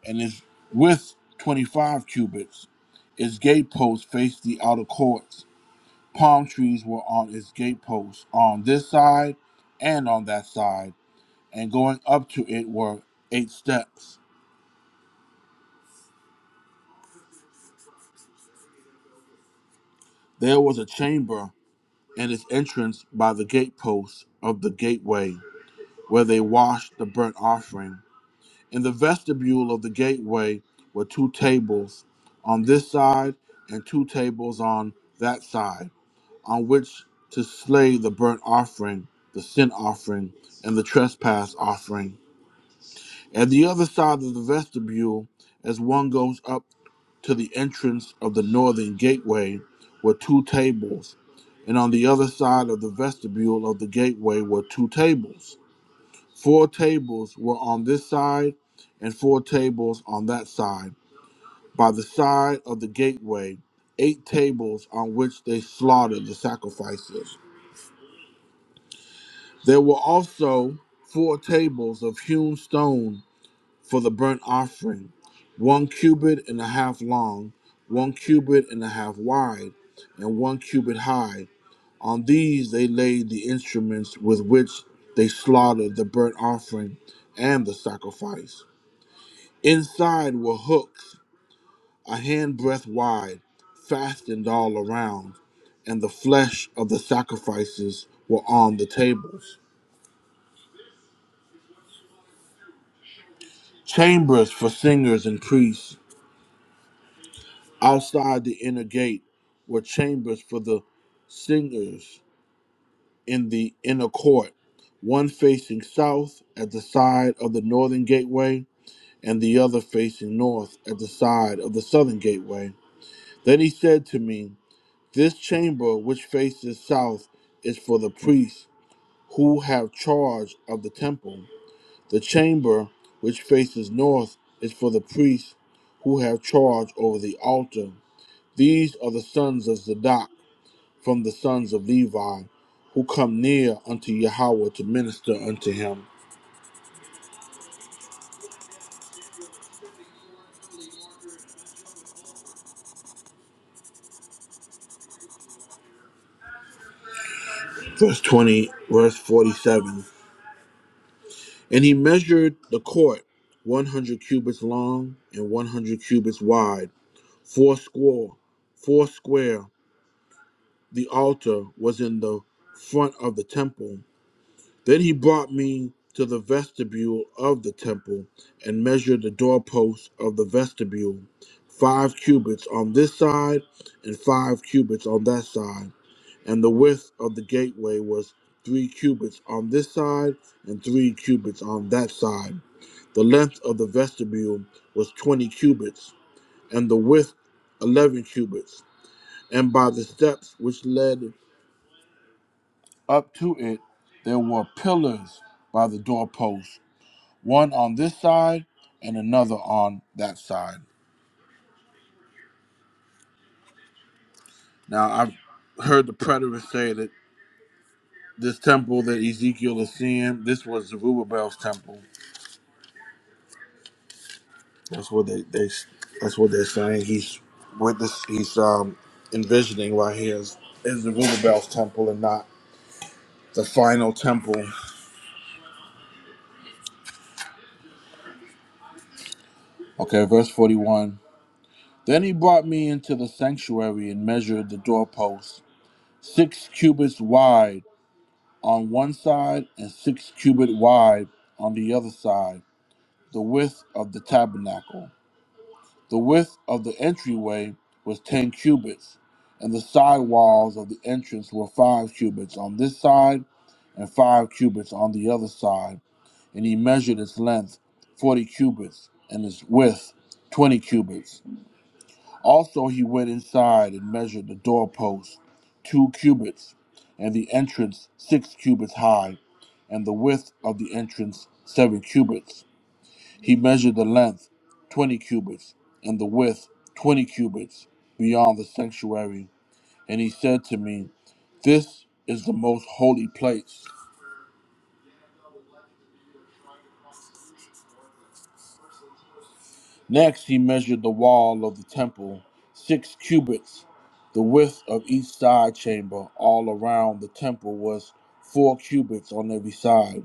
A: and its width twenty-five cubits. Its gate posts faced the outer courts palm trees were on its gateposts on this side and on that side, and going up to it were eight steps. There was a chamber and its entrance by the gateposts of the gateway, where they washed the burnt offering. In the vestibule of the gateway were two tables on this side and two tables on that side, on which to slay the burnt offering, the sin offering, and the trespass offering. At the other side of the vestibule, as one goes up to the entrance of the northern gateway, were two tables, and on the other side of the vestibule of the gateway were two tables. Four tables were on this side, and four tables on that side. By the side of the gateway, eight tables on which they slaughtered the sacrifices. There were also four tables of hewn stone for the burnt offering, one cubit and a half long, one cubit and a half wide, and one cubit high. On these they laid the instruments with which they slaughtered the burnt offering and the sacrifice. Inside were hooks a handbreadth wide, fastened all around, and the flesh of the sacrifices were on the tables. Chambers for singers and priests Outside the inner gate were chambers for the singers in the inner court, one facing south at the side of the northern gateway, and the other facing north at the side of the southern gateway. Then he said to me, This chamber which faces south is for the priests who have charge of the temple. The chamber which faces north is for the priests who have charge over the altar. These are the sons of Zadok from the sons of Levi who come near unto Yahweh to minister unto him. Verse 20, verse 47. And he measured the court 100 cubits long and 100 cubits wide, four square, four square. The altar was in the front of the temple, Then he brought me to the vestibule of the temple and measured the doorposts of the vestibule, five cubits on this side and five cubits on that side. And the width of the gateway was three cubits on this side and three cubits on that side. The length of the vestibule was twenty cubits, and the width eleven cubits. And by the steps which led up to it, there were pillars by the doorposts one on this side and another on that side. Now, I've heard the preterists say that this temple that Ezekiel is seeing, this was Zerubbabel's temple. That's what they, they that's what they're saying. He's witness. He's um, envisioning right here is, is Zerubbabel's temple and not the final temple. Okay, verse forty-one. Then he brought me into the sanctuary and measured the doorposts, six cubits wide on one side and six cubits wide on the other side, the width of the tabernacle. The width of the entryway was ten cubits, and the side walls of the entrance were five cubits on this side and five cubits on the other side. And he measured its length, forty cubits, and its width, twenty cubits. Also, he went inside and measured the doorpost two cubits, and the entrance six cubits high, and the width of the entrance seven cubits. He measured the length twenty cubits, and the width twenty cubits beyond the sanctuary. And he said to me, This is the most holy place. Next, he measured the wall of the temple, six cubits. The width of each side chamber all around the temple was four cubits on every side.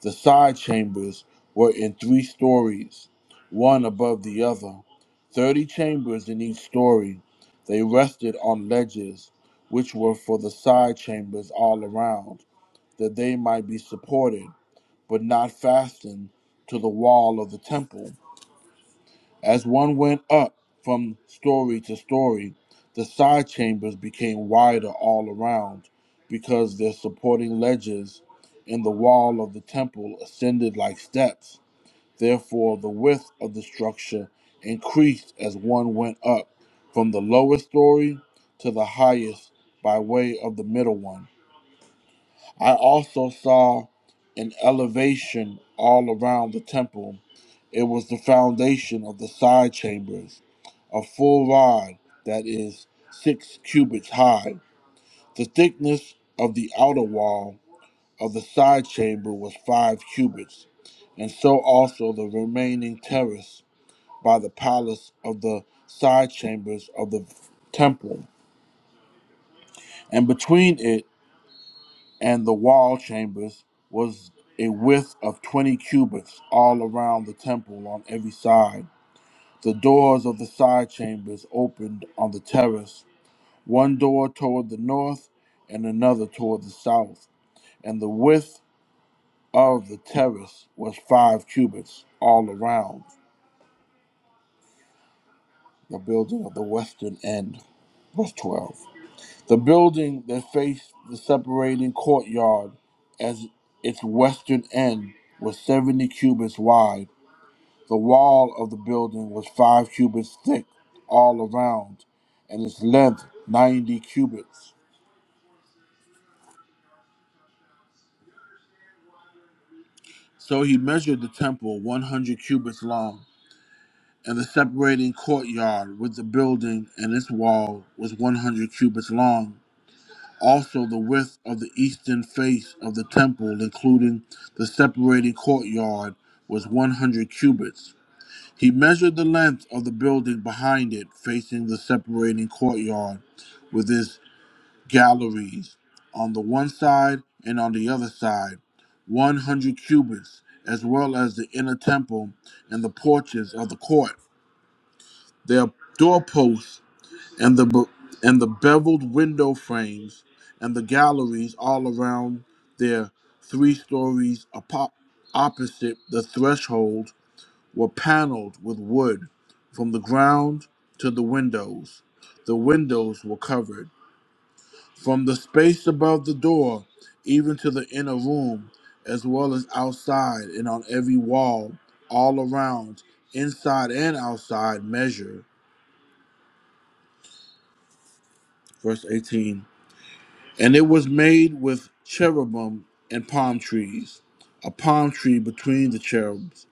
A: The side chambers were in three stories, one above the other, thirty chambers in each story. They rested on ledges, which were for the side chambers all around, that they might be supported, but not fastened to the wall of the temple. As one went up from story to story, the side chambers became wider all around because their supporting ledges in the wall of the temple ascended like steps. Therefore, the width of the structure increased as one went up from the lowest story to the highest by way of the middle one. I also saw an elevation all around the temple. It was the foundation of the side chambers, a full rod that is six cubits high. The thickness of the outer wall of the side chamber was five cubits, and so also the remaining terrace by the palace of the side chambers of the temple, and between it and the wall chambers was a width of 20 cubits all around the temple on every side. The doors of the side chambers opened on the terrace, one door toward the north and another toward the south, and the width of the terrace was five cubits all around the building of the western end. Verse 12. The building that faced the separating courtyard as its western end was 70 cubits wide. The wall of the building was 5 cubits thick all around, and its length 90 cubits. So he measured the temple 100 cubits long, and the separating courtyard with the building and its wall was 100 cubits long. also the width of the eastern face of the temple, including the separating courtyard, was 100 cubits. He measured the length of the building behind it, facing the separating courtyard, with its galleries on the one side and on the other side, 100 cubits, as well as the inner temple and the porches of the court. Their doorposts and the be- and the beveled window frames and the galleries all around their three stories apo- opposite the threshold were paneled with wood from the ground to the windows the windows were covered from the space above the door even to the inner room as well as outside and on every wall all around inside and outside measure verse 18 And it was made with cherubim and palm trees, a palm tree between the cherubs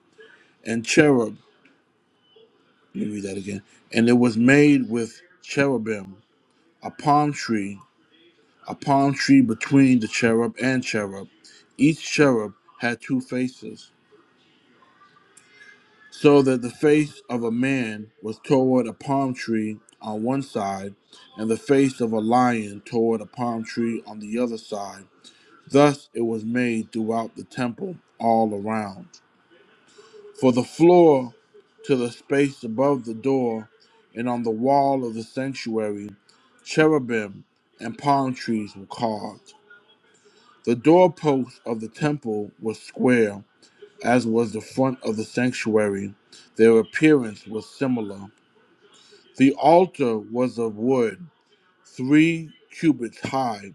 A: and cherub. Let me read that again. And it was made with cherubim, a palm tree, a palm tree between the cherub and cherub. Each cherub had two faces, so that the face of a man was toward a palm tree on one side, and the face of a lion toward a palm tree on the other side. Thus it was made throughout the temple all around. For the floor to the space above the door and on the wall of the sanctuary, cherubim and palm trees were carved. The doorposts of the temple were square, as was the front of the sanctuary. Their appearance was similar. The altar was of wood, three cubits high,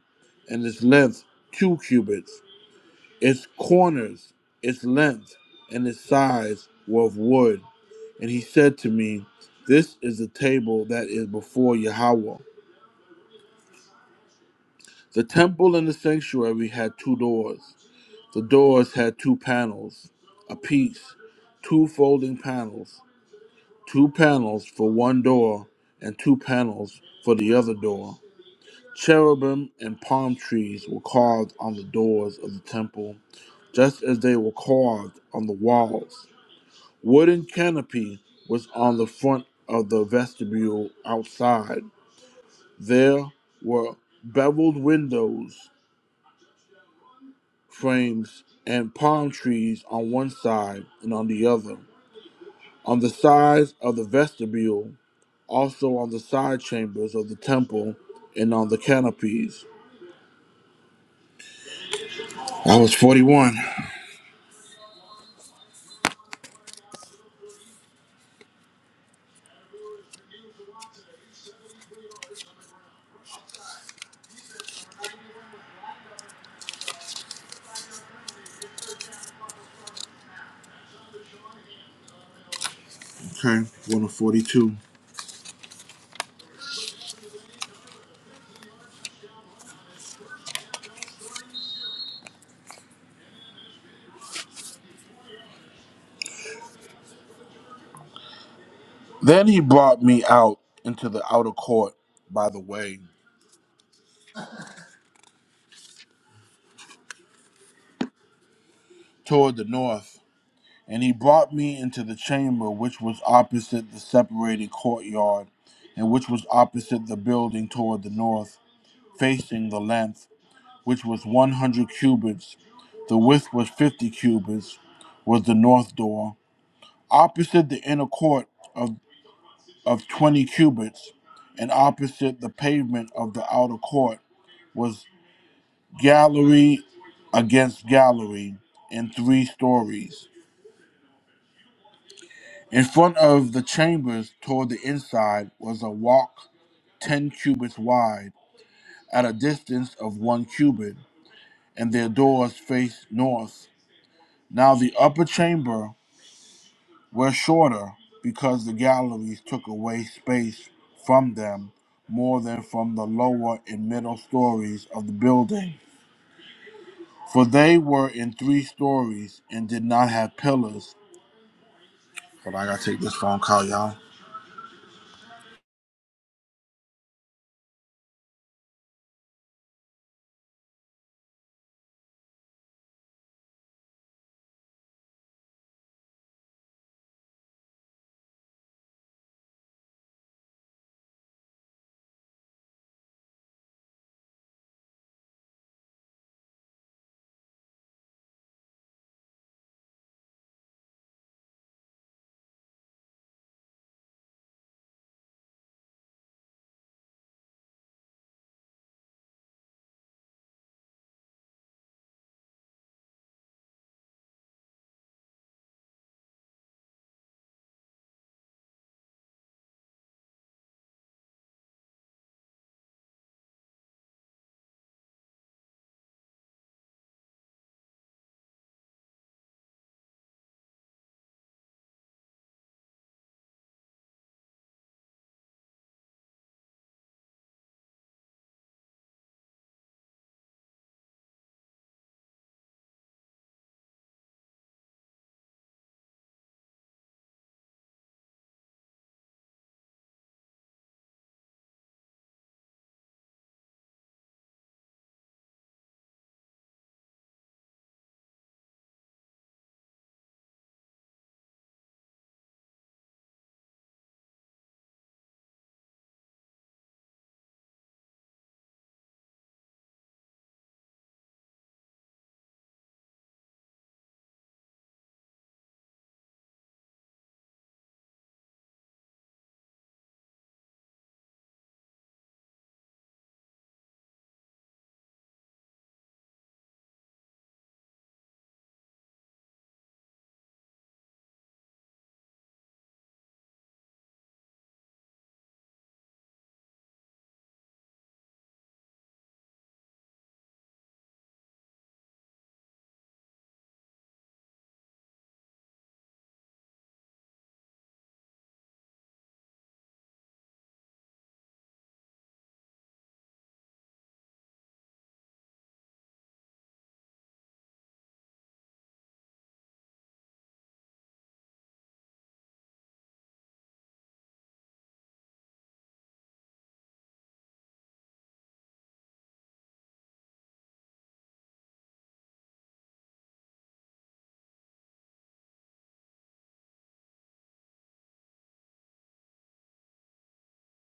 A: and its length two cubits Its corners, its length, and its size were of wood. And he said to me, This is the table that is before Yahweh. The temple and the sanctuary had two doors. The doors had two panels apiece, two folding panels, two panels for one door, and two panels for the other door. Cherubim and palm trees were carved on the doors of the temple, just as they were carved on the walls. Wooden canopy was on the front of the vestibule outside. There were beveled windows, frames, and palm trees on one side and on the other. On the sides of the vestibule, also on the side chambers of the temple, and on the canopies. I was 41. Okay, going to 42. Then he brought me out into the outer court by the way, toward the north. And he brought me into the chamber which was opposite the separated courtyard, and which was opposite the building toward the north, facing the length, which was one hundred cubits, the width was fifty cubits, was the north door, opposite the inner court of, of twenty cubits, and opposite the pavement of the outer court was gallery against gallery in three stories In front of the chambers toward the inside was a walk ten cubits wide, at a distance of one cubit, and their doors faced north. Now the upper chamber was shorter, because the galleries took away space from them more than from the lower and middle stories of the building. For they were in three stories and did not have pillars. But I gotta take this phone call, y'all.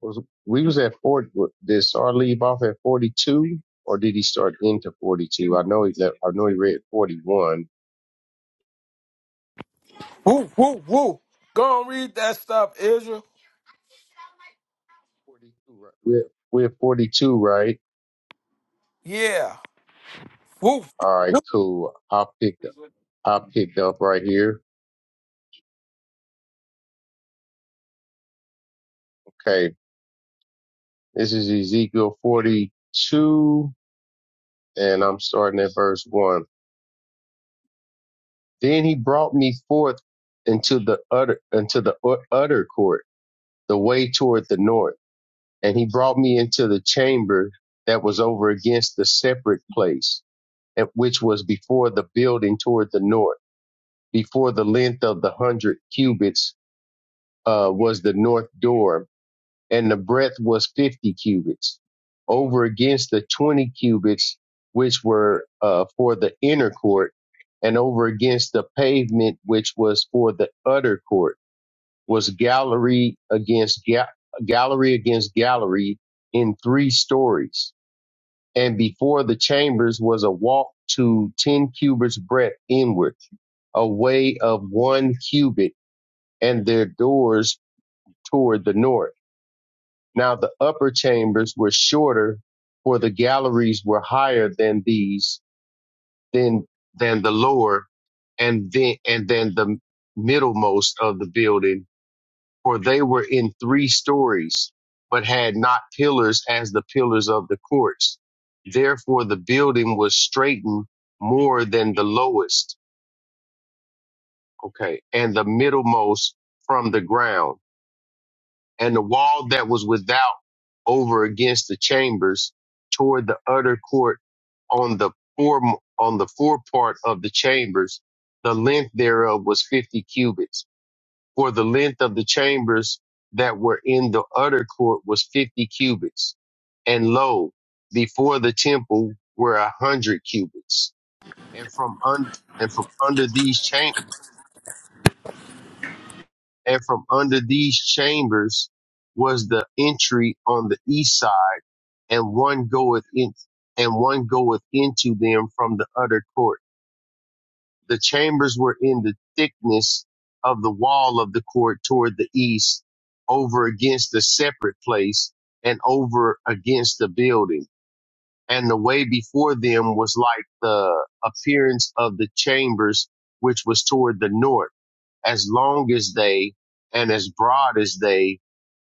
I: was we was at forty. Did Sar leave off at forty two, or did he start into forty two? I know he left. I know he read forty one.
H: Woo, woo, woo. Go and read that stuff, Israel.
I: Forty two, right? We're we're forty two, right?
H: Yeah. Woo,
I: All right,
H: woo,
I: cool. I picked up. I picked up right here. Okay, this is Ezekiel forty two, and I'm starting at verse one. Then he brought me forth into the utter into the ut- utter court, the way toward the north. and he brought me into the chamber that was over against the separate place, which was before the building toward the north, before the length of the hundred cubits uh, was the north door, and the breadth was fifty cubits, over against the twenty cubits which were uh, for the inner court, and over against the pavement which was for the utter court was gallery against ga- gallery against gallery in three stories and before the chambers was a walk to ten cubits breadth inward, a way of one cubit, and their doors toward the north. Now the upper chambers were shorter, for the galleries were higher than these, than than the lower, and then and then the middlemost of the building for they were in three stories, but had not pillars as the pillars of the courts. Therefore the building was straightened more than the lowest, okay, and the middlemost from the ground. And the wall that was without over against the chambers toward the utter court on the form on the forepart of the chambers, the length thereof was fifty cubits for the length of the chambers that were in the utter court was 50 cubits. And lo, before the temple were a hundred cubits. And from under, and from under these cham- and from under these chambers was the entry on the east side, and one goeth in, and one goeth into them from the utter court The chambers were in the thickness of the wall of the court toward the east, over against a separate place, and over against the building. And the way before them was like the appearance of the chambers, which was toward the north, as long as they and as broad as they,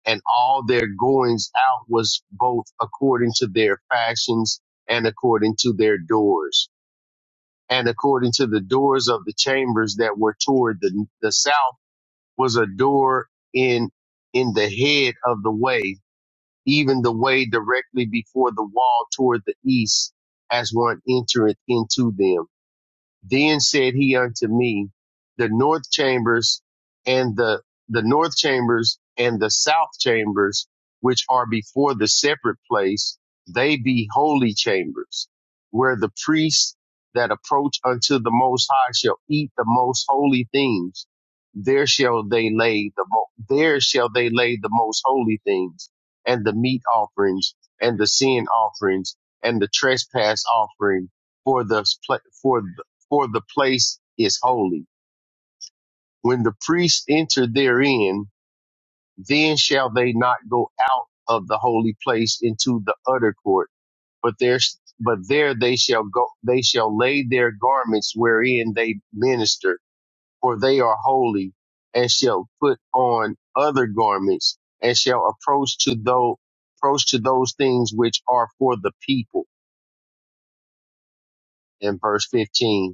I: and all their goings out was both according to their fashions and according to their doors and according to the doors of the chambers that were toward the, the south was a door in in the head of the way even the way directly before the wall toward the east as one entereth into them then said he unto me, The north chambers and the the north chambers and the south chambers, which are before the separate place, they be holy chambers, where the priests that approach unto the Most High shall eat the most holy things. There shall they lay the mo- there shall they lay the most holy things, and the meat offerings, and the sin offerings, and the trespass offering, for the pl- for for the place is holy. When the priests enter therein, then shall they not go out of the holy place into the utter court, but there, but there they shall go, they shall lay their garments wherein they minister, for they are holy, and shall put on other garments, and shall approach to those, approach to those things which are for the people. In verse 15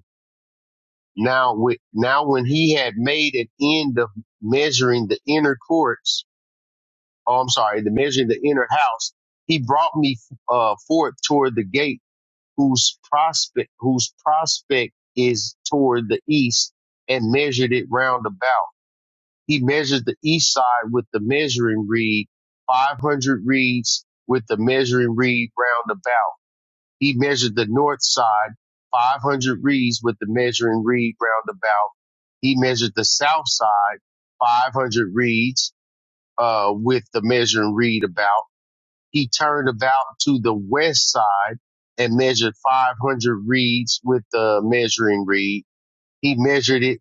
I: Now, with now when he had made an end of measuring the inner courts, oh, I'm sorry, the measuring the inner house, he brought me uh, forth toward the gate whose prospect, whose prospect is toward the east and measured it round about. He measured the east side with the measuring reed, 500 reeds with the measuring reed round about. He measured the north side 500 reeds with the measuring reed roundabout. He measured the south side 500 reeds uh, with the measuring reed about. He turned about to the west side and measured 500 reeds with the measuring reed. He measured it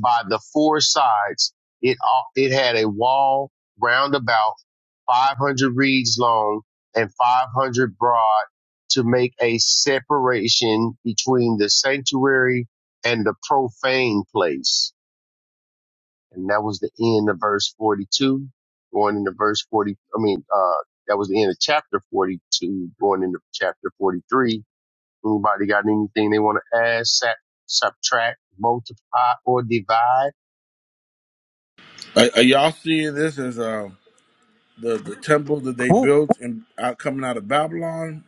I: by the four sides. It uh, it had a wall round about 500 reeds long and 500 broad to make a separation between the sanctuary and the profane place. And that was the end of verse 42, going into verse 40. I mean, uh, that was the end of chapter 42, going into chapter 43. Anybody got anything they want to add, sat, subtract, multiply, or divide?
A: Are, are y'all seeing this as a. the the temple that they
H: woo.
A: built in out coming out of Babylon,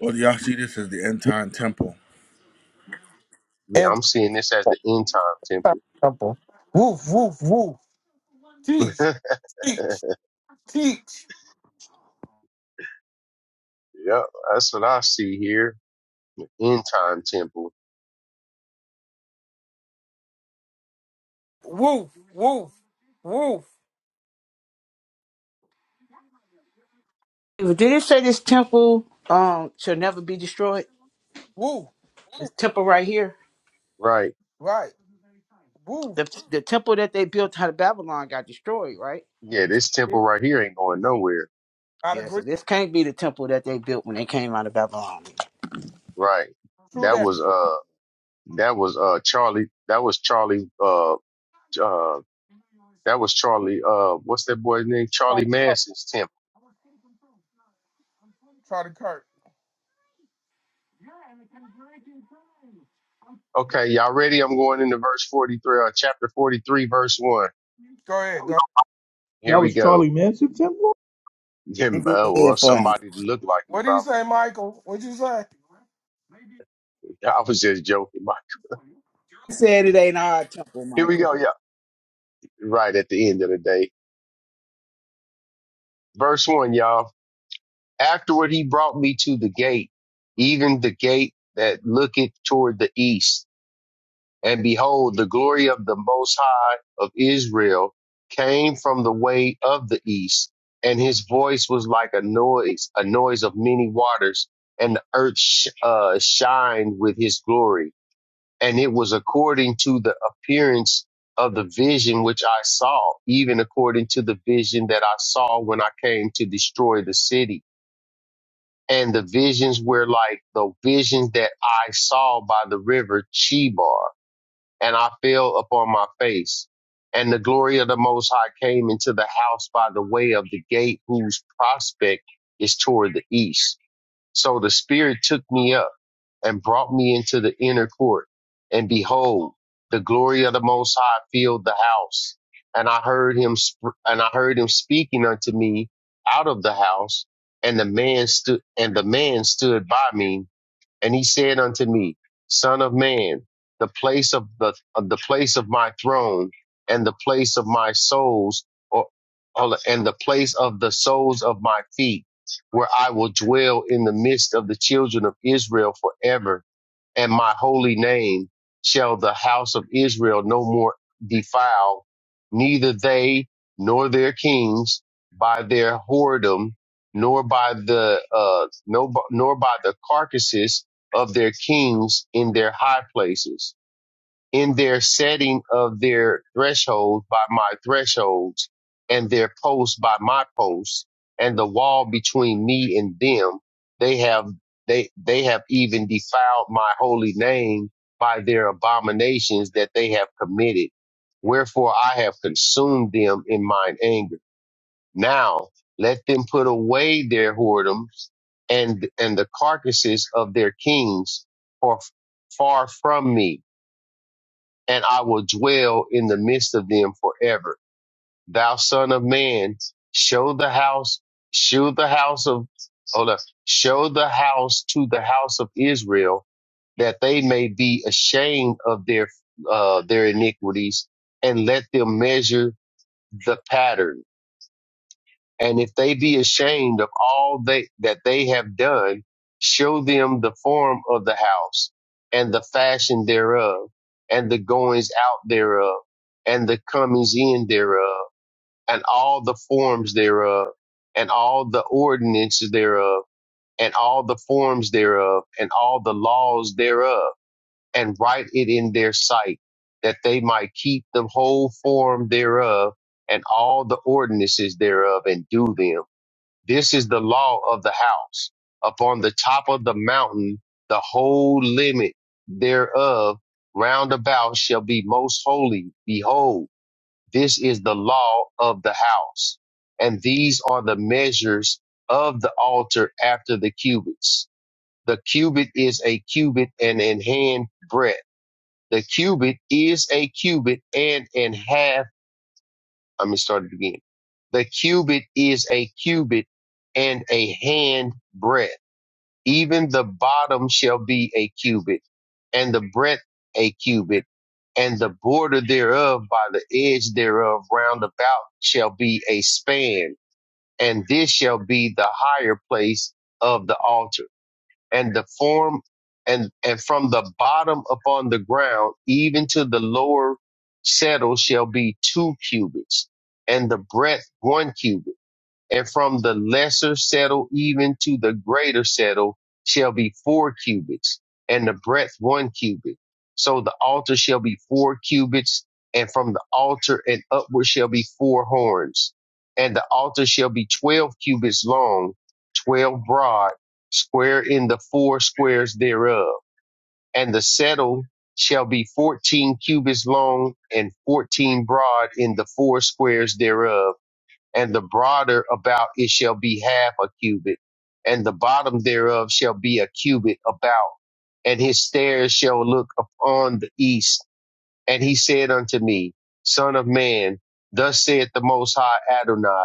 A: or do y'all see this as the end time temple?
I: Yeah, I'm seeing this as the end time
H: Simple. Woof, woof, woof. Teach,
I: temple.
H: teach, teach.
I: yep, that's what I see here. End time temple.
H: Woof, woof, woof, woof, woof.
I: Right.
H: Right. Woof.
I: Yeah, this
H: Yeah,
I: temple right here ain't going nowhere.
H: I'd agree.
I: Right.
H: True
I: That
H: that.
I: was uh that was uh Charlie that was Charlie uh uh that was Charlie uh what's that boy's name?
H: Charlie
I: Charlie
H: Kirk.
I: Manson's temple.
H: Charlie Kirk.
I: Okay, y'all ready? I'm going into verse forty three uh chapter forty three, verse one.
H: Go
F: That
H: ahead.
F: was,
H: Go.
I: Here
F: that
I: we
F: was
I: go.
F: Charlie Manson temple.
I: Him, uh, well, somebody that looked like him
H: What do you
I: probably.
H: say, Michael? What'd you say?
I: I was just joking. Mike. Here we go, y'all. right at the end of the day. Verse one, y'all. Afterward, he brought me to the gate, even the gate that looketh toward the east. And behold, the glory of the Most High of Israel came from the way of the east. And his voice was like a noise, a noise of many waters, and the earth sh- uh, shined with his glory and it was according to the appearance of the vision which I saw, even according to the vision that I saw when I came to destroy the city. And the visions were like the visions that I saw by the river Chebar, and I fell upon my face. And the glory of the Most High came into the house by the way of the gate whose prospect is toward the east. So the Spirit took me up and brought me into the inner court. And behold, the glory of the Most High filled the house. And I heard him, sp- and I heard him speaking unto me out of the house. And the man stood, and the man stood by me and he said unto me, Son of man, the place of the of the place of my throne and the place of my souls, or, or- and the place of the soles of my feet, where I will dwell in the midst of the children of Israel forever and my holy name shall the house of Israel no more defile, neither they nor their kings by their whoredom, nor by the uh, no, nor by the carcasses of their kings in their high places in their setting of their thresholds by my thresholds and their posts by my posts and the wall between me and them they have they they have even defiled my holy name by their abominations that they have committed wherefore i have consumed them in mine anger now let them put away their whoredoms and and the carcasses of their kings for far from me and I will dwell in the midst of them forever. Thou son of man, show the house, show the house of, hold up, show the house to the house of Israel that they may be ashamed of their, uh, their iniquities and let them measure the pattern and if they be ashamed of all they, that they have done, show them the form of the house and the fashion thereof and the goings out thereof and the comings in thereof and all the forms thereof and all the ordinances thereof and all the forms thereof and all the laws thereof and write it in their sight that they might keep the whole form thereof and all the ordinances thereof and do them this is the law of the house. Upon the top of the mountain, the whole limit thereof round about shall be most holy. Behold, this is the law of the house. And these are the measures of the altar after the cubits. The cubit is a cubit and an hand breadth. The cubit is a cubit and an half let me start it again. The cubit is a cubit and a hand breadth. Even the bottom shall be a cubit, and the breadth a cubit, and the border thereof by the edge thereof round about shall be a span, and this shall be the higher place of the altar and the form and and from the bottom upon the ground even to the lower settle shall be two cubits and the breadth one cubit and from the lesser settle even to the greater settle shall be four cubits, and the breadth one cubit. So the altar shall be four cubits, and from the altar and upward shall be four horns. And the altar shall be twelve cubits long, twelve broad, square in the four squares thereof. And the settle shall be fourteen cubits long and fourteen broad in the four squares thereof and the broader about it shall be half a cubit, and the bottom thereof shall be a cubit about, and his stairs shall look upon the east. And he said unto me, Son of man, thus saith the Most High Adonai.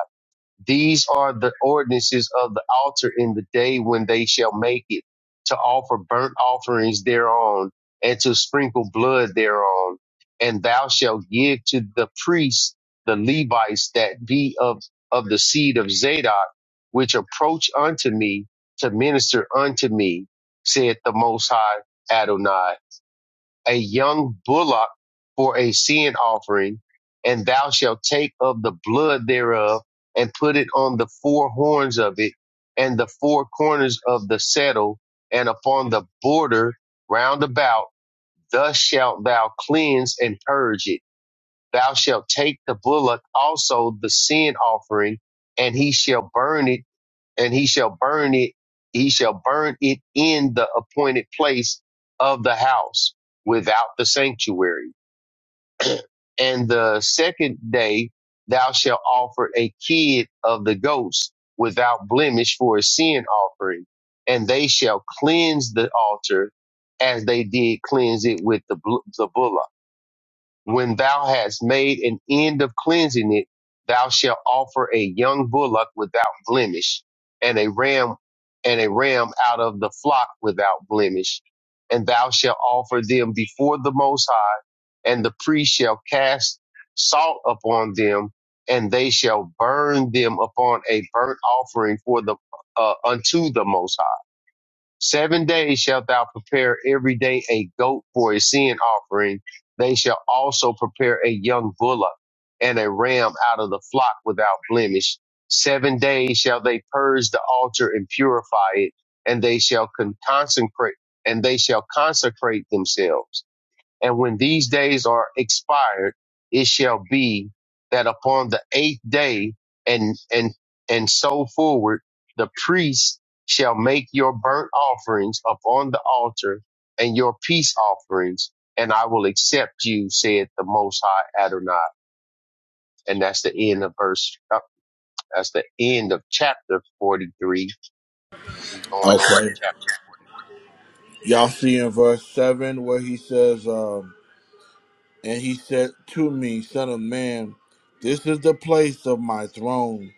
I: These are the ordinances of the altar in the day when they shall make it to offer burnt offerings thereon and to sprinkle blood thereon. And thou shalt give to the priests, the Levites that be of, of the seed of Zadok, which approach unto me to minister unto me, saith the Most High Adonai a young bullock for a sin offering, and thou shalt take of the blood thereof and put it on the four horns of it and the four corners of the settle and upon the border round about. Thus shalt thou cleanse and purge it. Thou shalt take the bullock also the sin offering, and he shall burn it and he shall burn it, he shall burn it in the appointed place of the house without the sanctuary. And the second day thou shalt offer a kid of the goats without blemish for a sin offering, and they shall cleanse the altar as they did cleanse it with the, bl- the bullock when thou hast made an end of cleansing it, thou shalt offer a young bullock without blemish, and a ram and a ram out of the flock without blemish, and thou shalt offer them before the Most High, and the priest shall cast salt upon them, and they shall burn them upon a burnt offering for the uh, unto the Most High Seven days shalt thou prepare every day a goat for a sin offering. They shall also prepare a young bullock and a ram out of the flock without blemish. Seven days shall they purge the altar and purify it, and they shall con- consecrate and they shall consecrate themselves. And when these days are expired, it shall be that upon the eighth day and, and, and so forward, the priest shall make your burnt offerings upon the altar and your peace offerings, and I will accept you, said the Most High Adonai. And that's the end of verse, uh, that's the end of chapter 43, and we going into
A: Okay.
I: chapter
A: Y'all see in verse seven where he says, um, and he said to me, Son of man, this is the place of my throne,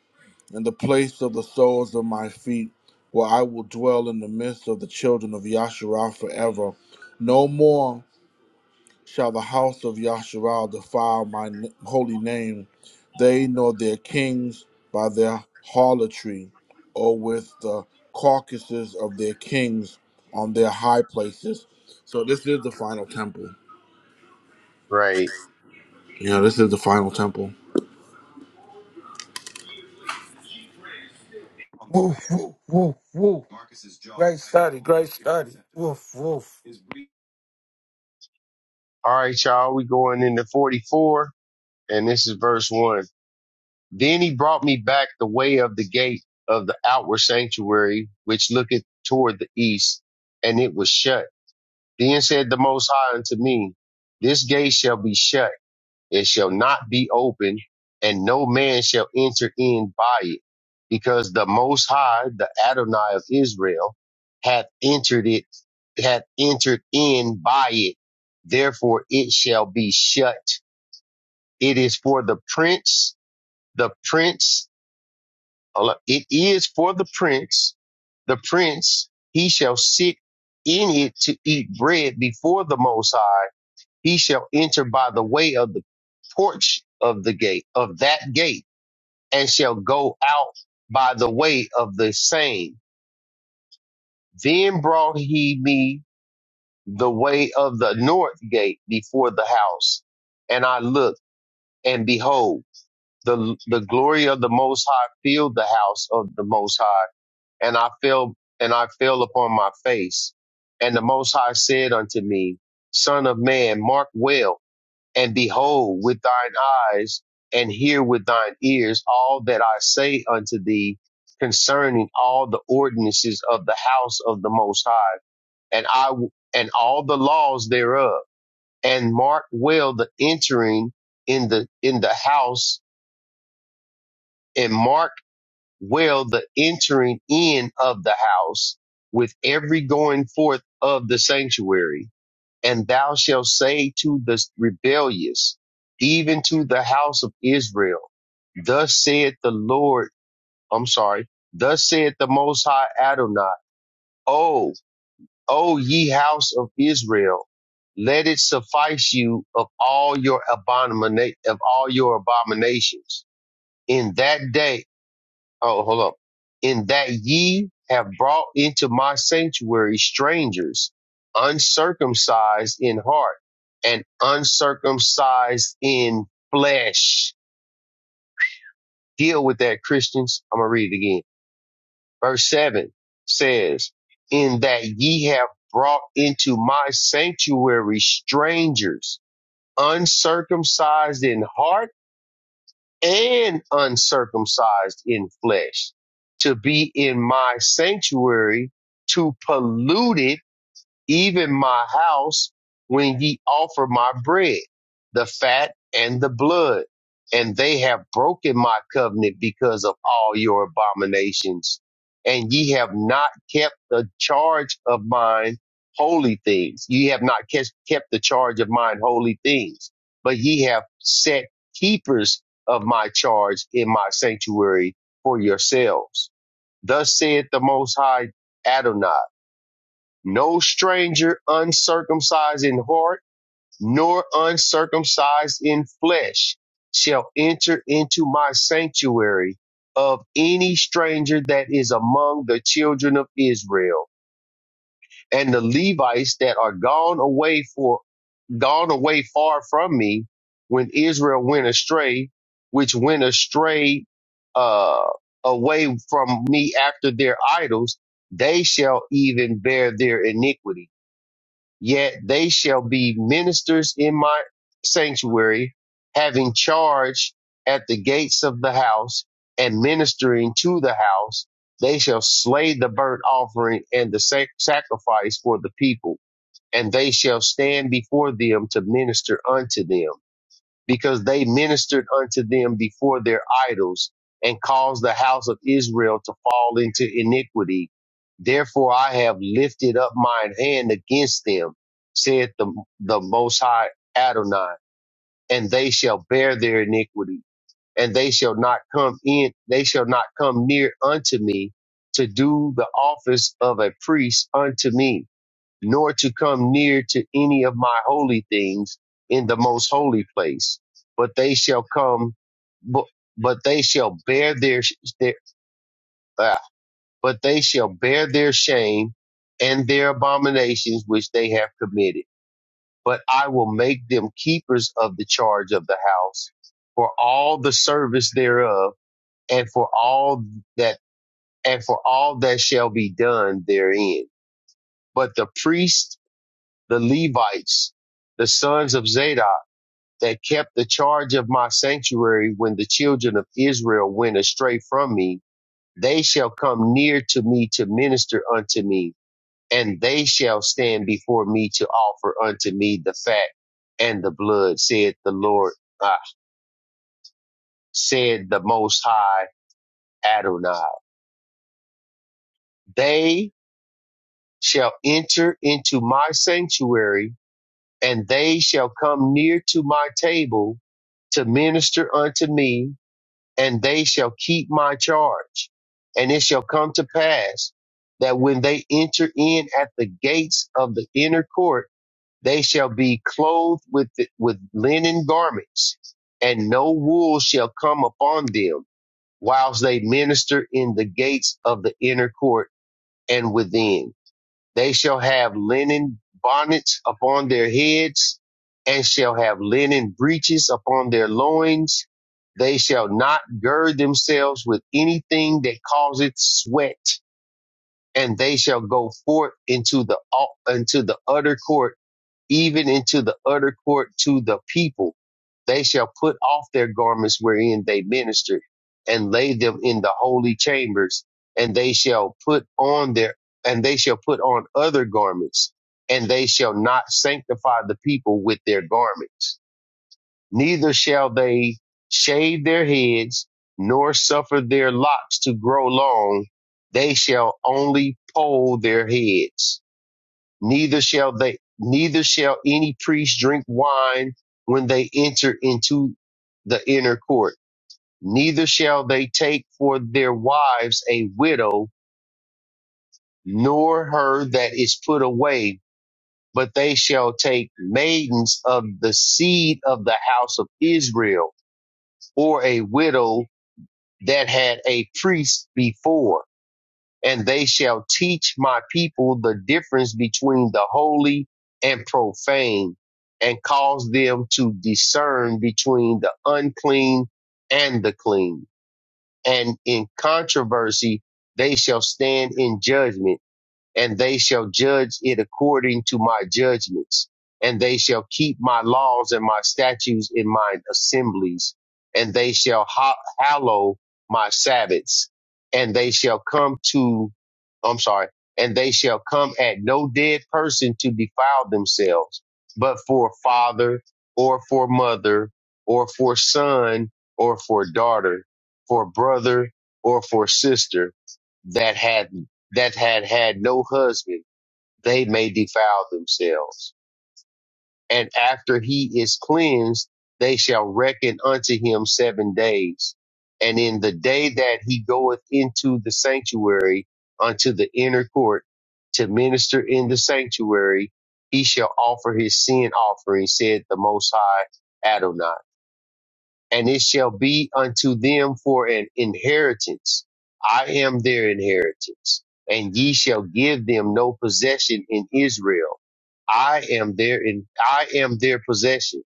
A: and the place of the soles of my feet, where I will dwell in the midst of the children of Yasharah forever. No more shall the house of Yasharal defile my n- holy name, they nor their kings by their harlotry, or with the carcasses of their kings on their high places. So this is the final temple.
I: 44. Right.
A: Yeah, this is the final temple.
H: Woof, woof, woof, woof. Great study. Great study. Woof, woof.
I: All right, y'all, we going into 44, and this is verse 1. Then he brought me back the way of the gate of the outward sanctuary, which looketh toward the east, and it was shut. Then said the Most High unto me, This gate shall be shut, it shall not be open, and no man shall enter in by it, because the Most High, the Adonai of Israel, hath entered it, hath entered in by it. Therefore it shall be shut. It is for the prince, the prince Allah- It is for the prince, the prince, he shall sit in it to eat bread before the Most High. He shall enter by the way of the porch of the gate, of that gate, and shall go out by the way of the same. Then brought he me the way of the north gate before the house. And I looked, and behold, the, the glory of the Most High filled the house of the Most High and I fell and I fell upon my face. And the Most High said unto me, Son of man, mark well, and behold with thine eyes, and hear with thine ears all that I say unto thee concerning all the ordinances of the house of the Most High, and I, and all the laws thereof, and mark well the entering in the in the house, and mark well, the entering in of the house with every going forth of the sanctuary. And thou shalt say to the rebellious, even to the house of Israel, thus saith the Lord, I'm sorry, thus saith the Most High Adonai, O, O ye house of Israel, let it suffice you of all your abomina- of all your abominations. In that day Oh, hold up. In that ye have brought into my sanctuary strangers, uncircumcised in heart and uncircumcised in flesh. Deal with that, Christians. I'm going to read it again. Verse seven says, in that ye have brought into my sanctuary strangers, uncircumcised in heart and uncircumcised in flesh to be in my sanctuary to pollute it even my house, when ye offer my bread, the fat and the blood. And they have broken my covenant because of all your abominations. And ye have not kept the charge of mine holy things. Ye have not kes- kept the charge of mine holy things, but ye have set keepers of my charge in my sanctuary for yourselves. Thus saith the most high Adonai no stranger uncircumcised in heart, nor uncircumcised in flesh shall enter into my sanctuary of any stranger that is among the children of Israel. And the Levites that are gone away for gone away far from me when Israel went astray, which went astray uh, away from me after their idols, they shall even bear their iniquity Yet they shall be ministers in my sanctuary, having charge at the gates of the house and ministering to the house. They shall slay the burnt offering and the sac- sacrifice for the people, and they shall stand before them to minister unto them because they ministered unto them before their idols and caused the house of Israel to fall into iniquity. Therefore I have lifted up mine hand against them, saith the, the Most High Adonai, and they shall bear their iniquity, and they shall not come in, they shall not come near unto me to do the office of a priest unto me nor to come near to any of my holy things in the most holy place. But they shall come, but, but they shall bear their, their ah, but they shall bear their shame and their abominations which they have committed. But I will make them keepers of the charge of the house for all the service thereof and for all that, and for all that shall be done therein. But the priests the Levites, the sons of Zadok, that kept the charge of my sanctuary when the children of Israel went astray from me, they shall come near to me to minister unto me, and they shall stand before me to offer unto me the fat and the blood, said the Lord, uh, said the Most High Adonai. They shall enter into my sanctuary, and they shall come near to my table to minister unto me and they shall keep my charge. And it shall come to pass that when they enter in at the gates of the inner court, they shall be clothed with, the, with linen garments, and no wool shall come upon them whilst they minister in the gates of the inner court and within. They shall have linen bonnets upon their heads and shall have linen breeches upon their loins. They shall not gird themselves with anything that causeth sweat and they shall go forth into the, into the utter court even into the utter court to the people. They shall put off their garments wherein they ministered and lay them in the holy chambers and they shall put on their, and they shall put on other garments and they shall not sanctify the people with their garments. Neither shall they shave their heads nor suffer their locks to grow long. They shall only poll their heads neither shall they neither shall any priest drink wine when they enter into the inner court neither shall they take for their wives a widow nor her that is put away but they shall take maidens of the seed of the house of Israel or a widow that had a priest before and they shall teach my people the difference between the holy and profane, and cause them to discern between the unclean and the clean. And in controversy, they shall stand in judgment and they shall judge it according to my judgments, and they shall keep my laws and my statutes in my assemblies, and they shall ha- hallow my Sabbaths, and they shall come to, I'm sorry, and they shall come at no dead person to defile themselves, but for father or for mother or for son or for daughter, for brother or for sister that had that had had no husband, they may defile themselves. And after he is cleansed, they shall reckon unto him seven days. And in the day that he goeth into the sanctuary unto the inner court to minister in the sanctuary, he shall offer his sin offering, said the Most High Adonai and it shall be unto them for an inheritance. I am their inheritance, and ye shall give them no possession in Israel. I am their in, I am their possession.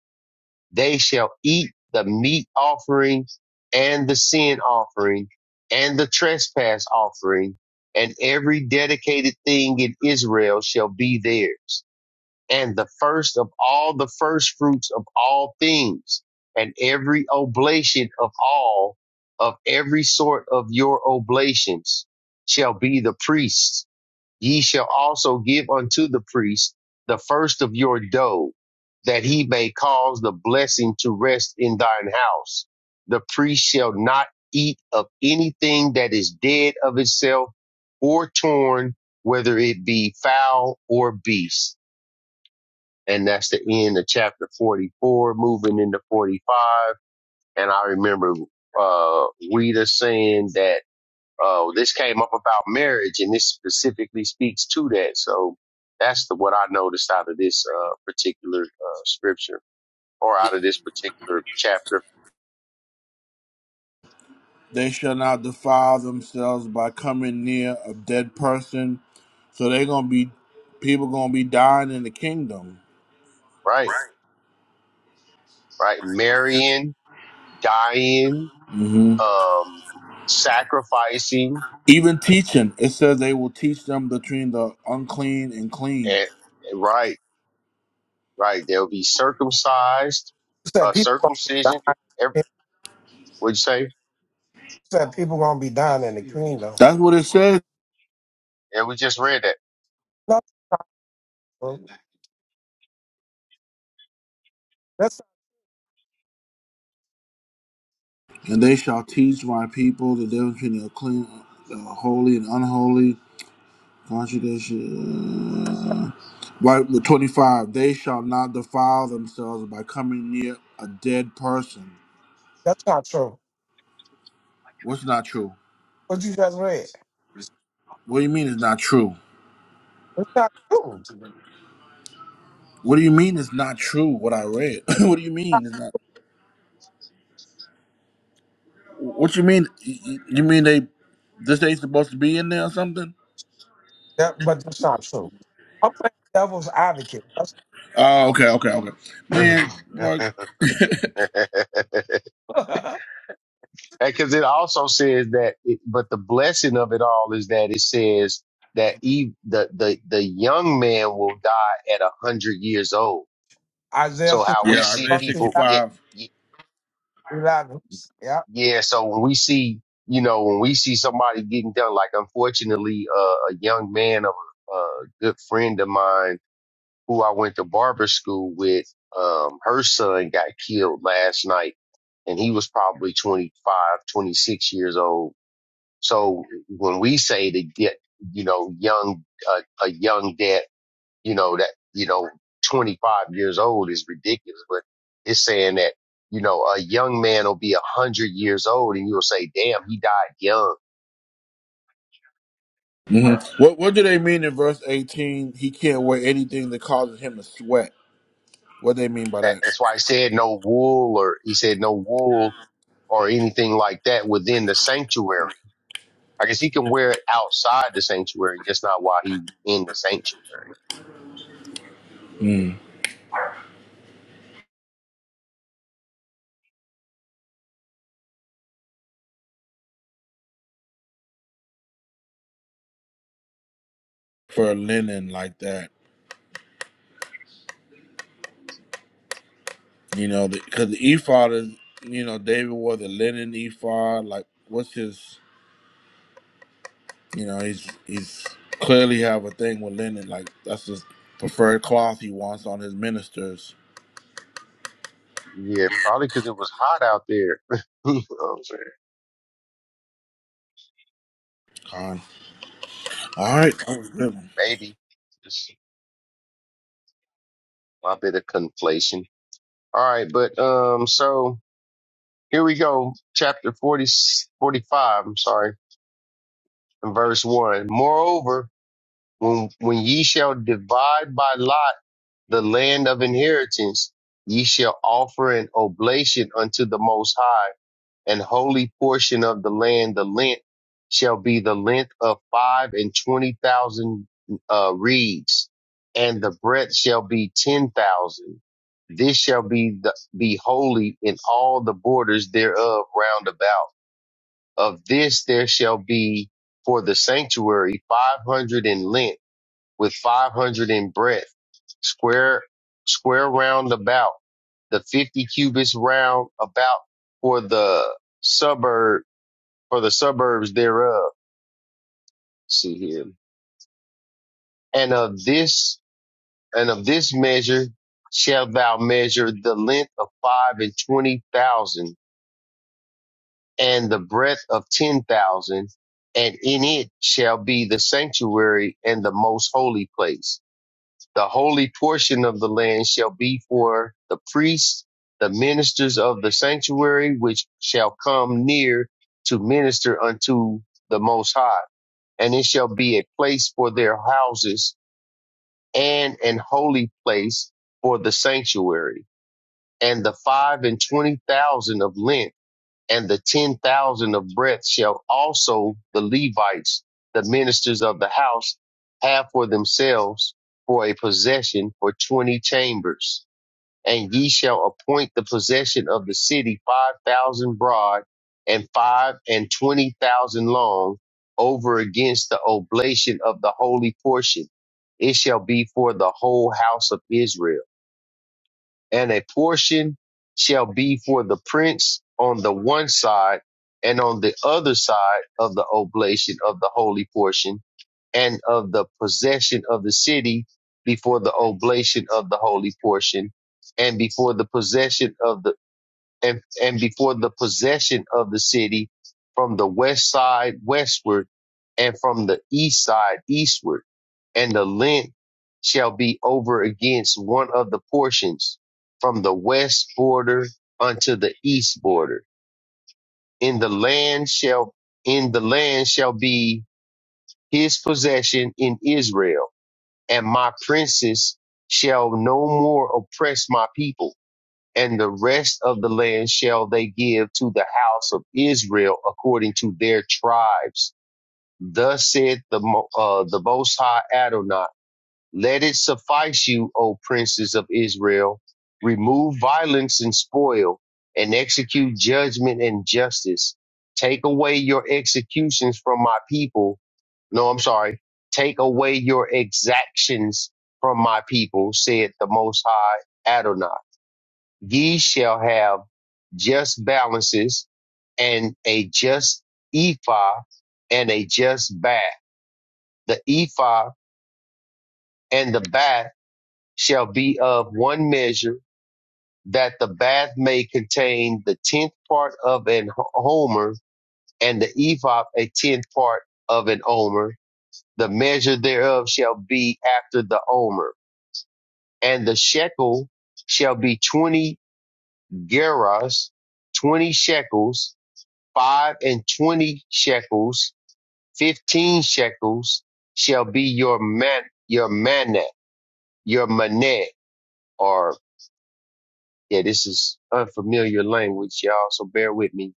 I: They shall eat the meat offering and the sin offering and the trespass offering, and every dedicated thing in Israel shall be theirs and the first of all the first fruits of all things, and every oblation of all of every sort of your oblations shall be the priest's. Ye shall also give unto the priest the first of your dough, that he may cause the blessing to rest in thine house. The priest shall not eat of anything that is dead of itself or torn, whether it be fowl or beast and that's the end of chapter 44, moving into 45. And I remember uh, Rita saying that uh, this came up about marriage, and this specifically speaks to that. So that's the what I noticed out of this uh, particular uh, scripture or out of this particular chapter.
A: They shall not defile themselves by coming near a dead person. So they're gonna be people gonna be dying in the kingdom.
I: Right, right. Marrying, dying,
A: hmm
I: um, sacrificing,
A: Even teaching, it says they will teach them between the unclean and clean.
I: and and right, right. They'll be circumcised,
H: You said
I: uh,
H: people gonna be
I: circumcision
H: dying. You
I: What'd you say?
H: said people gonna be dying in the kingdom.
A: That's what it says.
I: Yeah, we just read
H: No, bro. that's
A: And they shall teach my people the difference between the clean, the holy, and unholy. Contradiction. Right, the 25. They shall not defile themselves by coming near a dead person.
H: that's not true.
A: What's not true?
H: What you just read.
A: What do you mean it's not true?
H: That's not true.
A: What do you mean it's not true? What I read. what do you mean it's not? What you mean? You you mean they this ain't supposed to be in there or something?
H: That, but that's not true. I'm playing devil's advocate. That's
A: Oh, okay, okay, okay.
I: that.
A: Man, boy,
I: Because it also says that, it, but the blessing of it all is that it says that Eve, the, the, the young man will die at a hundred years old.
H: Isaiah
I: So
H: 16,
I: how we
A: yeah,
I: see
A: Isaiah
I: people get,
A: 65.
I: ye-
H: 11. Yeah.
I: yeah. So when we see, you know, when we see somebody getting done, like unfortunately, uh, a young man of a, a good friend of mine who I went to barber school with, um, her son got killed last night and he was probably 25, 26 years old. So when we say to get, you know, young, uh, a young debt, you know, that, you know, 25 years old is ridiculous, but it's saying that, you know, a young man will be a hundred years old and you'll say, damn, he died young.
A: hmm What What do they mean in verse 18? He can't wear anything that causes him to sweat. What do they mean by
I: That,
A: that?
I: that's why I said no wool or he said no wool or anything like that within the sanctuary I guess he can wear it outside the sanctuary, just not while he was in the sanctuary.
A: Mm. For linen like that, you know, because the, 'cause the ephod is, you know, David wore the linen ephod. Like, what's his, you know, he's he's clearly have a thing with linen. Like, that's his preferred cloth he wants on his ministers.
I: Yeah, probably because it was hot out there. You know what I'm saying?
A: Con. All right, that was good.
I: Maybe just a bit of conflation. All right, but um, so here we go, chapter forty forty-five, I'm sorry, and verse one. Moreover, when when ye shall divide by lot the land of inheritance, ye shall offer an oblation unto the Most High And holy portion of the land, the length shall be the length of five and twenty thousand uh, reeds, and the breadth shall be ten thousand. This shall be the, be holy in all the borders thereof round about. Of this there shall be for the sanctuary five hundred in length with 500 in breadth, square, square round about, the 50 cubits round about for the suburb, for the suburbs thereof. See here. And of this, and of this measure shalt thou measure the length of five and twenty thousand and the breadth of ten thousand. And in it shall be the sanctuary and the most holy place The holy portion of the land shall be for the priests, the ministers of the sanctuary, which shall come near to minister unto the Most High. And it shall be a place for their houses and an holy place for the sanctuary. And the five and twenty thousand of Lent and the 10,000 of breadth shall also the Levites, the ministers of the house, have for themselves for a possession for 20 chambers. And ye shall appoint the possession of the city 5,000 broad and five and 20,000 long over against the oblation of the holy portion. It shall be for the whole house of Israel and a portion shall be for the prince on the one side and on the other side of the oblation of the holy portion and of the possession of the city before the oblation of the holy portion and before the possession of the and, and before the possession of the city from the west side westward and from the east side eastward. And the length shall be over against one of the portions from the west border unto the east border. In the land shall, in the land shall be his possession in Israel and my princes shall no more oppress my people and the rest of the land shall they give to the house of Israel according to their tribes. Thus said the Mo- uh, the Most High Adonai. Let it suffice you, O princes of Israel. Remove violence and spoil, and execute judgment and justice. Take away your executions from my people. No, I'm sorry. Take away your exactions from my people, said the Most High Adonai Ye shall have just balances and a just ephah and a just bath. The ephah and the bath shall be of one measure, that the bath may contain the tenth part of an homer, and the ephah a tenth part of an omer. The measure thereof shall be after the omer, and the shekel shall be twenty gerahs, twenty shekels, five and twenty shekels, fifteen shekels shall be your man, your manna, your manet, or yeah, this is unfamiliar language, y'all. So bear with me.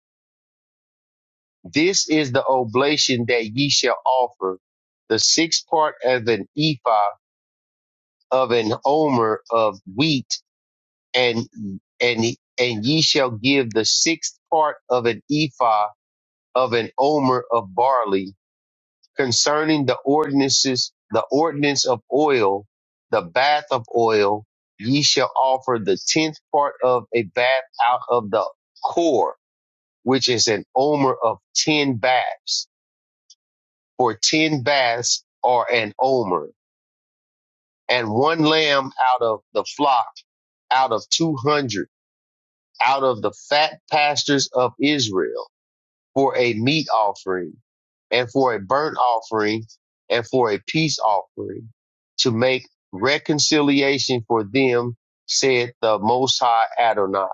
I: This is the oblation that ye shall offer, the sixth part of an ephah of an omer of wheat, and and and ye shall give the sixth part of an ephah of an omer of barley concerning the ordinances, the ordinance of oil, the bath of oil, ye shall offer the tenth part of a bath out of the core, which is an omer of ten baths, for ten baths are an omer, and one lamb out of the flock, out of two hundred, out of the fat pastures of Israel. for a meat offering and for a burnt offering and for a peace offering to make reconciliation for them, said the Most High Adonai.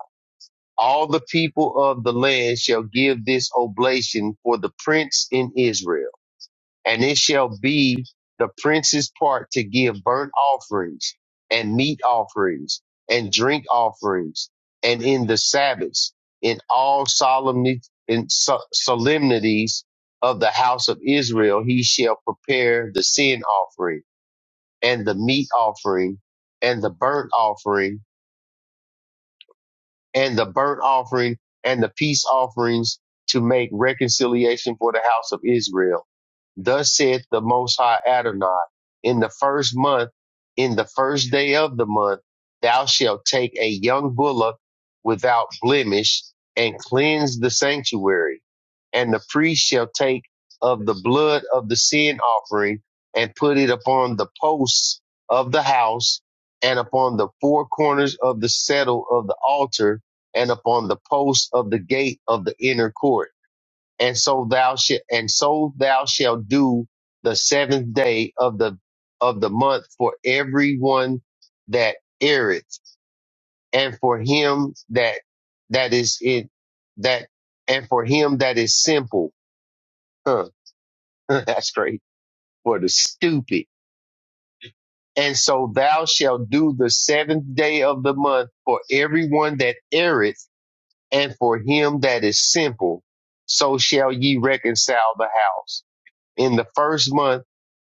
I: All the people of the land shall give this oblation for the prince in Israel and it shall be the prince's part to give burnt offerings and meat offerings and drink offerings and in the Sabbaths in all solemnity in so- solemnities of the house of Israel he shall prepare the sin offering and the meat offering and the burnt offering and the burnt offering and the peace offerings to make reconciliation for the house of Israel. Thus saith the Most High Adonai, in the first month, in the first day of the month, thou shalt take a young bullock without blemish and cleanse the sanctuary. And the priest shall take of the blood of the sin offering and put it upon the posts of the house and upon the four corners of the settle of the altar and upon the post of the gate of the inner court. And so thou shalt, and so thou shalt do the seventh day of the, of the month for everyone that erreth and for him that, that is it, that, and for him that is simple. Huh. That's great. For the stupid. And so thou shalt do the seventh day of the month for everyone that erreth and for him that is simple, so shall ye reconcile the house. In the first month,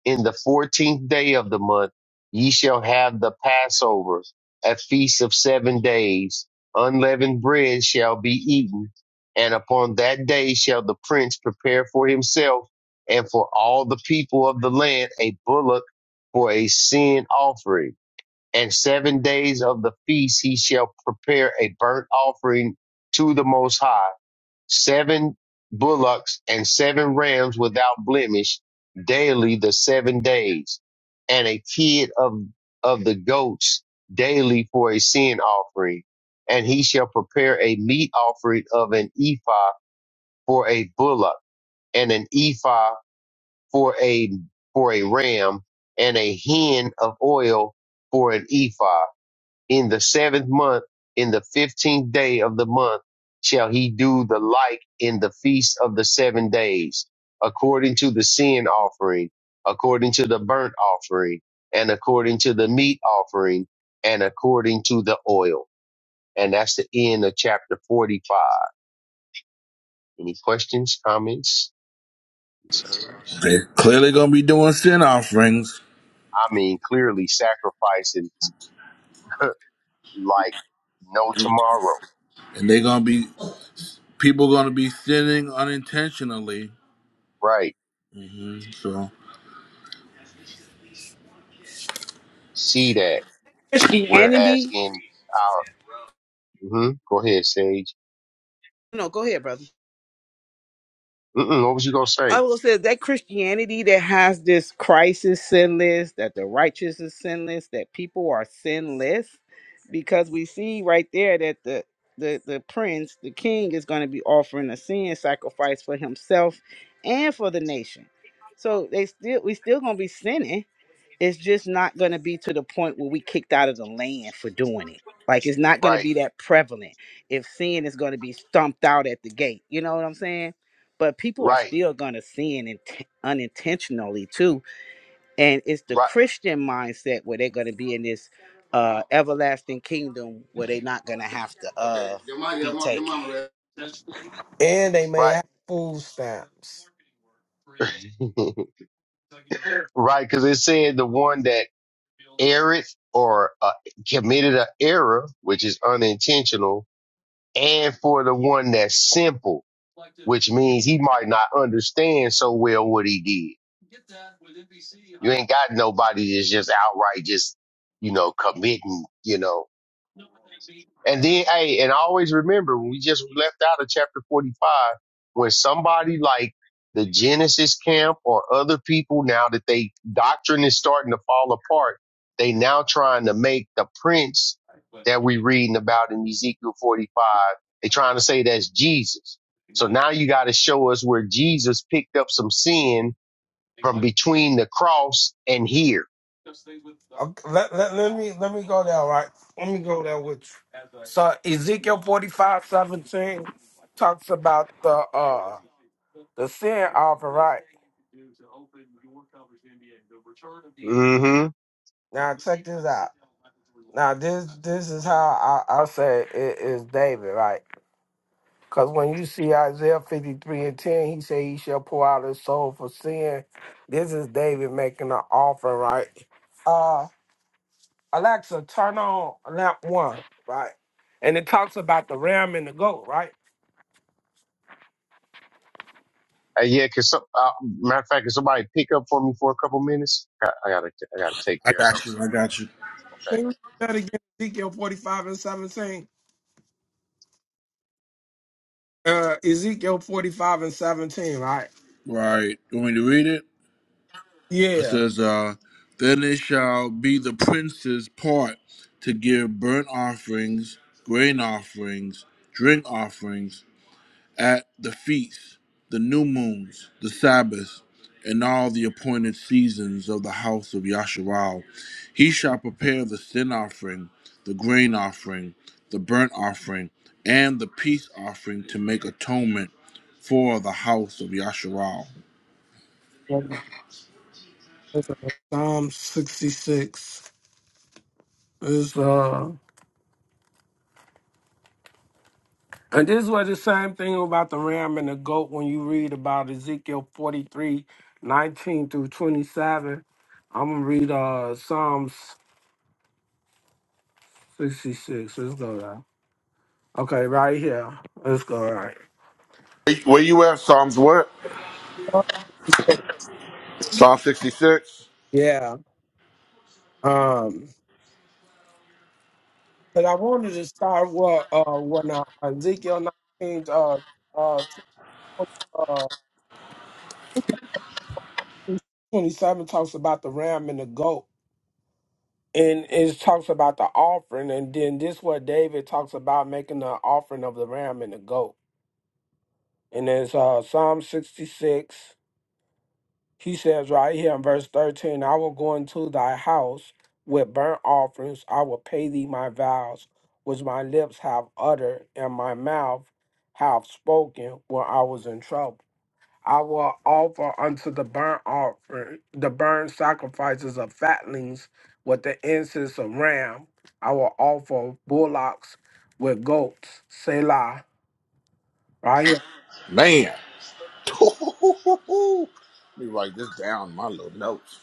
I: in the fourteenth day of the month, ye shall have the Passover, a feast of seven days. Unleavened bread shall be eaten, and upon that day shall the prince prepare for himself and for all the people of the land a bullock for a sin offering and seven days of the feast he shall prepare a burnt offering to the Most High, seven bullocks and seven rams without blemish daily the seven days, and a kid of, of the goats daily for a sin offering. And he shall prepare a meat offering of an ephah for a bullock and an ephah for a, for a ram and a hin of oil for an ephah in the seventh month, in the fifteenth day of the month, shall he do the like in the feast of the seven days, according to the sin offering, according to the burnt offering, and according to the meat offering, and according to the oil. And that's the end of chapter 45. Any questions, comments, concerns?
A: They clearly gonna be doing sin offerings,
I: I mean, clearly sacrificing like no
A: and
I: tomorrow,
A: they gonna be people gonna be sinning unintentionally.
I: right?
A: Mhm, So
I: See that. Whereas in uh, hmm Go ahead, Sage. Mm-mm, what was you gonna say? Right, right, right,
H: And they may
I: right,
H: have food stamps.
I: right. Because it said the one that erred or uh, committed an error, which is unintentional, and for the one that's simple, which means he might not understand so well what he did. You ain't got nobody that's just outright just you know committing, you know. And then, hey, and always remember when we just left out of chapter 45, when somebody like the Genesis camp or other people now that they doctrine is starting to fall apart, they now trying to make the prince that we reading about in Ezekiel 45, they trying to say that's Jesus. So now you got to show us where Jesus picked up some sin from between the cross and here.
H: Okay, let, let, let me let me go there, all right? Let me go there with you. So Ezekiel forty five seventeen talks about the uh the sin offering, right?
I: Mm-hmm.
H: Now check this out. Now this this is how I, I say it is David, right? Because when you see Isaiah 53 and 10, he say he shall pour out his soul for sin. This is David making an offering, right? Uh Alexa, turn on lamp one, right? And it talks about the ram and the goat, right?
I: Hey, yeah, cause some, uh, matter of fact, can somebody pick up for me for a couple minutes? I, I gotta, I gotta take
A: I
I: care of something.
A: got
I: real-
A: you. I got you.
H: Say
I: Okay.
H: That again, Ezekiel 45 and 17. Uh Ezekiel 45 and 17, right?
A: Right. You want me to read it? It
H: Yeah.
A: says, uh, "Then it shall be the prince's part to give burnt offerings, grain offerings, drink offerings." at the feasts, the new moons, the Sabbaths, and all the appointed seasons of the house of Yasharal. He shall prepare the sin offering, the grain offering, the burnt offering, and the peace offering to make atonement for the house of Yasharal.
H: Psalm 66. It's, uh, and this was the same thing about the ram and the goat when you read about Ezekiel 43 19 through 27. I'm going to read uh, Psalms 66. Let's go there. Okay, right here. Let's go right.
A: Where you at? Psalms what? Psalm 66?
H: Yeah. Um, but I wanted to start what uh when uh, Ezekiel 19 uh uh, 20, uh 27 talks about the ram and the goat. and it talks about the offering, and then this what David talks about making the offering of the ram and the goat. And it's uh, Psalm 66. He says right here in verse 13, I will go into thy house with burnt offerings. I will pay thee my vows, which my lips have uttered, and my mouth have spoken when I was in trouble. I will offer unto the burnt offering, the burnt sacrifices of fatlings with the incense of ram. I will offer bullocks with goats. Selah. Right here.
A: Man. Let me write this down in my little notes.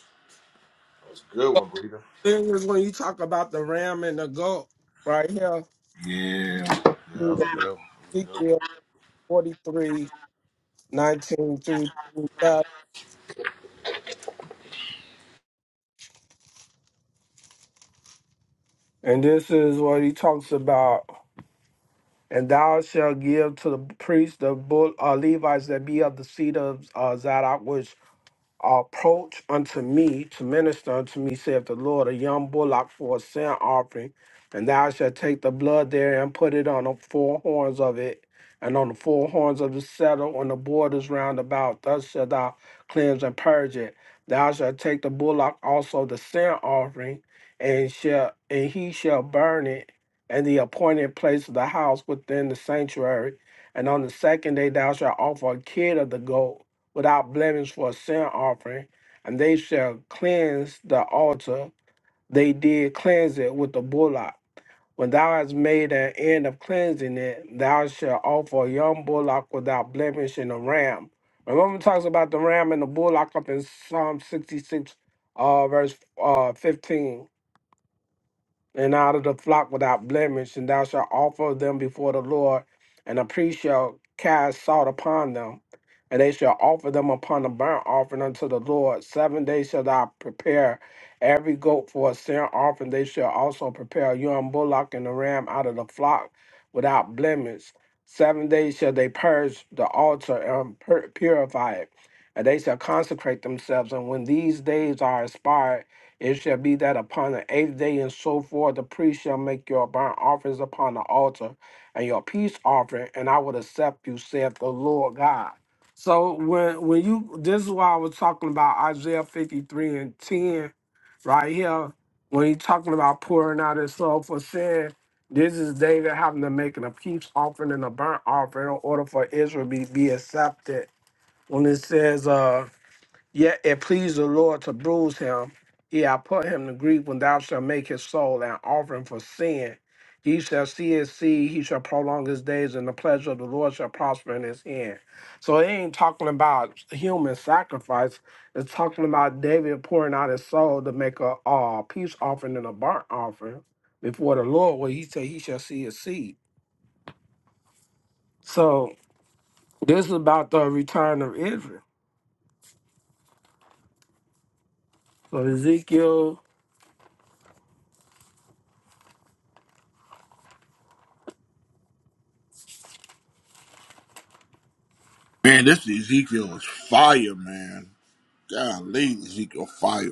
A: That was a good one, Breeder.
H: This is when you talk about the ram and the goat. Right here.
A: Yeah. Yeah, that
H: through
A: was
H: the
A: a good one.
H: Ezekiel 43, nineteen through 27. And this is what he talks about. And thou shalt give to the priest the bull, uh, Levites that be of the seed of uh, Zadok, which approach unto me to minister unto me, saith the Lord, a young bullock for a sin offering, and thou shalt take the blood there and put it on the four horns of it, and on the four horns of the saddle, on the borders round about. Thus shalt thou cleanse and purge it. Thou shalt take the bullock also the sin offering, and shall and he shall burn it in the appointed place of the house within the sanctuary. And on the second day thou shalt offer a kid of the goat without blemish for a sin offering, and they shall cleanse the altar. They did cleanse it with the bullock. When thou hast made an end of cleansing it, thou shalt offer a young bullock without blemish and a ram. Remember, it talks about the ram and the bullock up in Psalm 66, uh, verse uh, 15 and out of the flock without blemish, and thou shalt offer them before the Lord, and a priest shall cast salt upon them, and they shall offer them upon the burnt offering unto the Lord. Seven days shall thou prepare every goat for a sin offering. They shall also prepare a young bullock and a ram out of the flock without blemish. Seven days shall they purge the altar and pur- purify it, and they shall consecrate themselves. And when these days are expired, it shall be that upon the eighth day and so forth, the priest shall make your burnt offerings upon the altar and your peace offering, and I will accept you, saith the Lord God. So when when you this is why I was talking about Isaiah 53 and 10 right here, when he's talking about pouring out his soul for sin, this is David having to make a peace offering and a burnt offering in order for Israel to be, be accepted. When it says uh Yet it pleased the Lord to bruise him. Yea, I put him to grief when thou shalt make his soul an offering for sin. He shall see his seed, he shall prolong his days, and the pleasure of the Lord shall prosper in his hand. So it ain't talking about human sacrifice. It's talking about David pouring out his soul to make a, uh peace offering and a burnt offering before the Lord, where he said he shall see his seed. So this is about the return of Israel. So Ezekiel
A: Man, this Ezekiel was fire, man. Golly, Ezekiel fire.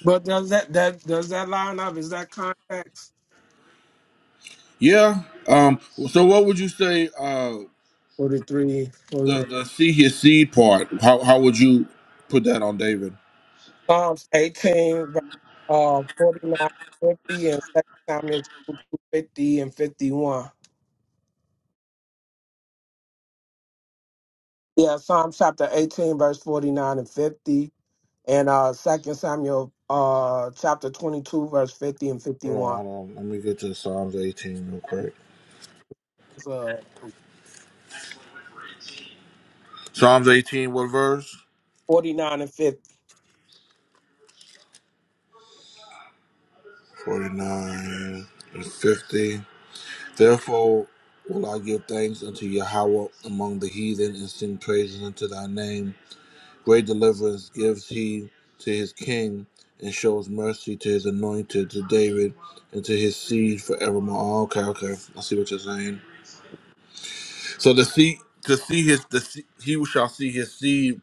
H: But does that that does that line up? Is that context?
A: Yeah. Um. So, what would you say? Uh,
H: Forty three, forty
A: the the see his seed part. How how would you put that on David?
H: Psalms eighteen, verse, uh, forty nine, fifty, and Second Samuel two, fifty and fifty one. Yeah, Psalms chapter eighteen, verse forty nine and fifty, and uh, Second Samuel uh, chapter twenty two, verse fifty and fifty
A: Hold
H: one.
A: on, hold on. Let me get to Psalms eighteen real quick.
H: So
A: Psalms eighteen, what verse?
H: 49 and 50.
A: Forty nine and fifty. Therefore, will I give thanks unto Yahweh among the heathen and sing praises unto Thy name Great deliverance gives he to his king and shows mercy to his anointed, to David, and to his seed forevermore. Oh, Okay, okay. I see what you're saying. So the seed, to see his, the see, he shall see his seed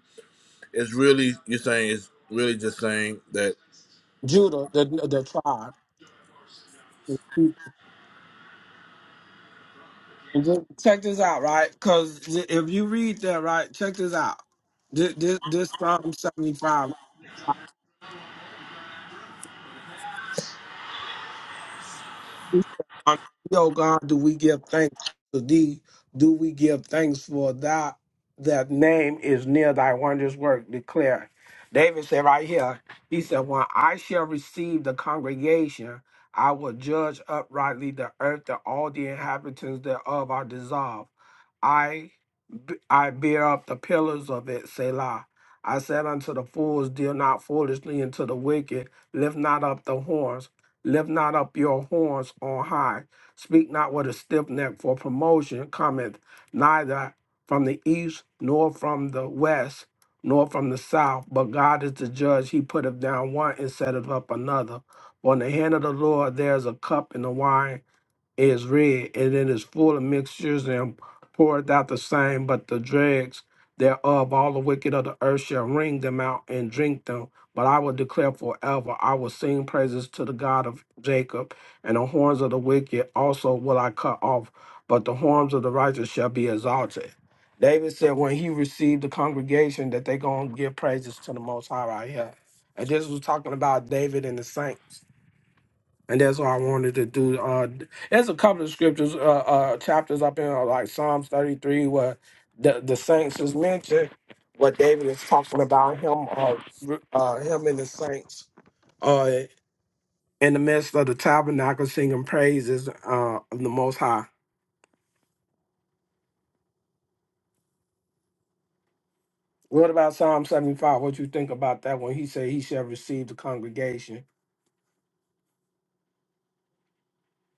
A: is really, you're saying, is really just saying that.
H: Judah, the the tribe. Check this out, right? Because if you read that, right, check this out. This, this, this Psalm 75, He said, Unto thee, O God, do we give thanks to thee? Do we give thanks for Thy, That name is near thy wondrous work, declare. David said right here, he said, When I shall receive the congregation, I will judge uprightly the earth that all the inhabitants thereof are dissolved. I b- I bear up the pillars of it, Selah. I said unto the fools, Deal not foolishly, and to the wicked, lift not up the horns. Lift not up your horns on high. Speak not with a stiff neck, for promotion cometh neither from the east, nor from the west, nor from the south. But God is the judge. He putteth down one and setteth up another. For in the hand of the Lord there is a cup and a wine is red, and it is full of mixtures and poureth out the same, but the dregs thereof, all the wicked of the earth shall wring them out and drink them. But I will declare forever, I will sing praises to the God of Jacob, and the horns of the wicked also will I cut off, but the horns of the righteous shall be exalted. David said when he received the congregation that they going to give praises to the Most High right here. And this was talking about David and the saints and that's all I wanted to do. Uh, there's a couple of scriptures, uh, uh, chapters up in uh, like Psalms 33 where the, the saints is mentioned, what David is talking about him, uh, r- uh, him and the saints uh, in the midst of the tabernacle singing praises uh, of the Most High. What about Psalm 75? What you think about that when he said he shall receive the congregation?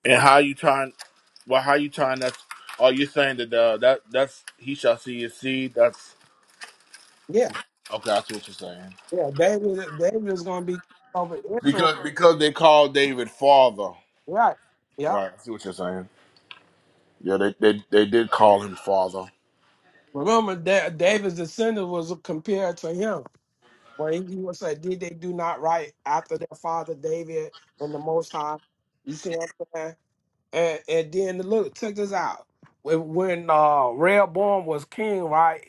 A: And how you trying, well, how you trying that's, are you saying that, uh, that, that's, he shall see his seed? That's,
H: Yeah,
A: okay, I see what you're saying.
H: yeah, David, David is going to be king over Israel.
A: Because, because they call David father.
H: Right. Yeah.
A: Right, I see what you're saying. Yeah, they, they they did call him father.
H: Remember, da- David's descendant was compared to him. When he was said, "Did they do not right after their father David and the Most High?" You see what I'm saying? And and then look, check this out. When when uh, Rehoboam was king, right?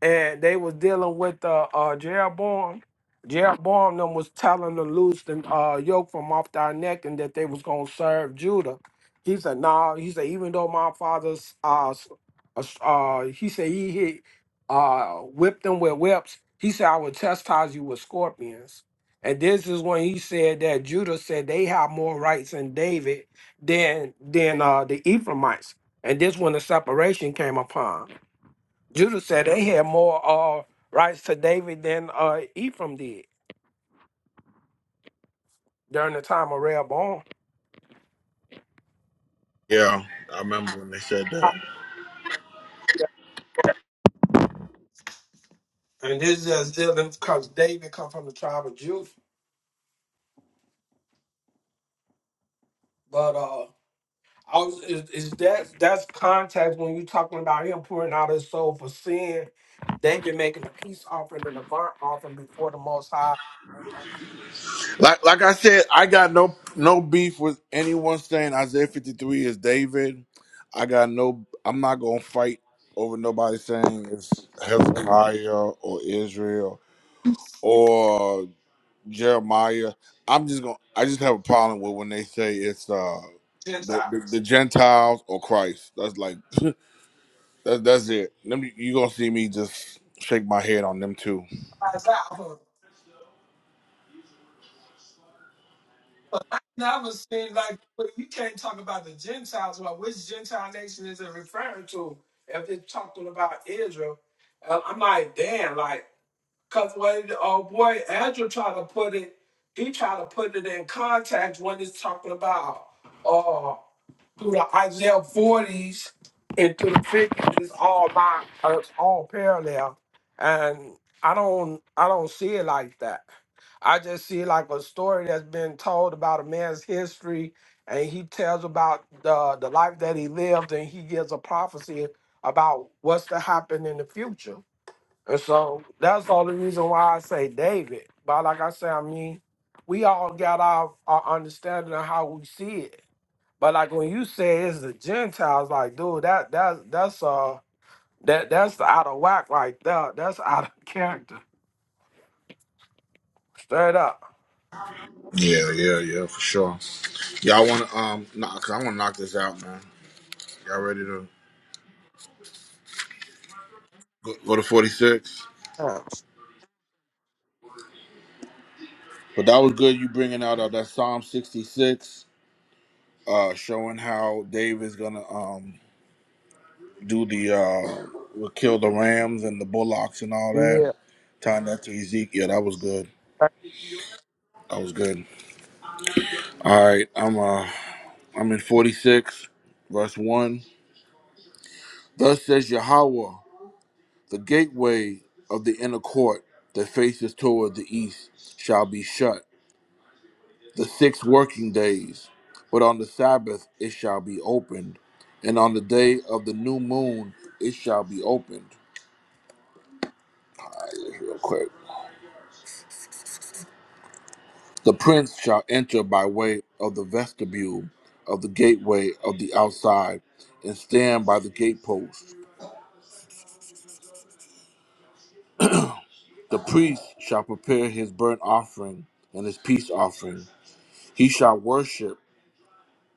H: and they was dealing with uh, uh Jeroboam. Jeroboam them was telling them loose the uh, yoke from off their neck and that they was gonna serve Judah. He said, "No." He said, "Even though my father's uh, s- uh, s- uh, he said he hit uh whipped them with whips. He said I would chastise you with scorpions." And this is when he said that Judah said they have more rights than David than than uh, the Ephraimites. And this when the separation came upon. Judah said they had more uh, rights to David than uh, Ephraim did during the time of Rehoboam.
A: Yeah, I remember when they said that.
H: And this is just dealing because David come from the tribe of Judah. But uh, I was, is, is that that's context when you talking about him pouring out his soul for sin? David making a peace offering and a burnt offering before the Most High
A: Like like I said, I got no no beef with anyone saying Isaiah 53 is David. I got no. I'm not gonna fight over nobody saying it's Hezekiah or Israel or Jeremiah. I'm just gonna. I just have a problem with when they say it's uh the, the,
H: Gentiles.
A: the Gentiles or Christ. That's like that's that's it. Let me, you gonna see me just shake my head on them too.
H: never seen like but you can't talk about the Gentiles about which Gentile nation is it referring to if it's talking about Israel. Uh, I'm like, damn, like Cause when uh, boy Andrew tried to put it, he tried to put it in context when he's talking about uh through the Isaiah forties and through the fifties it's all my it's all parallel. And I don't I don't see it like that. I just see it like a story that's been told about a man's history and he tells about the the life that he lived and he gives a prophecy about what's to happen in the future. And so that's all the reason why I say David. But like I say, I mean, we all got our, our understanding of how we see it. But like when you say it's the Gentiles, like dude, that that's that's uh that that's out of whack right there. That's out of character. Straight up.
A: Yeah, yeah, yeah, for sure. Y'all want to um, knock, I want to knock this out, man. Y'all ready to go, go to forty six? But that was good. You bringing out uh, that Psalm sixty six, uh, showing how David's gonna um do the uh, will kill the rams and the bullocks and all that.
H: Yeah.
A: Tying that to Ezekiel, Yeah, that was good. That was good. All right, I'm uh, I'm in forty six, verse one. Thus says Yahweh. The gateway of the inner court that faces toward the east shall be shut the six working days, but on the Sabbath it shall be opened, and on the day of the new moon it shall be opened. Real quick. The prince shall enter by way of the vestibule of the gateway of the outside and stand by the gatepost. The priest shall prepare his burnt offering and his peace offering. He shall worship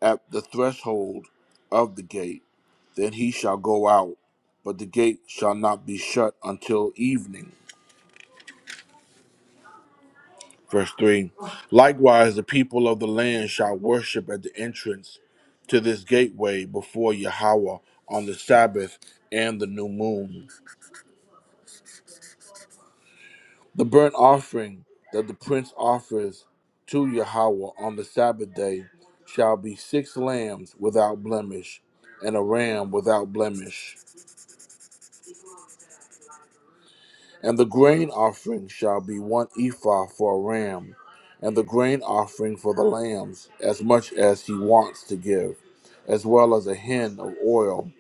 A: at the threshold of the gate, then he shall go out, but the gate shall not be shut until evening. Verse 3 Likewise, the people of the land shall worship at the entrance to this gateway before Yahweh on the Sabbath and the new moon. The burnt offering that the prince offers to Yahweh on the Sabbath day shall be six lambs without blemish and a ram without blemish. And the grain offering shall be one ephah for a ram, and the grain offering for the lambs, as much as he wants to give, as well as a hin of oil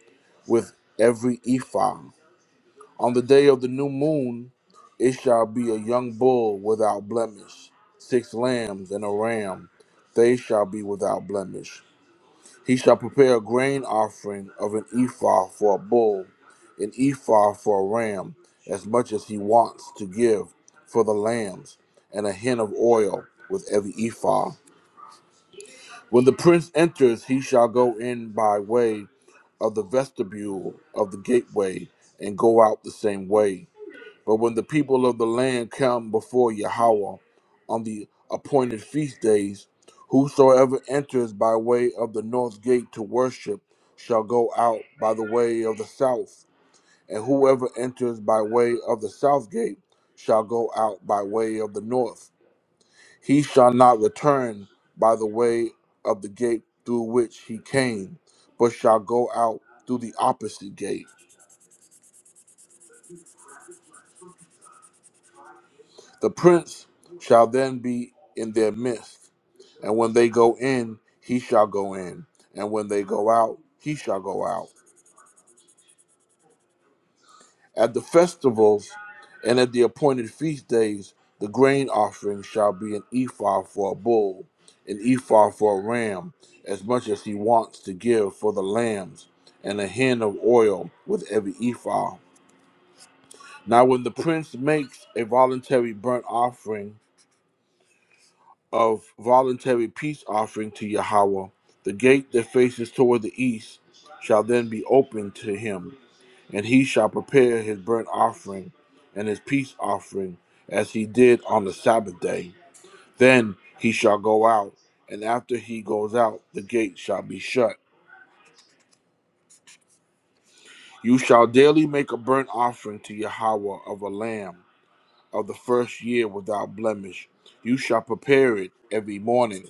A: with every ephah. On the day of the new moon, it shall be a young bull without blemish, six lambs and a ram, they shall be without blemish. He shall prepare a grain offering of an ephah for a bull, an ephah for a ram, as much as he wants to give for the lambs, and a hin of oil with every ephah. When the prince enters, he shall go in by way of the vestibule of the gateway, and go out the same way. But when the people of the land come before Yahweh on the appointed feast days, whosoever enters by way of the north gate to worship shall go out by the way of the south, and whoever enters by way of the south gate shall go out by way of the north. He shall not return by the way of the gate through which he came, but shall go out through the opposite gate. The prince shall then be in their midst. And when they go in, he shall go in. And when they go out, he shall go out. At the festivals and at the appointed feast days, the grain offering shall be an ephah for a bull, an ephah for a ram, as much as he wants to give for the lambs, and a hin of oil with every ephah. Now, when the prince makes a voluntary burnt offering, of voluntary peace offering to Yahweh. The gate that faces toward the east shall then be opened to him, and he shall prepare his burnt offering and his peace offering as he did on the Sabbath day. Then he shall go out, and after he goes out, the gate shall be shut. You shall daily make a burnt offering to Yahweh of a lamb of the first year without blemish. You shall prepare it every morning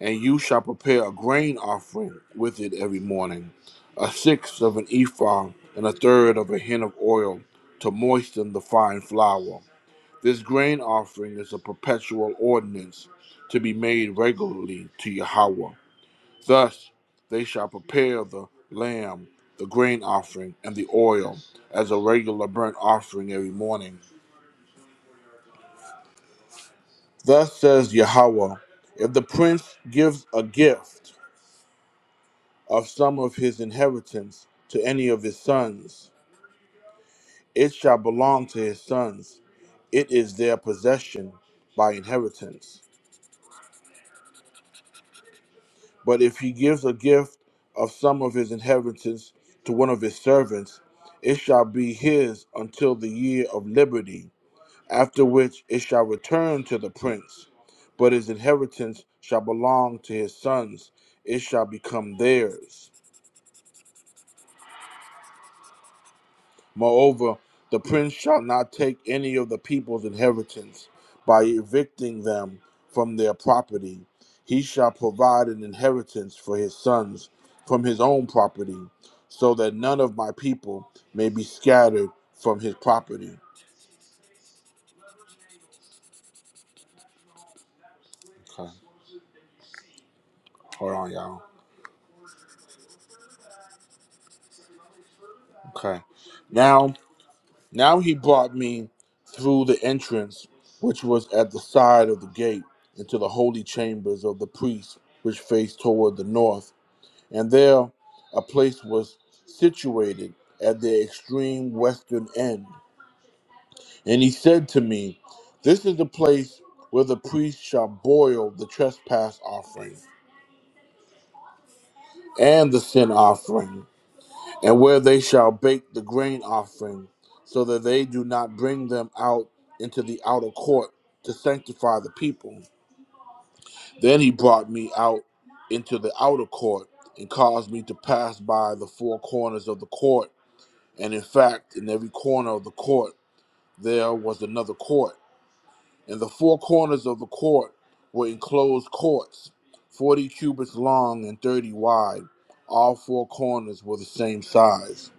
A: And you shall prepare a grain offering with it every morning, a sixth of an ephah and a third of a hin of oil to moisten the fine flour. This grain offering is a perpetual ordinance to be made regularly to Yahweh. Thus they shall prepare the lamb, the grain offering, and the oil as a regular burnt offering every morning. Thus says Yahweh, if the prince gives a gift, of some of his inheritance to any of his sons. It shall belong to his sons, it is their possession by inheritance. But if he gives a gift of some of his inheritance to one of his servants, it shall be his until the year of liberty, after which it shall return to the prince. But his inheritance shall belong to his sons, it shall become theirs. Moreover, the prince shall not take any of the people's inheritance by evicting them from their property. He shall provide an inheritance for his sons from his own property, so that none of my people may be scattered from his property. Okay, hold on, y'all. Okay, now, now he brought me through the entrance, which was at the side of the gate, into the holy chambers of the priests, which faced toward the north and there a place was situated at the extreme western end. And he said to me, This is the place where the priest shall boil the trespass offering and the sin offering, and where they shall bake the grain offering, so that they do not bring them out into the outer court to sanctify the people. Then he brought me out into the outer court and caused me to pass by the four corners of the court And in fact, in every corner of the court there was another court, and the four corners of the court were enclosed courts, forty cubits long and thirty wide. All four corners were the same size.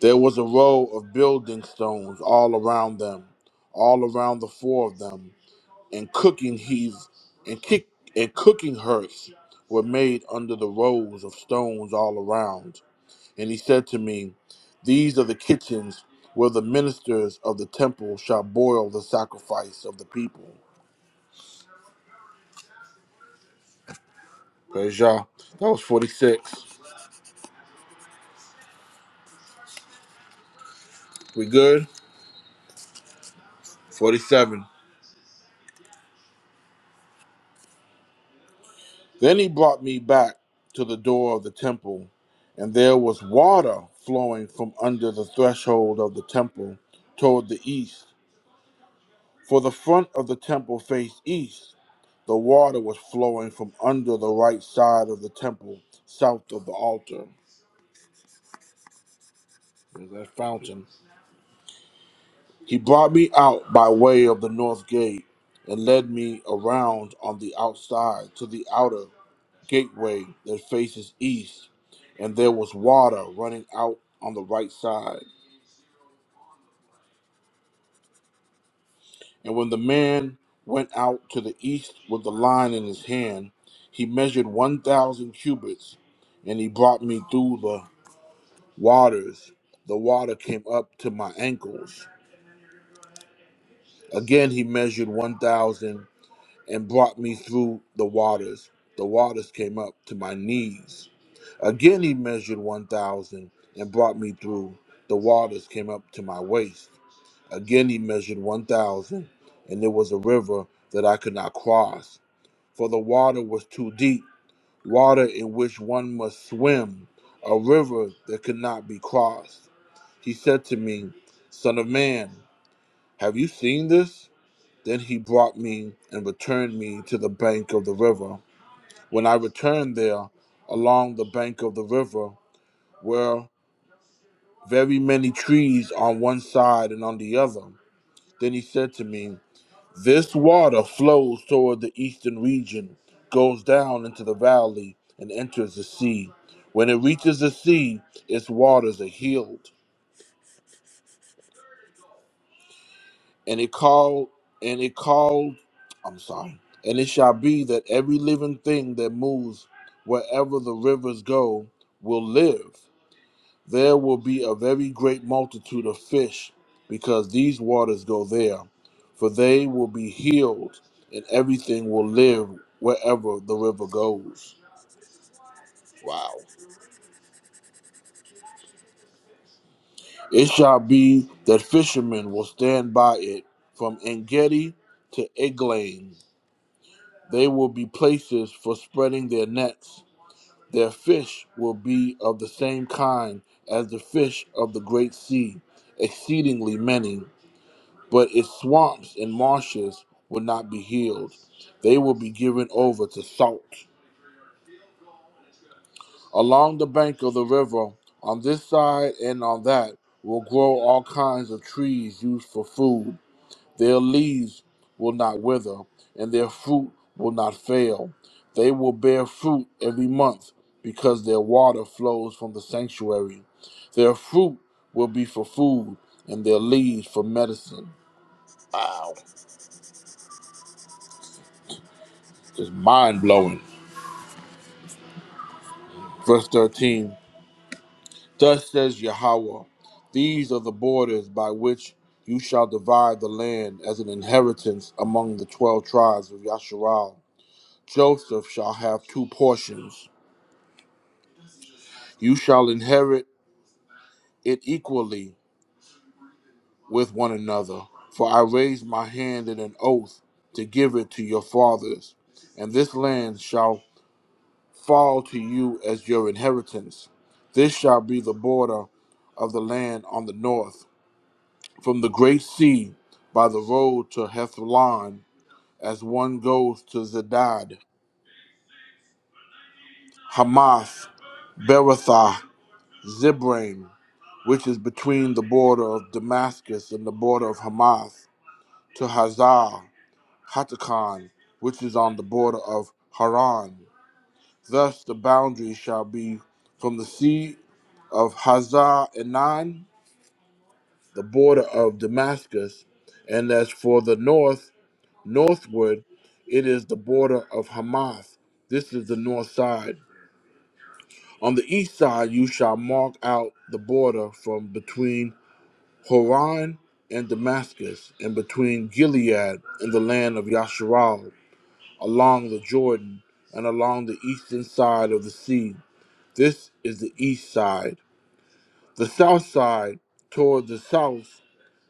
A: There was a row of building stones all around them, all around the four of them, and cooking heaths and kick and cooking hearths were made under the rows of stones all around. And he said to me, These are the kitchens where the ministers of the temple shall boil the sacrifice of the people. Praise Yah. That was 46. We good? 47. Then he brought me back to the door of the temple, and there was water flowing from under the threshold of the temple toward the east. For the front of the temple faced east. The water was flowing from under the right side of the temple, south of the altar. There's that fountain. He brought me out by way of the north gate and led me around on the outside to the outer gateway that faces east, and there was water running out on the right side. And when the man went out to the east with the line in his hand, he measured 1,000 cubits, and he brought me through the waters. The water came up to my ankles. Again, he measured 1,000 and brought me through the waters. The waters came up to my knees. Again, he measured 1,000 and brought me through. The waters came up to my waist. Again, he measured 1,000, and there was a river that I could not cross, for the water was too deep, water in which one must swim, a river that could not be crossed. He said to me, Son of man, have you seen this? Then he brought me and returned me to the bank of the river. When I returned there, along the bank of the river were very many trees on one side and on the other. Then he said to me, This water flows toward the eastern region, goes down into the valley, and enters the sea. When it reaches the sea, its waters are healed. And it called, and it called, I'm sorry. And it shall be that every living thing that moves wherever the rivers go will live. There will be a very great multitude of fish, because these waters go there. For they will be healed, and everything will live wherever the river goes. Wow. It shall be that fishermen will stand by it from Engedi to Eglain. They will be places for spreading their nets. Their fish will be of the same kind as the fish of the great sea, exceedingly many. But its swamps and marshes will not be healed. They will be given over to salt. Along the bank of the river, on this side and on that, will grow all kinds of trees used for food. Their leaves will not wither, and their fruit will not fail. They will bear fruit every month, because their water flows from the sanctuary. Their fruit will be for food, and their leaves for medicine. It's mind blowing. Verse 13. Thus says Yahweh, these are the borders by which you shall divide the land as an inheritance among the twelve tribes of Yasharal. Joseph shall have two portions. You shall inherit it equally with one another, for I raised my hand in an oath to give it to your fathers, and this land shall fall to you as your inheritance. This shall be the border of the land on the north from the great sea by the road to Hethlon as one goes to Zedad, Hamath, Beratha, Zibraim, which is between the border of Damascus and the border of Hamath, to Hazar, Hatakan, which is on the border of Haran. Thus the boundary shall be from the sea of Hazar Enan, the border of Damascus, and as for the north, Northward, it is the border of Hamath. This is the north side. On the east side, you shall mark out the border from between Horan and Damascus, and between Gilead and the land of Yasharal, along the Jordan, and along the eastern side of the sea. This is the east side. The south side, toward the south,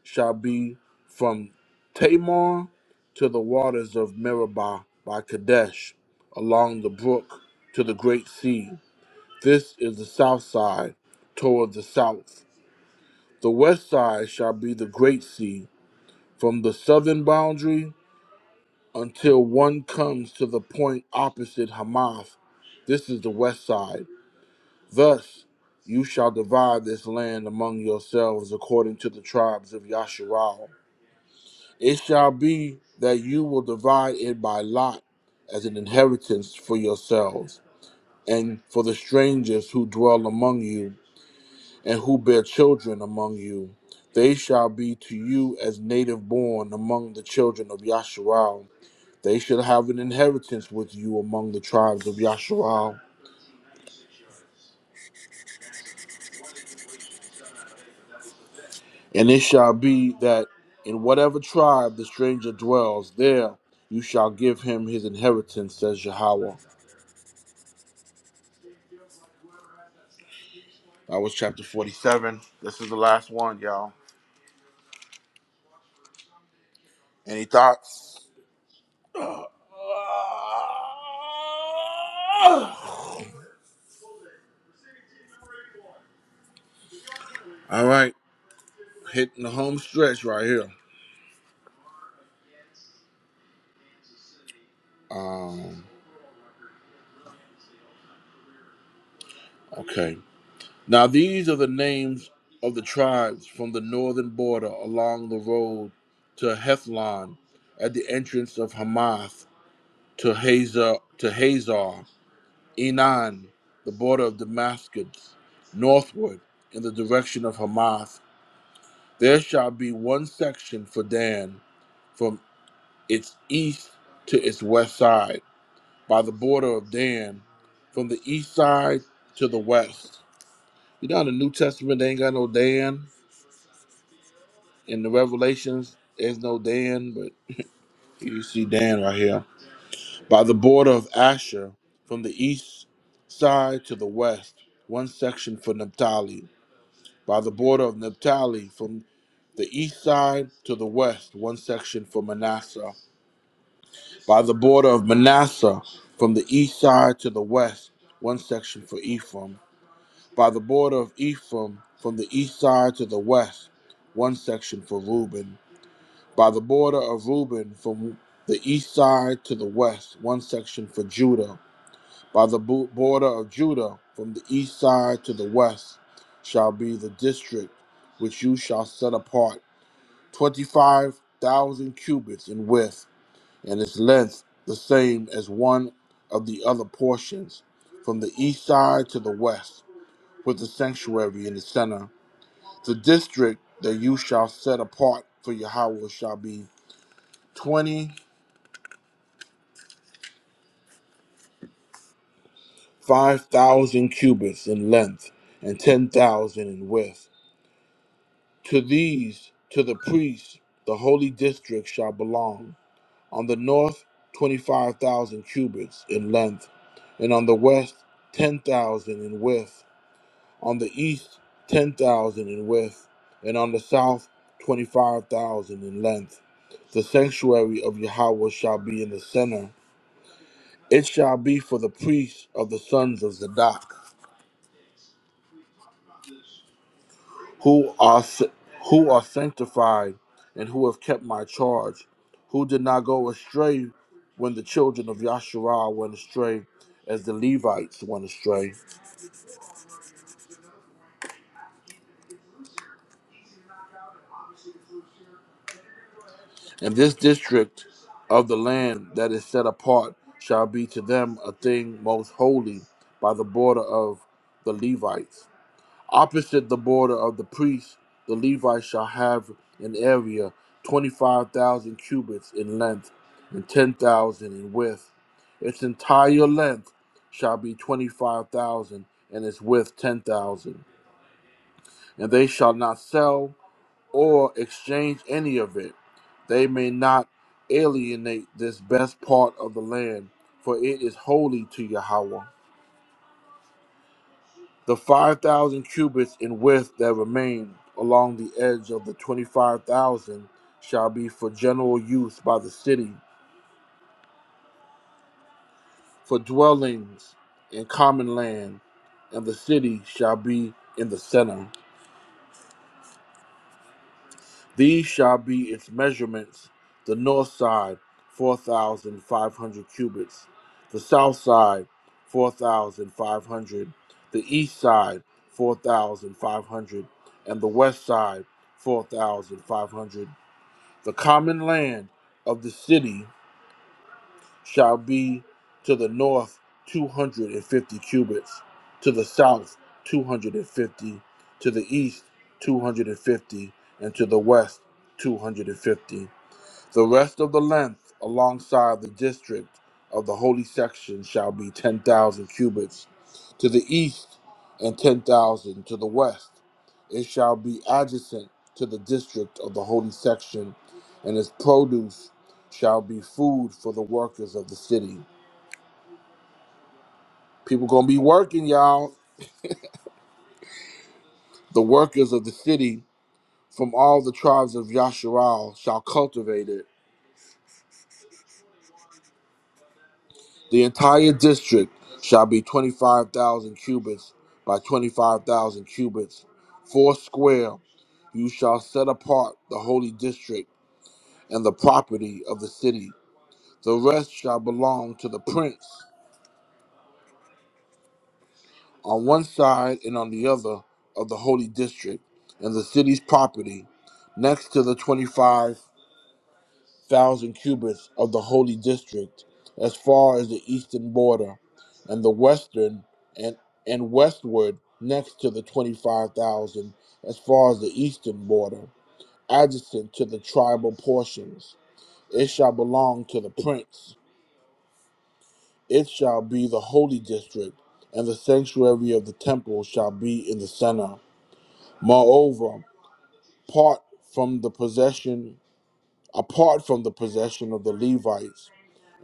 A: shall be from Tamar to the waters of Meribah by Kadesh, along the brook to the great sea. This is the south side toward the south. The west side shall be the great sea, from the southern boundary until one comes to the point opposite Hamath. This is the west side. Thus you shall divide this land among yourselves according to the tribes of Yasharal. It shall be that you will divide it by lot as an inheritance for yourselves, and for the strangers who dwell among you, and who bear children among you. They shall be to you as native born among the children of Yasharal. They shall have an inheritance with you among the tribes of Yasharal. And it shall be that in whatever tribe the stranger dwells, there you shall give him his inheritance, says Yahweh. That was chapter 47. This is the last one, y'all. Any thoughts? All right, hitting the home stretch right here. Um, okay. Now, these are the names of the tribes from the northern border along the road to Hethlon at the entrance of Hamath to Hazar, to Hazar, Enan, the border of Damascus, northward in the direction of Hamath. There shall be one section for Dan from. its east to its west side by the border of Dan, from the east side to the west. You know, in the New Testament, they ain't got no Dan. In the Revelations, there's no Dan, but you see Dan right here. By the border of Asher, from the east side to the west, one section for Naphtali. By the border of Naphtali, from the east side to the west, one section for Manasseh by the border of Manasseh from the east side to the west, one section for Ephraim, by the border of Ephraim from the east side to the west, one section for Reuben, by the border of Reuben from the east side to the west, one section for Judah, by the bo- border of Judah from the east side to the west shall be the district which you shall set apart, 25,000 cubits in width and its length the same as one of the other portions, from the east side to the west, with the sanctuary in the center. The district that you shall set apart for Yahweh shall be 25,000 cubits in length and 10,000 in width. To these, to the priests, the holy district shall belong. On the north, 25,000 cubits in length, and on the west, 10,000 in width on the east ten thousand in width, and on the south twenty five thousand in length. The sanctuary of Yahweh shall be in the center. It shall be for the priests of the sons of Zadok, who are who are sanctified and who have kept my charge, who did not go astray when the children of Yahshua went astray, as the Levites went astray. And this district of the land that is set apart shall be to them a thing most holy by the border of the Levites. Opposite the border of the priests, the Levites shall have an area 25,000 cubits in length and 10,000 in width. Its entire length shall be 25,000 and its width 10,000. And they shall not sell or exchange any of it. They may not alienate this best part of the land, for it is holy to Yahweh. The 5,000 cubits in width that remain along the edge of the 25,000 shall be for general use by the city, for dwellings in common land, and the city shall be in the center. These shall be its measurements the north side, 4,500 cubits, the south side, 4,500, the east side, 4,500, and the west side, 4,500. The common land of the city shall be to the north 250 cubits, to the south 250, to the east 250, and fifty, and to the west 250. The rest of the length alongside the district of the holy section shall be 10,000 cubits to the east and 10,000 to the west. It shall be adjacent to the district of the holy section, and its produce shall be food for the workers of the city. People gonna be working, y'all. The workers of the city from all the tribes of Yasharal shall cultivate it The entire district shall be 25,000 cubits by 25,000 cubits. Foursquare you shall set apart the holy district and the property of the city. The rest shall belong to the prince on one side and on the other of the holy district and the city's property next to the twenty-five. thousand cubits of the holy district as far as the eastern border, and the western and and westward next to the twenty five thousand as far as the eastern border, adjacent to the tribal portions. It shall belong to the prince. It shall be the holy district, and the sanctuary of the temple shall be in the center. Moreover, part from the possession apart from the possession of the Levites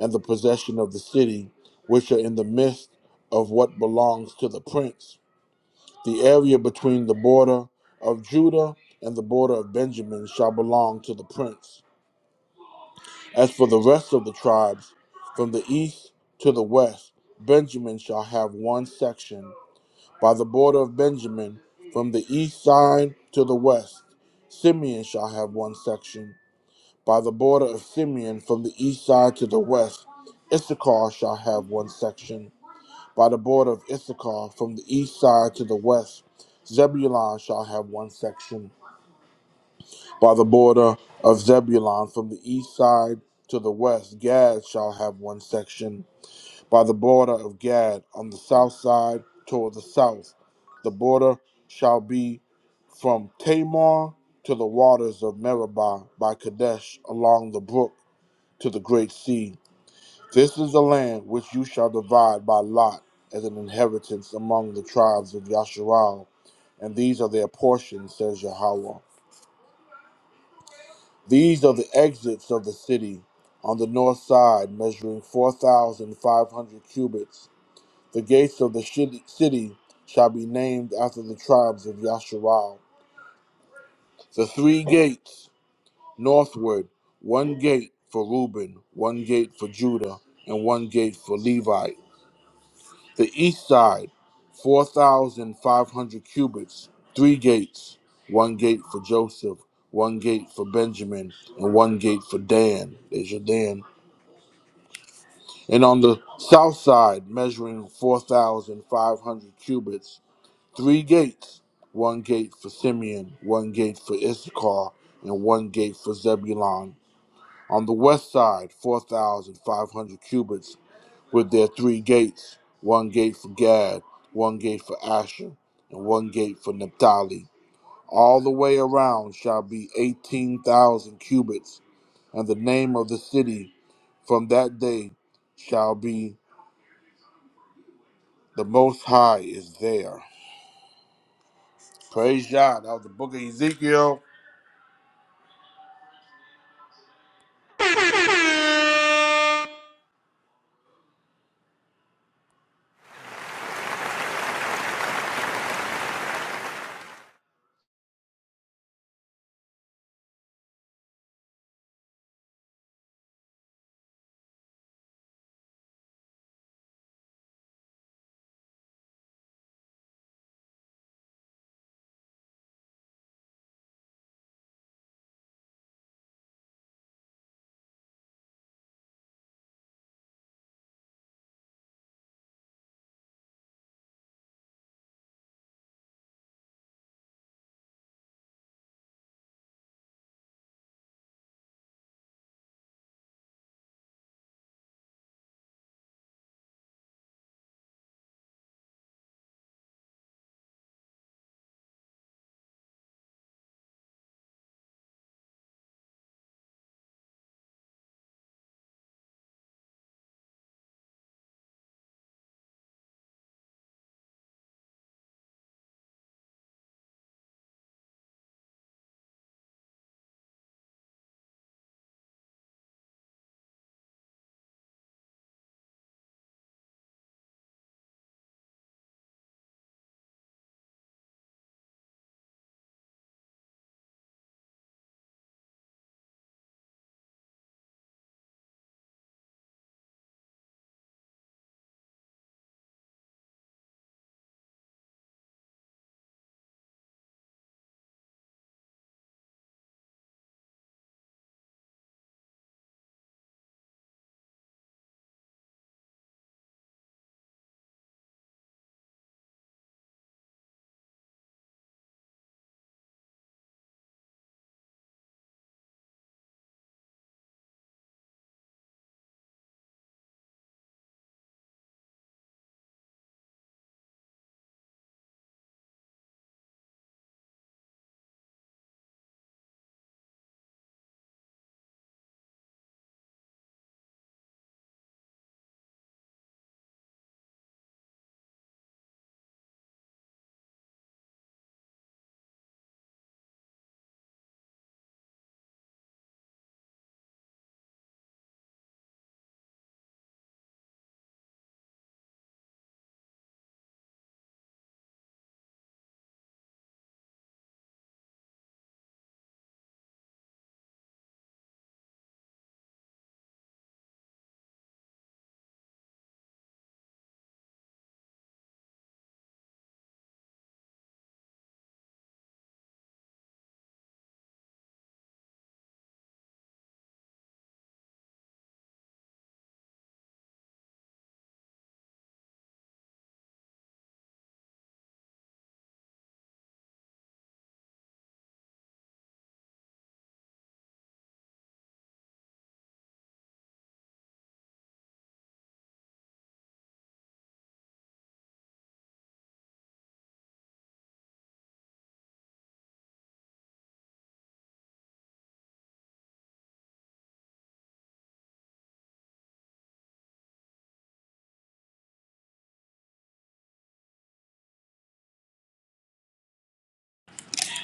A: and the possession of the city, which are in the midst of what belongs to the prince. The area between the border of Judah and the border of Benjamin shall belong to the prince. As for the rest of the tribes, from the east to the west, Benjamin shall have one section. By the border of Benjamin, from the east side to the west, Simeon shall have one section. By the border of Simeon, from the east side to the west, Issachar shall have one section. by the border of Issachar from the east side to the west. Zebulun shall have one section by the border of Zebulun from the east side to the west. Gad shall have one section by the border of Gad on the south side toward the south. The border shall be from Tamar to the waters of Meribah by Kadesh along the brook to the great sea. This is the land which you shall divide by lot as an inheritance among the tribes of Yasharal, and these are their portions, says Yahweh. These are the exits of the city on the north side, measuring 4,500 cubits. The gates of the shi- city shall be named after the tribes of Yasharal. The three gates northward, one gate for Reuben, one gate for Judah, and one gate for Levi The east side, 4,500 cubits, three gates, one gate for Joseph, one gate for Benjamin, and one gate for Dan. There's your Dan. And on the south side, measuring 4,500 cubits, three gates, one gate for Simeon, one gate for Issachar, and one gate for Zebulon. On the west side, 4,500 cubits, with their three gates one gate for Gad, one gate for Asher, and one gate for Naphtali. All the way around shall be 18,000 cubits, and the name of the city from that day shall be the Most High is there. Praise God. That was the book of Ezekiel.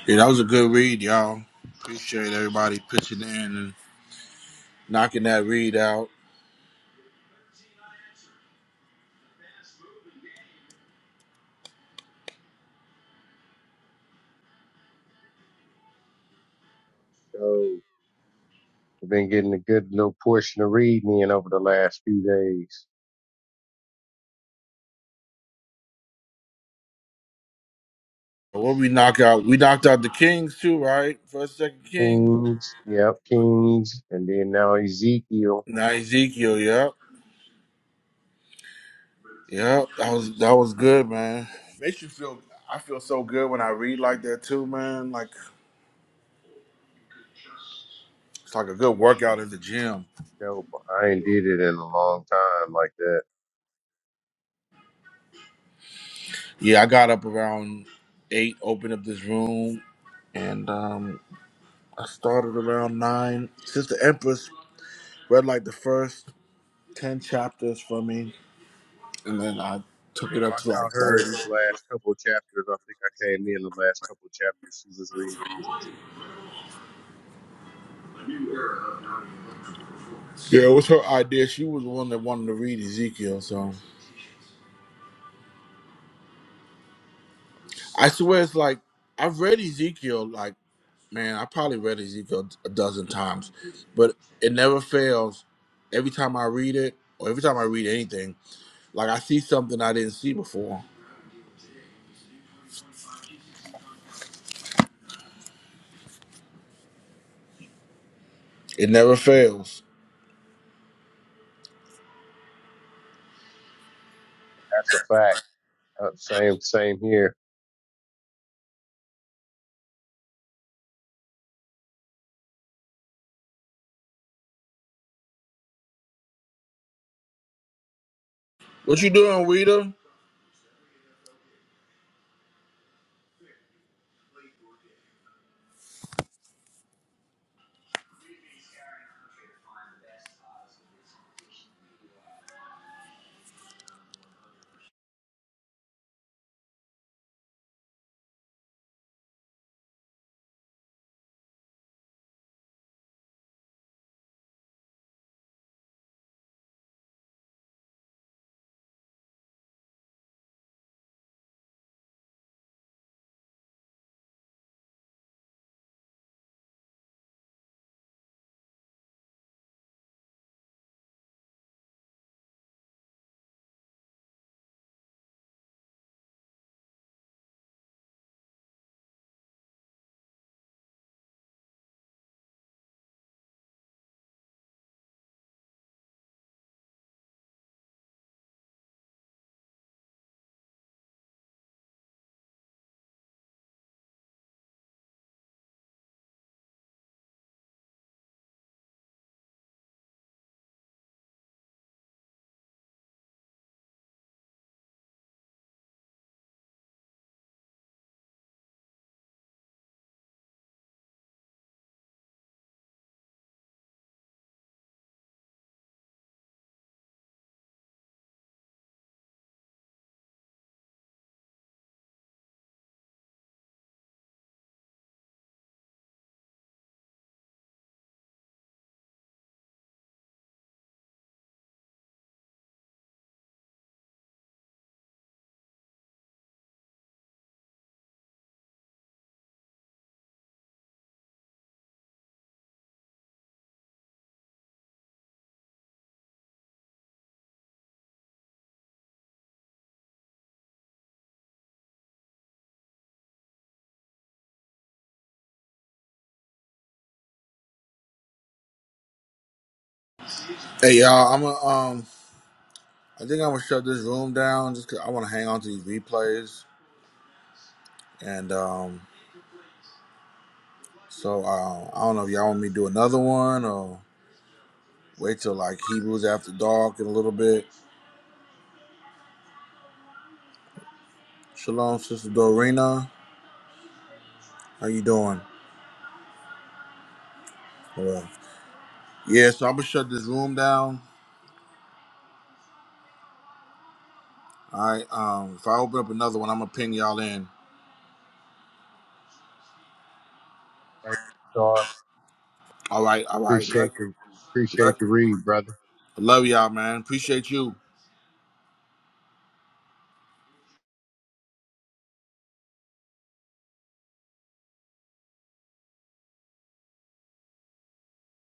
A: Yeah, that was a good read, y'all. Appreciate everybody pitching in and knocking that read out.
I: So I've been getting a good little portion of reading in over the last few days.
A: What we knock out? We knocked out the Kings too, right? First, second Kings.
I: Kings, yep, Kings, and then now Ezekiel.
A: Now Ezekiel, yep. Yeah, that was that was good, man. Makes you feel. I feel so good when I read like that too, man. Like it's like a good workout at the gym.
I: Dope. I ain't did it in a long time like that.
A: Yeah, I got up around eight, opened up this room, and um, I started around nine. Sister Empress read like the first ten chapters for me, and then I took it
I: Yep,
A: up
I: I
A: to like
I: caught her at
A: thirty.
I: the last couple of chapters. I think I came in the last couple of chapters she was reading.
A: Yeah, it was her idea. She was the one that wanted to read Ezekiel. So I swear, it's like I've read Ezekiel. Like. man, I probably read Ezekiel a dozen times, but it never fails. Every time I read it, or every time I read anything, like I see something I didn't see before. It never fails.
I: That's a fact. Uh, same, same here.
A: What you doing, Rita? Hey y'all, I'm a, um, I think I'm gonna shut this room down just 'cause I want to hang on to these replays. And um, so uh, I don't know if y'all want me to do another one or wait till like Hebrews after dark in a little bit. Shalom, Sister Dorina. How you doing? Hello. Yeah, so I'm gonna shut this room down. All right. Um, if I open up another one, I'm gonna ping y'all in.
I: Thank you, Star.
A: All right. All right. Love,
I: Appreciate the,
A: love,
I: appreciate the read, brother.
A: love y'all, man. Appreciate you.